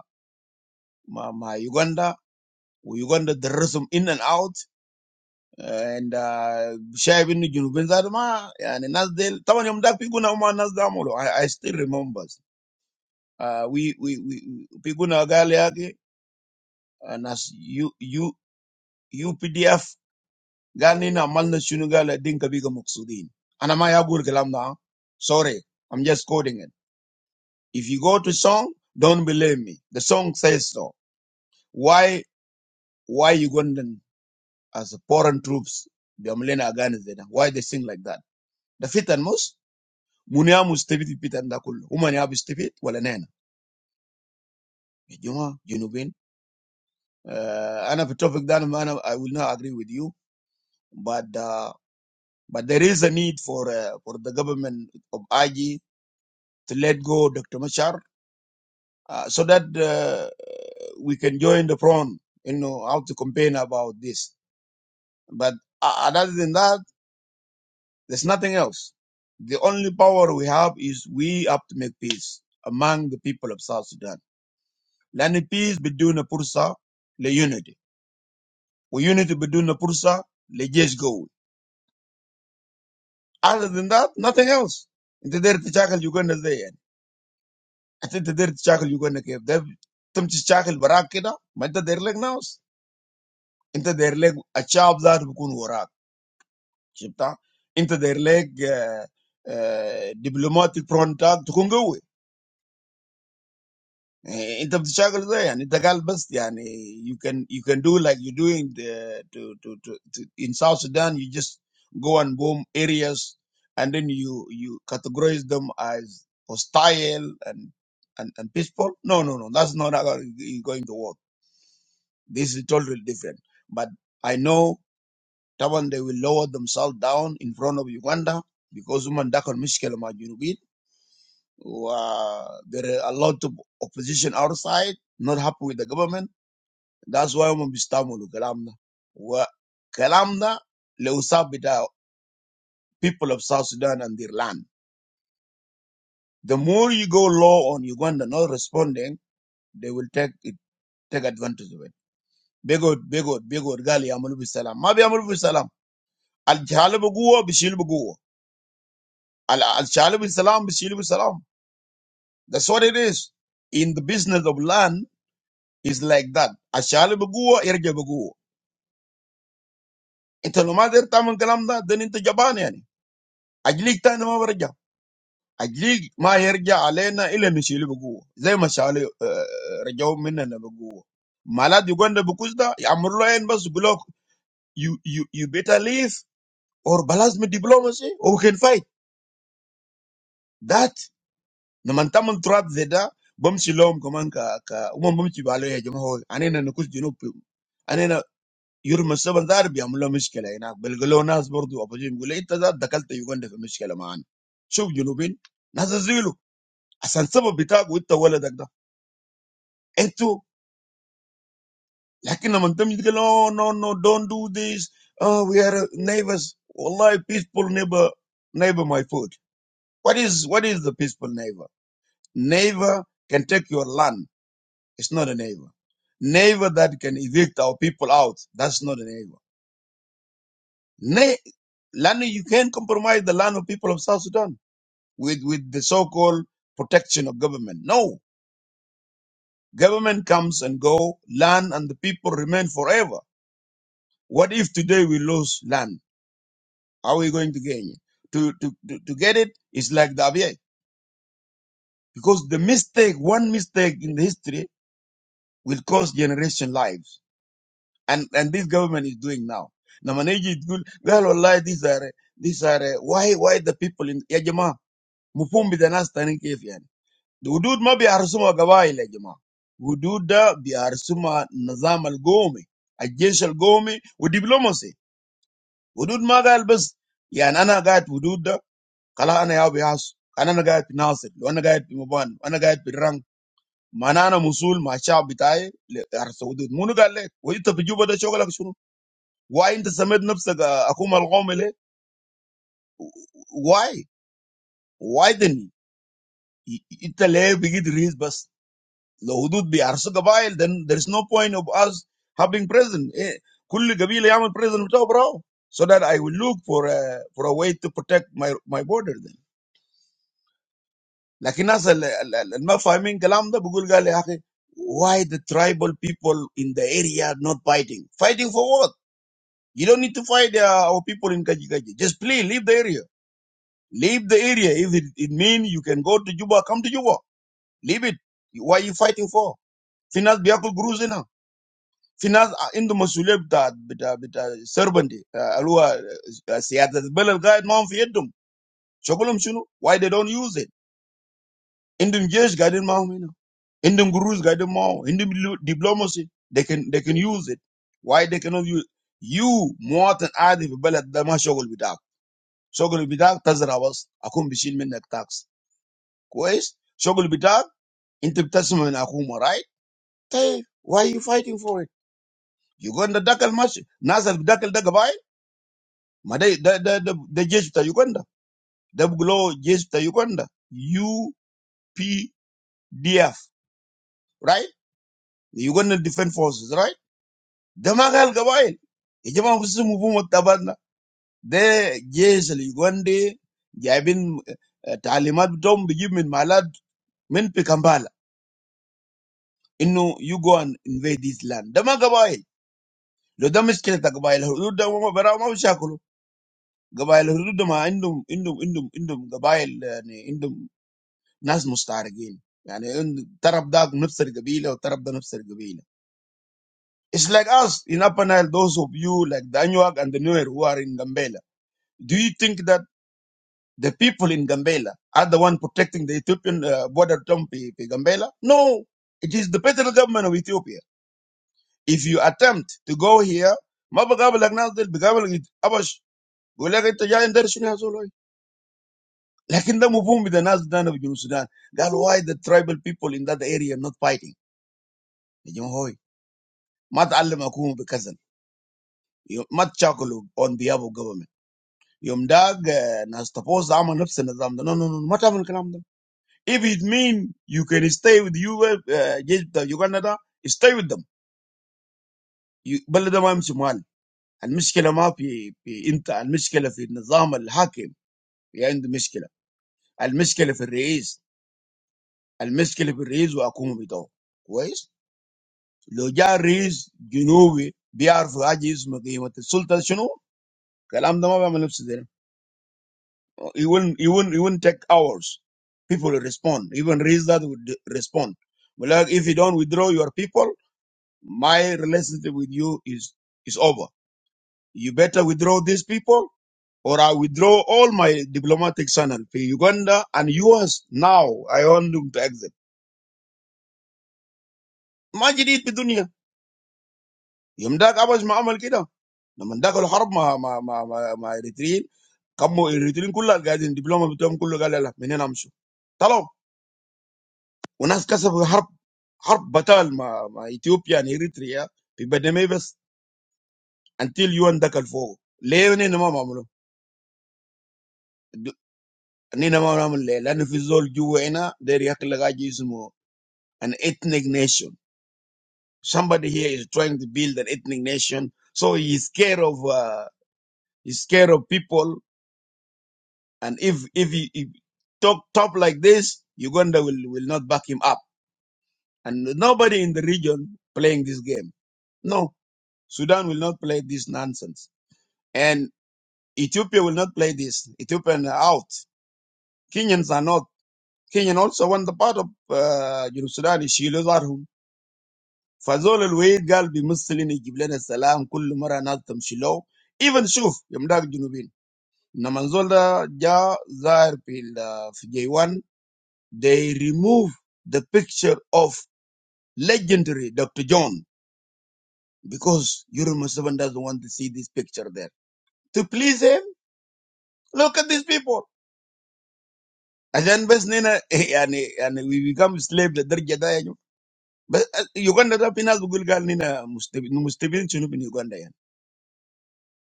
ma ma Uganda. Well, Uganda the درسهم in and out Eh, and uh, شايف انه جنوبين ذات ما يعني الناس ديل طبعا يوم ذاك بيقولنا هم الناس ده عملوا I, I still remember uh, we we we بيقولنا قال يا اخي الناس يو يو UPDF قال نحن عملنا شنو قال الدين كبيرة مقصودين أنا ما يقول الكلام ده sorry I'm just quoting it if you go to song don't believe me the song says so why why Ugandan as a foreign troops بيعملين أغاني زي why they sing like that ده فتن مس منيا مستفيد في فتن ده كله هم يا بيستفيد ولا نحن يا جماعة جنوبين آه، أنا في التوفيق ده أنا ما أنا I will not agree with you but uh, but there is a need for uh, for the government of IG to let go Dr. Machar uh, so that uh, we can join the front, you know, how to complain about this. But uh, other than that, there's nothing else. The only power we have is we have to make peace among the people of South Sudan. Lani peace بدون فرصة لunity. وunity بدون فرصة لجيش قوي. Other than that, nothing else. انت داير تشاكل يوغندا ازاي يعني؟ حتى انت داير تشاكل يوغندا كيف؟ ده تم تشاكل براك كده ما انت داير لك ناس. انت داير لك الشعب ذاته بيكون وراك شفتها انت داير لك آه، آه، دبلوماتيك فرونتاك تكون قوي آه، انت بتشتغل زي يعني انت قال بس يعني you can you can do like you're doing the, to, to, to, to in South Sudan you just go and boom areas and then you you categorize them as hostile and and, and peaceful no no no that's not how it's going to work this is totally different but I know Taban, they will lower themselves down in front of Uganda because women da mishkela ma junubin. Wa- There are a lot of opposition outside, not happy with the government. That's why women bistamulu kalamna. Wa kalamna leusabita people of South Sudan and their land. The more you go low on Uganda not responding, they will take it, take advantage of it. Begod, begod, begod, gali amulu bisalam. Ma bi amulu bisalam. Al jahal buguwa, bishil buguwa. Al al shal bisalam, bishil bisalam. That's what it is. In the business of land, is like that. Ashali baguwa, irja baguwa. Ita nomader taman kalam da, then inta jaban yani. Ajlik ta nama warja. Ajlik ma yarja alena ila mishili baguwa. Zay mashali eh, rajaw minna na baguwa. Malad Uganda bukuzda, amurlo yan bas gulok, you, you, you better leave, or balance me diplomacy, or we can fight. That, naman taman turat zeda, bamsi silom kaman ka, ka, umam bamsi balo ya jamaho, anena nukus junub Your messenger Arab, bihamlo mishkala. He na belgalonas bor do. Apajim gula itta zat dakkalt yuganda fe mishkala maan. Shub junubin nasazilu. Asan sabo bita guli itta wala dakkda. Entu, yakin amantem gula. Oh no no, don't do this. We are neighbors. Allah, peaceful neighbor. Neighbor, my foot. What is what is the peaceful neighbor? Neighbor can take your land. It's not a neighbor. Neighbor that can evict our people out. That's not a neighbor. Ne, land you can't compromise the land of people of South Sudan with, with the so-called protection of government. No, government comes and go, land and the people remain forever. What if today we lose land? How are we going to gain it? To, to, to, to get it is like the Abyei. Because the mistake, one mistake in the history will cost generation lives. And, and this government is doing now. Namaneji is good. Well, Allah, these are, these are, uh, why, why the people in, ya jamaa, mufumbi the nas tani The Uddud ma biharsuma gawa ile Jama. Uddud da biharsuma nizam al Gomi, a jesh al Gomi, u diploma se. Uddud ma gal buss ya na na gait Uddud. Kalaha na ya biharso. Kanana gait bi nasit. Loana gait bi muban. Ana gait bi rang. Mana ana musul ma chaw bitaye biharso Uddud. Munu gal le. Wadi ta bijuba da chogla kushunu. Why inta samad nabsa akum al Gomi le? Why? Why then? Itale bigid riis buss. لو حدود بيعرسوا قبائل then there is no point of us having prison. Eh, كل قبيلة يعمل president بتاعه براو so that I will look for a, for a way to protect my my border then لكن الناس ال- ال- ال- اللي ما فاهمين الكلام ده بيقول قال يا أخي why the tribal people in the area are not fighting fighting for what you don't need to fight uh, our people in Kajikaji just please leave the area leave the area if it, it mean you can go to Juba come to Juba leave it why are you fighting for Finas ناس بياكل قروش في ناس عندهم مسؤوليه بتاع بتاع بتاع سربندي اللي هو سياده البلد قاعد معهم في يدهم. شغلهم شنو؟ Why they don't use it? Indom Jews guide them all. Indom Gurus guide them all. Indom diplomacy, they can, they can use it. Why they cannot use? You, me, and I, the Bela, the Mah Shogol, the Dak, Shogol, the Dak, Tazrawas, akum bishin minet tax. Kois? Shogol, the Dak, intip Tazra was akum alright? Why are you fighting for it? You go in the Dakel machine. Nazal the Dakel Dakabai. ma dai da da da da jeshi ta Uganda da gulo jeshi ta Uganda UPDF right the Ugandan Defense Forces right da ma gal gabail e jama su mu bu mutabanna da jeshi la Uganda jabin eh, talimat tom biji min malad min fi Kampala inno you go and invade this land da ma gabail lo da miskila ta gabail hudud da ma bara ma shakulu gabail hudud da ma indum indum indum indum gabail ne لازم مستعرقين يعني إن الطرب ده نفس القبيله والطرب ده نفس القبيله It's like us in Upper Nile, those of you like the Anuag and the Nuer who are in Gambela. Do you think that the people in Gambela are the one protecting the Ethiopian uh, border from P- P- Gambela? No, it is the federal government of Ethiopia. If you attempt to go here, ما بقابلك ناس ديل بقابلك أبش بقول لك أنت جاي ندرس شنو يا زول لكن ده مفهوم بتاع الناس ده في جنوب السودان. قال why the tribal people in that area not fighting؟ يا جماعة هوي. Mat allem akumu b'kazin. Mat chakolu on biabo government. Yom dag nas tafosa ama nipsi nizama. No no no. Mat alikalam dem. If it mean you can stay with you, Egypt, the Uganda, stay with them. Balada maam chumal. Al miskele maafi inta. Al miskele fi nizama l'haqem. Yand miskele. Al miskele fi reis. Al miskele fi reis wa akumu b'daw. Kois? Lo jari reis jinawi biyarfi ajiyismu geymati sultan shono. Kalam dema wa ma nipsi dem. It will not it will not it will not take hours. People will respond. Even Rizad would respond. But like, if you don't withdraw your people, my relationship with you is, is over. You better withdraw these people or I withdraw all my diplomatic channel for Uganda and US now. I want them to exit. ما جديد في الدنيا يوم داك أبش ما عمل كده لما داك الحرب مع مع مع مع, مع إريتريين كموا إريتريين كلها قاعدين دبلومة بتوعهم كله قال لا لا منين أمشوا طلعوا. وناس كسبوا حرب حرب بتال مع, مع اثيوبيا يعني اريتريا في بدمي بس انتل يون دخل فوق ليه نينا ما بعمله نينا ما بنعمل ليه لانه في زول جوا هنا داير يخلق حاجه اسمه an ethnic nation somebody here is trying to build an ethnic nation so he's scared of uh, he's scared of people and if if he, he talk top like this Uganda will will not back him up and nobody in the region playing this game no Sudan will not play this nonsense And Ethiopia will not play this. Ethiopian are out. Kenyans are not. Kenyan also want the part of uh, you know, Sudan. يشيلوا ظهرهم. فزول الويد قال بيمثلين يجيب لنا السلام كل مرة ناس تمشي له. Even شوف يوم داك جنوبين. لما الزول ده جا ظاهر في ال- في J1 they remove the picture of legendary Dr. John because Yuri Museven doesn't want to see this picture there. To please him, look at these people. As I'm best, Nene. I mean, I mean, we become slaves. The third generation, but Uganda. Then after Google, Nene must be must be doing something in Uganda.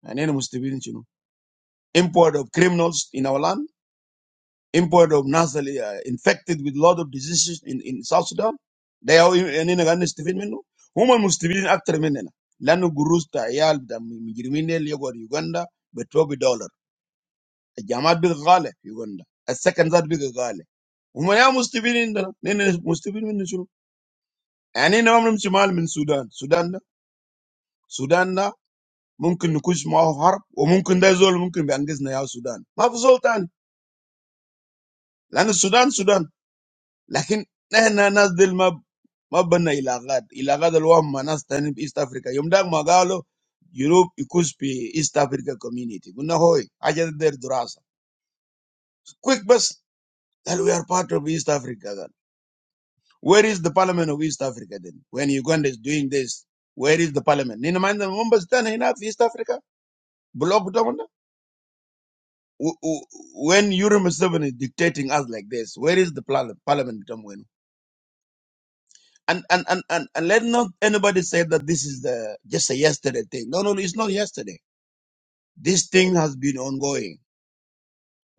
I mean, must be doing. Import of criminals in our land. Import of naturally infected with lot of diseases in in South Sudan. They are. I mean, Nene, Stephen, menu. Who man must be doing actor, menena. Land of gurus, taeyal, the criminal, Uganda, twelve dollar. A jamadigale Uganda. A second jamadigale. Who man must be doing? Nene must be doing something. Ane na wamu mchemal min Sudan. Sudan, Sudan na mungkin ukuze mau harp, uMungkin da zol mungkin biengize na ya Sudan. Mafuz Sultan. Lani Sudan, Sudan. Lakin na na nas del ma ma benda ilagad. Ilagad elwam manas tani bi East Africa. Yomda magalo Europe ukuze bi East Africa community. Gunakoi ajada deri durasa. Quick bus that we are part of East Africa then. Where is the Parliament of East Africa then? When Uganda is doing this, where is the Parliament? Ni na manana mumbas tani na East Africa. Block Butamana? When Yuri Museveni is dictating us like this, where is the parliament? Parliament Butamana? And and, and, and and let not anybody say that this is the just a yesterday thing. No, no, it's not yesterday. This thing has been ongoing.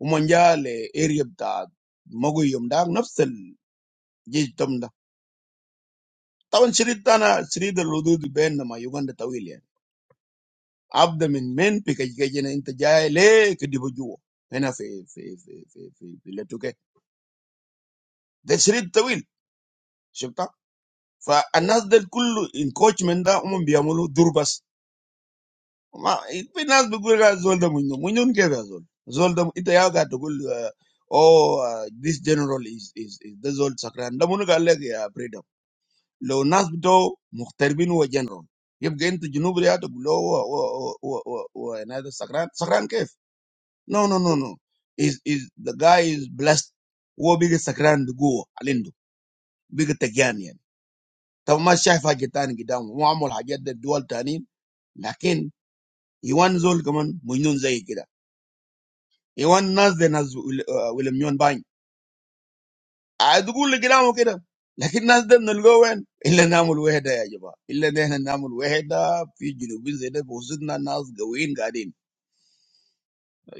Umanja le area ta maguyum da nafsal jitamda. Tawan shiritana shirida ludud ben nama Uganda tawili. Abda min men pikajikajina intajaya le kidibujuo. Hena fi fi fi fi fi fi letuke. That's it tawil. For a number of people in coachmen da umu biyamulu durbas. Ma, it be a number of guys zolda muinu. Muinu unkeva zolda. Ita yaga to gulu. Oh, uh, this general is is is zolda sakran. Ndamu no gallegi a pray da. Lo a number of muhterbinu a general. If get into jinubria to gulu o o o o o another sakran sakran kef? No no no no. Is is the guy is blessed. Wo biga sakran to go alendo. Biga tegiani. طب ما شايف حاجه تاني قدامه هو عمل حاجات ده الدول تانيين لكن يوان زول كمان مجنون زي كده يوان ناس زي ناس ويل- آه، ويليام يون باين عاد يقول اللي قدامه كده لكن ناس ده بنلقوه وين؟ الا نعمل وحده يا جماعه الا ان احنا نعمل وحده في جنوبين زي ده بوسطنا ناس قويين قاعدين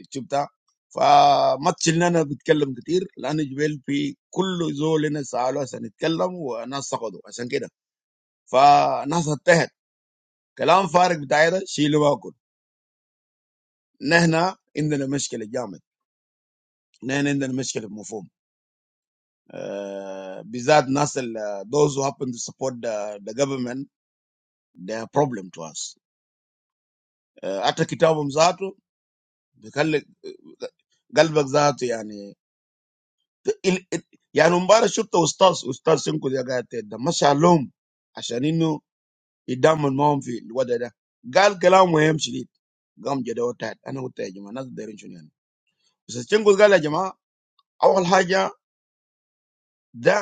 شفتها فما تشيلنا انا بتكلم كتير لان جبال في كل زول هنا سالوا عشان يتكلم وناس سقطوا عشان كده فناس انتهت كلام فارغ بتاعي ده شيلوا None. None of them are problems. None of them are problems. We have people who happen to support the the government. They are a problem to us. After we wrote this article, the whole article, I mean, I mean, we have to show the status, the status of the situation. The Mashalom, as you know, it's not a normal field. What happened? The whole thing is important. We have to do something. We have to do something. We have to do something. We have to do something.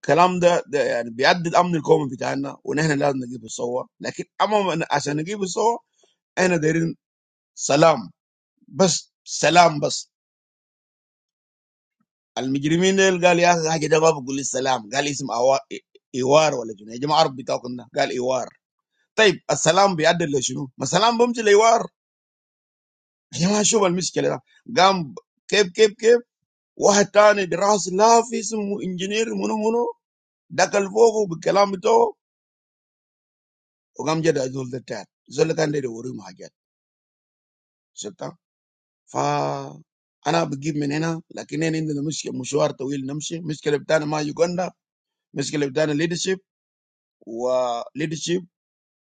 الكلام ده, ده يعني بيعدي الامن القومي بتاعنا ونحن لازم نجيب الصور لكن اما عشان نجيب الصور احنا دايرين سلام بس سلام بس المجرمين ديل قال يا أخي حاجه ده ما بقول لي السلام قال اسم أوا- ايوار ولا جنيه يا جماعه عرب بتاعكم ده قال ايوار طيب السلام بيعدل لشنو؟ ما السلام بمشي لايوار يا جماعه شوف المشكله ده قام ب- كيف كيف كيف واحد تاني براس لا في اسمه انجينير منو منو دخل فوقه بالكلام بتاعه وقام جد زول ده تاني زول اللي كان داير يوريهم حاجات شفتها فانا بجيب من هنا لكن هنا عندنا مشكله مشوار طويل نمشي مشكله بتاعنا ما يوغندا مشكله بتاعنا ليدرشيب وليدرشيب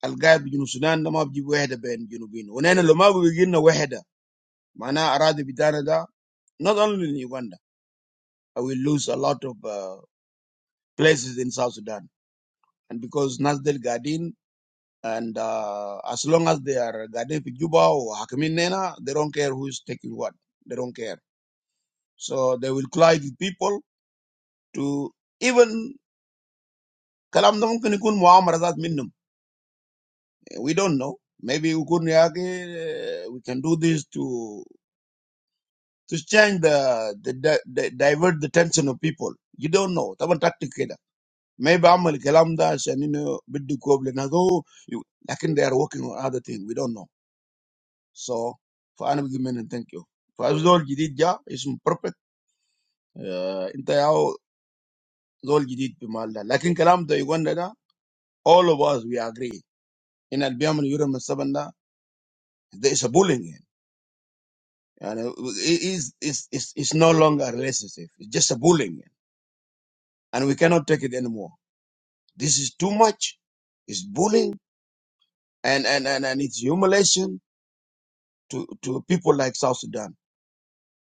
القاعد بجنوب السودان ده ما بجيب وحده بين الجنوبين ونحن لو ما بيجي لنا وحده معناها اراضي بتاعنا ده not only in Uganda I will lose a lot of uh, places in South Sudan and because Nasdel Gadin and uh, as long as they are Gadin Juba or Hakimin Nena they don't care who is taking what they don't care so they will collide with people to even kalam da mumkin ikun muamara zat minnum. We don't know. Maybe ukun yake, uh, we can do this to to change the, the, the, the divert the tension of people. You don't know. Taban tactic keda. Maybe amal kalam da shanino biddu koble na go. you- Lakin they are working on other thing. We don't know. So for anam and thank you. For zol jidid ja ism perfect. Uh, inta yao zol jidid bimal da. Lakin kalam da yuganda da all of us we agree. In al biyam al yuram al There's a bullying. And uh, it is, it's, it's, it's no longer a relationship. It's just a bullying. And we cannot take it anymore. This is too much. It's bullying and, and, and, and it's humiliation to, to people like South Sudan.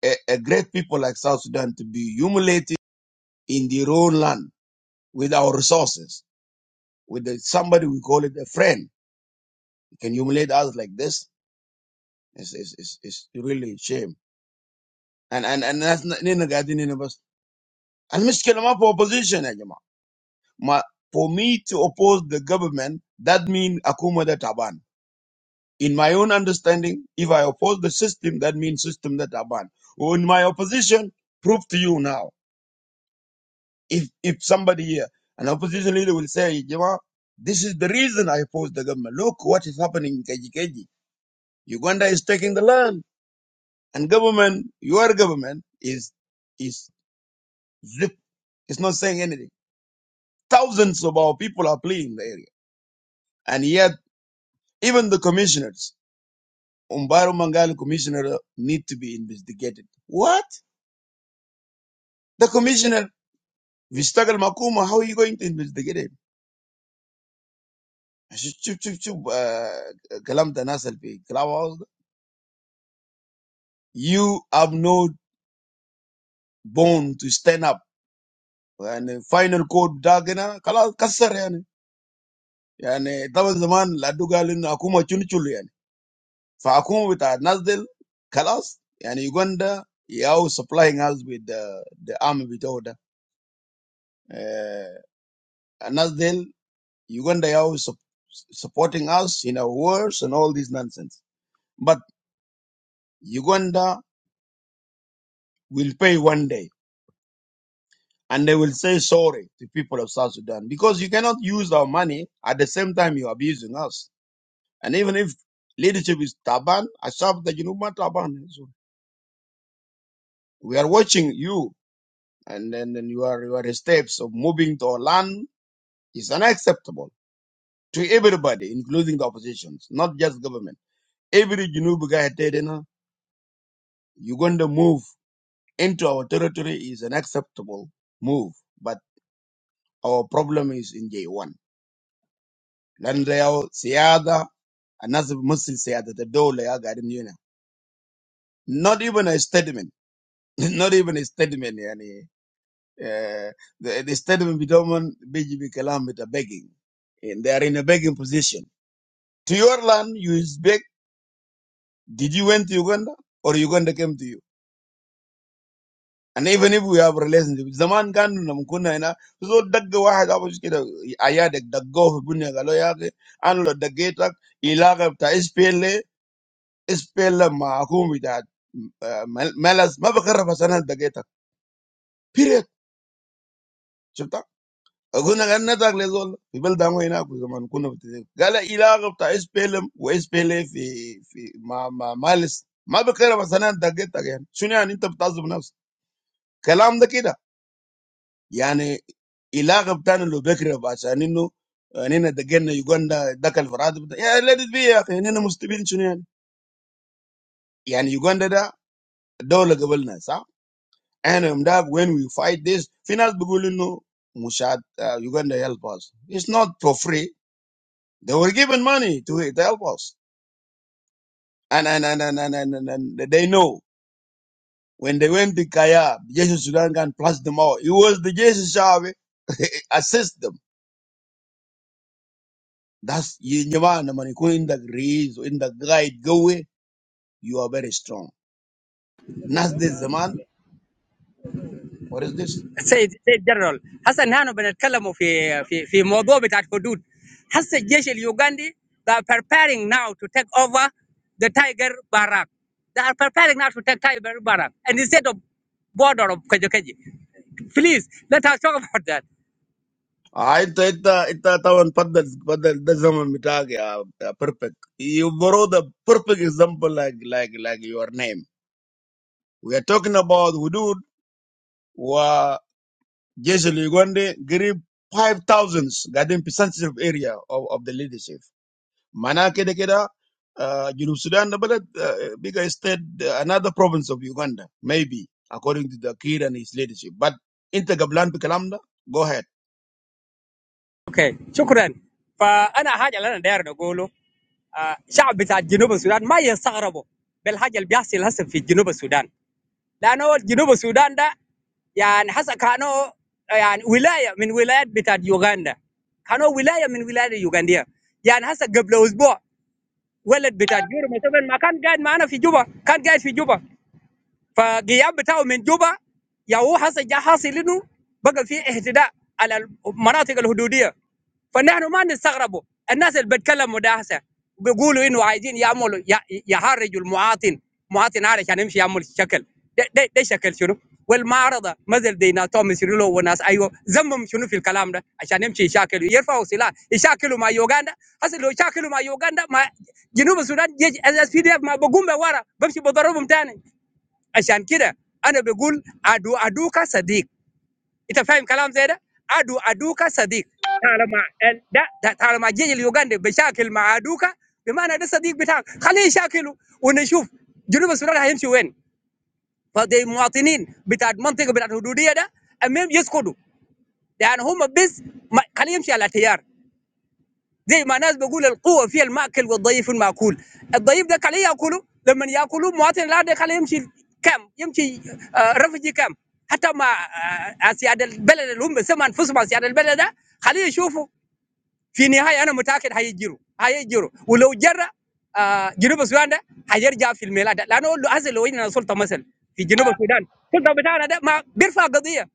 A, a great people like South Sudan to be humiliated in their own land with our resources, with the, somebody we call it a friend. You can humiliate us like this. It's, it's, it's, it's really a shame. And, and, and that's not, Nina Gadini, Nina Bas. And Miss Kelama for opposition, my, for me to oppose the government, that means Akuma de Taban. In my own understanding, if I oppose the system, that means system de Taban. Or In my opposition, prove to you now. If if somebody here, an opposition leader will say, Jema, this is the reason I oppose the government. Look what is happening in Kajikeji. Uganda is taking the land. And government, your government, is is zip it's not saying anything. Thousands of our people are fleeing the area. And yet, even the commissioners Umbaro Mangali commissioner need to be investigated. What? The commissioner, Vistagal Makuma, how are you going to investigate him? Chup, chup, chup, chup, uh, kalam da nasal fi clubhouse You have no bone to stand up. And final code dagana, kala kasar yani. Yani, taban zaman ladu galin akuma chunichulu yani. Fa akuma with our nazdel, kalas, yani Uganda, yao supplying us with the, the army with order. Uh, Nazdel, Uganda are always sup- supporting us in our wars and all this nonsense. But Uganda will pay one day and they will say sorry to people of South Sudan because you cannot use our money at the same time you're abusing us. And even if leadership is Taban, Asaf the Junuma Taban, So we are watching you and then then your, your steps of moving to our land is unacceptable to everybody, including the oppositions, not just government. Every Junuba guy, you're going to move into our territory is an acceptable move, but our problem is in J1. لأن لو سيادة الناس بتمثل سيادة الدولة يا قاعدين هنا. Not even a statement. Not even a statement يعني uh, the, the statement بتومن بيجي بكلام بتاع begging. And they are in a begging position. To your land, you is beg. Did you went to Uganda or Uganda came to you? And even if we have relationship, zaman kan namkuna ina so dagga wahid abush kida ayadak daggo bunya galo yake an lo daggetak ilaga ta ispele ispele ma akumi ta malas ma bakarra fasana daggetak period shubta aguna ganna tak lezol bibel dango ina ku zaman kuna btizin gala ilaga ta ispele wa ispele fi fi ma ma malas ma bakarra fasana daggetak yani shuni an inta btazum nafs kalam da kida يعني العلاقه بتاعنا لو بكره عشان انه هنا دقلنا يوغندا دخل في راتب ده. يا ليت بي يا اخي هنا مستفيدين شنو يعني؟ يعني يوغندا ده دوله قبلنا صح؟ احنا يوم ده when we fight this في ناس بيقول انه مشاهد يوغندا help us it's not for free they were given money to, to help us and and, and, and, and, and, and, and they know when they went to Kayab, Jesus Sudan can plus them all. It was the Jesus Shabi assist them. That's you jamana man ko in the grace in the guide go away. You are very strong. Nas this zaman. What is this? سيد سيد جنرال هسه نحن بنتكلموا في في في موضوع بتاع الحدود هسه الجيش اليوغندي they are preparing now to take over the tiger barrack they are preparing now to take tiger barrack and instead of border of Kajukeji please let us talk about that Ah, ita ita ita tawan paddal paddal the zaman mitag ya ya perfect. You borrow the perfect example like like like your name. We are talking about hudud wa jeshi ligwande grip five thousands garden sensitive area of, of the leadership. Mana kede keda, uh, Junub Sudan the balad, uh, bigger state, uh, another province of Uganda, maybe, according to the kid and his leadership. But inta gablan bi kalam da, go ahead. okay شكرا فانا حاجه اللي انا داير نقوله آه، شعب بتاع جنوب السودان ما يستغربوا بالحاجه اللي بيحصل هسه في جنوب السودان لانه جنوب السودان ده يعني حسب كانوا يعني ولايه من ولايات بتاعت يوغندا كانوا ولايه من ولايات اليوغنديه يعني هسه قبل اسبوع ولد بتاع جورو مثلا ما كان قاعد معنا في جوبا كان قاعد في جوبا فغياب بتاعه من جوبا يا هو حصل جا حاصل انه بقى في اهتداء على المناطق الحدوديه فنحن ما نستغربوا الناس اللي بيتكلموا ده هسه بيقولوا انه عايزين يعملوا ي- يهرجوا المواطن مواطن عارف عشان يمشي يعمل شكل ده, ده, ده شكل شنو والمعارضه مثل دي ناس توم سيريلو وناس ايوه ذمهم شنو في الكلام ده عشان يمشي يشاكلوا يرفعوا سلاح يشاكلوا مع يوغندا هسه لو شاكلوا مع يوغندا مع جنوب السودان اس بي دي اف ما بقوم ورا بمشي بضربهم تاني عشان كده انا بقول ادو ادوك صديق انت فاهم كلام زي ده ادو ادوك صديق طالما ال- ده ده طالما جيجي اليوغندي بشاكل مع ادوك بمعنى ده صديق بتاعك خليه يشاكله ونشوف جنوب السودان هيمشي وين فدي مواطنين بتاع المنطقه بتاع الحدوديه ده المهم يسكتوا لان هم بس ما- خليه يمشي على تيار زي ما ناس بقول القوه في الماكل والضعيف الماكول الضعيف ده عليه ياكله لما ياكله مواطن لا ده عليه يمشي كم يمشي آه، رفجي كم حتى مع آه، اسياد البلد اللي هم بيسموا انفسهم اسياد البلد ده خليه يشوفوا في النهايه انا متاكد هيجروا هيجروا ولو جرى آه، جنوب السودان ده هيرجع في الميلاد ده. لانه هسه لو عندنا سلطه مثلا في جنوب السودان السلطه بتاعنا ده ما بيرفع قضيه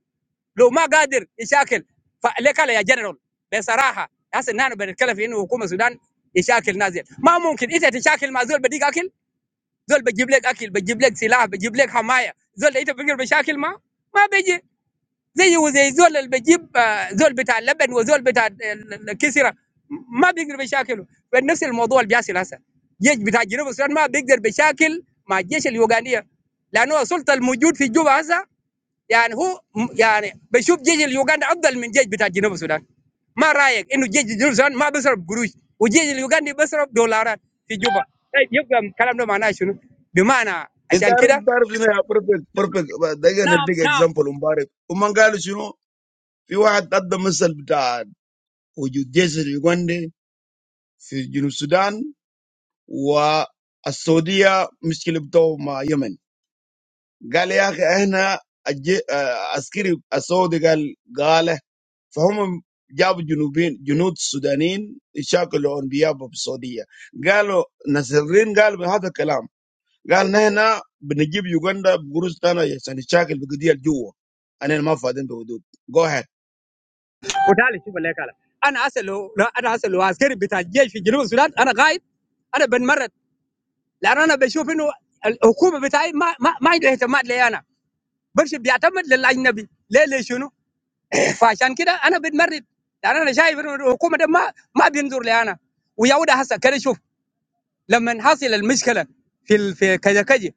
لو ما قادر يشاكل فليك على يا جنرال بصراحه هسه نحن بنتكلم في انه حكومه السودان يشاكل ناس ديل. ما ممكن انت تشاكل مع زول بديك اكل زول بجيب لك اكل بجيب لك سلاح بجيب لك حمايه زول ده انت بتقدر بشاكل ما ما بيجي زيه وزي زول اللي بجيب آه، زول بتاع اللبن وزول بتاع ال- الكسره ما بيقدر بيشاكله فنفس الموضوع اللي بيحصل هسه جيش بتاع جنوب السودان ما بيقدر بيشاكل مع الجيش اليوغانيه لانه السلطه الموجود في جوبا هسه يعني هو م- يعني بيشوف جيش اليوغاني افضل من جيش بتاع جنوب السودان ما رايك انه جيش جنوب السودان ما بيصرف قروش وجيش اليوغاني بيصرف دولارات في جوبا طيب يبقى الكلام ده معناه شنو؟ بمعنى Inta عشان arif, كده inta arif zina perfect, perfect. uh, Daga na big نعم example umbarik. Umangalu shino, fi waad adda misal bita wujud jeshi Uganda, fi Junub Sudan, wa السعودية مشكلة بتوع مع يمن قال يا أخي إحنا الج- آه، عسكري السعودي قال قال فهم جابوا جنوبين جنود سودانيين شاكلوا انبياء السعوديه قالوا ناس الرين قالوا بهذا الكلام قال نحن بنجيب يوغندا بقروش تانا عشان نشاكل بقضيه الجوه انا ما فاضيين بحدود جو هيد وتعالي شوف اللي قاله انا اسال انا اسال عسكري بتاع الجيش في جنوب السودان انا غايب انا بنمرد لان انا بشوف انه الحكومه بتاعي ما ما, ما عندها اهتمام لي انا برش بيعتمد للاجنبي ليه ليه شنو فعشان كده انا بنمرد لان انا شايف انه الحكومه ده ما ما بينظر لي انا ويا وده هسه كده شوف لما حصل المشكله في ال- في كذا كذا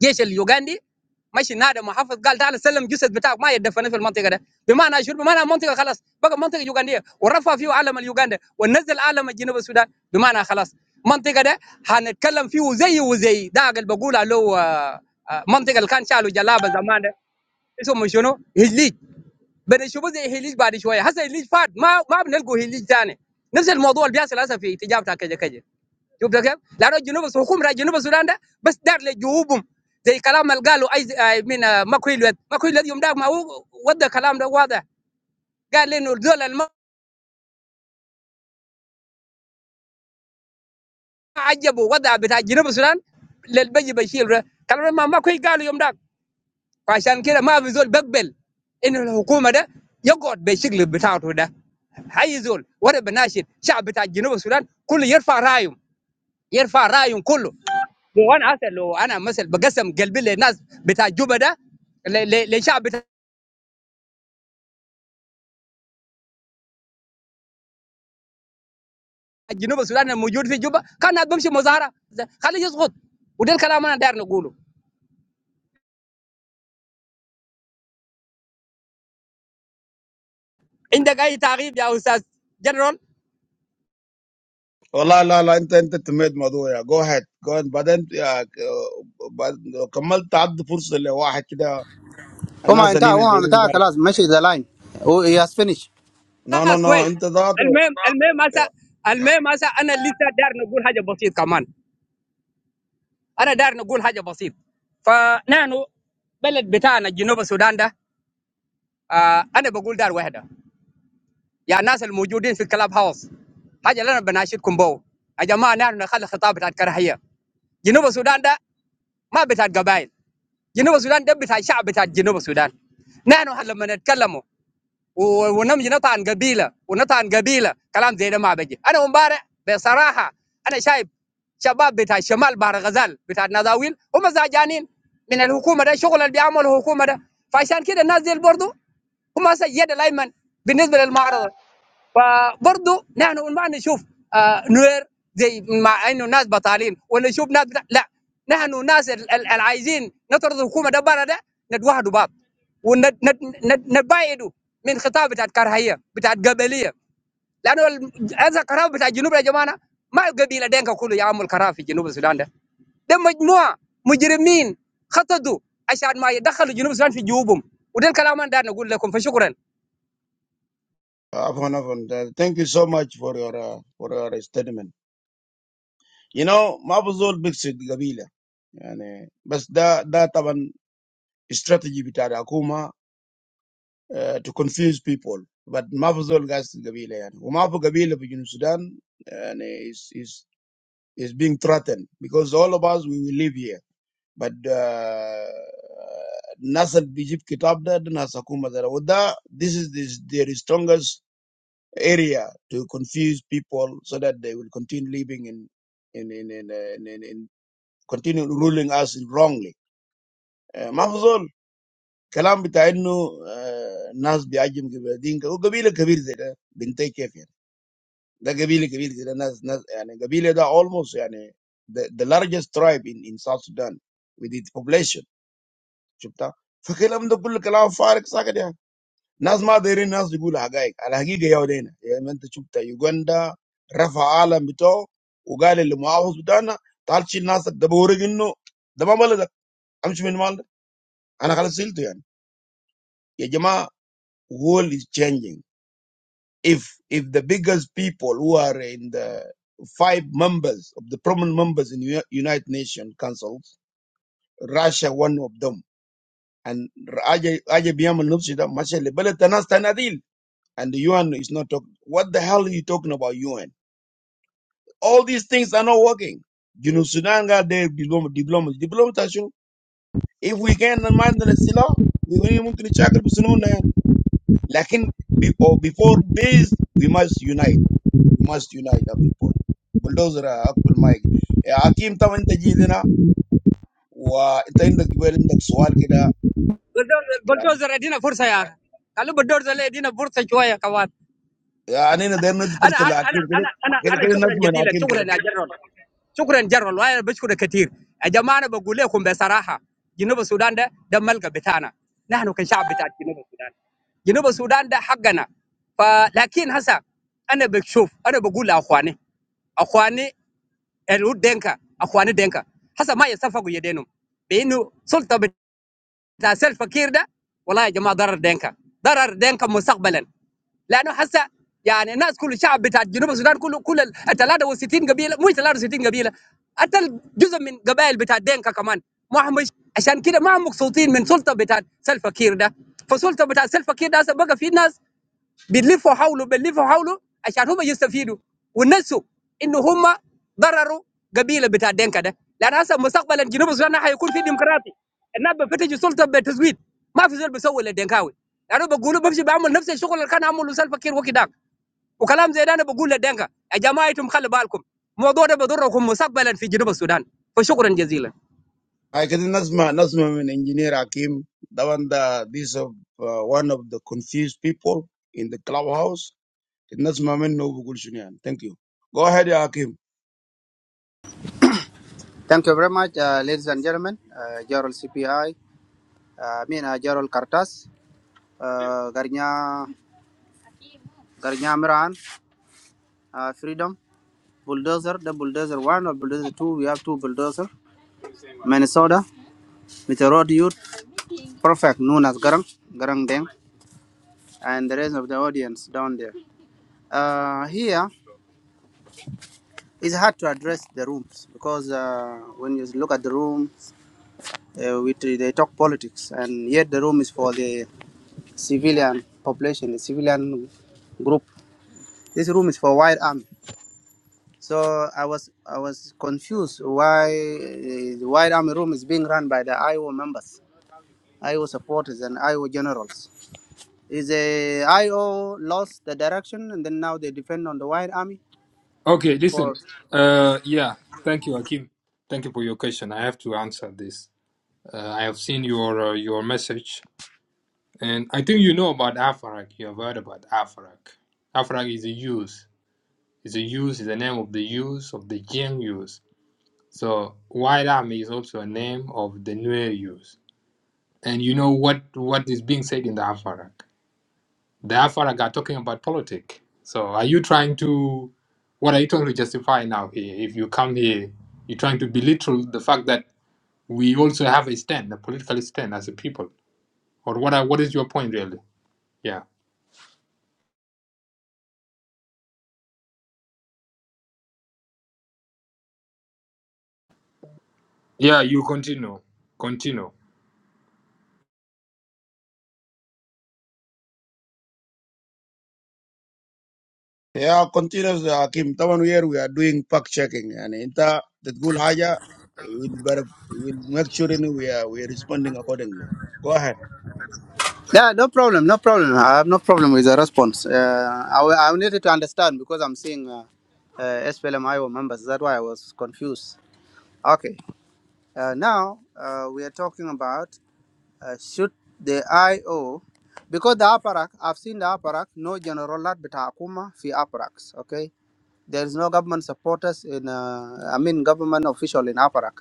جيش اليوغندي مشي نادى محافظ قال تعال سلم جسد بتاعك ما يدفن في المنطقه ده بمعنى شنو بمعنى المنطقه خلاص بقى منطقه يوغنديه ورفع فيه علم اليوغندا ونزل علم جنوب السودان بمعنى خلاص المنطقه ده هنتكلم فيه زي وزي ده اللي بقول له آه، آه، منطقه اللي كان شالوا جلابه زمان ده اسمه شنو هليج بنشوفه زي هليج بعد شويه هسه هليج فات ما ما بنلقوا هليج ثاني نفس الموضوع اللي بيحصل هسه في تجارة كذا كذا. شفت كيف؟ لانه جنوب السودان- حكومه جنوب السودان ده بس دار لجيوبهم زي كلام اللي قالوا اي آي من آه، ماكوي الواد ماكوي الواد يوم ده ما هو ودى كلام ده واضح قال لي انه دول اللي ما عجبوا وضع بتاع جنوب السودان للبي بشير ده. كلام ما ماكوي قالوا يوم ده فعشان كده ما في زول بقبل انه الحكومه ده يقعد بالشكل بتاعته ده حي زول ولا بناشد شعب بتاع جنوب السودان كله يرفع رايه يرفع رايهم كله لو انا هسه لو انا مثلا بقسم قلبي للناس بتاع جوبا ده ل- ل- للشعب بتاع جنوب السودان الموجود في جوبا كان الناس بمشي مظاهره ده- خليه يسقط وده الكلام انا داير نقوله عندك اي تعقيب يا استاذ جنرال والله لا لا انت انت تميت موضوع يا جو هيد جو هيد. بعدين يا- آه، بعد- لو كملت تعد فرصه لواحد كده Uma الناس اللي entire, هنا Uma دايرين entire ذات class, message the line. Oh, he has finished. نو نو خلاص نو كويس انت ذاته المهم المهم هسه يا- المهم هسه انا لسه داير نقول حاجه بسيط كمان انا داير نقول حاجه بسيط فنحن بلد بتاعنا جنوب السودان ده آه انا بقول دار واحده يا ناس الموجودين في الكلاب هاوس حاجه اللي انا بناشدكم بو يا جماعه نحن نخلي خطاب بتاعت كراهيه جنوب السودان ده ما بتاعت قبائل جنوب السودان ده بتاع شعب بتاع جنوب السودان نحن لما نتكلموا و- ونمشي نطعن قبيله ونطعن قبيله كلام زي ده ما بيجي انا امبارح بصراحه انا شايف شباب بتاع الشمال بحر غزال بتاع النزاويل هم زعجانين من الحكومه ده الشغل اللي بيعمله الحكومه ده فعشان كده الناس دي برضه هم هسه اليد الايمن بالنسبه للمعارضه فبرضه نحن ما نشوف آه نوير زي مع انه ناس بطالين ولا نشوف ناس بتاع لا نحن ناس العايزين نطرد الحكومه ده برا ده نتوحدوا بعض ونتبايدوا من خطاب بتاعت كرهيه بتاعت قبليه لانه ال- هذا الكراف بتاع الجنوب يا جماعه ما القبيله دينك كله يعمل الكراف في جنوب السودان ده ده مجموعه مجرمين خططوا عشان ما يدخلوا جنوب السودان في جيوبهم وده الكلام انا داير نقول لكم فشكرا عفوا عفوا ثانك يو سو ماتش فور يور for your statement You know, ما بزول بيقصد قبيلة يعني بس ده ده طبعا استراتيجي بتاع الحكومة uh, to confuse people but ما بزول قاصد قبيلة يعني وما في قبيلة في جنوب السودان يعني is is is being threatened because all of us we will live here but uh, الناس اللي بيجيب كتاب ده ده ناس حكومة ده وده this is this, their strongest area to confuse people so that they will continue living in in in in, in, in, in continue ruling us wrongly. Uh, mafuzol kalam bita innu uh, nas biajim kibadinka u gabila kabir zeda bintay kef yani. Da gabila kabir zeda nas nas yani gabila da almost yani the, the largest tribe in, in South Sudan with its population. Shubta. فكلام ده كله كلام فارغ ساكت يعني ناس ما دايرين ناس يقول حقائق الحقيقه يا ودينا يعني ما انت شفت يوغندا رفع عالم بتوعه وقال اللي معاوز بتاعنا تعال شيل ناسك ده بوريك انه ده ما بلدك امشي من مالك أنا خلاص زعلت يعني يا جماعة world is changing if if the biggest people who are in the five members of the prominent members in U- United Nations councils Russia one of them and Raja Raja بيعمل نفس ده ماشي لبلد ناس تناديل and the UN is not talking what the hell are you talking about UN all these things are not working You know قاعد داير دبلومة دبلومة دبلومة شنو if we can mind the sila, we- don't we ممكن نشاكل بسنوننا يعني But before this, we must unite. We must unite the people. Buldozera, apple mike. Akim, thank you for coming. And it's one of the questions that بلدوزر بلدوزر ادينا فرصه يا اخي خلوا بلدوزر اللي يدينا فرصه شويه كمان I have. I'm not sure if انا it's a انا question, انا but انا انا شكرا جزيلا شكرا يا it's جنرال شكرا جنرال وانا بشكرك كثير يا جماعه انا بقول لكم بصراحه جنوب السودان ده ده ملقى بتاعنا نحن كشعب بتاع جنوب السودان جنوب السودان ده حقنا فلكن هسا انا بشوف انا بقول لاخواني اخواني الود دينكا اخواني دينكا هسا ما يصفقوا يدينهم بانه سلطه بتاع سيل فكير ده والله يا جماعه ضرر دينكا ضرر دينكا مستقبلا لانه هسه يعني الناس كل الشعب بتاع جنوب السودان كله كل ال 63 قبيله مش 63 قبيله حتى جزء من قبائل بتاع دينكا كمان ما هم مش عشان كده ما هم مبسوطين من سلطه بتاع سلفا كير ده فسلطه بتاع سلفا كير ده هسه بقى في ناس بنلفوا حوله بنلفوا حوله عشان هم يستفيدوا ونسوا انه هم ضرروا قبيله بتاع دينكا ده لان هسه مستقبلا جنوب السودان حيكون في ديمقراطي الناس بفتشوا سلطه بتزويد ما في زول بيسوي للدنكاوي لانه بقولوا بمشي بعمل نفس الشغل اللي كان عمله سلفا كير وكداك وكلام زي ده انا بقول للدنكا يا جماعه انتم خلي بالكم الموضوع ده بضركم مستقبلا في جنوب السودان فشكرا جزيلا a question. It's a question. It's a question. Engineer Akim, Dawan da this of uh, one of the confused people in the clubhouse. It's a question. Thank you. Go ahead, ya Akim. Thank you very much, uh, ladies and gentlemen. Uh, Gerald CPI, uh, I mean, uh, Gerald Cartas, uh, Garnya, Garnya Miran, uh, Freedom, Bulldozer, the Bulldozer 1 or Bulldozer 2. We have two Bulldozer. Minnesota, with a road youth, perfect, known as Garang, Garang Deng, and the rest of the audience down there. Uh, here, it's hard to address the rooms because uh, when you look at the room uh, which they talk politics, and yet the room is for the civilian population, the civilian group. This room is for white army. So I was I was confused why uh, the white army room is being run by the IO members, IO supporters, and IO generals. Is the IO lost the direction, and then now they depend on the white army Okay, listen. for? Uh, yeah, thank you, Akim. Thank you for your question. I have to answer this. Uh, I have seen your uh, your message, and I think you know about Afarak. You have heard about Afarak. Afarak is a youth. It's a youth. Is the name of the youth of the Jiang youth. So Wailam is also a name of the Nuer youth. And you know what, what is being said in the Afarak? The Afarak are talking about politics. So are you trying to, what are you trying to justify now here? If you come here, you're trying to belittle the fact that we also have a stand, a political stand as a people. Or what are, what is your point really? Yeah. Yeah, you continue. Continue. Yeah, continuous Hakim. Taman here we are doing fact checking and inta that goal haja will better will make sure you know, we are we are responding accordingly. Go ahead. Yeah, no problem, no problem. I have no problem with the response. Uh, I, will- I will to understand because I'm seeing uh, uh, SPLM Iowa members. That's why I was confused. Okay, uh, now uh, we are talking about uh, should the IO, because the APARAC, I've seen the APARAC, no general lot but Akuma fi APARACs, okay? There is no government supporters in, uh, I mean government official in APARAC.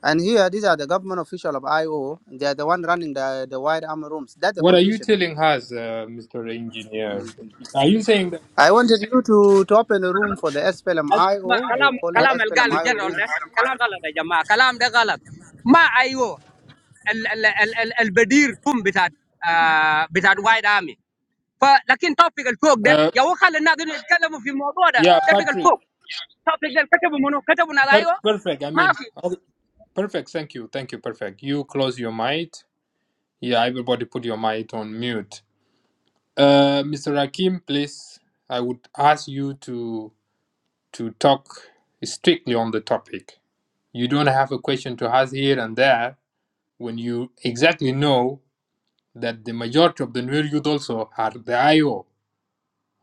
And here, these are the government official of IO. They are the one running the, the wide arm rooms. That's the What are you confusion. telling us, uh, Mr. Engineer? Are you saying I wanted you to, to open a room for the ما SPLMIO. You كلام call it that, كلام اللي قاله SPLMIO جنرال ده rooms. كلام غلط يا جماعه كلام ده غلط ما ايوه ال- ال- ال- ال- البدير كوم بتاعت آه بتاعت وايد ارمي فلكن توبيك الفوق ده uh, يا هو خلي الناس دول يتكلموا في الموضوع ده yeah, توبيك Patrick, الفوق توبيك ده كتبوا منو كتبوا ناس Per- ايوه perfect. I ما mean, في oh, perfect. Thank you. Thank you. Perfect. You close your mic. Yeah, everybody put your mic on mute. Uh, Mr. Rakim, please, I would ask you to to talk strictly on the topic. You don't have a question to ask here and there when you exactly know that the majority of the new youth also are the IO.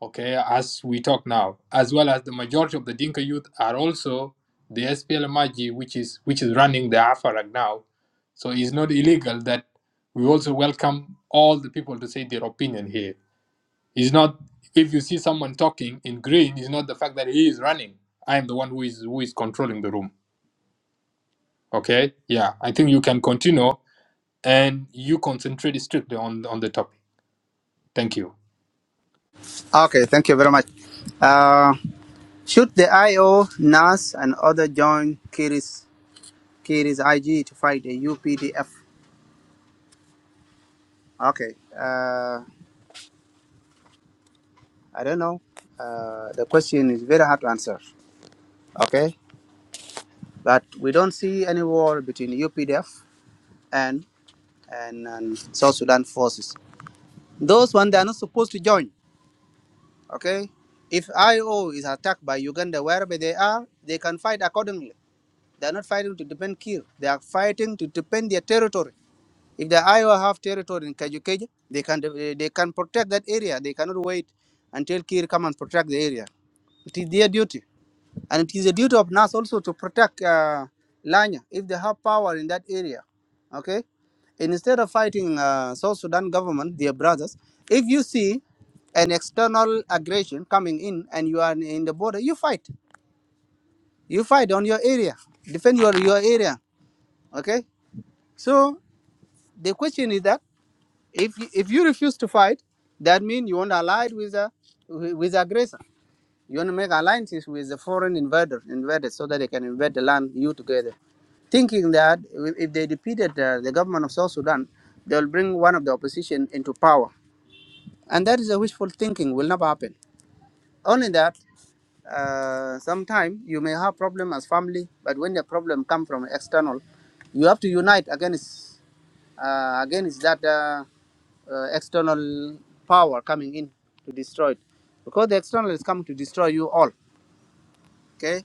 okay, as we talk now, as well as the majority of the Dinka youth are also the SPLMIG, which is which is running the Afarak now. So it's not illegal that we also welcome all the people to say their opinion here. It's not if you see someone talking in green, it's not the fact that he is running. I am the one who is who is controlling the room. Okay, yeah, I think you can continue and you concentrate strictly on on the topic. Thank you. Okay, thank you very much. Uh, should the IO, NAS, and other join Kiri's, Kiri's IG to fight the UPDF? Okay, uh, I don't know. Uh, the question is very hard to answer. Okay, but we don't see any war between UPDF and, and, and South Sudan forces. Those one they are not supposed to join Okay? If IO is attacked by Uganda wherever they are, they can fight accordingly. They are not fighting to defend Kir. They are fighting to defend their territory. If the IO have territory in Kajukeja, they can uh, they can protect that area. They cannot wait until Kir come and protect the area. It is their duty. And it is a duty of NAS also to protect uh, Lanya if they have power in that area. Okay? And instead of fighting uh, South Sudan government, their brothers, if you see an external aggression coming in and you are in the border, you fight. You fight on your area. Defend your, your area. Okay? So the question is that if you, if you refuse to fight, that means you want allied with a with aggressor. You want to make alliances with the foreign invader, invaders, so that they can invade the land you together, thinking that if they defeated uh, the government of South Sudan, they'll bring one of the opposition into power, and that is a wishful thinking. Will never happen. Only that. Uh, sometime you may have problem as family, but when the problem come from external, you have to unite against uh, against that uh, uh, external power coming in to destroy it, because the external is coming to destroy you all. Okay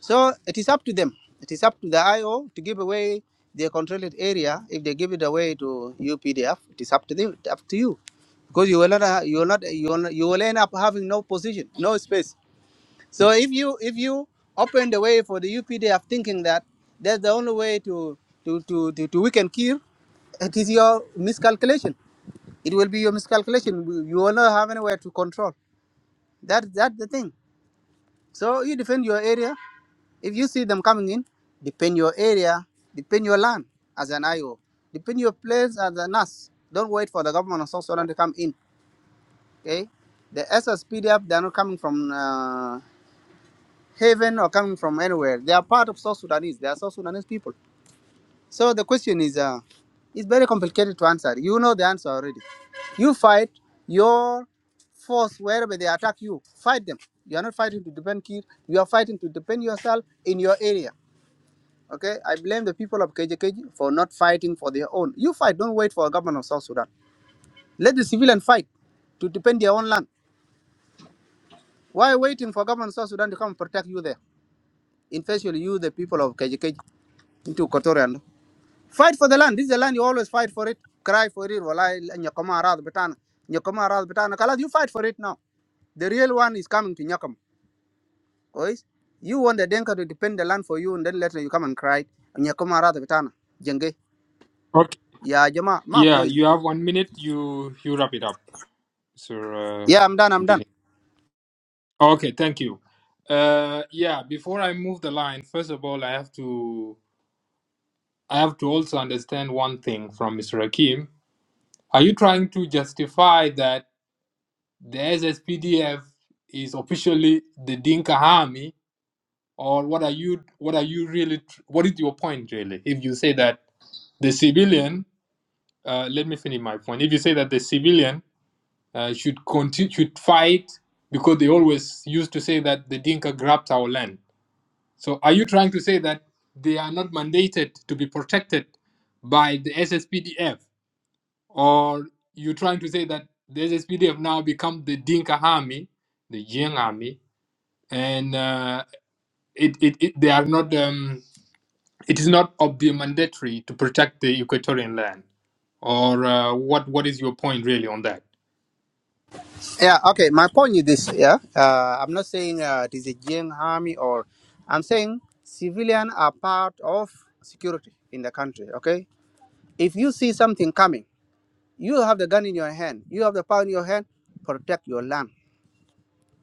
So it is up to them. It is up to the IO to give away their controlled area. If they give it away to UPDF, it is up to them, up to you, because you will not, ha- you will not, you will, you will end up having no position, no space. So if you if you open the way for the UPDF, thinking that that's the only way to to to to, to weaken Kir, it is your miscalculation. It will be your miscalculation. You will not have anywhere to control. That that's the thing. So you defend your area if you see them coming in, defend your area, defend your land as an IO, defend your place as a NAS. Don't wait for the government of South Sudan to come in. Okay, the SSPDF they are not coming from uh, heaven or coming from anywhere. They are part of South Sudanese. They are South Sudanese people. So the question is, uh, it's very complicated to answer. You know the answer already. You fight your force wherever they attack you. Fight them. You are not fighting to defend Kir. You are fighting to defend yourself in your area Okay, I blame the people of KJKJ for not fighting for their own. You fight, don't wait for a government of South Sudan. Let the civilian fight to defend their own land. Why waiting for government of South Sudan to come and protect you there? Especially you, the people of KJKJ, into Equatorial. Fight for the land. This is the land you always fight for it. Cry for it. Wallahi, Nyakama Arad Betana. Nyakama Arad Betana. Kalas, you fight for it now. The real one is coming to Nyakam. Guys, you want the Denka to defend the land for you, and then later you come and cry. Nyakama Arad Betana. Jenge. Okay. Ya Jama, ma Yeah, koi. you have one minute. You you wrap it up. Sir uh, Yeah, I'm done. I'm done. Engineer. Oh, Okay, thank you. Uh, yeah, before I move the line, first of all, I have to I have to also understand one thing from Mr. Hakim. Are you trying to justify that the SSPDF is officially the Dinka army, or what are you what are you really tr- what is your point really? If you say that the civilian, uh, let me finish my point. If you say that the civilian uh, should continue should fight because they always used to say that the Dinka grabbed our land. So are you trying to say that they are not mandated to be protected by the SSPDF, or you trying to say that the SSPDF now become the Dinka army, the Yang army, and uh, it, it, it they are not um, it is not of the mandatory to protect the Equatorian land, or uh, what what is your point really on that? Yeah, okay. My point is this. Yeah, uh, I'm not saying uh, it is a Jiang army or I'm saying civilian are part of security in the country. Okay, if you see something coming, you have the gun in your hand, you have the power in your hand, protect your land.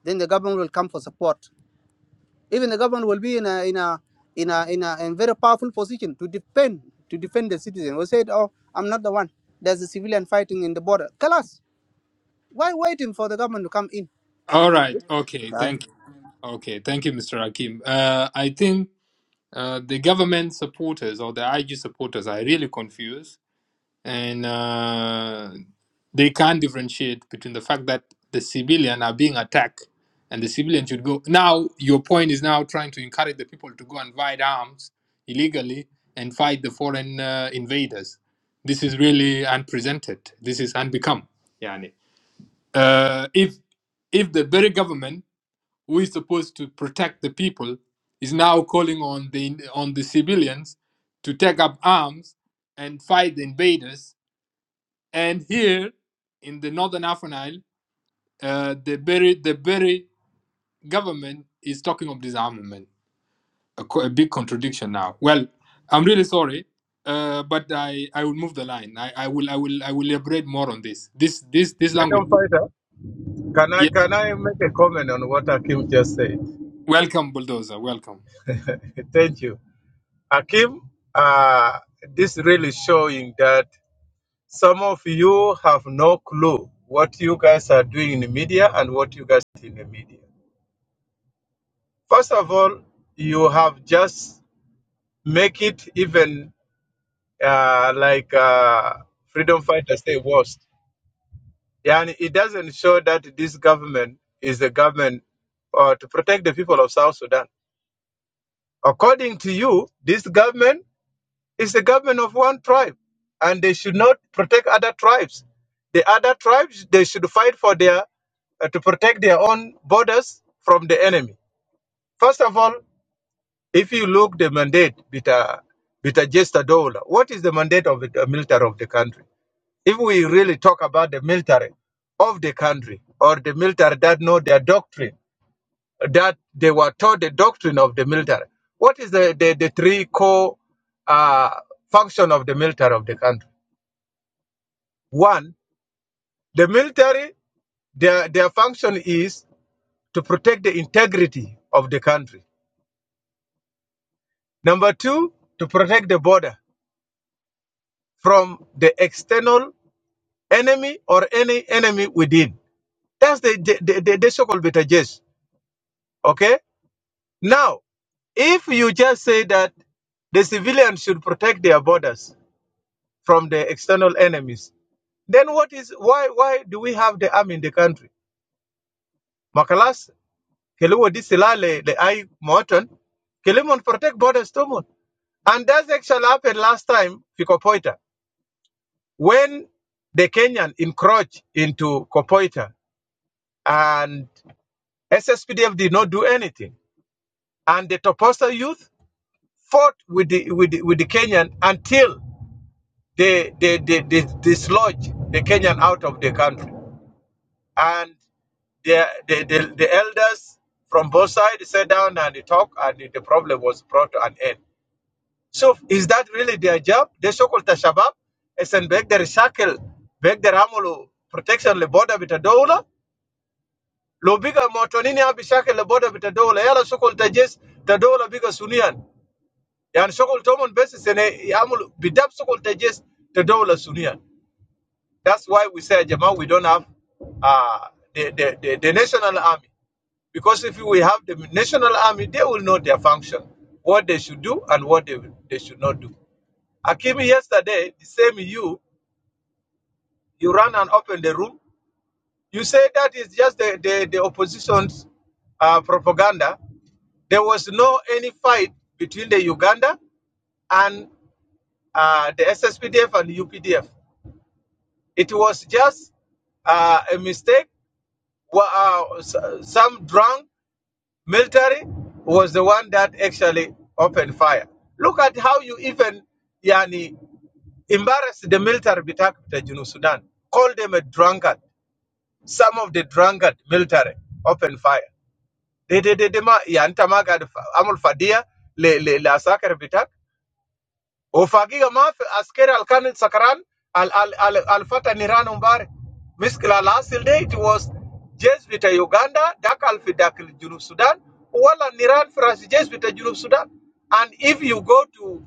Then the government will come for support. Even the government will be in a in a in a in a, in very powerful position to defend to defend the citizen. We said, oh, I'm not the one. There's a civilian fighting in the border. Tell us why waiting for the government to come in, All right, okay, right? thank you. Okay, thank you, Mr. Hakim. Uh, I think uh, the government supporters or the IG supporters are really confused and uh, they can't differentiate between the fact that the civilian are being attacked and the civilian should go. Now, your point is now trying to encourage the people to go and buy arms illegally and fight the foreign uh, invaders. This is really unprecedented. This is unbecome. Yani. Uh, if if the very government who is supposed to protect the people is now calling on the on the civilians to take up arms and fight the invaders and here in the northern Afan Isle, uh, the very the very government is talking of disarmament a, co- a big contradiction now well i'm really sorry uh, but i i will move the line I, I will i will i will elaborate more on this this this this language Freedom fighter, can I yeah can I make a comment on what Akim just said? welcome bulldozer welcome Thank you, Akim. Uh, this really showing that. Some of you have no clue what you guys are doing in the media and what you guys are in the media. First of all, you have just make it even uh, like uh, freedom fighters say worst. Yeah, and it doesn't show that this government is the government uh, to protect the people of South Sudan. According to you, this government It's the government of one tribe, and they should not protect other tribes. The other tribes they should fight for their uh, to protect their own borders from the enemy. First of all, if you look the mandate bita bita gesta dola, what is the mandate of the uh, military of the country? If we really talk about the military of the country or the military that know their doctrine, that they were taught the doctrine of the military, what is the the, the three core uh, function of the military of the country? One, the military, their, their function is to protect the integrity of the country. Number two, to protect the border from the external enemy or any enemy within. That's the, the, the, the, the so-called beta jets. Okay? Now, if you just say that the civilians should protect their borders from the external enemies, then what is why why do we have the army in the country? Makalas, Kele wo di sila le le ai moton. Kele mon protect borders to mon. And that's actually happened last time to Kopoita when the Kenyan encroached into Kopoita and SSPDF did not do anything. And the Toposa youth fought with the, with the, with the Kenyan until they, they, they, they dislodged the Kenyan out of the country. And the, the, the, the elders from both sides sat down and they talked, and the problem was brought to an end. So is that really their job? They so-called the Shabab, Esenbek, the recycle, Beg the Ramolo protection, the border with the dollar. Lobiga Motonini Abishakel, the border with the dollar. Yala so-called Tajes, the dollar bigger Sunian. And so-called Tomon basis and Amul Bidab so-called Tajes, the dollar Sunian. That's why we say, Jamal, we don't have uh, the, the, the, the national army. Because if we have the national army, they will know their function, what they should do and what they, they should not do. Akimi, yesterday, the same you, you ran and opened the room. You say that is just the, the, the opposition's uh, propaganda. There was no any fight between the Uganda and uh, the SSPDF and UPDF. It was just uh, a mistake. Wa- Uh, s- some drunk military was the one that actually opened fire. Look at how you even, yani, Embarrassed, the military bitak bita Junu Sudan. Called them a drunkard. Some of the drunkard military open fire. De they de de ma ya anta ma gad fa- amul fadia le le la sakar bitak. Ofagi, I'maf, asker alkan, sakaran al al al al fataniran umbar miskil alasi delete was James bita Uganda dakalfi dakil julo Sudan uwa la niran firasi James bita julo Sudan and if you go to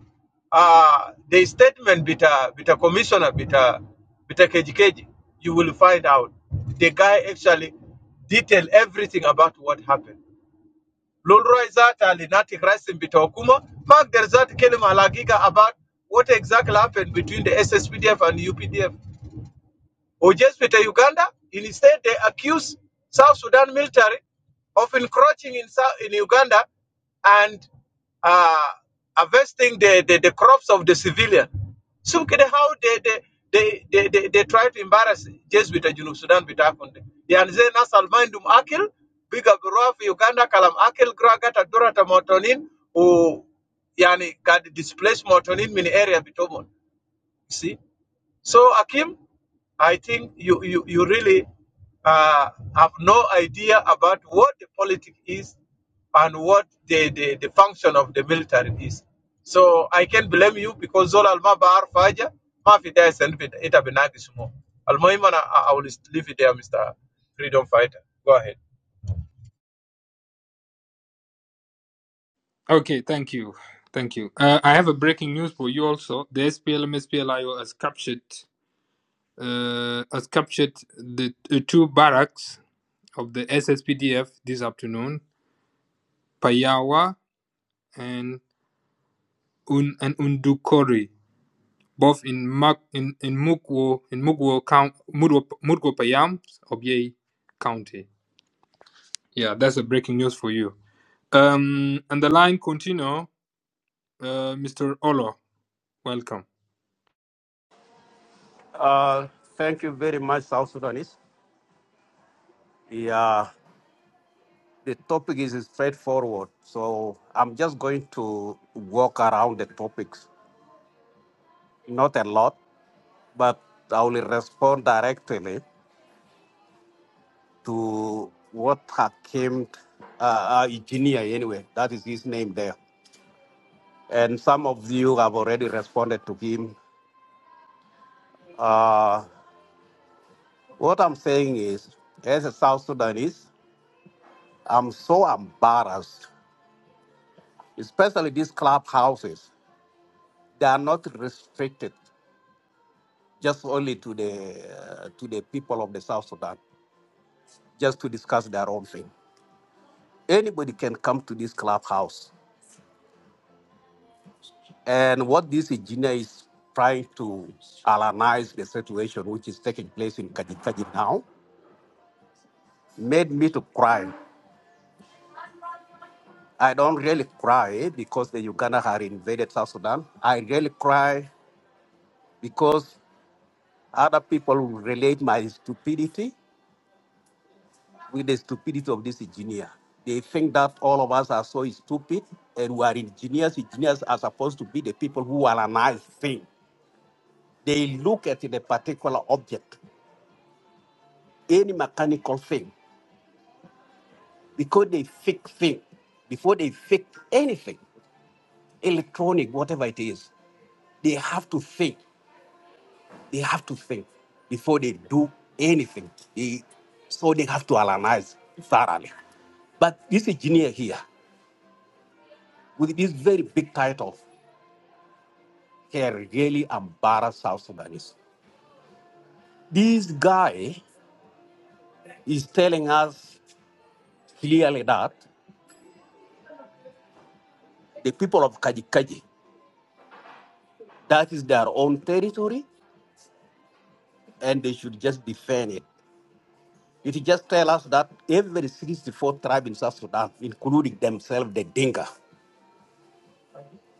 uh, the statement bita bita commissioner bita bita kijekaji you will find out the guy actually detail everything about what happened. Lulroy Zat al Inati Rasim Bitokuma, Mark there Zat Kelim Alagiga about what exactly happened between the SSPDF and UPDF or just with Uganda. Instead, they accuse South Sudan military of encroaching in, South, in Uganda and uh, harvesting the, the, the crops of the civilian. So look at how they, they, they, they, they, they try to embarrass just with the Junub Sudan with Akonde. Yanze nasal mindum akil, biga gurua fi Uganda kalam akil gragata durata motonin, u yani kad displace motonin mini area bitomon. See? So, Akim, I think you, you, you really uh, have no idea about what the politics is and what the, the, the function of the military is. So I can blame you because Zol Alma Bahar Faja, Mafi Dai Senfit, Ita Benagisumo. Almoimana, I I will leave it there, Mr. Freedom Fighter. Go ahead. Okay, thank you. Thank you. Uh, I have a breaking news for you also. The SPLM SPLIO has captured uh, has captured the uh, two barracks of the SSPDF this afternoon, Payawa and Un and Undukori, both in Mak in, in Mukwo in Mukwo County Mudwo Mudwo Payam of Yei County. Yeah, that's a breaking news for you. Um and the line continue, uh, Mr. Olo, welcome. Uh, thank you very much, South Sudanese. Yeah, the topic is straightforward. So I'm just going to walk around the topics, not a lot, but I will respond directly to what Hakim uh, uh, Engineer, anyway, that is his name there. And some of you have already responded to him. Uh, what I'm saying is, as a South Sudanese, I'm so embarrassed, especially these clubhouses. They are not restricted just only to the uh, to the people of the South Sudan, just to discuss their own thing. Anybody can come to this clubhouse. And what this engineer is trying to analyze the situation which is taking place in Kajikaji now made me to cry. I don't really cry because the Uganda had invaded South Sudan. I really cry because other people will relate my stupidity with the stupidity of this engineer. They think that all of us are so stupid and we are engineers. Engineers are supposed to be the people who are analyze things. They look at the particular object, any mechanical thing, because they fix things. Before they fix anything, electronic, whatever it is, they have to think. They have to think before they do anything. They, so they have to analyze thoroughly. But this engineer here, with this very big title. He really embarrassed South Sudanese. This guy is telling us clearly that the people of Kajikaji, that is their own territory, and they should just defend it. It just tells us that every 64 tribe in South Sudan, including themselves, the Dinka,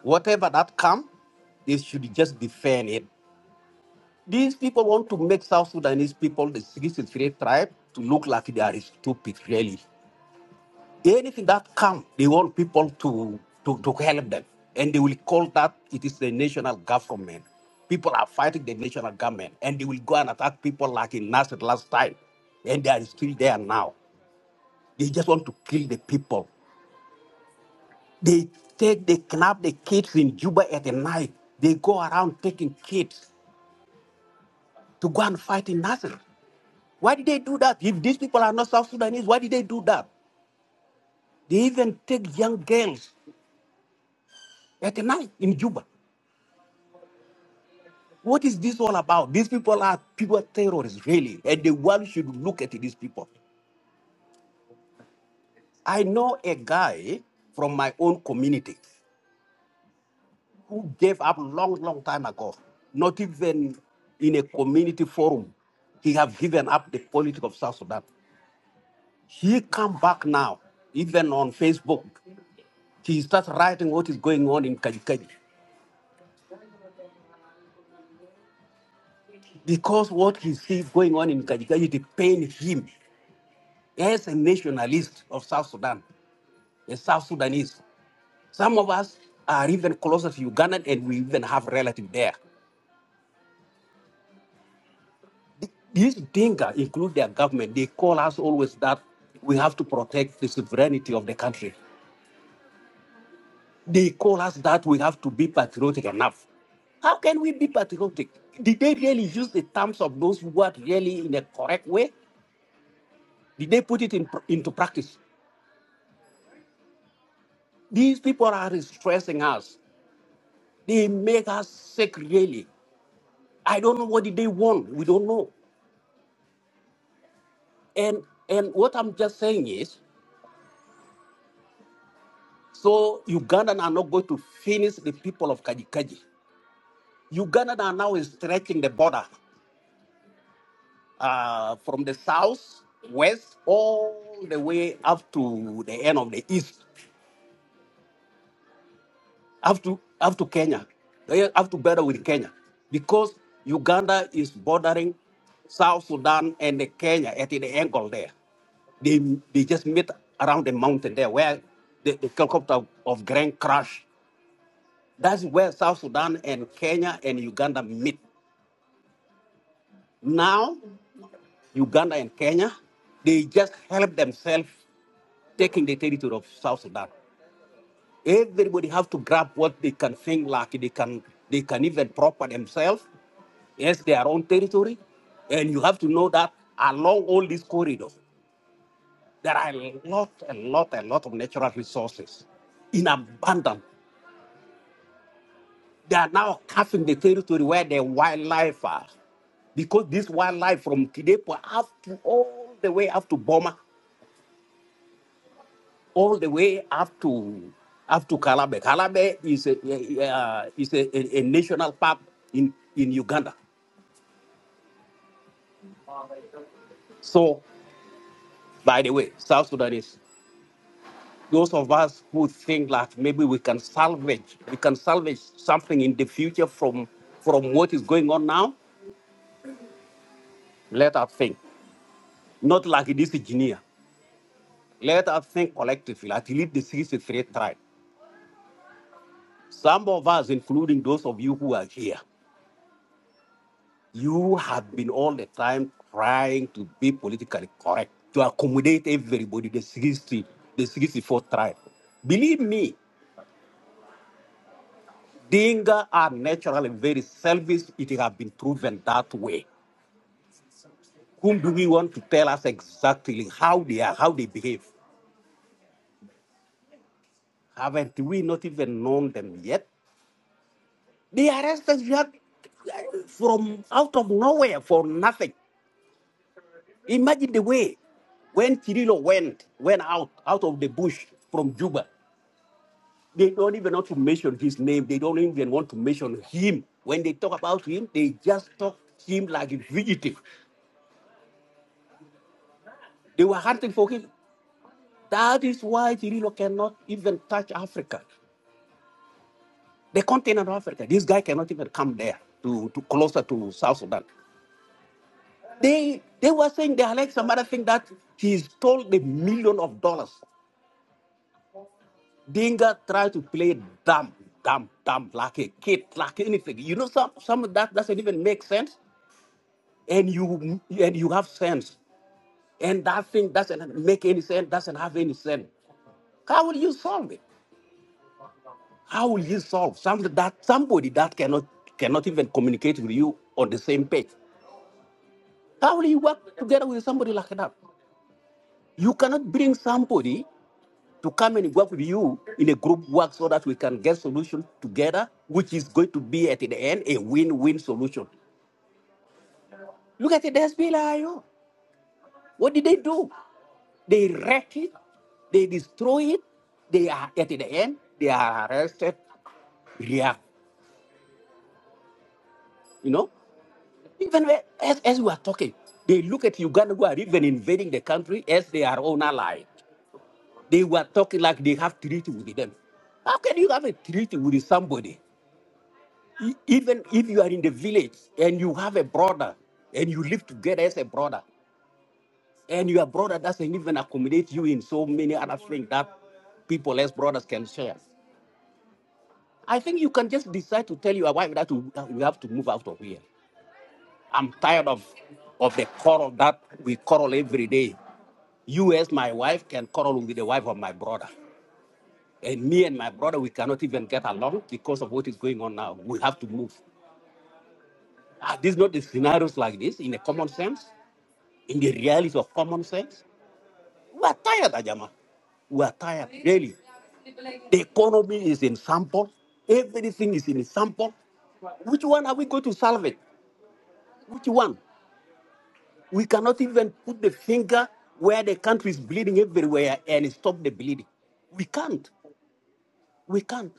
whatever that come, they should just defend it. These people want to make South Sudanese people, the 63 tribe, to look like they are stupid, really. anything that come, they want people to, to, to help them. And they will call that it is the national government. People are fighting the national government. And they will go and attack people like in Nasser last time. And they are still there now. They just want to kill the people. They take, they kidnap the kids in Juba at the night. They go around taking kids to go and fight in Nasser. Why did they do that? If these people are not South Sudanese, why did they do that? They even take young girls at the night in Juba What is this all about? These people are people terrorists, really. And the world should look at these people. I know a guy from my own community who gave up long, long time ago, not even in a community forum. He have given up the politics of South Sudan. He come back now, even on Facebook. He starts writing what is going on in Kajikaji. Because what he sees going on in Kajikaji, it pains him as a nationalist of South Sudan, a South Sudanese. Some of us are even closer to Uganda and we even have relatives there. These Dinka include their government. They call us always that we have to protect the sovereignty of the country. They call us that we have to be patriotic enough. How can we be patriotic? Did they really use the terms of those words really in a correct way? Did they put it in, into practice? These people are stressing us. They make us sick, really. I don't know what did they want. We don't know. And and what I'm just saying is, So Ugandan are not going to finish the people of Kajikaji. Ugandan are now stretching the border uh, from the south, west, all the way up to the end of the east, up to up to Kenya, They have to border with Kenya, because Uganda is bordering South Sudan and the Kenya at the angle there. They they just meet around the mountain there where the, the helicopter of Grand crashed. That's where South Sudan and Kenya and Uganda meet. Now, Uganda and Kenya, they just help themselves taking the territory of South Sudan. Everybody have to grab what they can think like they can they can even proper themselves as their own territory. And you have to know that along all these corridors, there are a lot, a lot, a lot of natural resources in abundance. They are now cutting the territory where the wildlife are because this wildlife from Kidepo up to all the way up to Boma all the way up to up to Kalabe. Kalabe is a a, uh, is a, a, a national park in in Uganda. So, by the way, South Sudanese, those of us who think like maybe we can salvage we can salvage something in the future from from what is going on now, let us think. Not like this engineer. Let us think collectively, like lead the 63 tribe. Some of us, including those of you who are here, You have been all the time trying to be politically correct, to accommodate everybody, the 60, the 64 tribe. Believe me, Dinga are naturally very selfish. It has been proven that way. Whom do we want to tell us exactly how they are, how they behave? Haven't we not even known them yet? They arrested you from out of nowhere for nothing. Imagine the way when Kirilo went went out out of the bush from Juba. They don't even want to mention his name. They don't even want to mention him. When they talk about him, they just talk him like a fugitive. They were hunting for him. That is why Cirillo cannot even touch Africa, the continent of Africa. This guy cannot even come there to, to closer to South Sudan. They they were saying they are like some other thing that he stole the million of dollars. Dinga tried to play dumb, dumb, dumb, like a kid, like anything. You know, some some of that doesn't even make sense. and you and you have sense and that thing doesn't make any sense doesn't have any sense how will you solve it how will you solve something that somebody that cannot cannot even communicate with you on the same page how will you work together with somebody like that you cannot bring somebody to come and work with you in a group work so that we can get solution together which is going to be at the end a win-win solution look at the SPLIO. what did they do They wreck it, they destroy it, they are at the end, they are arrested, react, you know. Even when- as, as we are talking, they look at Uganda who are even invading the country as their own ally. They were talking like they have treaty with them. How can you have a treaty with somebody? E- Even if you are in the village and you have a brother and you live together as a brother, and your brother doesn't even accommodate you in so many other things that people as brothers can share. I think you can just decide to tell your wife that you that you have to move out of here. I'm tired of of the quarrel that we quarrel every day. You as my wife can quarrel with the wife of my brother. And me and my brother, we cannot even get along because of what is going on now. We have to move. Are these not the scenarios like this in the common sense, in the realities of common sense? We are tired, Ajama. We are tired, really. The economy is in sample. Everything is in sample. Which one are we going to salvage? Which one? We cannot even put the finger where the country is bleeding everywhere and stop the bleeding. We can't. We can't.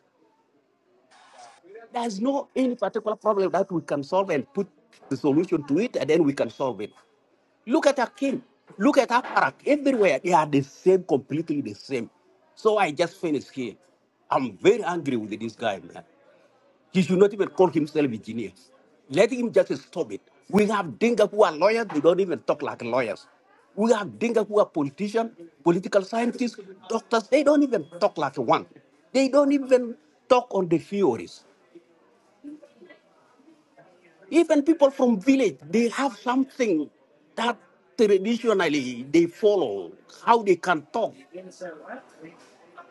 There's no any particular problem that we can solve and put the solution to it, and then we can solve it. Look at Akin. Look at Aparak. Everywhere they are the same, completely the same. So I just finished here. I'm very angry with this guy, man. He should not even call himself engineer. Let him just stop it. We have Dinka who are lawyers, they don't even talk like lawyers. We have Dinka who are politicians, political scientists, doctors, they don't even talk like one. They don't even talk on the theories. Even people from village, they have something that traditionally they follow, how they can talk,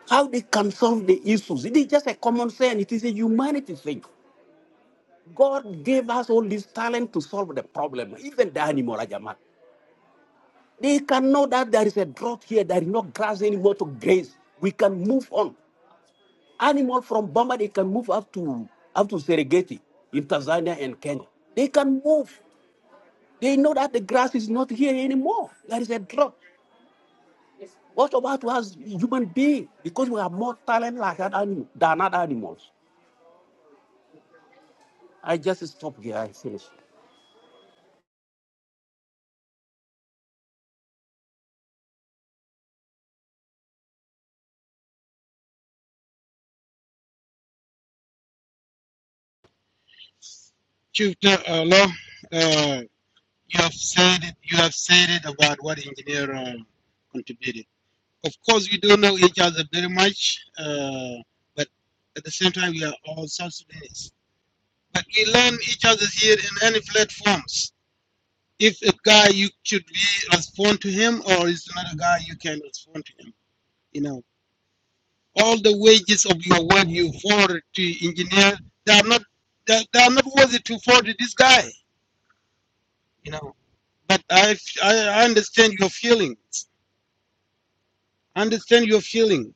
how they can solve the issues. It is just a common sense, it is a humanity thing. God gave us all this talent to solve the problem, even the animal, Rajaman. They can know that there is a drought here, there is no grass anymore to graze. We can move on. Animal from Bama, they can move up to up to Serengeti in Tanzania and Kenya. They can move. They know that the grass is not here anymore. There is a drought. What about us human being? Because we have more talent like that animal than other animals. I just stop here. I finish. Chief Tech, uh, Law, uh, you have said it, you have said it about what engineer um, contributed. Of course, much, uh, but at the same time, we are all South Sudanese. But we learn each other here in any platforms. If a guy you should be respond to him, or is not a guy you can respond to him. You know, all the wages of your work you forward to engineer, they are not they, they are not worthy to forward to this guy. You know, but I, I I understand your feelings. I understand your feelings.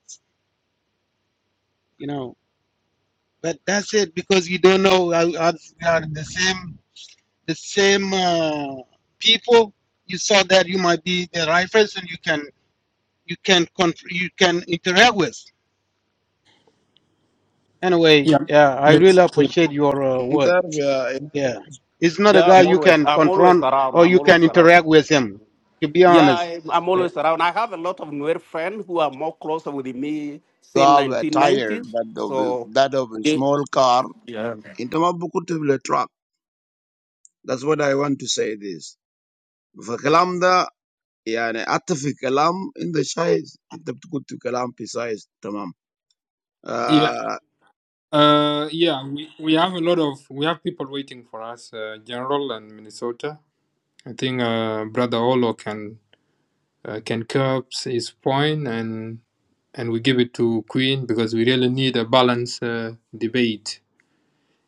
You know, but that's it because you don't know. I, I, we are the same the same uh, people. You saw that you might be the right person. You can you can con- you can interact with. Anyway, Yeah. yeah, I really Mr. appreciate your uh, word. Inter we are another Yeah. He's not a Yeah, guy I'm you always can I'm always confront around. or I'm you can always around. interact with him, to be Yeah, honest. I, I'm Yeah. always around. I have a lot of Nuer friends who are more closer with me you since have a tire 1990s. that of So, that of a they- small car. yeah, Inta ma bukutu truck. That's what I want to say this. For kalam da yani hatta fi kalam in the size inta بتقول في kalam في tamam. Yeah, Uh, uh, yeah, we, we have a lot of we have people waiting for us, uh, General and Minnesota. I think uh, Brother Olo can uh, can curb his point and and we give it to Queen because we really need a balanced uh, debate.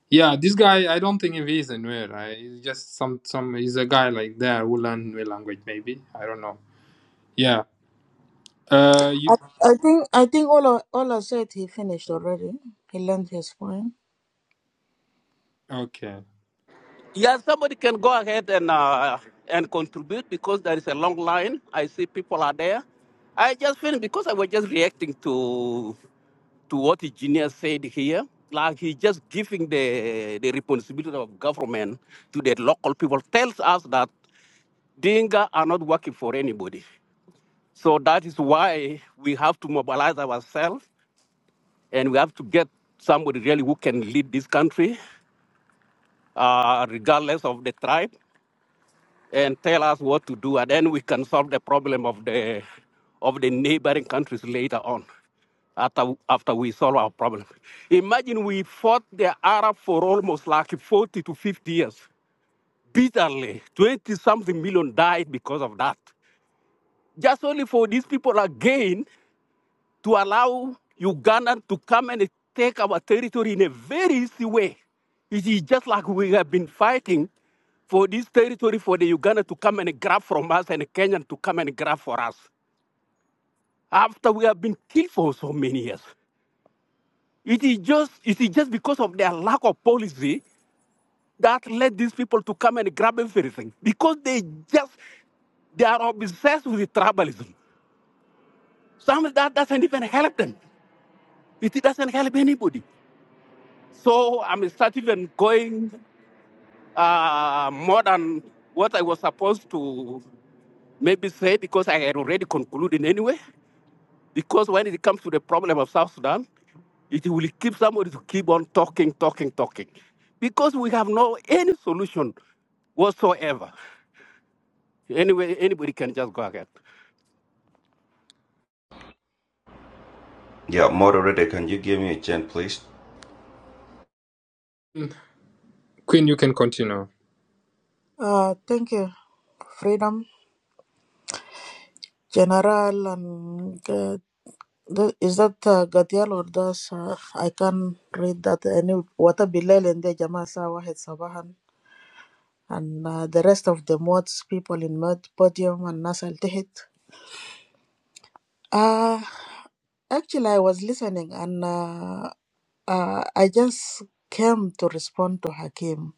Yeah, this guy I don't think if he's anywhere. Right? He's just some some he's a guy like that who learn new language maybe I don't know. Yeah. Uh, you I, I think I think Ola Ola said he finished already. He learned his point. okay? yeah. Somebody can go ahead and uh, and contribute because there is a long line. I see people are there. I just feel because I was just reacting to to what the genius said here. Like he's just giving the the responsibility of government to the local people tells us that Dinga are not working for anybody. So that is why we have to mobilize ourselves and we have to get somebody really who can lead this country, uh, regardless of the tribe, and tell us what to do. And then we can solve the problem of the, of the neighboring countries later on after, after we solve our problem. Imagine we fought the Arab for almost like 40 to 50 years bitterly. 20 something million died because of that. Just only for these people again to allow Uganda to come and take our territory in a very easy way. It is just like we have been fighting for this territory for the Uganda to come and grab from us and the Kenyan to come and grab for us. After we have been killed for so many years. It is just it is just because of their lack of policy that led these people to come and grab everything. Because they just they are obsessed with tribalism. Some of that doesn't even help them. It doesn't help anybody. So I'm starting and going uh, more than what I was supposed to maybe say because I had already concluded anyway. Because when it comes to the problem of South Sudan, it will keep somebody to keep on talking, talking, talking. Because we have no any solution whatsoever. Anyway, anybody can just go ahead. Yeah, moderator, can you give me a chance, please? Queen, you can continue. Uh, thank you, Freedom General, and uh, the, is that uh, Gatial or does uh, I can not read that any wata Bilal and the Jamaa Sawa had Sabahan and uh, the rest of the mods people in Mod Podium and Nasal Tehit. Uh, actually, I was listening and uh, uh, I just came to respond to Hakim.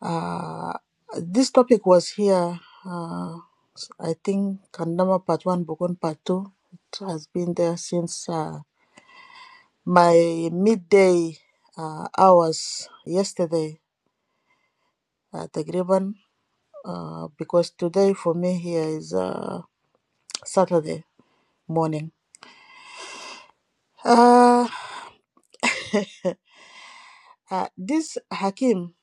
Uh, this topic was here, uh, I think, Kandama Part 1, Bogon Part 2. It has been there since uh, my midday uh, hours yesterday at the Griban, uh, because today for me here is uh, Saturday morning. Uh, uh, this Hakim,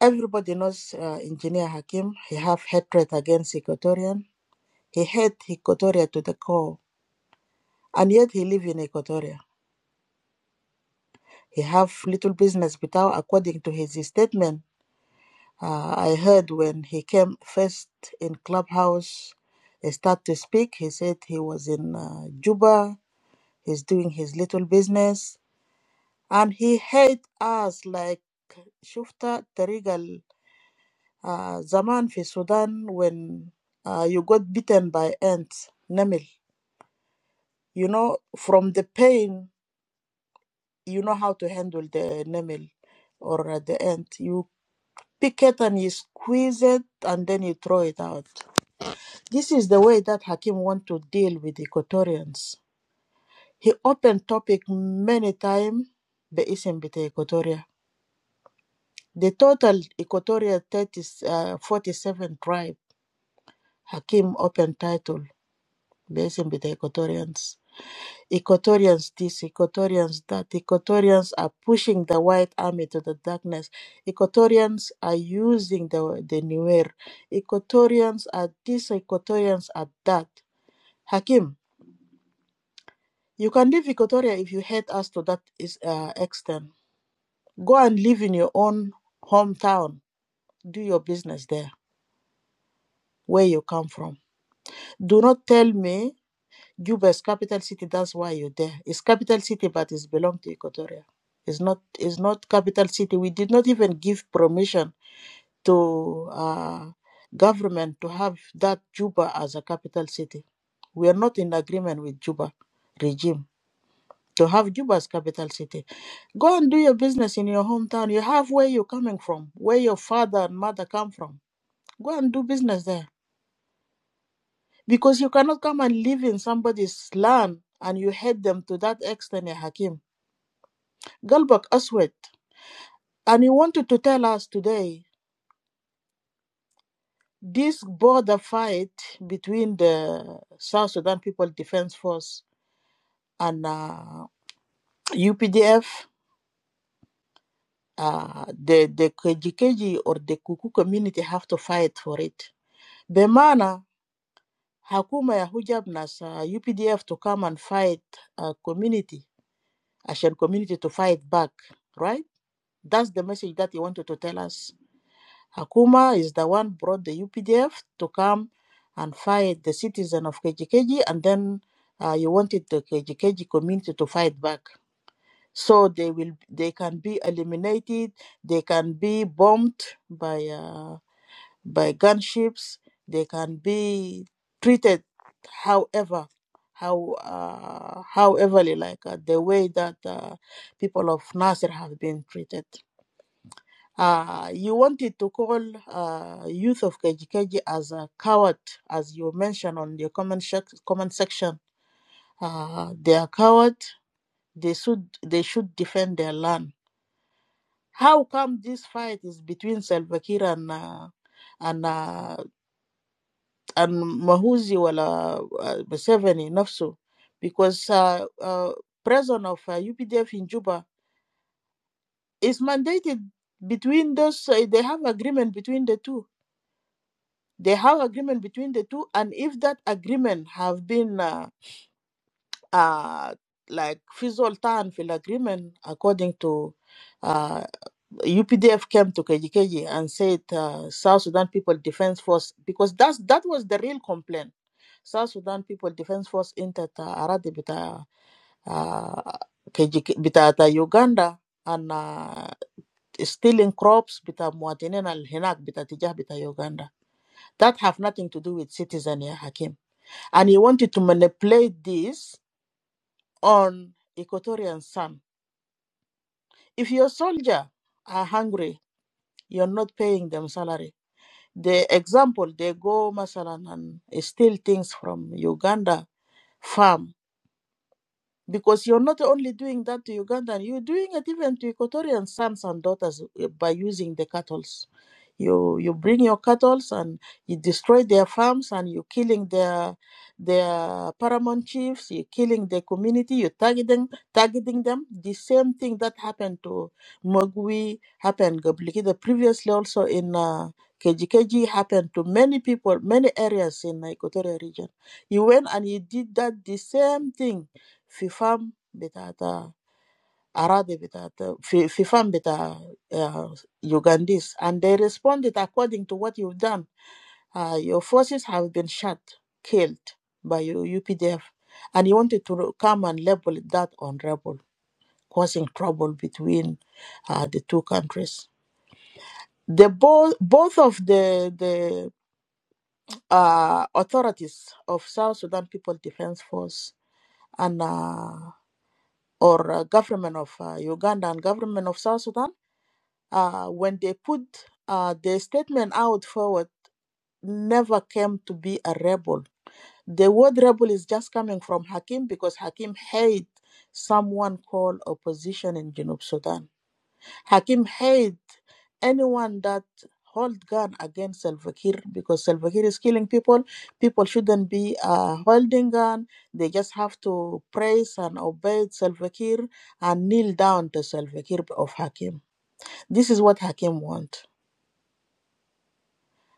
everybody knows uh, Engineer Hakim. He have hatred against Equatorian. He hate Equatoria to the core, and yet he live in Equatoria He have little business بتاعه according to his statement. Uh, I heard when he came first in clubhouse, he start to speak. He said he was in uh, Juba. He's doing his little business, and he hate us like Shufta Terigal ال- uh, زمان في السودان when uh, you got bitten by ants نمل. You know from the pain you know how to handle the nemil or uh, the ant. You pick it and you squeeze it and then you throw it out. This is the way that Hakim want to deal with Equatorians. He opened topic many times باسم بتاع Equatoria. The total Equatoria 30, uh, 47 tribe Hakim opened title باسم بتاع Equatorians. Equatorians this, Equatorians that. Equatorians are pushing the white army to the darkness. Equatorians are using the, the Nuer. Equatorians are this, Equatorians are that. Hakim, you can leave Equatoria if you hate us to that is, uh, extent. Go and live in your own hometown. Do your business there, where you come from. Do not tell me Juba is capital city. That's why you're there. It's capital city, but it's belong to Equatoria. It's not. It's not capital city. We did not even give permission to uh, government to have that Juba as a capital city. We are not in agreement with Juba regime to have Juba as capital city. Go and do your business in your hometown. You have where you're coming from, where your father and mother come from. Go and do business there because you cannot come and live in somebody's land and you hate them to that extent, ya Hakim Galbak Aswed, and he wanted to tell us today this border fight between the South Sudan People Defense Force and uh, UPDF, uh, the, the KGKG or the Kuku community have to fight for it. Bemana, Hakuma ya hujab nasa UPDF to come and fight a community, Ashan community to fight back, right? That's the message that he wanted to tell us Hakuma is the one brought the UPDF to come and fight the citizen of Kejikeji, and then uh, you wanted the Kejikeji community to fight back. So they will, they can be eliminated. They can be bombed by uh, by gunships. They can be treated, however, how uh, however, like uh, the way that uh, people of Nasir have been treated. Uh, you wanted to call uh, youth of Kejikeji as a coward, as you mentioned on your comment, sec- comment section. Uh, they are coward. They should they should defend their land. How come this fight is between Salva Kiir and uh, and uh, and Mahuzi wala uh, Museveni nafsu? Because uh, uh, president of uh, UPDF in Juba is mandated between those. Uh, they have agreement between the two they have agreement between the two and if that agreement have been uh, uh, like في زول طعن في agreement according to uh, UPDF came to KGKG and said uh, South Sudan People Defense Force because that's that was the real complaint South Sudan People Defense Force entered انت أراضي بتاع uh, KGK بتاع بتاع Uganda and uh, stealing crops بتاع مواطنين الهناك بتاع تجاه بتاع Uganda that have nothing to do with citizen يا حكيم and he wanted to manipulate this on Equatorian Sun. If your soldier are hungry, you're not paying them salary. The example they go masalan and steal things from Uganda farm Because you're not only doing that to Ugandan, you're doing it even to Equatorian sons and daughters uh, by using the cattles. You you bring your cattles and you destroy their farms and you're killing their their paramount chiefs, you're killing the community, you're targeting targeting them. The same thing that happened to Mogwi happened Goblikida previously also in uh, KGKG happened to many people, many areas in the Equatorial region. You went and you did that the same thing في فام بتاعت أراضي بتاعت في, في فام بتاع uh, Ugandese and they responded according to what you've done. Uh, your forces have been shot, killed by your UPDF and you wanted to come and label that on rebel, causing trouble between uh, the two countries. The both both of the the uh, authorities of South Sudan People Defense Force and uh, or uh, government of uh, Uganda and government of South Sudan, uh, when they put uh, their statement out forward, never came to be a rebel. The word rebel is just coming from Hakim because Hakim hate someone called opposition in Junub Sudan. Hakim hate anyone that hold gun against Salva Kiir because Salva Kiir is killing people. People shouldn't be uh, holding gun. They just have to praise and obey Salva Kiir and kneel down to Salva Kiir of Hakim. This is what Hakim want.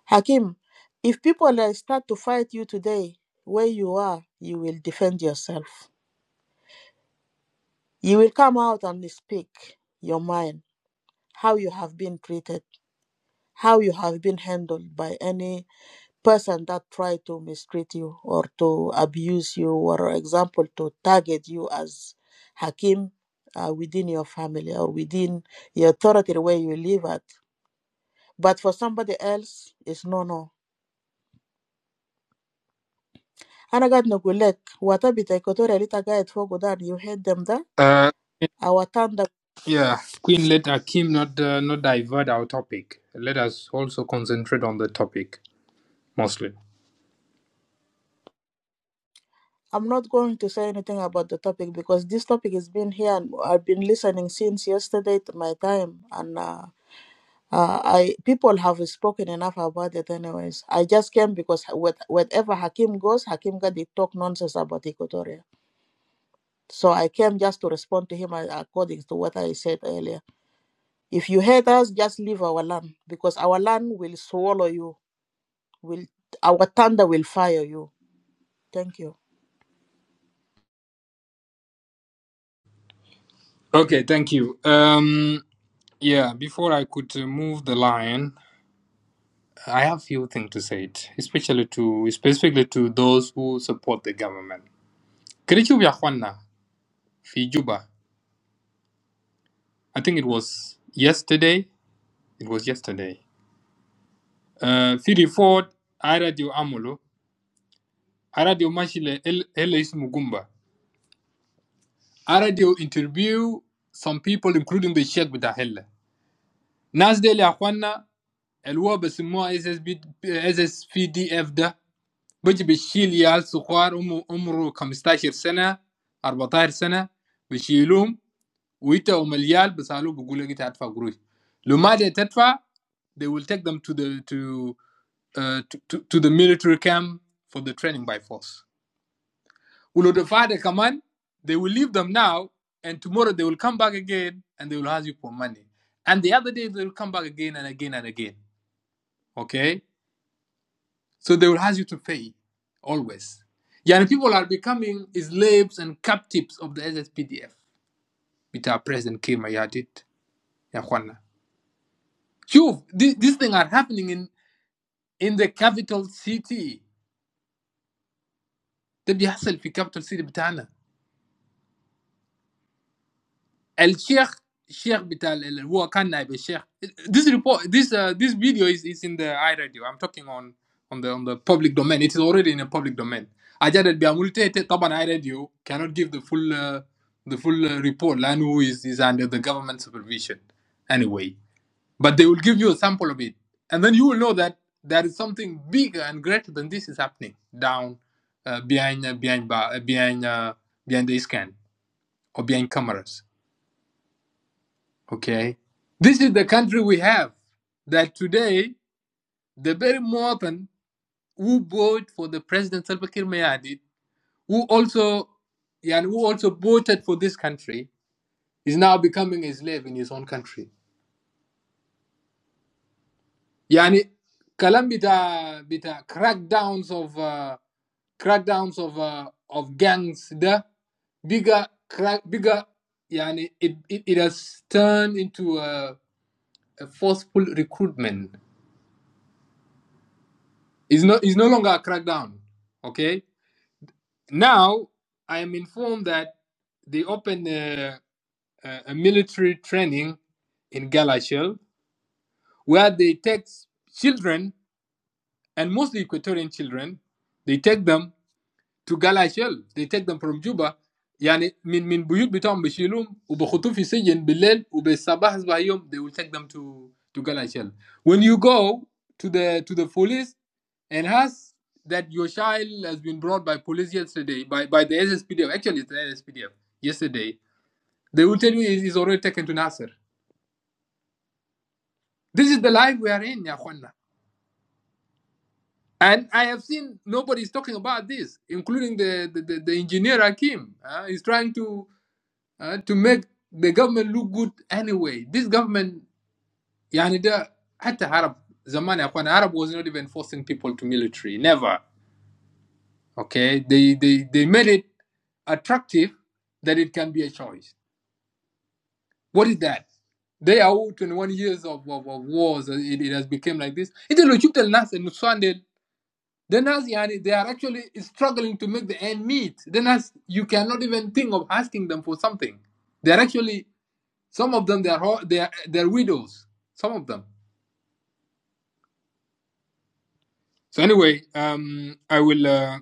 Hakim, if people uh, start to fight you today, where you are, you will defend yourself. You will come out and speak your mind, how you have been treated, how you have been handled by any person that try to mistreat you or to abuse you or example to target you as hakim uh, within your family or within your authority where you live at but for somebody else it's no no انا قاعد نقول لك وات بتاع الكوتوريا اللي انت قاعد فوقه ده you hate them ده Uh. او تاندا Yeah, Queen, let Akim not uh, not divert our topic. Let us also concentrate on the topic mostly. I'm not going to say anything about the topic because this topic has been here and I've been listening since yesterday to my time and uh, Uh, I people have spoken enough about it, anyways. I just came because with, wherever Hakim goes, Hakim Gadi talk nonsense about Equatoria. So I came just to respond to him uh, according to what I said earlier. If you hate us, just leave our land because our land will swallow you. Will our thunder will fire you? Thank you. Okay, thank you. Um, yeah, before I could uh, move the line, I have few things to say it, especially to specifically to those who support the government. Kirichu vya Juana, fi Juba. I think it was yesterday. It was yesterday. Uh, fi report, I radio Amolo, I radio Mashile, El Ismugumba. I already interviewed some people, including the Czech with the helmet. Now, there are one, the one with the SS-SSVD afda, which the children are so far, um, umro 25 years, 24 years, the children, and they are young, but they are not going to be able to get out of the country. The other, they will take them to the to uh, to to to the military camp for the training rifles. will notify the command. They will leave them now, and tomorrow they will come back again and they will ask you for money. And the other day they will come back again and again and again. Okay? So they will ask you to pay always. Yani people are becoming slaves and captives of the SSPDF. With our president Kim Ayadit, Yahwana. Shuf, thi- these things are happening in, in the capital city. They be hustled in The بيحصل في capital city الشيخ الشيخ بتاع ال- ال- هو كان نائب الشيخ this report this uh, this video is is in the iRadio I'm talking on on the on the public domain it is already in a public domain حاجات اللي بيعملوا تيت- طبعا iRadio cannot give the full uh, the full uh, report لانه is is under the government supervision anyway but they will give you a sample of it and then you will know that there is something bigger and greater than this is happening down uh, behind uh, behind uh, behind uh, behind the scan or behind cameras Okay. This is the country we have that today, the very Morton who voted for the President Salva Kiir Mayardit, who also, yeah, who also voted for this country, is now becoming a slave in his own country. Yani, kalam bita, bita crackdowns of, uh, crackdowns of, uh, of gangs, the bigger, crack, bigger, yani, it, it, it has turned into a, a forceful recruitment It's no, it's no longer a crackdown. Okay. Now I am informed that they opened a, a, a military training in Galashel where they take children and mostly Equatorian children. They take them to Galashel. They take them from Juba. يعني من من بيوت بتاعهم بيشيلوهم وبخطوه في سجن بالليل وبالصباح صباح يوم they will take them to to Galashel. When you go to the to the police Enhance that your child has been brought by police yesterday, by, by the SSPDF, actually it's the SSPDF, yesterday. They will tell you he already taken to Nasser. This is the life we are in, Ya Akhwana. And I have seen nobody is talking about this, including the, the, the, the engineer Hakim. Uh, he's trying to uh, to make the government look good anyway. This government, يعني ده حتى Arab zaman, يا أخوان Arab was not even forcing people to military, never. Okay, they, they, they made it attractive that it can be a choice. What is that? They are all 21 years of, of, of wars. uh, It, it has become like this. It's a logic that Nas and Nuswandel, the Nas, yani, they are actually struggling to make the end meet. The Nas, you cannot even think of asking them for something. They are actually, some of them, they are, they are, they are widows. Some of them. So anyway, um, I will, uh,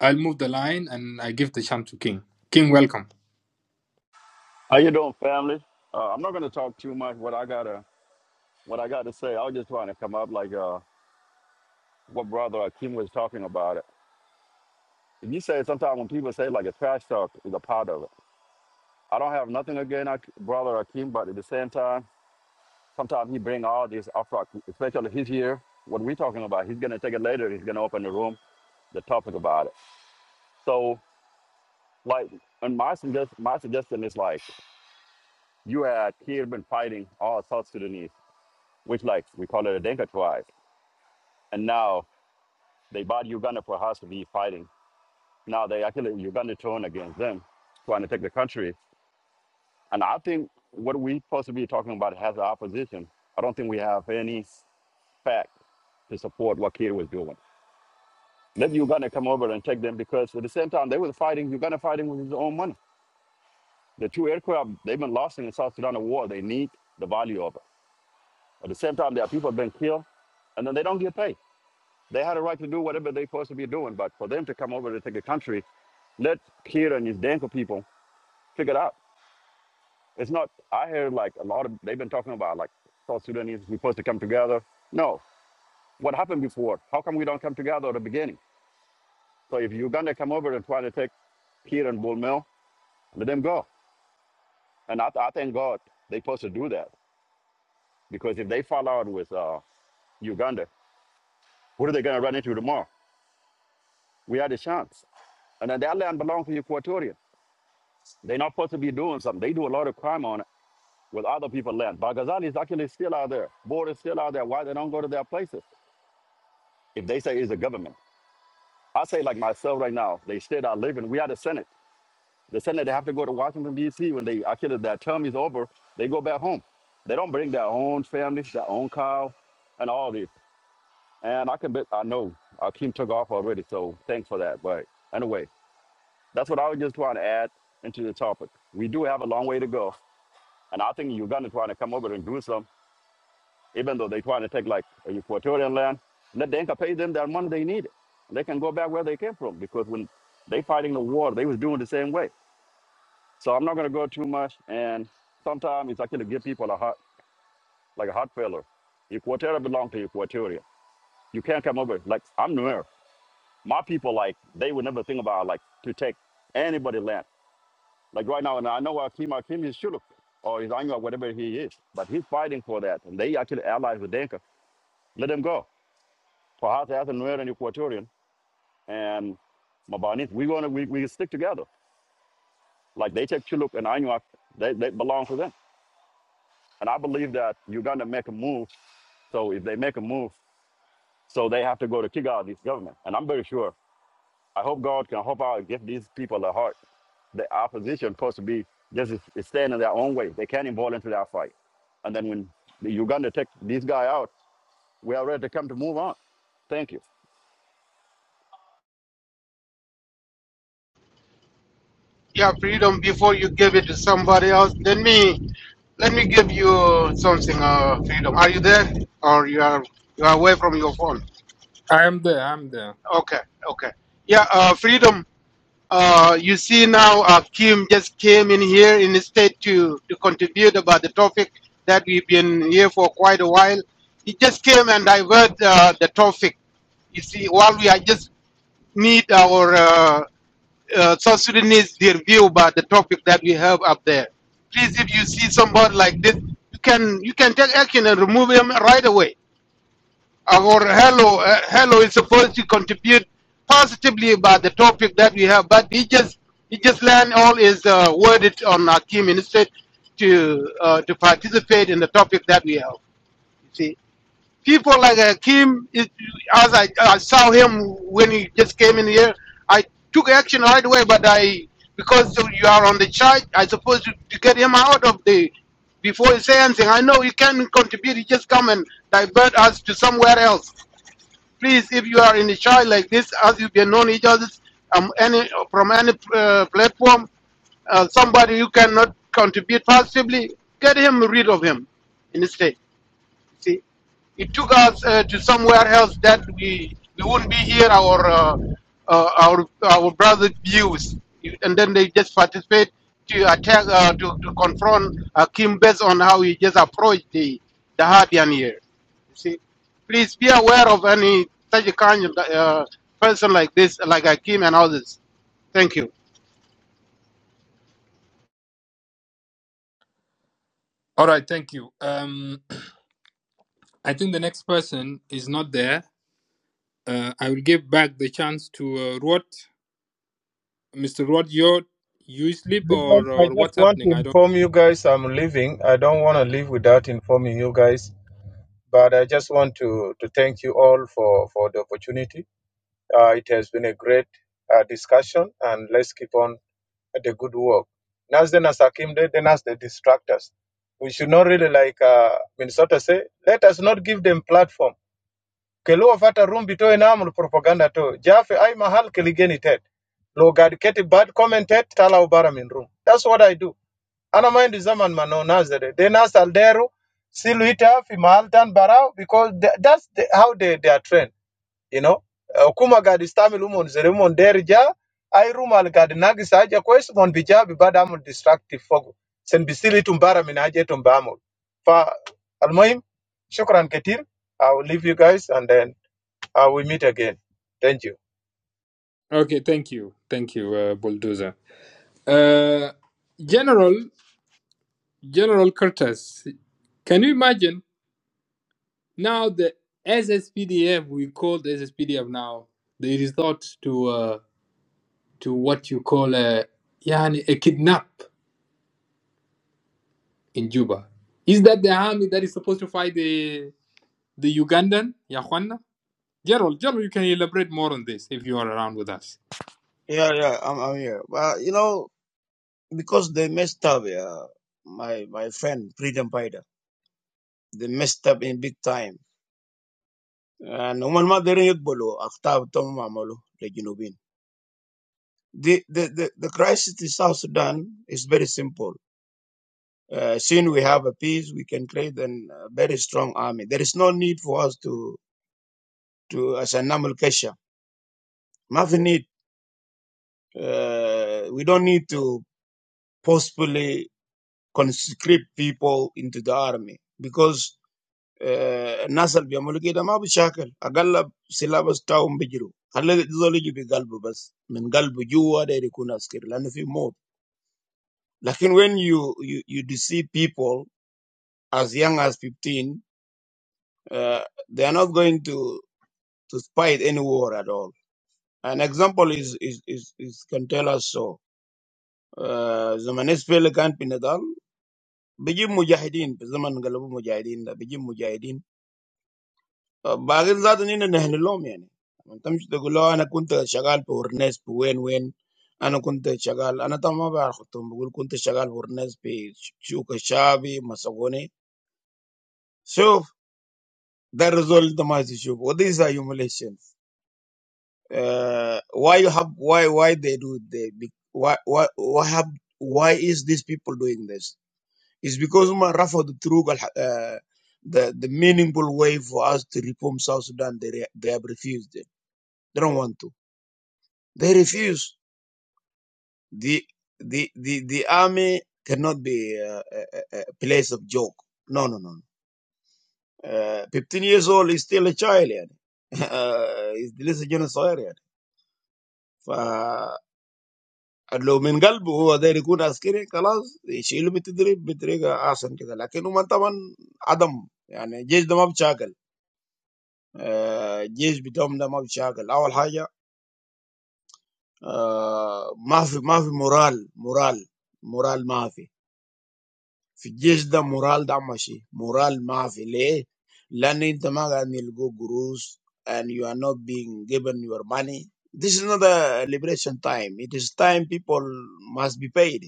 I'll move the line and I give the chance to King. King, welcome. How you doing, family? Uh, I'm not gonna talk too much. What I gotta, what I gotta say, I was just trying to come up like uh, what brother Akeem was talking about it. And you say sometimes when people say like a trash talk is a part of it. I don't have nothing against Ak- brother Akeem, but at the same time, sometimes he bring all this up, especially he's here. What we talking about? He's gonna take it later. He's gonna open the room, the topic about it. So like, and my suggest, my suggestion is like, you had here been fighting all South Sudanese, which like we call it a Dinka tribe. And now they bought Uganda for us to be fighting. Now they actually Uganda turn against them, trying to take the country. And I think what we supposed to be talking about has the opposition. I don't think we have any fact to support what Kiir was doing. Let Uganda come over and take them because at the same time they were fighting Uganda fighting with his own money. The two aircraft they've been lost in the South Sudan war, they need the value of it. At the same time, there are people being killed and then they don't get paid. They had a right to do whatever they're supposed to be doing, but for them to come over to take a country, let Kira and his Danko people figure it out. It's not, I hear like a lot of, they've been talking about like South Sudanese, we're supposed to come together. No, what happened before? How come we don't come together at the beginning? So if Uganda come over and try to take Kira and Bull Mill, let them go. And I, I thank God they are supposed to do that because if they fall out with uh, Uganda, what are they going to run into tomorrow? We had a chance. And then that land belongs to the Equatorial. They're not supposed to be doing something. They do a lot of crime on it with other people land. Baghdadi is actually still out there. Border is still out there. Why they don't go to their places? If they say it's the government. I say like myself right now, they state I live in, we are the Senate. The Senate, they have to go to Washington, D.C. When they actually, their term is over, they go back home. They don't bring their own families, their own cow, and all this. And I can bet, I know, Akeem took off already, so thanks for that. But anyway, that's what I was just trying to add into the topic. We do have a long way to go And I think Uganda trying to come over and do some, even though they trying to take like equatorial land, let the pay them their money they need. They can go back where they came from because when they fighting the war, they was doing the same way. So I'm not gonna go too much. And sometimes it's actually give people a heart, like a heart failure. Equatorial belong to Equatoria. You can't come over. Like I'm Nuer. My people, like they would never think about like to take anybody land. Like right now, and I know Akim Akim is Shuluk or his Anya, whatever he is, but he's fighting for that, and they actually allies with Denka. Let them go. Perhaps as and Nuer and Equatorian and Mabanese, we're gonna we, we stick together. Like they take Chiluk and Anuak, they, they belong to them. And I believe that Uganda make a move. So if they make a move, so they have to go to kick out this government. And I'm very sure. I hope God can help out and give these people a heart. The opposition supposed to be just is- stand in their own way. They can't involve into that fight. And then when the Uganda take this guy out, we are ready to come to move on. Thank you. Yeah, freedom before you give it to somebody else. Let me let me give you something, uh freedom. Are you there? Or you are you are away from your phone. I am there. I'm there. Okay, okay. Yeah, uh freedom. Uh, you see now, uh, Kim just came in here in the state to, to contribute about the topic that we've been here for quite a while. He just came and divert uh, the topic. You see, while we are just need our uh, uh, South Sudanese their view about the topic that we have up there. Please, if you see somebody like this, you can you can take action and remove him right away. Our hello, uh, hello is supposed to contribute positively about the topic that we have, but he just he just learned all his uh, worded on Akim instead to uh, to participate in the topic that we have. You see, people like Akim, it, as I, I saw him when he just came in here, I took action right away, but I because you are on the charge, I supposed to, to get him out of the before he say anything. I know he can contribute. He just come and divert us to somewhere else please, if you are in a child like this, as you can know each other um, any, from any uh, platform, uh, somebody you cannot contribute positively, get him rid of him instead. See, it took us uh, to somewhere else that we we wouldn't be here. Our uh, uh, our our brother views, and then they just participate to attack uh, to, to confront uh, Kim based on how he just approached the the Hardian here. You see, please be aware of any such a kind of uh, person like this, like Akim and others. Thank you. All right, thank you. Um, I think the next person is not there. Uh, I will give back the chance to uh, Rod. Mr. Rod, you you sleep Freedom, or, I or just what's want to happening? I don't. inform you guys I'm leaving. I don't want to leave without informing you guys But I just want to, to thank you all for, for the opportunity. Uh, it has been a great uh, discussion, and let's keep on the good work. Nas the Nasakim, then as the distractors. We should not really, like uh, Minnesota say, let us not give them platform. Kelo vata rumbi to enamul propaganda to. Jafe ay mahal keligeni tet. Lo gad keti bad commented, tala ubara min room. That's what I do. Ana mind zaman mano nazare. They nas al deru siluita fi mahal tan barau because tha- that's the, how they, they are trained. You know. Uh, Kuma gadi stamil umon zere umon derja. Ay rumal gadi nagis aja kwes mon bija bibada amul destructive fogo. Sen bisili tumbara minaje aje tumbamul. Fa almuhim, shukran ketir. I will leave you guys and then I will meet again. Thank you. Okay, thank you, thank you, uh, bulldozer. Uh, General General Curtis, can you imagine now the SSPDF we call the SSPDF now they resort to uh, to what you call a yani a kidnap in Juba. Is that the army that is supposed to fight the The Ugandan, Ya Juana? Gerald, Gerald, you can elaborate more on this if you are around with us. yeah, yeah, I'm, I'm here. Well, you know. because they messed up. Yeah, my my friend freedom fighter. They messed up in big time. And ومن ما قدروا يقبلوا أخطاء بتوعهم عملوا للجنوبين. The, the, the, the crisis in South Sudan is very simple. Uh, since we have a peace, we can create an, a very strong army. There is no need for us to, to as a normal Kesha. Nothing need. Uh, we don't need to possibly conscript people into the army because آه الناس اللي بيعملوا كده ما بيشاكل، اغلب سلابس بتاعهم بيجروا، خلي زول يجي بقلبه بس، من قلبه جوا داير يكون عسكري لانه في موت. لكن When you you you deceive people as young as 15, uh, they are not going to to fight any war at all. An example is is is, is can tell us so. The manespele can't pin it down. We give Mujahideen. The manespele Mujahideen. We give Mujahideen. باقي ذات نحن نحن لهم يعني ما تمشي تقول له انا كنت شغال في ورنيس في وين وين انا كنت شغال انا طبعا ما بعرف خطهم بقول كنت شغال في ورنيس في سوق الشعبي مسكوني شوف ده الرزول انت ما تشوف و these humiliations uh, why you have why why they do they be, why why why have why is these people doing this it's because ما رفضوا الطرق الح- uh, the the meaningful way for us to reform South Sudan they re- they have refused it they don't want to They refuse. the the the the army cannot be a a, a place of joke. No, no, no. Uh, Fifteen years old is still a child. Yanne, he's still a young soldier. Yanne, for a low in the heart who are there to be good as killers, the children be treated be treated as something like. But no matter when Adam, yanne, just the mob charge. Just be down the mob charge. All higher, more more morale, morale, morale, more. في الجيش ده مورال ده ماشي مورال ما في ليه لان انت ما قاعد نلقوا قروش and you are not being given your money this is not a liberation time it is time people must be paid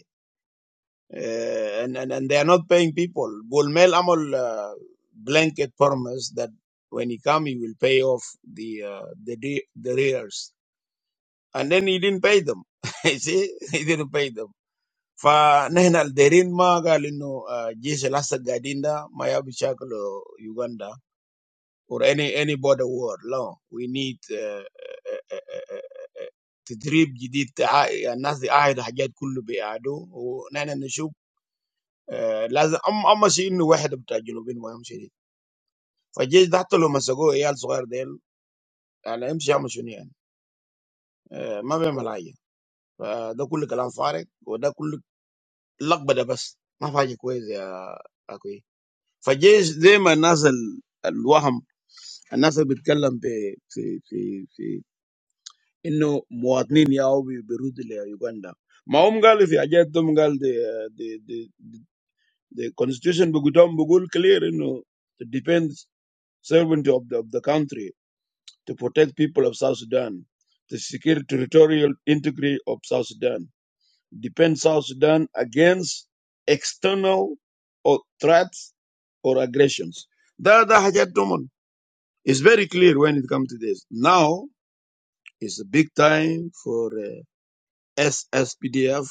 Uh, and, and and they are not paying people Bulmel amal uh, blanket promise that when he come he will pay off the uh, the de- the arrears and then he didn't pay them you see he didn't pay them فنحن الديرين ما قال إنه جيش الأسد قاعدين ده ما يبي شكله يوغندا or any any border war. No, we need تدريب جديد الناس يعاهد حاجات كله بيعادوا ونحن نشوف لازم أما شيء إنه واحد بتاع الجنوبين ما يمشي شديد. فالجيش ده حتى لو مسكوه عيال صغار ديل يعني يمشي يعمل شنو يعني ما بيعمل حاجة. فده كله كلام فارغ وده كله لقبة بس ما في حاجة كويسة يا أخوي. فجيش زي ما الناس ال- الوهم الناس اللي بتتكلم في في في في انه مواطنين ياو بي- بيرودوا ليوغندا ما هم قالوا في حاجات هم قال دي دي دي دي constitution بقولهم بقول clear انه to defend servant of the, of the country to protect people of South Sudan to secure territorial integrity of South Sudan defend South Sudan against external or threats or aggressions ده ده حاجات ضمن It's very clear when it comes to this. Now is a big time for uh, SSPDF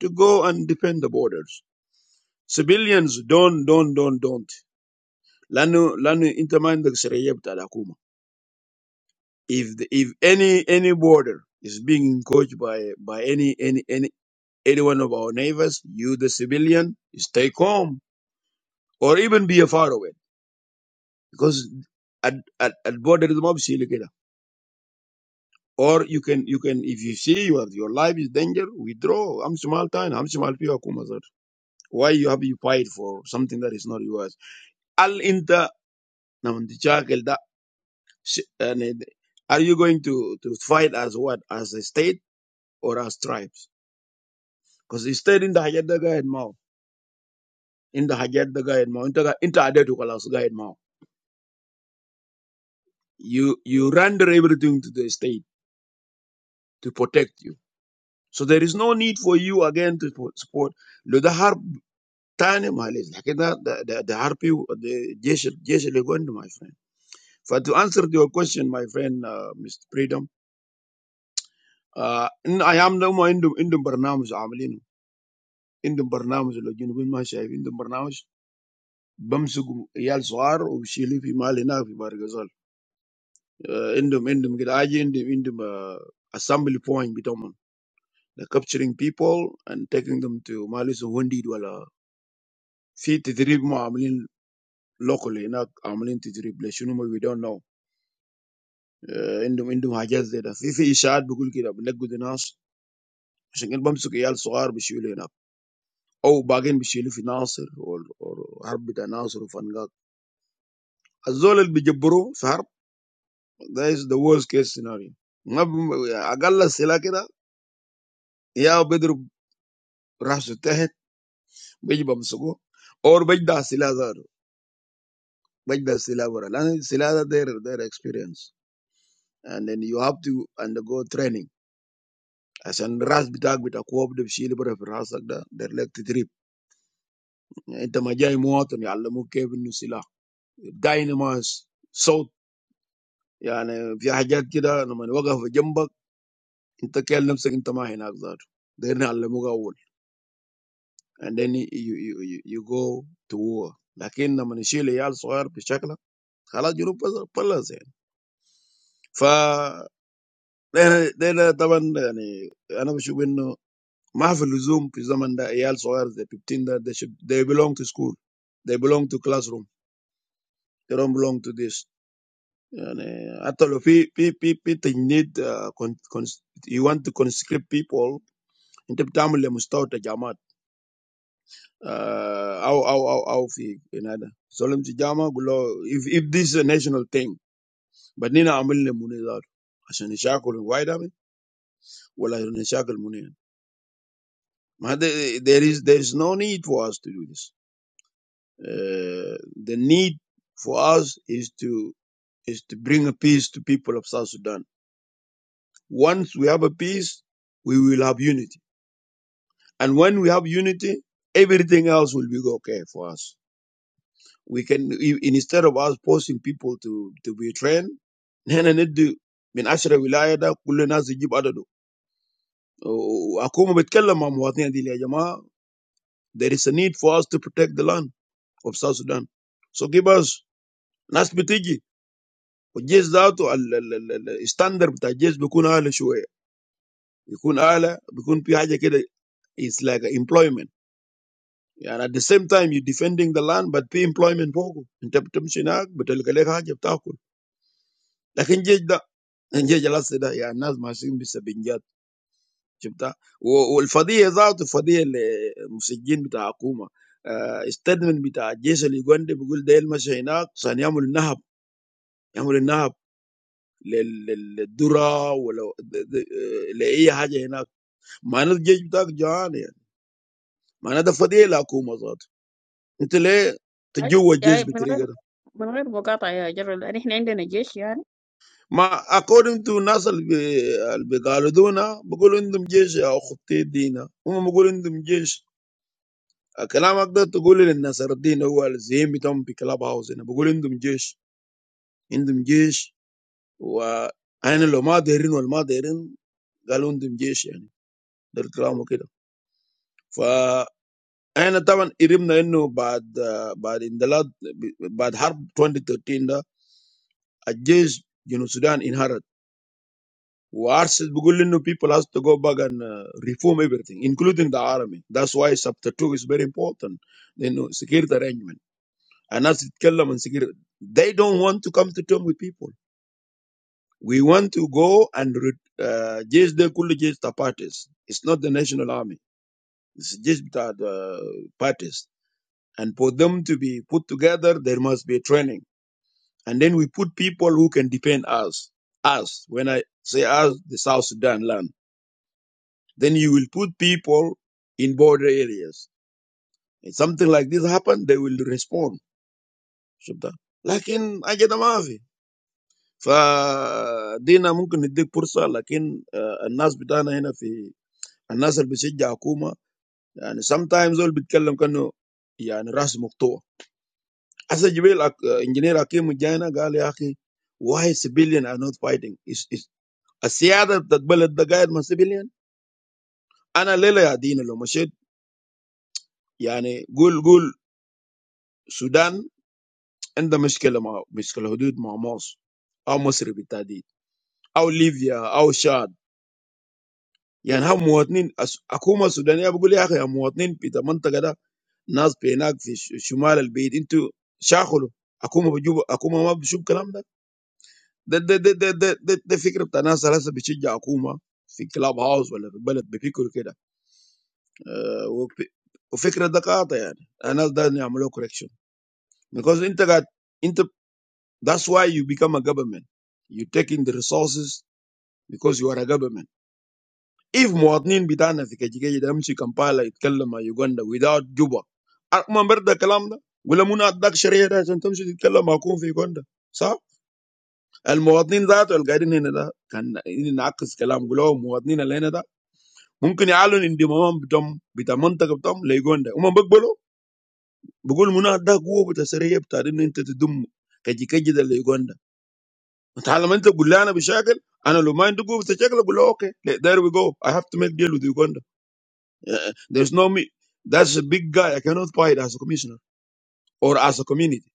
to go and defend the borders. Civilians don't, don't, don't, don't. Lanu, lanu intermind the Syria بتاع If the, if any any border is being encroached by by any any any any one of our neighbors, you the civilian is stay calm or even be a far away because at at at border is mob sili kida. Or you can, you can, if you see your, your life is danger, withdraw. I'm small time. I'm small people. Why you have you fight for something that is not yours? Al inta naman tijakil da. sh- yani, Are you going to, to fight as what? As a state or as tribes? Because the state in the hajat da gaid mao. In the hajat da gaid mao. Inta inta adetu kalas gaid mao. You, you render everything to the state to protect you. So there is no need for you again to support. Time in my life. That's the the harp you, the Jesus, Jesus legend, my friend. For to answer your question, my friend, Mr. Freedom, in Ayam na uma indum indum bernamos amalinu indum bernamos lojinu ma shayu indum bernamos bamsugum yal suar ubshili fi malina fi barigazal indum indum kitaagi indum indum assembly point bitomon the capturing people and taking them to malisu wundiwa la fi titribu ama amalin local na ama amalin titribu leshunu ma we don't know. Andum, andum, agaj zeda. If in ishads, bokul kira, bledgeo dinas. Asin kira bamsuko iyal sughar bishilena. Or bagin bishilu fi nasir or or harbita nasir ufanga. Azol bijibbru sughar. That is the worst case scenario. Agalla sila kira. Ya bedru ras tehet bichi bamsuko. Or bichi da sila zar. Bichi da sila wara. Sila da der der experience. And then you have to undergo training. Asan ras bedru bedru akua bichi bishilu bira farasakda der lect trip. انت ما جاي مواطن يعلموك كيف انه سلاح دايناماس صوت، يعني في حاجات كده لما يوقف جنبك انت كان نفسك انت ما هناك ذاته، ده يعلموك اول And then you you you you go to war. But when they are young, they are not allowed to go to war. And then you you you go to war. يعني حتى لو في في في في تجنيد آه، كون- كونس- you want to conscript people انت بتعمل لمستوى تجامعات آه، او او او او في في هذا سلم تجامع قول له if, if this is a national thing بدينا اعمل له مناظر عشان يشاكل الوايد أرمي ولا نشاكل منين ما هذا there is there is no need for us to do this uh, the need for us is to is to bring a peace to people of South Sudan once we have a peace we will have unity And when we have unity, everything else will be okay for us. We can, instead of us forcing people to, to be trained, من عشرة ولاية ده كل الناس يجيب عدده. وأكون بتكلم مع مواطنين دي يا جماعة there is a need for us to protect the land of South Sudan. So give us ناس بتيجي والجيش ذاته ال- ال- ال- ال- الستاندر بتاع الجيش بيكون أعلى شوية. بيكون أعلى بيكون في حاجة كده it's like employment. And at the same time, you're defending the land, but pay employment for you. Interpretation, but the legal charge, interpreter. Like in Jeddah, in Jeddah, last Saturday, yeah, Nas Masin was a big guy. Jeddah. Oh, oh, the Fadi is out. The Fadi, the musician, the government. Statement, the Jesus, the gun, they're going to kill Masihinak. They're going to do the robbery. They're going to do the robbery. The the the the Dura, or the the the the أي what? يعني The من غير what? من غير مقاطعة يا جرى لأن إحنا عندنا جيش يعني. Ma according to Nasir al-Bgaluduna, we're talking about Jesus or Christianity. We're talking about Jesus. When I'm talking about Jesus, I'm talking about the Christian God. We're talking about Jesus, Jesus, and how the mother and the mother are talking about Jesus. How many times have we heard that in the last, in the last, in the last 2013? Jesus in Sudan inherited. Wars is beginning people has to go back and uh, reform everything, including the army. That's why chapter two is very important. You know, security arrangement. And as it kellam and security, they don't want to come to terms with people. We want to go and re- uh, just the cool just the parties. It's not the national army. It's just the parties. And for them to be put together, there must be a training. And then we put people who can defend us. Us. When I say us, the South Sudan land Then you will put people in border areas. If something like this happen, they will respond. Shubda. But I get a message. For Dina, mungkin niti pursa. But the people here in the mosque, the government. Sometimes they will talk because they are in rush mode. As a civil engineer, I came to Jaina. I asked why civilians are not fighting. It's a sad that the government is civilians. I'm a little bit Dina. The mosque. I mean, Gulf, Gulf, Sudan. عنده مشكله مع مشكله حدود مع مصر او مصر بالتحديد او ليبيا او شاد يعني هم مواطنين الس- الحكومه السودانيه بقول يا اخي يا مواطنين في المنطقه ده ناس في هناك في ش- شمال البيت انتوا شاخلوا حكومه بجوب حكومه ما بتشوف الكلام ده ده ده ده ده ده, ده, ده فكره بتاع ناس هسه بتشجع حكومه في كلاب هاوس ولا في البلد بيفكروا كده أه وف- وفكره ده قاطع يعني الناس ده يعملوا correction because انت قاعد انت that's why you become a government you taking the resources Because you are a government. If Muadnine bita na zikajeka jeda mishi kampala itkella ma Uganda without joba. Aru manber da kalamda? Wala muna adak sherehe da zan tamishi itkella ma akun fi Uganda. Sa? Al Muadnine zato al kaidin hina da kan hina ngakis kalam gula. Muadnine alainda? Mungkin yaglon indi mama bitam bita mantha bitam la Uganda. Umabek bolu? Buku muna adak guo bita sherehe bitarini inta tdomu kajeka jeda la Uganda. Ntalama inta gula ana bishakel. Ana lumain tugu busechakla gula okay. There we go. I have to make deal with Uganda. Uh, there's no me. That's a big guy. I cannot fight as a commissioner or as a community.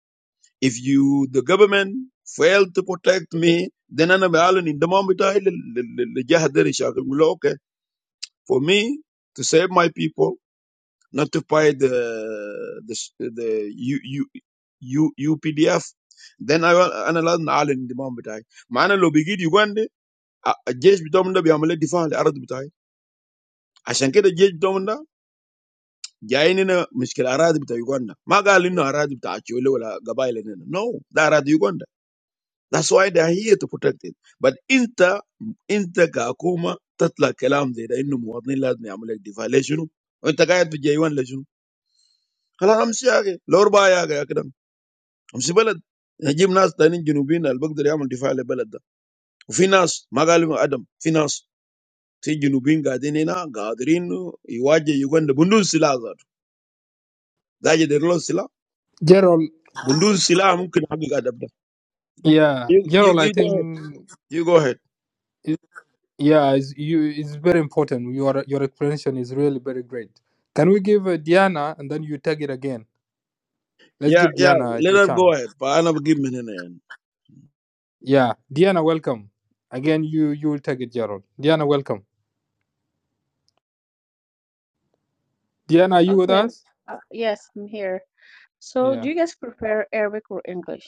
If you, the government, failed to protect me, then I'm أنا بعلن in the moment I الجهة ده اللي شغال بقول okay for me to save my people, not to fight the the the U, U, U, UPDF. Then I will- أنا لازم in the moment. مع I, لو بقيت يوغندا الجيش بتاعهم ده بيعمل لي دفاع للأرض بتاعي. عشان كده the judge ده Jaini na miskel aradi bta Uganda. Magaluno aradi bta achiole ola gabaye lena. No, that aradi Uganda. That's why they are here to protect it. But inta inta gakuma tatlakalam zire inu muadzini lazmi yamulek deflationu. Inta gaidi jaiwan lazimu. Kala hamsiyagi. Lorba ya gakidam. Hamsiyala gymnas tani jinubin albugu duryamulek defile belada. Finance magaluno Adam. Finance tini jinubin gaidi lena gaidirino iwaaje Uganda. Bundu sila zat. Daje dero sila. Gerald, Bundu sila mukina gakadabda. yeah, You you Gerald, I you go ahead. think, You go ahead. it- yeah, it's, you, it's very important. Your your explanation is really very great. Can we give uh, Diana and then you take it again? Let's Yeah give yeah. Diana a, Let a her go chance. ahead. I am not giving in. Yeah, Diana, welcome. Again, you you will take it, Gerald. Diana, welcome. Diana, are you with Okay. us? Uh, yes, I'm here. So, do Yeah, you guys prefer Arabic or English?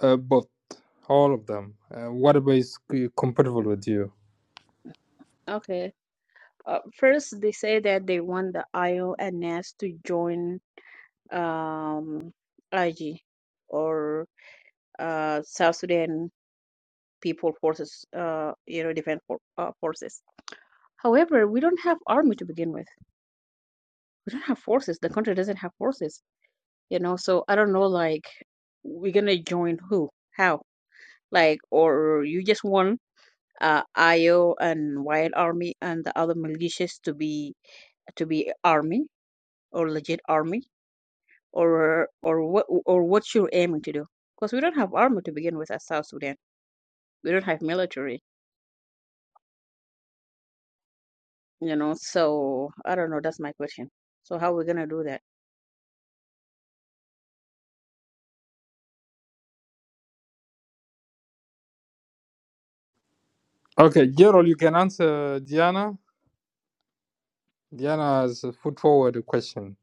uh, both, all of them. Uh, whatever is c- compatible with you. Okay. Uh, first, they say that they want the IO and NAS to join um, IG or uh, South Sudan People Forces, uh, you know, Defense for, uh, Forces. However, we don't have army to begin with. We don't have forces. The country doesn't have forces. you know so i don't know like we're gonna join who how like or you just want uh io and wild army and the other militias to be to be army or legit army or or what or what you're aiming to do because we don't have army to begin with as south sudan we don't have military you know so i don't know that's my question so how we gonna do that Okay, Gerald, you can answer Diana, Diana has put forward a question.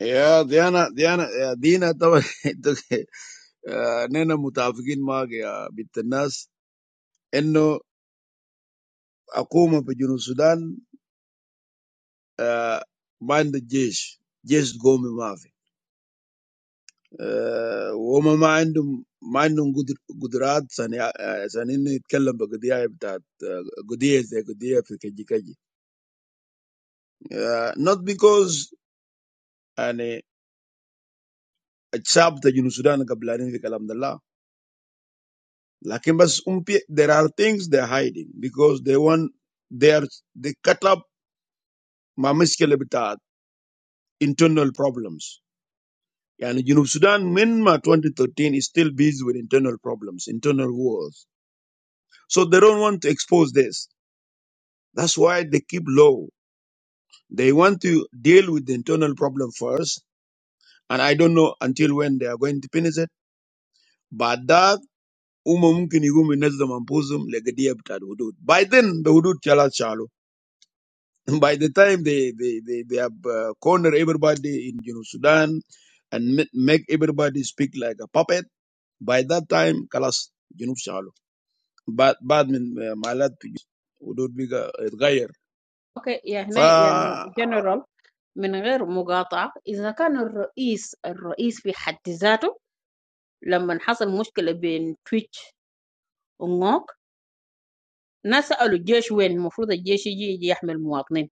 Yeah. They are not. They are not. Yeah. Di na tapo. Nena mutafikin mag. Bit nas. Eno ako mapijunusudan. Mind just. Just go mi maafi. Wama mindum mindum gudrad. Sani sani ni kalamo gudiya yuta. Gudiya sa gudiya piki jiki. Not because ane. الشعب بتاع السودان قبلانين في كلام ده لكن بس هم في there are things they are hiding because they want they are they cut up مع مشكلة بتاعت internal problems يعني جنوب السودان من ما 2013 is still busy with internal problems internal wars so they don't want to expose this that's why they keep low they want to deal with the internal problem first and I don't know until when they are going to finish it but that Uma mungkin yigum minazza mampuzum legadiya btad hudud. By then, the hudud chala chalo. By the time they, they, they, they have uh, cornered everybody in you know, Sudan and ma- make everybody speak like a puppet, by that time, kalas, junub chalo. Bad, bad min uh, malat hudud biga itgayer. okay yeah هنا يا فا general من غير مقاطعة إذا كان الرئيس الرئيس في حد ذاته لما حصل مشكلة بين تويتش ونوك ناس سألوا الجيش وين المفروض الجيش يجي يجي يحمي المواطنين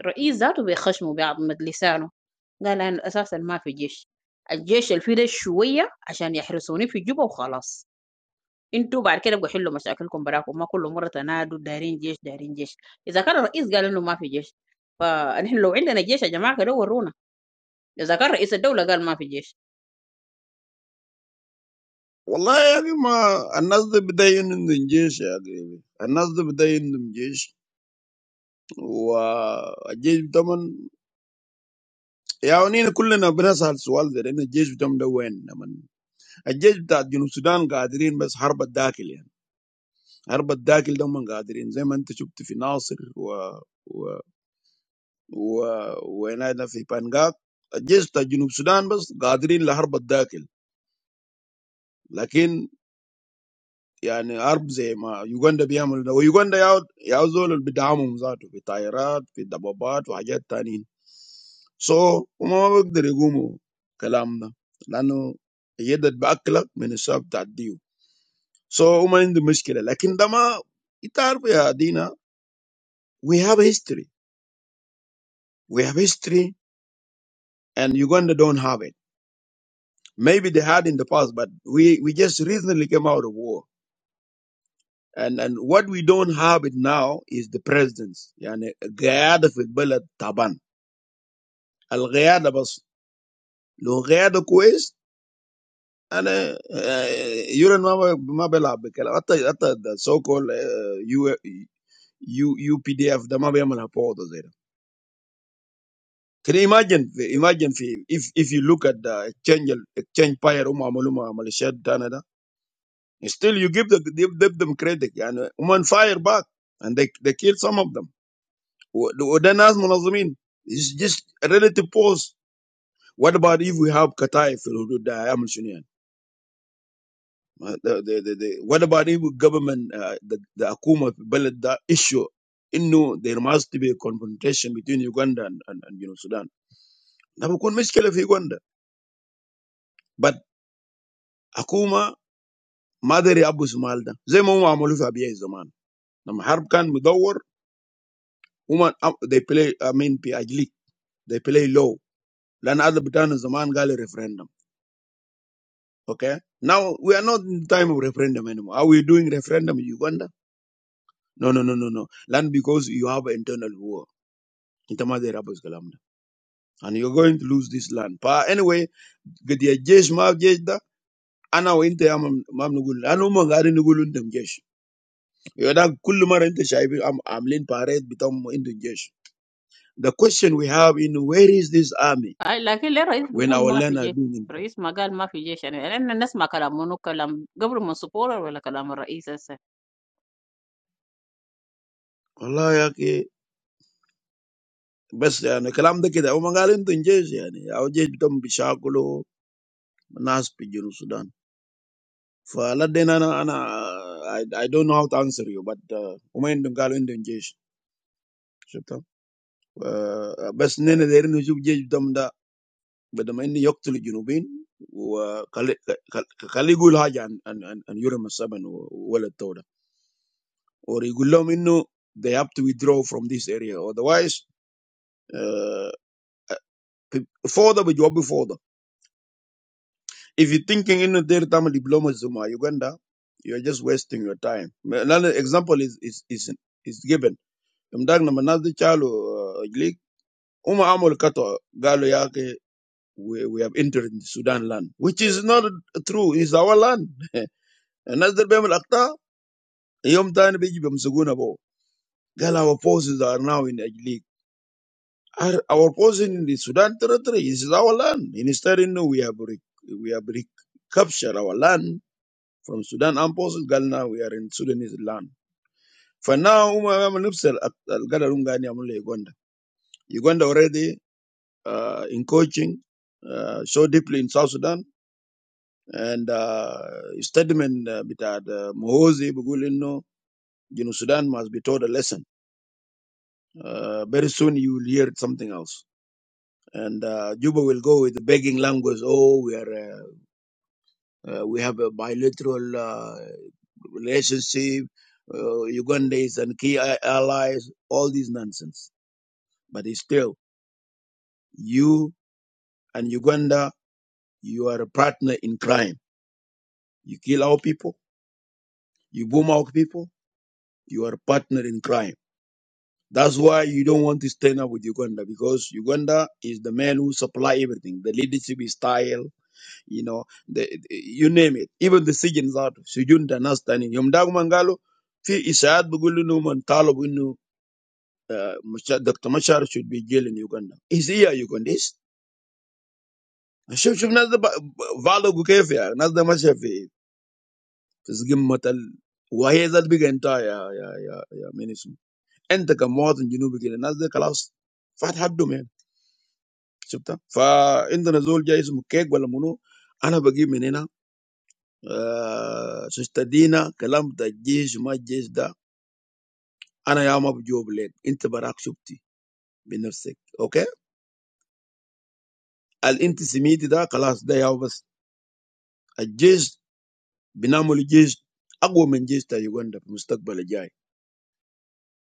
الرئيس ذاته بيخشموا بعض لسانه قال أنا أساسا ما في جيش الجيش اللي شوية عشان يحرسوني في جوبا وخلاص انتوا بعد كده بقوا حلوا مشاكلكم براكم ما كل مرة تنادوا دارين جيش دارين جيش إذا كان الرئيس قال إنه ما في جيش فنحن لو عندنا جيش يا جماعة كده ورونا إذا كان رئيس الدولة قال ما في جيش والله يا اخي ما الناس دي بدايين عندهم جيش يا اخي الناس دي بدايين عندهم جيش والجيش طبعا يا ونين كلنا بنسأل سؤال ده لأن الجيش بتاعهم ده وين؟ لمن الجيش بتاع جنوب السودان قادرين بس حرب الداخل يعني حرب الداخل ده هم قادرين زي ما أنت شفت في ناصر و و و وهنا ده في بانجاك الجيش بتاع جنوب السودان بس قادرين لحرب الداخل لكن Yeah, in arms, eh? Ma, Uganda be amulet. Uganda yout yauzol be damage out, be tired, be double bad, be agitated. So, umama, we gudere gumo. Kalama, nano, yeadat backlog, many sub that deal. So, umama, into mistake. But, like, in damma, itar we are dina. We have a history. We have history, and Uganda don't have it. Maybe they had in the past, but we we just recently came out of war. And and what we don't have it now is the presidents. يعني قاعدة في البلد طبعا القيادة بس لو قيادة كويس أنا يورن ما ب- ما بيلعب بكلام حتى حتى so called يو يو يو بي دي اف ده ما بيعمل فوضى زي ده. Can you imagine imagine في if if you look at the exchange exchange fire هم عملوا مع ميليشيات بتاعنا still you give the give them credit يعني هم on fire back and they they kill some of them و- وده ناس منظمين It's just a relative pause what about if we have Qatar في الحدود ده هيعمل شنو يعني ما- the- the- the- the- what about if government uh, the, the حكومة في البلد ده issue انه there must be a confrontation between Uganda and, and, and you know, Sudan ده بيكون مشكلة في Uganda but حكومة ما داري يعبوا شمال ده زي ما هم عملوا في ابيع زمان لما حرب كان مدور هم they play I mean في they play low لان هذا بتاعنا زمان قال referendum Okay. Now we are not in time of referendum anymore. Are we doing referendum in Uganda? No, no, no, no, no. Land because you have internal war. Ita ma zai And you're going to lose this land. Pa anyway, get gadiya jesh ma jesh da ana wa inta ya mam mam nugul. Anu ma gari nugul undam jesh. Yada kullu mara inta shaibi am amlin paret bitam into jesh. The question we have in where is this army اي لكن ليه الرئيس when بيقول our ما في land are جيش being in الرئيس ما قال ما في جيش يعني لان نسمع كلام منو كلام قبل من سبورة ولا كلام الرئيس هسه Allah yake بس يعني كلام ده كده هم قالوا انتوا جيش يعني او جيش بتم بيشاكلوا Naspi jero Sudan for a lot. Then I I don't know how to answer you, but umain dengkalo indonesian, you know. But nene there in Uzbekistan, but umain ni yaktli jinubin. Kaligulaja an an an an yuram asaben wale toda origulam inu they have to withdraw from this area, otherwise Uh, further we drop further. If you're thinking in the Tamil diploma Zuma, Uganda, you're just wasting your time. Another example is is is, is given. Mdag na manazi chalo league. Uma amol kato galo yake. We, we have entered the Sudan land, which is not true. It's our land. and as the Bemal Akta, Yom Tani Biji Bamsuguna Bo. Girl, our forces are now in the league. Our, our forces in the Sudan territory. is our land. Instead, you know, we have re- we have recaptured our land from Sudan. I'm posting Galna, we are in Sudanese land. For now, i Umar Nupsel at Galarungani Amule Uganda. Uganda already uh, in coaching, uh, so deeply in South Sudan. And uh, statement uh, with uh, Mohozi Bugulino, you know, Sudan must be taught a lesson. Uh, very soon you will hear something else. And uh, Juba will go with the begging language. Oh, we are uh, uh, we have a bilateral. uh, relationship, uh, Uganda is and key a- allies, all these nonsense. But it's still, you and Uganda, you are a partner in crime. You kill our people, you boom our people, you are a partner in crime. That's why you don't want to stand up with Uganda because Uganda is the man who supply everything. The leadership is style, you know, the, the- you name it. Even the citizens out. Sujun Danas standing. Yom Dagmangalo, fi isaad bugulu Musha- Doctor Machar should be jailed in Uganda. Is he a Ugandese? Shab Shab, naza ba Walogukeve ya naza macheve kizgim matale wajeza bigenta ya ya ya ya minister. Enta kama mwanajinu bigene naza kalaos fat haddo me shabta. Fa inda nzulja ish mukeve la mono ana bagi minena susterina kalam da jesh ma jesh da ana yamapu joble. Inte barak shopti minerse. Okay, al inti simiti da kalaos da ya was jesh. بنعمل جيش اقوى من جيش تاع يوغندا في المستقبل الجاي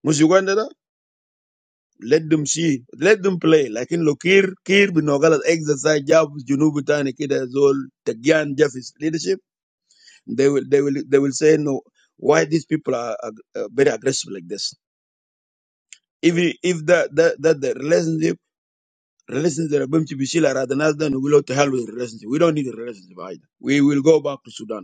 مش يوغندا ده let them see let them play لكن لو كير Kir بانه exercise جاب جنوب تاني كده زول تجيان جافيس leadership they will they will they will say no why these people are, are, are very aggressive like this if if that that that the relationship relationship بمشي بيشيل على الناس ده نقول له to hell with the relationship we don't need a relationship either we will go back to Sudan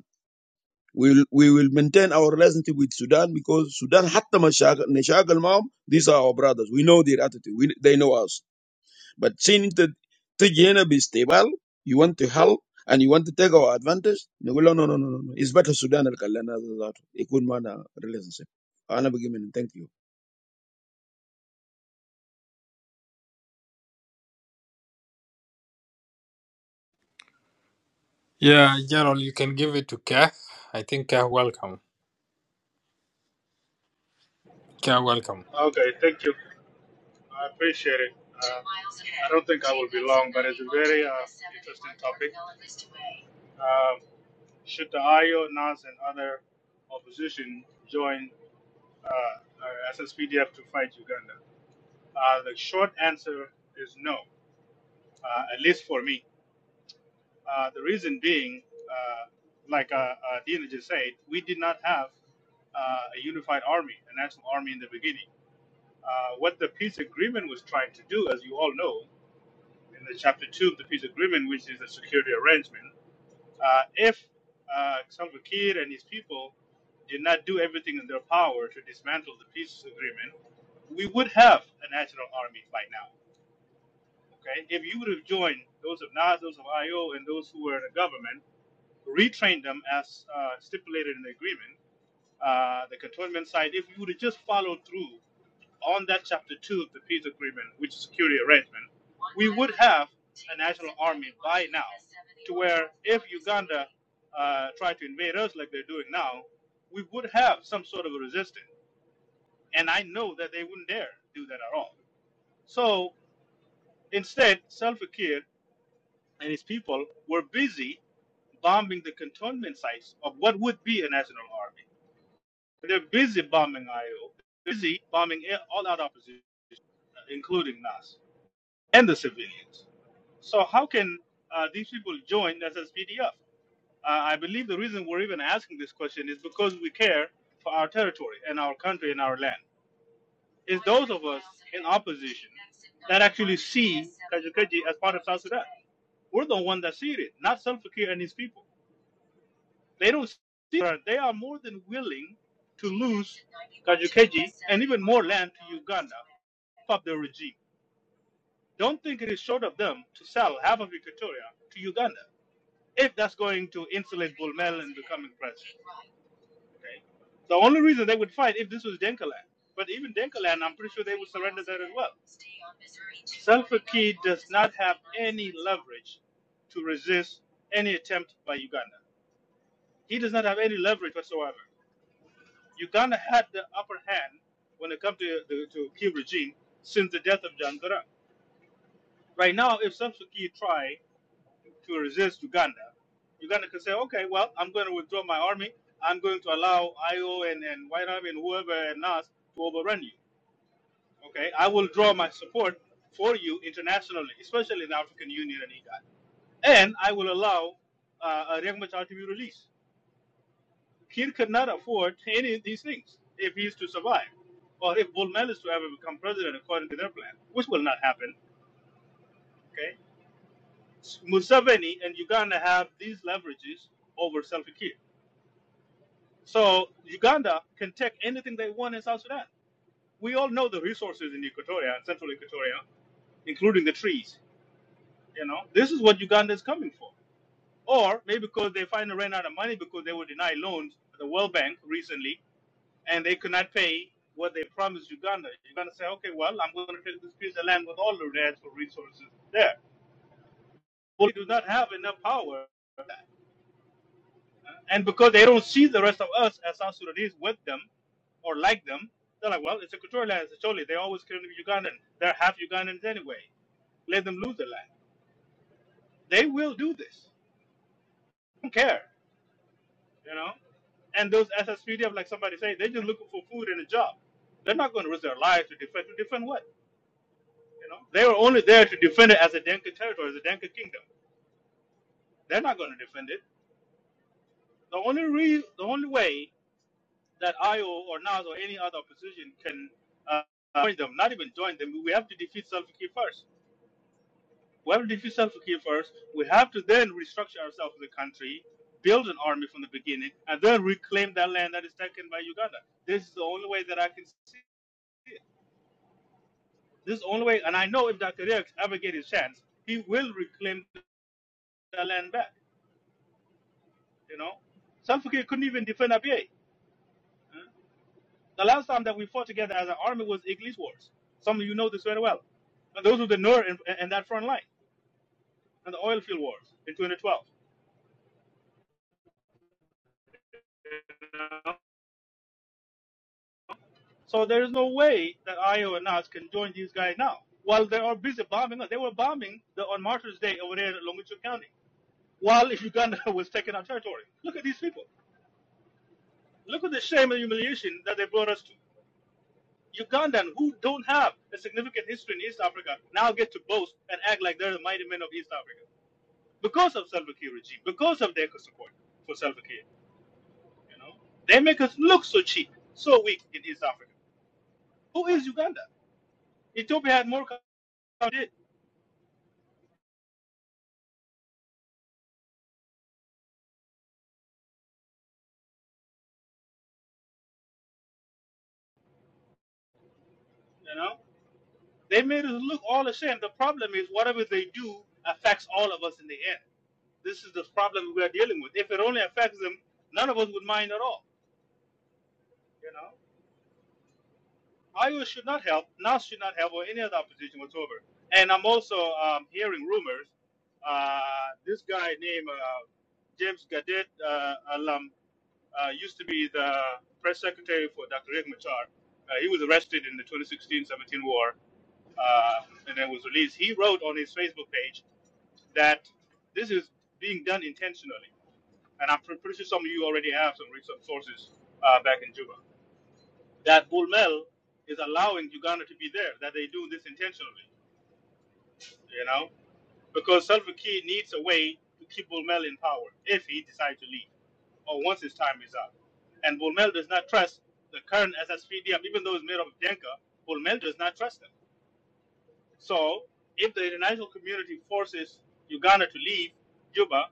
We will, we will maintain our relationship with Sudan because Sudan, حتى مشاكل نشاكل معهم, these are our brothers. We know their attitude. We, they know us. But seeing that تجي هنا باستقبال, you want to help and you want to take our advantage, نقول له no, no, no, no, no. It's better Sudan اللي خلانا ذاته يكون معنا relationship. أنا بقي من thank you. Yeah, Gerald, you can give it to Kah. I think Kah welcome. Kah welcome. Okay, thank you. I appreciate it. Uh, I don't think I will be long, but it's a very uh, interesting topic. Um, should the IO, NAS, and other opposition join uh, uh, SSPDF to fight Uganda? Uh, the short answer is no, uh, at least for me. Uh, the reason being, uh, like uh, uh, Dina just said, we did not have uh, a unified army, a national army in the beginning. Uh, what the peace agreement was trying to do, as you all know, in the chapter two of the peace agreement, which is the security arrangement. Uh, if uh, Salva Kiir and his people did not do everything in their power to dismantle the peace agreement, we would have a national army by now. Okay, if you would have joined those of NAS, those of IO, and those who were in the government, retrained them as uh, stipulated in the agreement uh, the cantonment side, if you would have just followed through on that chapter two of the peace agreement, which is security arrangement, we would have a national army by now, to where if Uganda uh, tried to invade us like they're doing now, we would have some sort of a resistance. And I know that they wouldn't dare do that at all. So instead, Salva Kiir and his people were busy bombing the cantonment sites of what would be a national army They're busy bombing IO, busy bombing all our opposition, uh, including us and the civilians. So how can uh, these people join SSPDF? Uh, I believe the reason we're even asking this question is because we care for our territory and our country and our land. It's those of us in opposition that actually see Kajukeji as part of South Sudan. We're the one that see it, not Salva Kiir and his people. They don't see her. They are more than willing to lose Kajukeji and even more land to Uganda up the regime. Don't think it is short of them to sell half of Equatoria to Uganda if that's going to insulate Bulmel and becoming president. Okay? The only reason they would fight if this was Denka land. But even Denka land, I'm pretty sure they would surrender that as well. Salva Kiir does not have any leverage to resist any attempt by Uganda. He does not have any leverage whatsoever. Uganda had the upper hand when it comes to the to Kiev regime since the death of John Garang. Right now, if Samson Key try to resist Uganda, Uganda can say, okay, well, I'm going to withdraw my army. I'm going to allow IO and, and White Army and whoever and Nas, to overrun you. Okay, I will draw my support for you internationally, especially in the African Union and EGAD. And I will allow uh, Riek Machar to be released Kir could not afford any of these things if he is to survive, or if Bulmel is to ever become president according to their plan, which will not happen. Okay, Museveni and Uganda have these leverages over Salva Kiir, so Uganda can take anything they want in South Sudan. We all know the resources in Equatoria and Central Equatoria, including the trees. You know, this is what Uganda is coming for. Or maybe because they finally ran out of money because they were denied loans at the World Bank recently and they could not pay what they promised Uganda. Uganda say, okay, well, I'm going to take this piece of land with all of the natural resources there. Well, they do not have enough power. And because they don't see the rest of us as South Sudanese with them or like them, they're like, well, it's equatorial land, it's Acholi. They always claim to be Ugandan. They're half Ugandans anyway. Let them lose the land. They will do this. Don't care, you know? And those SSPDF, like somebody say, they're just looking for food and a job. They're not going to risk their lives to defend. To defend what? You know, they were only there to defend it as a Denka territory, as a Denka kingdom. They're not going to defend it. The only reason, the only way that IO or NAS or any other opposition can uh, join them, not even join them, we have to defeat Salva Kiir first. We have to defeat Salva Kiir first. We have to then restructure ourselves as a country, build an army from the beginning, and then reclaim that land that is taken by Uganda. This is the only way that I can see it. This is the only way, and I know if Dr. Rex ever get his chance, he will reclaim that land back. You know, South Africa couldn't even defend Abyei. The last time that we fought together as an army was Iglis Wars. Some of you know this very well. And those were the Nur and, and that front line and the oil field wars in 2012. you know. So there is no way that IO and us can join these guys now. While they are busy bombing us, they were bombing the, on Martyrs Day over there in Longitu County. While Uganda was taking our territory. Look at these people. Look at the shame and humiliation that they brought us to. Ugandan, who don't have a significant history in East Africa, now get to boast and act like they're the mighty men of East Africa because of Salva Kiir regime, because of their support for Salva Kiir. You know, they make us look so cheap, so weak in East Africa. Who is Uganda? Ethiopia had more countries. Did you know? They made us look all the same. The problem is whatever they do affects all of us in the end. This is the problem we are dealing with. If it only affects them, none of us would mind at all. You know. Iowa should not help, NAS should not help, or any other opposition whatsoever. And I'm also um, hearing rumors. Uh, this guy named uh, James Gadet uh, alum uh, used to be the press secretary for Dr. Riek Machar. Uh, he was arrested in the 2016-17 war uh, and then was released. He wrote on his Facebook page that this is being done intentionally. And I'm pretty sure some of you already have some recent sources uh, back in Juba that Bulmel is allowing Uganda to be there, that they do this intentionally, you know, because Salva Kiir needs a way to keep Bulmel in power if he decides to leave or once his time is up. And Bulmel does not trust the current SSPDM, even though it's made up of Denka, Bulmel does not trust them. So if the international community forces Uganda to leave Juba,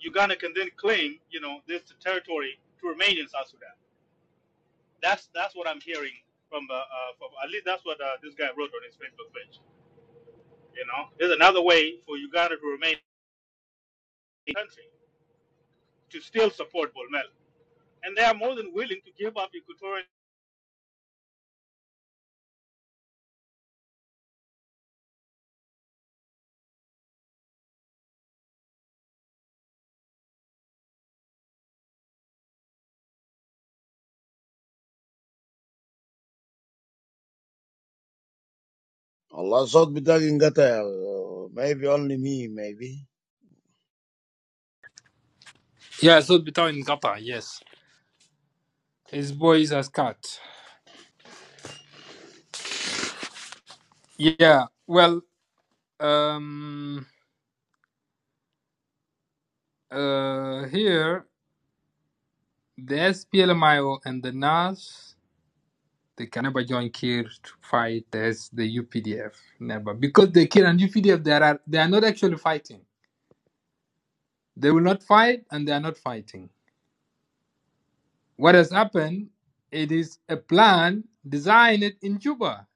Uganda can then claim, you know, this territory to remain in South Sudan. That's that's what I'm hearing from the uh, from at least that's what uh, this guy wrote on his Facebook page. You know, there's another way for Uganda to remain a country to still support Bolmel, and they are more than willing to give up equatorial والله صوت بتاعك انقطع maybe only me maybe Yeah, so between Qatar, yes. His boys as cut. Yeah, well, um, uh, here, the SPLMIO and the NAS, they can never join Kir to fight as the UPDF. Never. Because the Kir and UPDF, they are, they are not actually fighting. They will not fight and they are not fighting. What has happened? It is a plan designed in Juba.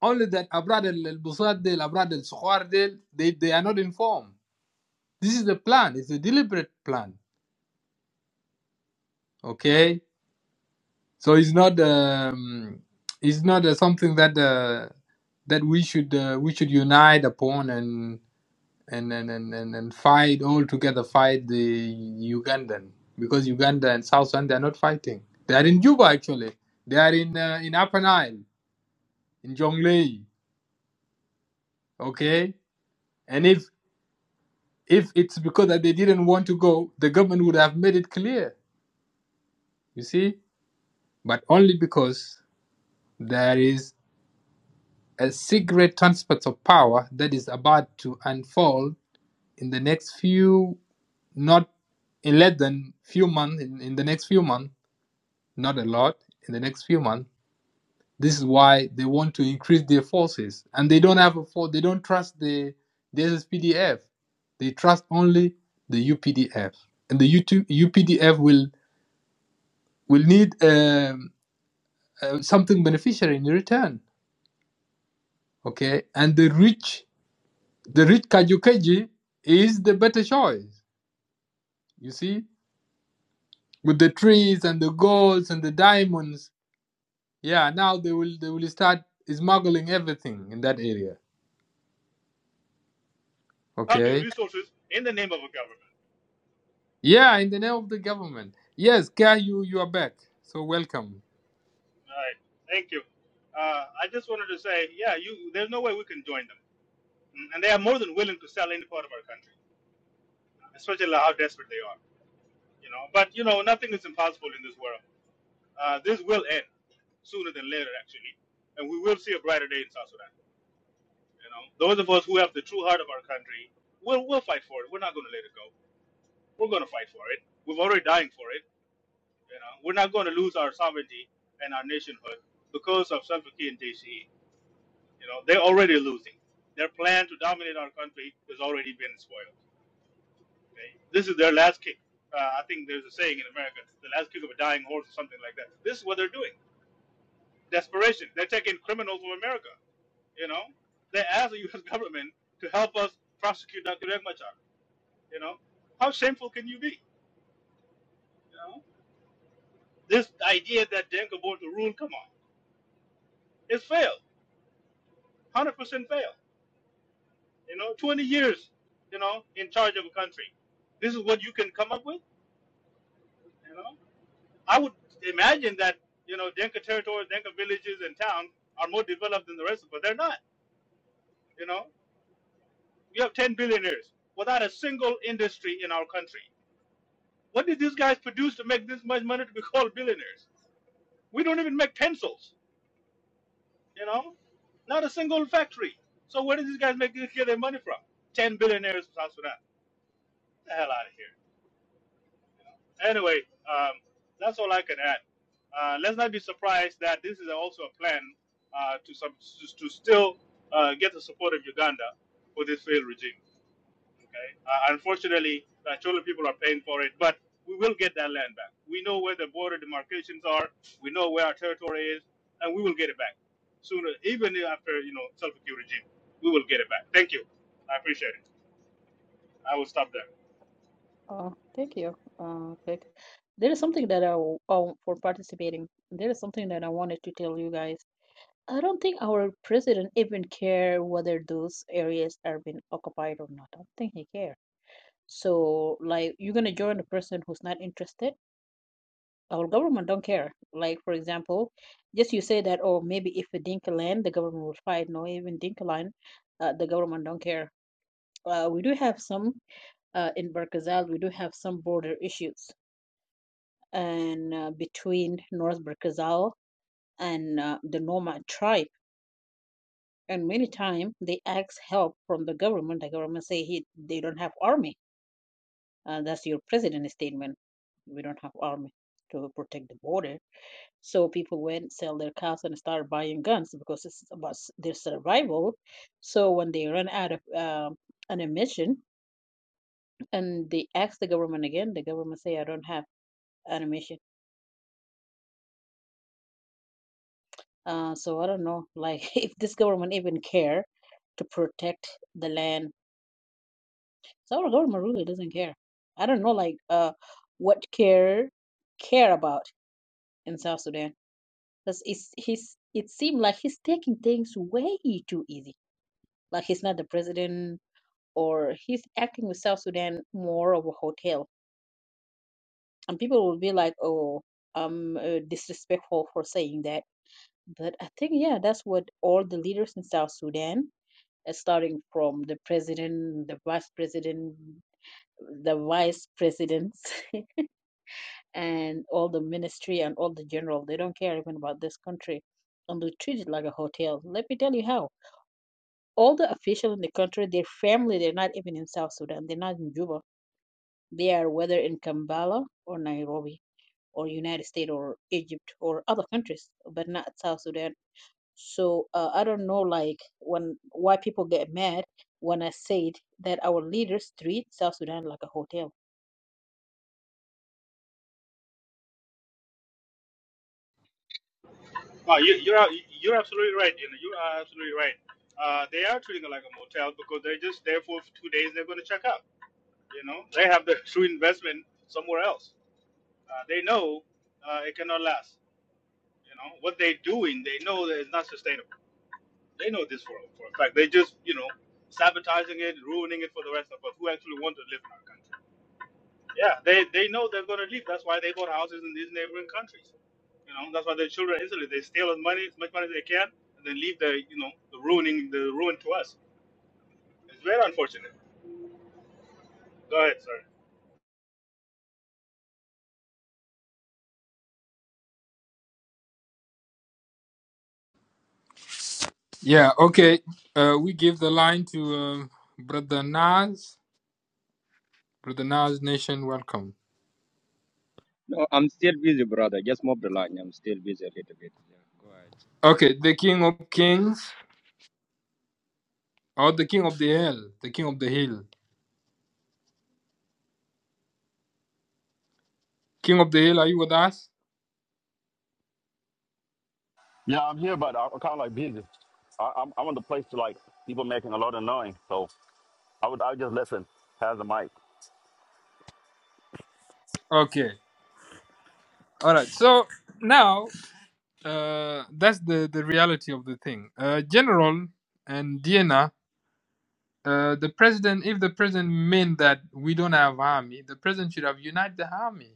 Only that Abrad al Busad del Abrad al Sukhar del they, they are not informed. This is a plan. It's a deliberate plan. Okay, so it's not um, it's not uh, something that uh, that we should uh, we should unite upon and and and, and, and and fight all together fight the Ugandan because Uganda and South Sudan they are not fighting. They are in Juba actually. They are in uh, in Upper Nile. in Jonglei. Okay, and if if it's because that they didn't want to go, the government would have made it clear. You see, but only because there is a secret transfer of power that is about to unfold in the next few, not in less than few months. In, in the next few months, not a lot. In the next few months This is why they want to increase their forces, and they don't have a force. They don't trust the the SSPDF. They trust only the UPDF, and the UPDF will will need um, uh, something beneficial in return. Okay, and the rich, the rich Kajukeji is the better choice. You see, with the trees and the golds and the diamonds. Yeah, now they will they will start smuggling everything in that area. country Okay resources in the name of a government. Yeah, in the name of the government. Yes, Isn't Kaya, it? you you are back. So welcome. All right, thank you. Uh, I just wanted to say, yeah, you there's no way we can join them, Mm, and they are more than willing to sell any part of our country, especially how desperate they are. You know, but you know, nothing is impossible in this world. Uh, this will end sooner than later, actually, and we will see a brighter day in South Sudan. You know, those of us who have the true heart of our country, we'll, we'll fight for it. We're not going to let it go. We're going to fight for it. We're already dying for it. You know, we're not going to lose our sovereignty and our nationhood because of Salva Kiir and JCE. You know, they're already losing. Their plan to dominate our country has already been spoiled. Okay? This is their last kick. Uh, I think there's a saying in America, the last kick of a dying horse or something like that. This is what they're doing. Desperation. They're taking criminals from America You know, they asked the U.S. government to help us prosecute Dr. Riek Machar. You know, how shameful can you be? You know, this idea that Denka bought the rule, come on, it's failed, hundred percent failed. You know, twenty years, you know, in charge of a country. This is what you can come up with. You know, I would imagine that you know Denka territories, Denka villages, and towns are more developed than the rest of us. They're not. You know, we have ten billionaires without a single industry in our country What did these guys produce to make this much money to be called billionaires? We don't even make pencils, you know? Not a single factory. So where did these guys make this- get their money from? Ten billionaires from South Sudan. Get the hell out of here. Anyway, um, that's all I can add. Uh, let's not be surprised that this is also a plan uh, to, sub- to to still uh, get the support of Uganda for this failed regime. Okay? Uh, unfortunately, uh, Chola people are paying for it, but we will get that land back. We know where the border demarcations are. We know where our territory is, and we will get it back sooner, even after you know self Kiir regime. We will get it back. Thank you. I appreciate it. I will stop there. Oh, thank you. Uh, quick. There is something that I w- oh, for participating. There is something that I wanted to tell you guys. I don't think our president even care whether those areas are being occupied or not. I don't think he care. So, like, you're gonna join a person who's not interested. our government don't care. Like for example, just you say that, oh, maybe if a Dinka land, the government will fight. No, even Dinka land, uh, the government don't care. Uh, we do have some uh, in Berkazal. We do have some border issues, and uh, between North Berkazal and uh, the Nomad tribe. And many times they ask help from the government. The government say he they don't have army. Uh, that's your president's statement. We don't have army to protect the border So people went sell their cars and start buying guns because it's about s- their survival. So when they run out of um, ammunition and they ask the government again, the government say, "I don't have ammunition." Uh, so I don't know, like if this government even care to protect the land. So our government really doesn't care. I don't know, like uh, what care care about in South Sudan. Because it's he's it seemed like he's taking things way too easy. Like he's not the president or he's acting with South Sudan more of a hotel. And people will be like, oh, I'm uh, disrespectful for saying that. But I think, yeah, that's what all the leaders in South Sudan, uh, starting from the president, the vice president, the vice presidents, and all the ministry and all the general, they don't care even about this country. And they treat it like a hotel. Let me tell you how. All the officials in the country, their family, they're not even in South Sudan. They're not in Juba They are whether in Kampala or Nairobi or United States or Egypt or other countries, but not South Sudan. So uh, I don't know, like when why people get mad when I said that our leaders treat South Sudan like a hotel. Oh, you, you're you're absolutely right. You know, you are absolutely right. Uh, they are treating it like a motel because they're just there for two days. They're going to check out. You know, they have the true investment somewhere else. Uh, they know uh, it cannot last. You know what they're doing, they know that it's not sustainable. They know this for for a fact. They just you know sabotaging it, ruining it for the rest of us who actually want to live in our country. Yeah, they they know they're going to leave. That's why they bought houses in these neighboring countries. You know that's why their children instantly they steal as money as much money as they can and then leave the you know the ruining the ruin to us. It's very unfortunate. Go ahead, sir. Yeah. Okay. Uh, we give the line to uh, Brother Nas. Brother Nas Nation, welcome. No, I'm still busy, brother. Just move the line. I'm still busy a little bit. Yeah, go ahead. Okay, the King of Kings or the King of the Hill. The King of the Hill. King of the Hill, are you with us? Yeah, I'm here, but I'm kind of like busy. I, I'm I'm in the place to like people making a lot of noise, so I would I would just listen, pass the mic. Okay. All right. So now uh, that's the the reality of the thing. Uh, General and Diana. Uh, the president, if the president meant that we don't have army, the president should have united the army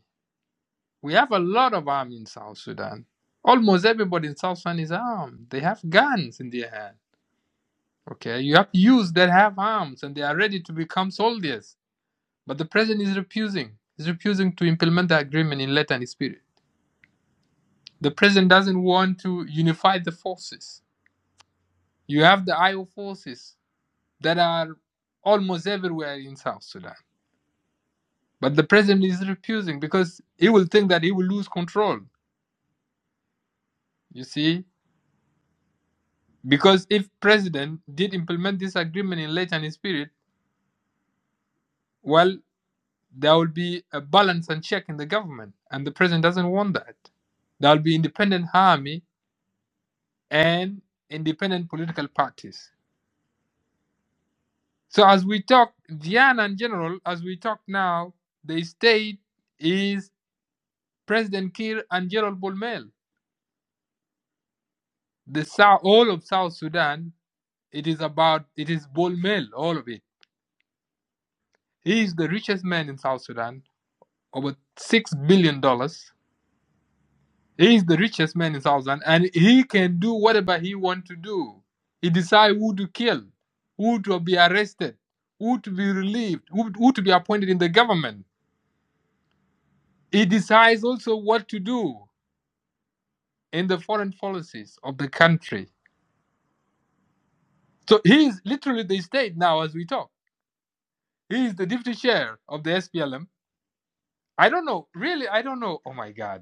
We have a lot of arms in South Sudan. Almost everybody in South Sudan is armed. They have guns in their hand. Okay, you have youths that have arms and they are ready to become soldiers. But the president is refusing. He's refusing to implement the agreement in letter and spirit. The president doesn't want to unify the forces. You have the IO forces that are almost everywhere in South Sudan. But the president is refusing because he will think that he will lose control. You see, Because if President did implement this agreement in letter and spirit, well, there will be a balance and check in the government, and the President doesn't want that. There will be independent army and independent political parties. So as we talk, Diana and General, as we talk now, the state is President Kir and General Bolmel. The South, all of South Sudan, it is about, it is Bolmel, all of it. He is the richest man in South Sudan, over $6 billion dollars. He is the richest man in South Sudan, and he can do whatever he want to do. He decides who to kill, who to be arrested, who to be relieved, who, who to be appointed in the government. He decides also what to do in the foreign policies of the country. So he is literally the state now as we talk. He is the deputy chair of the SPLM. I don't know, really, I don't know. Oh my God.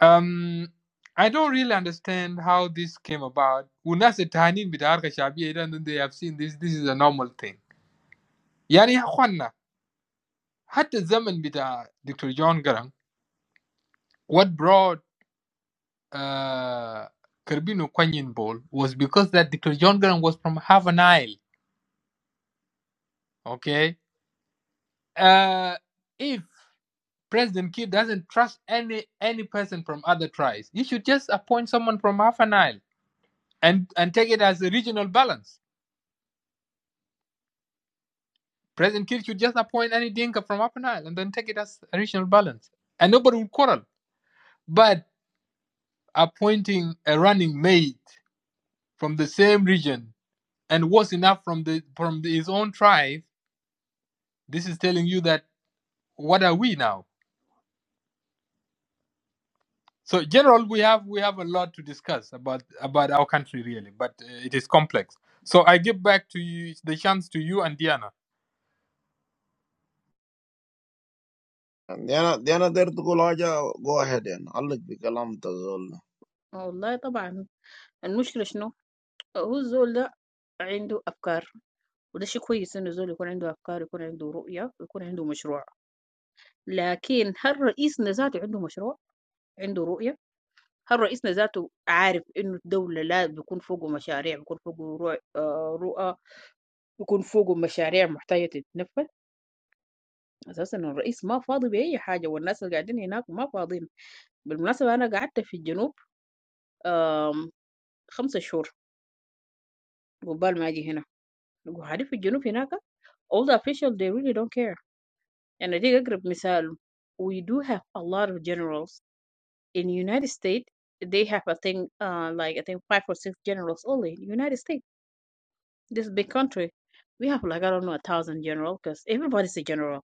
Um, I don't really understand how this came about. والناس التهانين بتاع حركة الشعبية ده and they have seen this this is a normal thing. يعني يا اخوانا حتى الزمن بتاع دكتور جون جرام what brought uh, Kerbino Kwanyin Ball was because that Dr. John Graham was from half an Isle. Okay. Uh, if President Kidd doesn't trust any any person from other tribes, he should just appoint someone from half an Isle and, and take it as a regional balance President Kiir should just appoint any Dinka from Upper Nile and then take it as a regional balance. And nobody would quarrel. But appointing a running mate from the same region and worse enough from the from the, his own tribe, this is telling you that what are we now? So, general, we have we have a lot to discuss about about our country really, but uh, it is complex. So I give back to you the chance to you and Diana. دي انا دي انا داير تقول حاجة go ahead يعني علق بكلام تزول والله طبعا المشكلة شنو؟ هو الزول ده عنده أفكار وده شيء كويس إنه الزول يكون عنده أفكار يكون عنده رؤية ويكون عنده مشروع لكن هل رئيسنا ذاته عنده مشروع؟ عنده رؤية؟ هل رئيسنا ذاته عارف إنه الدولة لا بيكون فوقه مشاريع بيكون فوقه رؤى آه، رؤى بيكون فوقه مشاريع محتاجة تتنفذ أساسا الرئيس ما فاضي بأي حاجة والناس اللي قاعدين هناك ما فاضيين بالمناسبة أنا قعدت في الجنوب آم، خمسة شهور قبال ما أجي هنا وقاعدين في الجنوب هناك all the officials they really don't care يعني دي أقرب مثال we do have a lot of generals in United States they have I think uh, like I think five or six generals only in United States This big country, we have like I don't know a thousand generals, cause everybody's a general,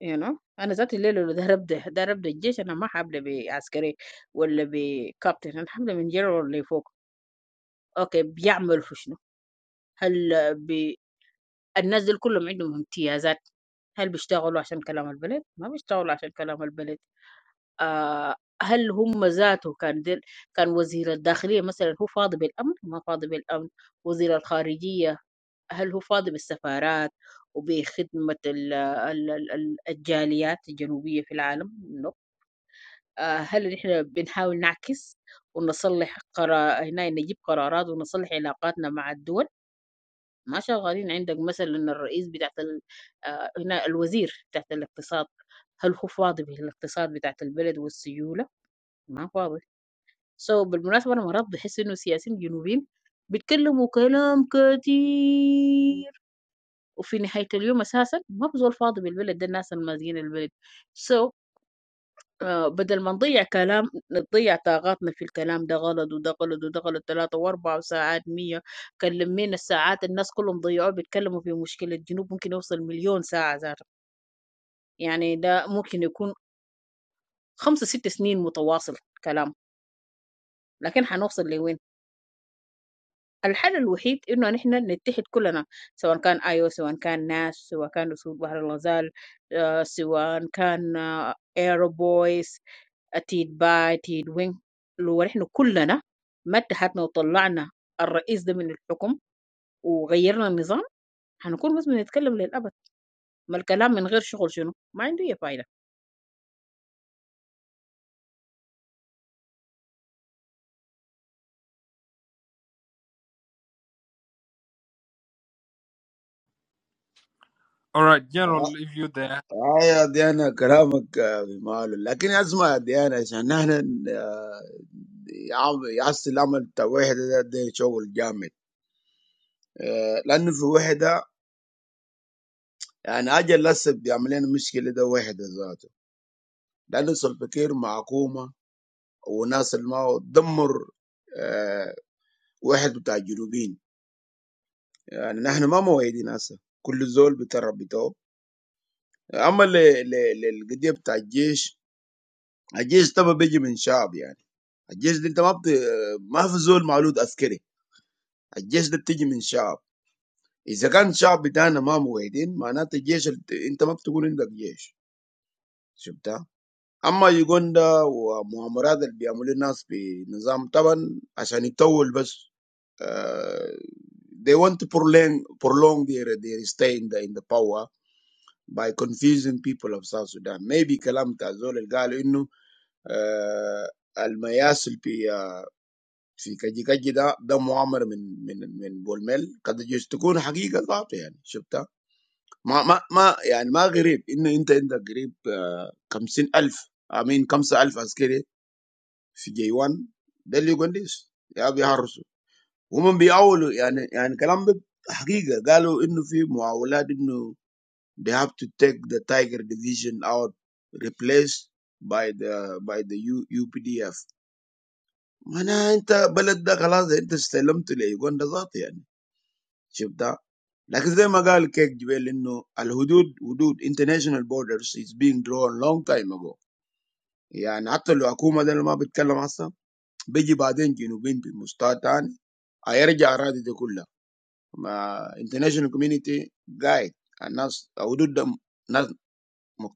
you know. And exactly lello they have the they have the education. I'm happy they be askeri or they be captain. I'm happy they're general. They focus. Okay, be yamr fushno. Hal be the nazi. All of them have different titles. Hal be work for the country. Not be work for the country. Ah, hal they have a different. He was the minister of the interior. For example, he's angry with the government. He's not angry with the government. Minister of foreign affairs. هل هو فاضي بالسفارات وبخدمة ال- ال- ال- ال- الجاليات الجنوبية في العالم؟ نو. هل نحن بنحاول نعكس ونصلح قرار هنا نجيب قرارات ونصلح علاقاتنا مع الدول؟ ما شغالين عندك مثلا الرئيس بتاعت ال... آه، هنا الوزير بتاعت الاقتصاد هل هو فاضي بالاقتصاد بتاعت البلد والسيولة؟ ما فاضي. سو so, بالمناسبة أنا مرات بحس إنه السياسيين الجنوبيين بيتكلموا كلام كتير وفي نهاية اليوم أساسا ما بزول فاضي بالبلد ده الناس المازقين البلد سو so, آه، بدل ما نضيع كلام نضيع طاقاتنا في الكلام ده غلط وده غلط وده غلط ثلاثة وأربعة وساعات مية كلمين الساعات الناس كلهم ضيعوا بيتكلموا في مشكلة جنوب ممكن يوصل مليون ساعة ذاته يعني ده ممكن يكون خمسة ست سنين متواصل كلام لكن حنوصل لوين الحل الوحيد انه نحن نتحد كلنا سواء كان ايو سواء كان ناس سواء كان اسود بحر الغزال آه، سواء كان آه، ايرو بويز تيد باي تيد وين لو نحن كلنا ما اتحدنا وطلعنا الرئيس ده من الحكم وغيرنا النظام هنكون بس بنتكلم للابد ما الكلام من غير شغل شنو ما عنده اي فايده All right, general, if you're there. آه يا ديانا كلامك آه، بماله لكن اسمع يا ديانا عشان نحن آه، يعم- يعصي العمل بتاع وحدة ده, ده شغل جامد آه، لأنه في وحدة يعني أجل لسه بيعمل لنا مشكلة ده وحدة ذاته لأنه سلفكير مع حكومة وناس اللي ما هو دمر آه، واحد بتاع الجنوبين يعني نحن ما موعدين هسه كل زول بتربي بتاعه أما ل- ل- للقضية بتاع الجيش الجيش طبعا بيجي من شعب يعني The military is not a well-known military. The military is not a well-known military. If the army is not united, it means the military is not a well-known military. But the Uganda and the Muammarad that are doing things in the system, certainly, so they want to prolong prolong their their stay in the in the power by confusing people of South Sudan. Maybe the Azol said that the militias are. في كجي كجي ده ده مؤامره من من من بول ميل قد يجوز تكون حقيقه ذاته يعني شفتها ما ما ما يعني ما غريب انه انت عندك قريب آه، 50000 امين 5000 عسكري في جيوان ده اللي يقول ليش يا بيهرسوا هم بيعولوا يعني يعني كلام ده حقيقه قالوا انه في معاولات انه they have to take the tiger division out replaced by the by the U, UPDF معناها انت بلد ده خلاص انت استلمت ليوغندا ذاته يعني Shibda. Like I said, Magal, Kenya. No, the borders, international borders, is being drawn long time ago. Yeah, and after the Akuma, then we'll be talking about that. Big bad thing in the north, Mustafa. I urge the rest of the community, guide, and the borders are not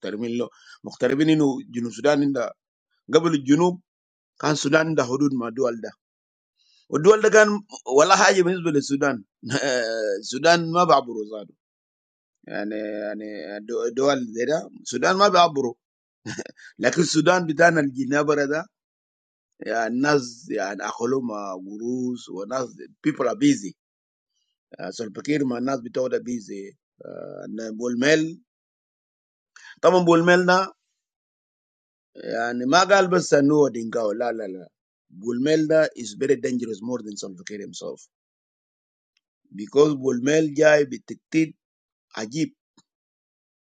determined. No, determined in the South Sudan. The government of South Sudan has borders with dual. The dual is not only Sudan. Sudan is not a problem. And, and, do, do all this. Sudan, ma be abro. But Sudan, bitan al Guinea Barada. Yeah, naz, yeah, akhuloma, gurus, or naz. People are busy. So the people ma naz bitoda busy. Bulmel. Tamon bulmel na. And magal besa nuo dinga. La la la. Bulmel da is very dangerous more than some of the terms of because bulmel jai bitikid agip.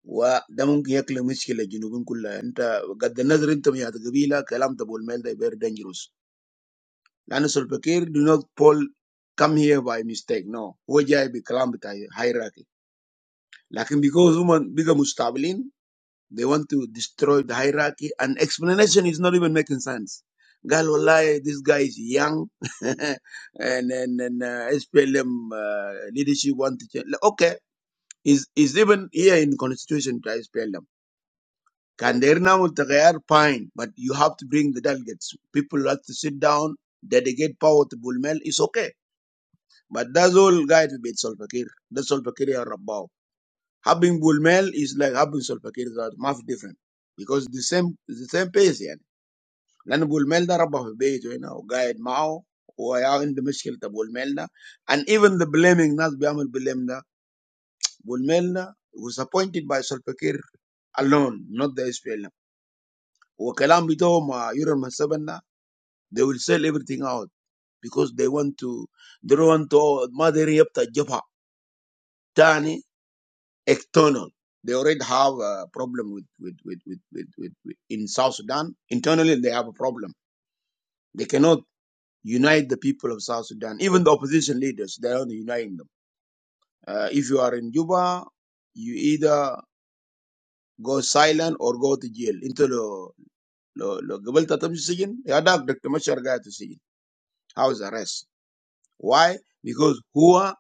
وده ممكن يكلم مشكله الجنوبين كلها انت قد النظر انت يا قبيله كلام تبو الميل ده بير دينجروس لان سولبكير دو نوت بول كم هير باي ميستيك نو هو جاي بكلام بتاع hierarchy. لكن because هم بقى مستعبلين they want to destroy the hierarchy and explanation is not even making sense قال والله this guy is young and and, and uh, SPLM uh, leadership want to change. Okay, is is even here in constitution to SPLM Can Kanderna Multagayar, fine, but you have to bring the delegates. People have to sit down, dedicate power to Bulmel, it's okay. But that's all guy to beat Solpakir. That's Solpakir or Rabao. Having Bulmel is like having Solpakir is much different. Because the same the same pace يعني لأن بولميل ده ربى في بيته هنا وقاعد معه وعنده مشكلة بولميل ده and even the blaming ناس بيعمل blame ده بولميل ده was appointed by Solpakir alone not the SPLM وكلام بتاعهم مع يورم السبنة they will sell everything out because they want to they don't want to ما داري يبقى الجبهة تاني external they already have a problem with with with with with, with, with in South Sudan internally they have a problem they cannot unite the people of South Sudan even the opposition leaders they are not uniting them uh, if you are in Juba you either go silent or go to jail into the لو لو قبلت تمشي السجن يا داك دكتور مشهر قاعد في السجن house arrest Why? Because Hua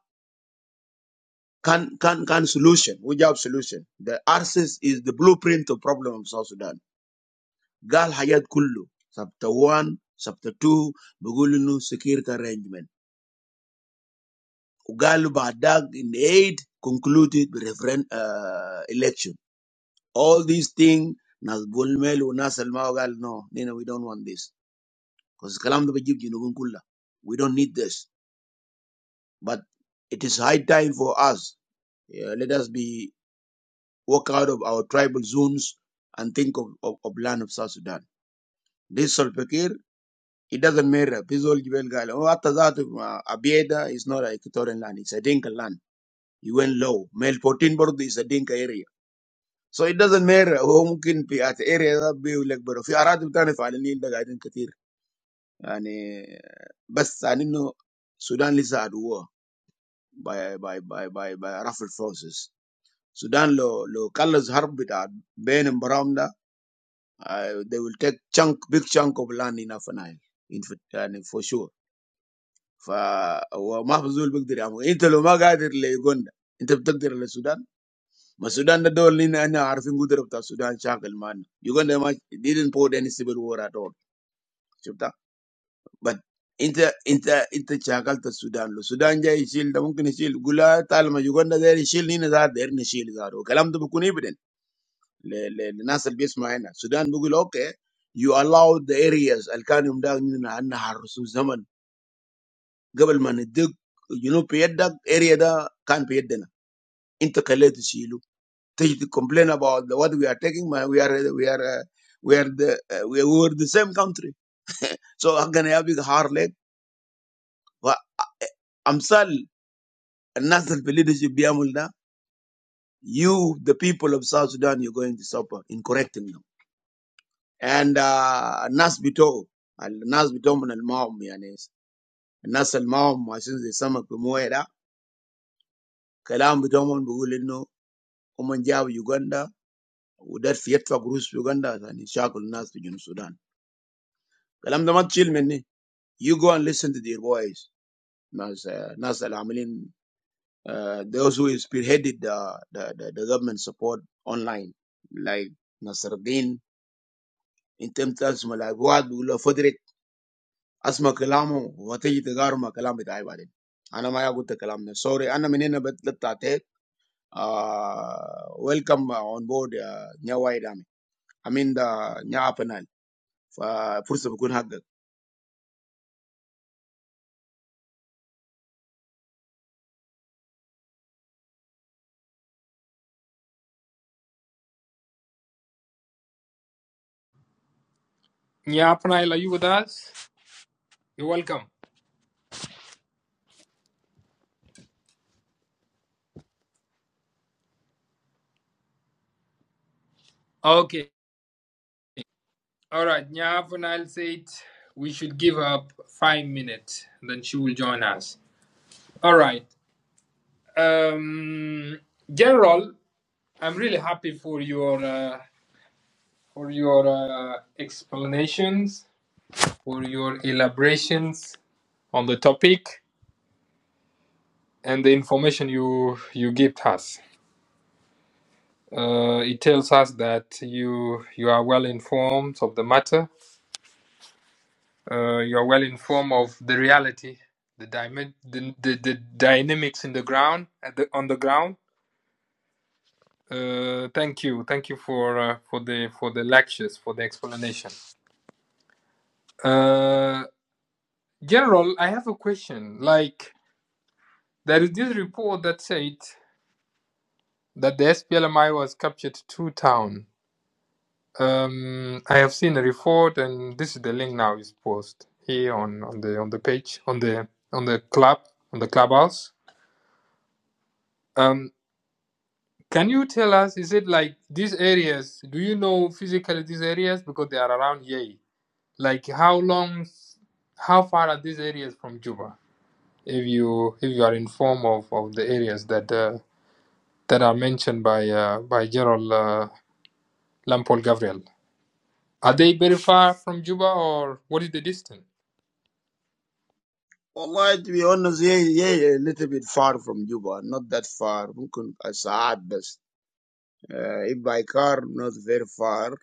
can can can solution. Who job solution? The RCS is the blueprint of problem of South Sudan. Gal Hayat Kullu. Chapter one, chapter two, Bugulunu security arrangement. Ugalu Badag in eight concluded the referendum uh, election. All these things Nas Bulmel Nas Elmao Gal no, we don't want this. Because Kalam Kulla. We don't need this. But it is high time for us. Yeah, let us be walk out of our tribal zones and think of, of, of land of South Sudan. This Solpekir, it doesn't matter. Pizol Jibel Gal, oh, after that, uh, Abieda is not a Equatorian land, it's a Dinka land. You went low. Mel 14 Bordo is a Dinka area. So it doesn't matter who ممكن في at area ده بيقول لك برو في أراضي بتاعنا فعلانين ده قاعدين كتير يعني بس عن إنه السودان لسه عدوه by by by by by rough forces. Sudan lo lo colors harb bit Uh, They will take chunk big chunk of land in Afanai, in for sure. For we have resolved big time. We into the Maga did it. Uganda into the did it in Sudan. But Sudan the door. Ninety nine Harfingu did it. Sudan charcoal man. Uganda didn't pour any civil war at all. See that? But into into into charcoal to Sudan. Sudan jai shield. We can shield. Gula talma. Uganda there shield. Ninety nine there no shield there. O. Kalamba bookunibren. The the the national best maner. Sudan, we go okay. You allow the areas. Alkanum da minna anna harusu zaman. Before mane dig, you know, payed da area da can payed na intercalate to silu. They complain about the what we are taking. ما We are we are uh, we are the uh, we were the same country. So I'm gonna have a hard leg. But I'm sorry, national the leadership be amul da. You, the people of South Sudan, you going to suffer in correcting them. And national, national manal mau miyanes. Nasal mau machines asma kumuera kelam bidomon bogo leno omanjia Uganda udar fiatwa krus Uganda anisha kula nasu juno Sudan kelam damat chilmeni you go and listen to their voice nas nasal amelin those who spearheaded the the the the government support online like Nasaruddin in terms asma kalamu watigi tugaru ma kelam bidai baren anama ya kutekelam na sorry anamene na betta tete. Uh, welcome uh, on board uh, Nya White Army. I mean the Nya Apenal. Uh, first of all, Yeah, Upper Nile, are you with us? You're welcome. Okay. All right, Nyav said We should give up five minutes, then she will join us. All right, um, General, I'm really happy for your uh, for your uh, explanations, for your elaborations on the topic, and the information you you give us. Uh, it tells us that you you are well informed of the matter, Uh, you're well informed of the reality, the, dyma- the, the, the dynamics in the ground, at the, on the ground. Uh, thank you, thank you for uh, for the for the lectures, for the explanation. Uh, General, I have a question. Like there is this report that said that the SPLMI was captured two town. Um, I have seen a report, and this is the link now is posted here on, on the on the page on the on the club on the clubhouse. Um, Can you tell us, is it like these areas, do you know physically these areas? Because they are around Yei. Like how long, how far are these areas from Juba? If you if you are informed of, of the areas that uh, that are mentioned by uh, by Gerald uh, Lampol Gabriel, are they very far from Juba or what is the distance? Wallahi, to be honest, yeah, yeah, a little bit far from Juba, not that far. Mungkin a saat bas. Uh, if by car, not very far.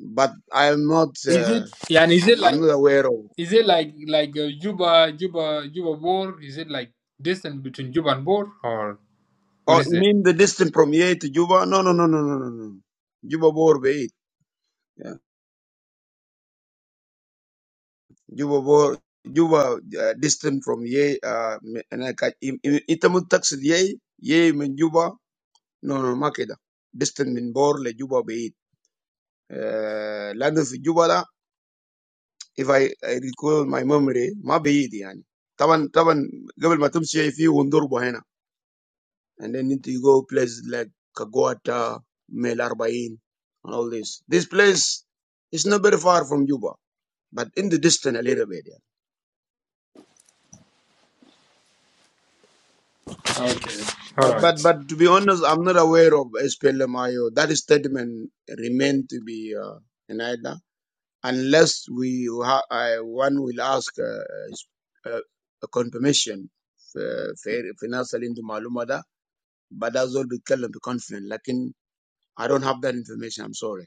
But I'm not, Is uh, it yeah? And is it I'm like not aware of. is it like like uh, Juba Juba Juba Bor? Is it like distance between Juba and Bor or what Oh, is you it? mean the distance from here to Juba? No, no, no, no, no, no, no. Juba bor bait. Juba bo Juba uh, distant from ye uh, me- and I can itamu taxi ye ye min Juba no no makeda distant min bor le Juba be uh, land of Juba la if I, I recall my memory ma be it yani taban taban قبل ما تمشي في وندربه هنا and then you go places like Kagwata Mel Arbain and all this this place is not very far from Juba but in the distance a little bit yeah. Okay, all But but right. but to be honest, I'm not aware of SPLMIO. That statement remain to be uh, in either unless we ha- I, one will ask uh, uh, a confirmation في ناس اللي عنده معلومة ده بعد ذول بيتكلم بconfident لكن I don't have that information. I'm sorry.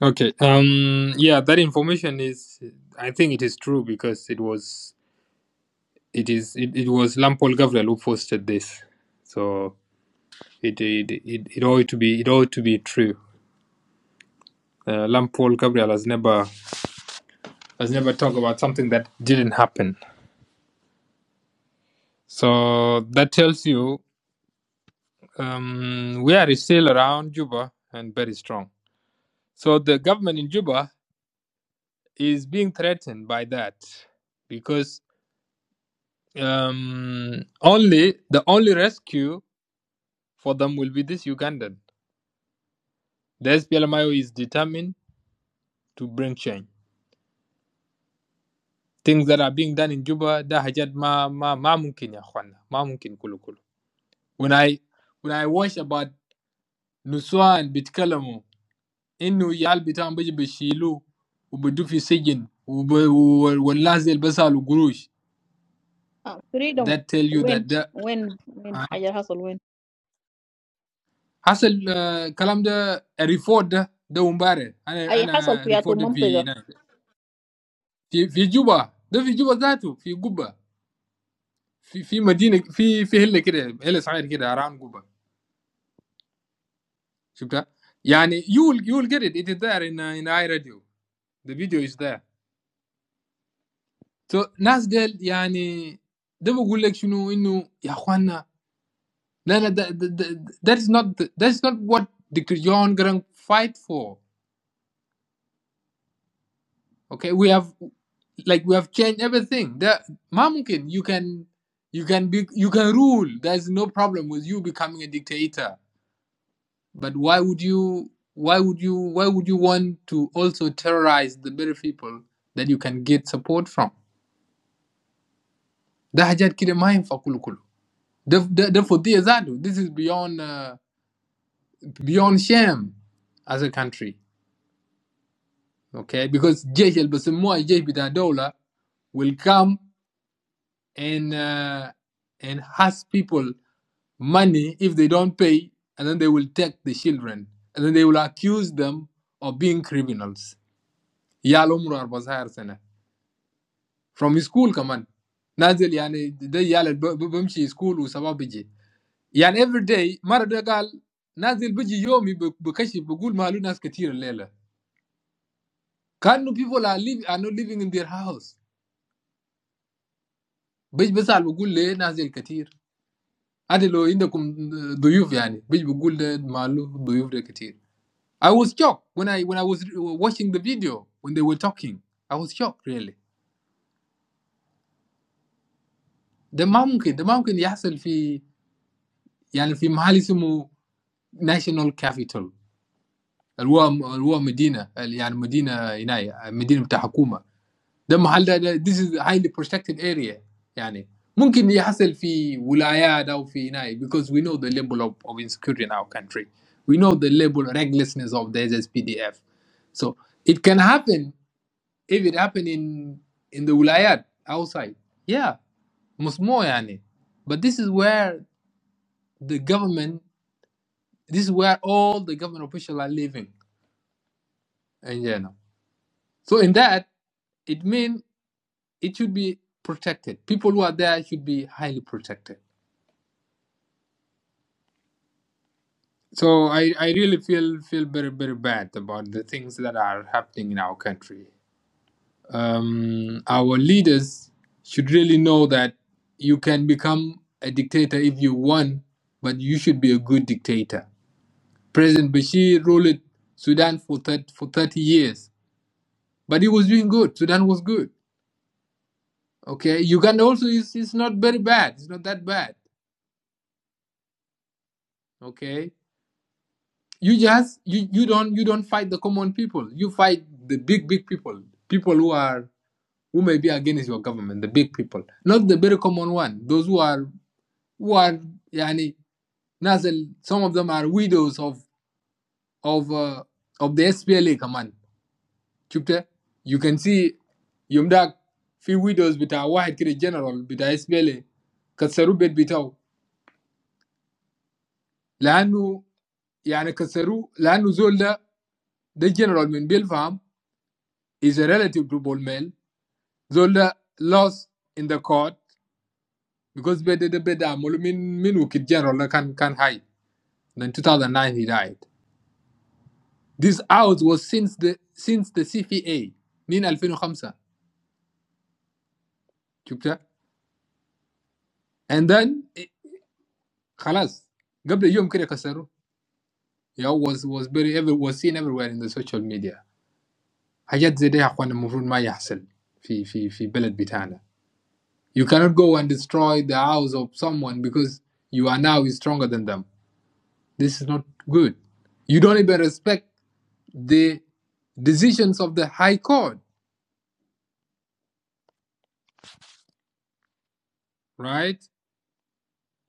Okay. Um. Yeah, that information is. I think it is true because it was. It is. It, it was Lampol Gabriel who posted this, so it it, it it ought to be it ought to be true. Uh, Lampol Gabriel has never has never talked about something that didn't happen. So that tells you um, we are still around Juba and very strong. So the government in Juba is being threatened by that because um, only the only rescue for them will be this Ugandan. The SPLMIO is determined to bring change. Things that are being done in Juba, da hajat ma ma ma mumkin ya khwana, ma mumkin kulu kulu. When I when I watch about Nuswan bitkalamu, inu yal bitam baji bishilu, ubudu sijin, ubu walazil basal gurush. آه، فريدم That tell you that وين the وين وين حاجه حصل وين hasil kalam كلام ده ريفورد ده ده امبارح انا اي حصل انا في أتو ريفورد في منطقه في fi Juba ده fi جوبا ذاته في قبه في في مدينه في في هله كده هله صغير كده around قبه شفتها يعني you will you will get it it is there in uh, in iRadio the video is there so ناس ديل يعني ده بقول لك شنو انه يا اخوانا لا لا ده- ده- ده- that is not that is not what Dr. John Grant fight for okay we have like we have changed everything that ما ممكن you can you can be you can rule there is no problem with you becoming a dictator But why would you why would you why would you want to also terrorize the very people that you can get support from? ده حاجات كده ما ينفع كله كله. ده ده ده فضية ذاته. This is beyond uh, beyond shame as a country. Okay, because جيش اللي بسموه الجيش بتاع دولة will come and uh, and ask people money if they don't pay, and then they will take the children, and then they will accuse them of being criminals. يا العمر 14 سنة. From school, come on, Nazil. I mean, they yalle be be much in school. We sababijij. I mean, every day, Maradagal Nazil baji yo mi bokashi bokul mahalu nas ketir lele. Can no people are live are not living in their house? Baji bessa bokul le Nazil ketir. Adelo inda kun doyuv. I mean, baji bokul le mahalu doyuv da ketir. I was shocked when I when I was watching the video when they were talking. I was shocked really. The mumkin the mumkin yapsel fi I mean, fi mahalismu national capital. الوا الوا مدينه يعني مدينه هنا مدينه بتاع حكومه ده محل ده, this is highly protected area يعني ممكن يحصل في ولايات او في هنا because we know the level of, of insecurity in our country we know the level of recklessness of the SSPDF so it can happen if it happen in in the ولايات outside yeah مش مو يعني but this is where the government this is where all the government officials are living And yeah, no. So in that, it means it should be protected. People who are there should be highly protected. So I, I really feel feel very very bad about the things that are happening in our country. Um, our leaders should really know that you can become a dictator if you want, but you should be a good dictator. President Bashir ruled Sudan for 30, for 30 years, but he was doing good. Sudan was good. Okay, Uganda also is, is not very bad. It's not that bad. okay you just you, you don't you don't fight the common people you fight the big big people people who are who may be against your government the big people not the very common one those who are who are yani nasal some of them are widows of of uh, of the SPLA command Chupte, you can see yumdak fi widows bita wahid kire general bita SPLA kasaru bet bitaw لانه يعني كسروا لانه زول ده ده جنرال من بيلفام is a relative to Bolmel. Zola lost in the court because Bede the Beda Molumin Minukit General can can hide. Then 2009 he died. This out was since the since the CFA من 2005 شفتها and then eh, خلاص قبل يوم كده كسروه yeah, was was very ever was seen everywhere in the social media حاجات زي دي يا اخوان المفروض ما يحصل في في في بلد بتاعنا you cannot go and destroy the house of someone because you are now stronger than them This is not good. You don't even respect the decisions of the High Court, right?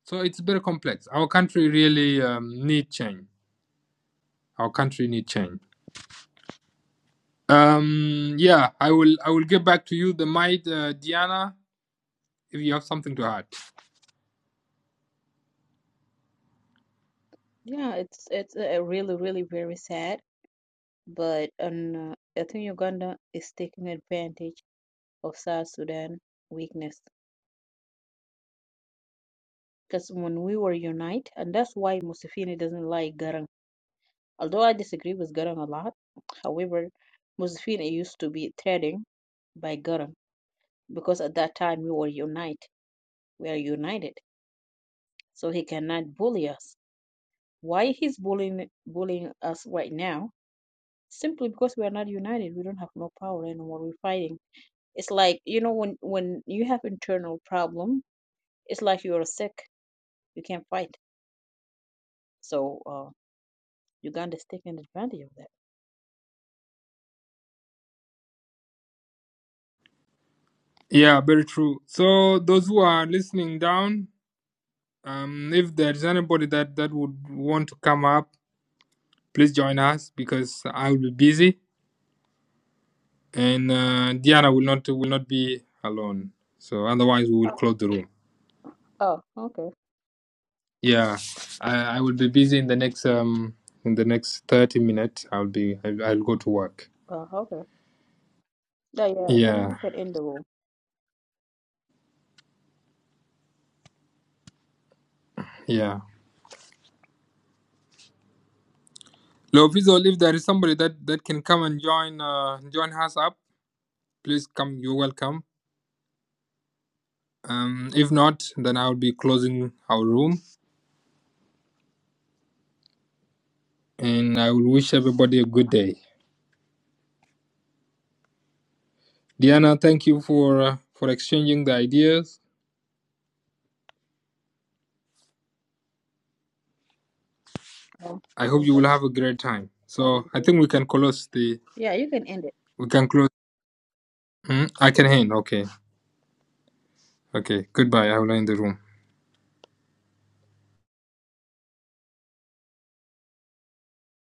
So it's very complex. Our country really um, need change. Our country need change. Um, yeah, I will. I will get back to you, the might, uh, Diana, if you have something to add. yeah it's it's uh, really really very sad but on, uh, I think Uganda is taking advantage of South Sudan weakness. Because when we were united, and that's why Museveni doesn't like Garang. Although I disagree with Garang a lot, however, Museveni used to be threatened by Garang because at that time we were united. We are united, so he cannot bully us. Why he's bullying bullying us right now? Simply because we are not united. We don't have no power anymore. We're fighting. It's like you know when when you have internal problem It's like you are sick, you can't fight. So uh, Uganda is taking advantage of that. Yeah, very true. So those who are listening down, um, if there's anybody that that would want to come up, please join us because I will be busy and uh, Diana will not will not be alone. So otherwise, we will Oh, close the room. oh okay. Yeah, I, I will be busy in the next um in the next thirty minutes. I'll be I'll, I'll go to work. Uh, okay. Yeah, yeah. Then you Yeah, can end the war. yeah. Lovizo, if there is somebody that that can come and join uh join us up, please come. You're welcome. Um, if not, then I'll be closing our room, and I will wish everybody a good day. Diana, thank you for uh, for exchanging the ideas Um, I hope you okay. will have a great time. Uh, you So I do. think we can close the Yeah, you can end it. we can close. Hmm? I can end. Okay. Okay. Goodbye. I will end the room.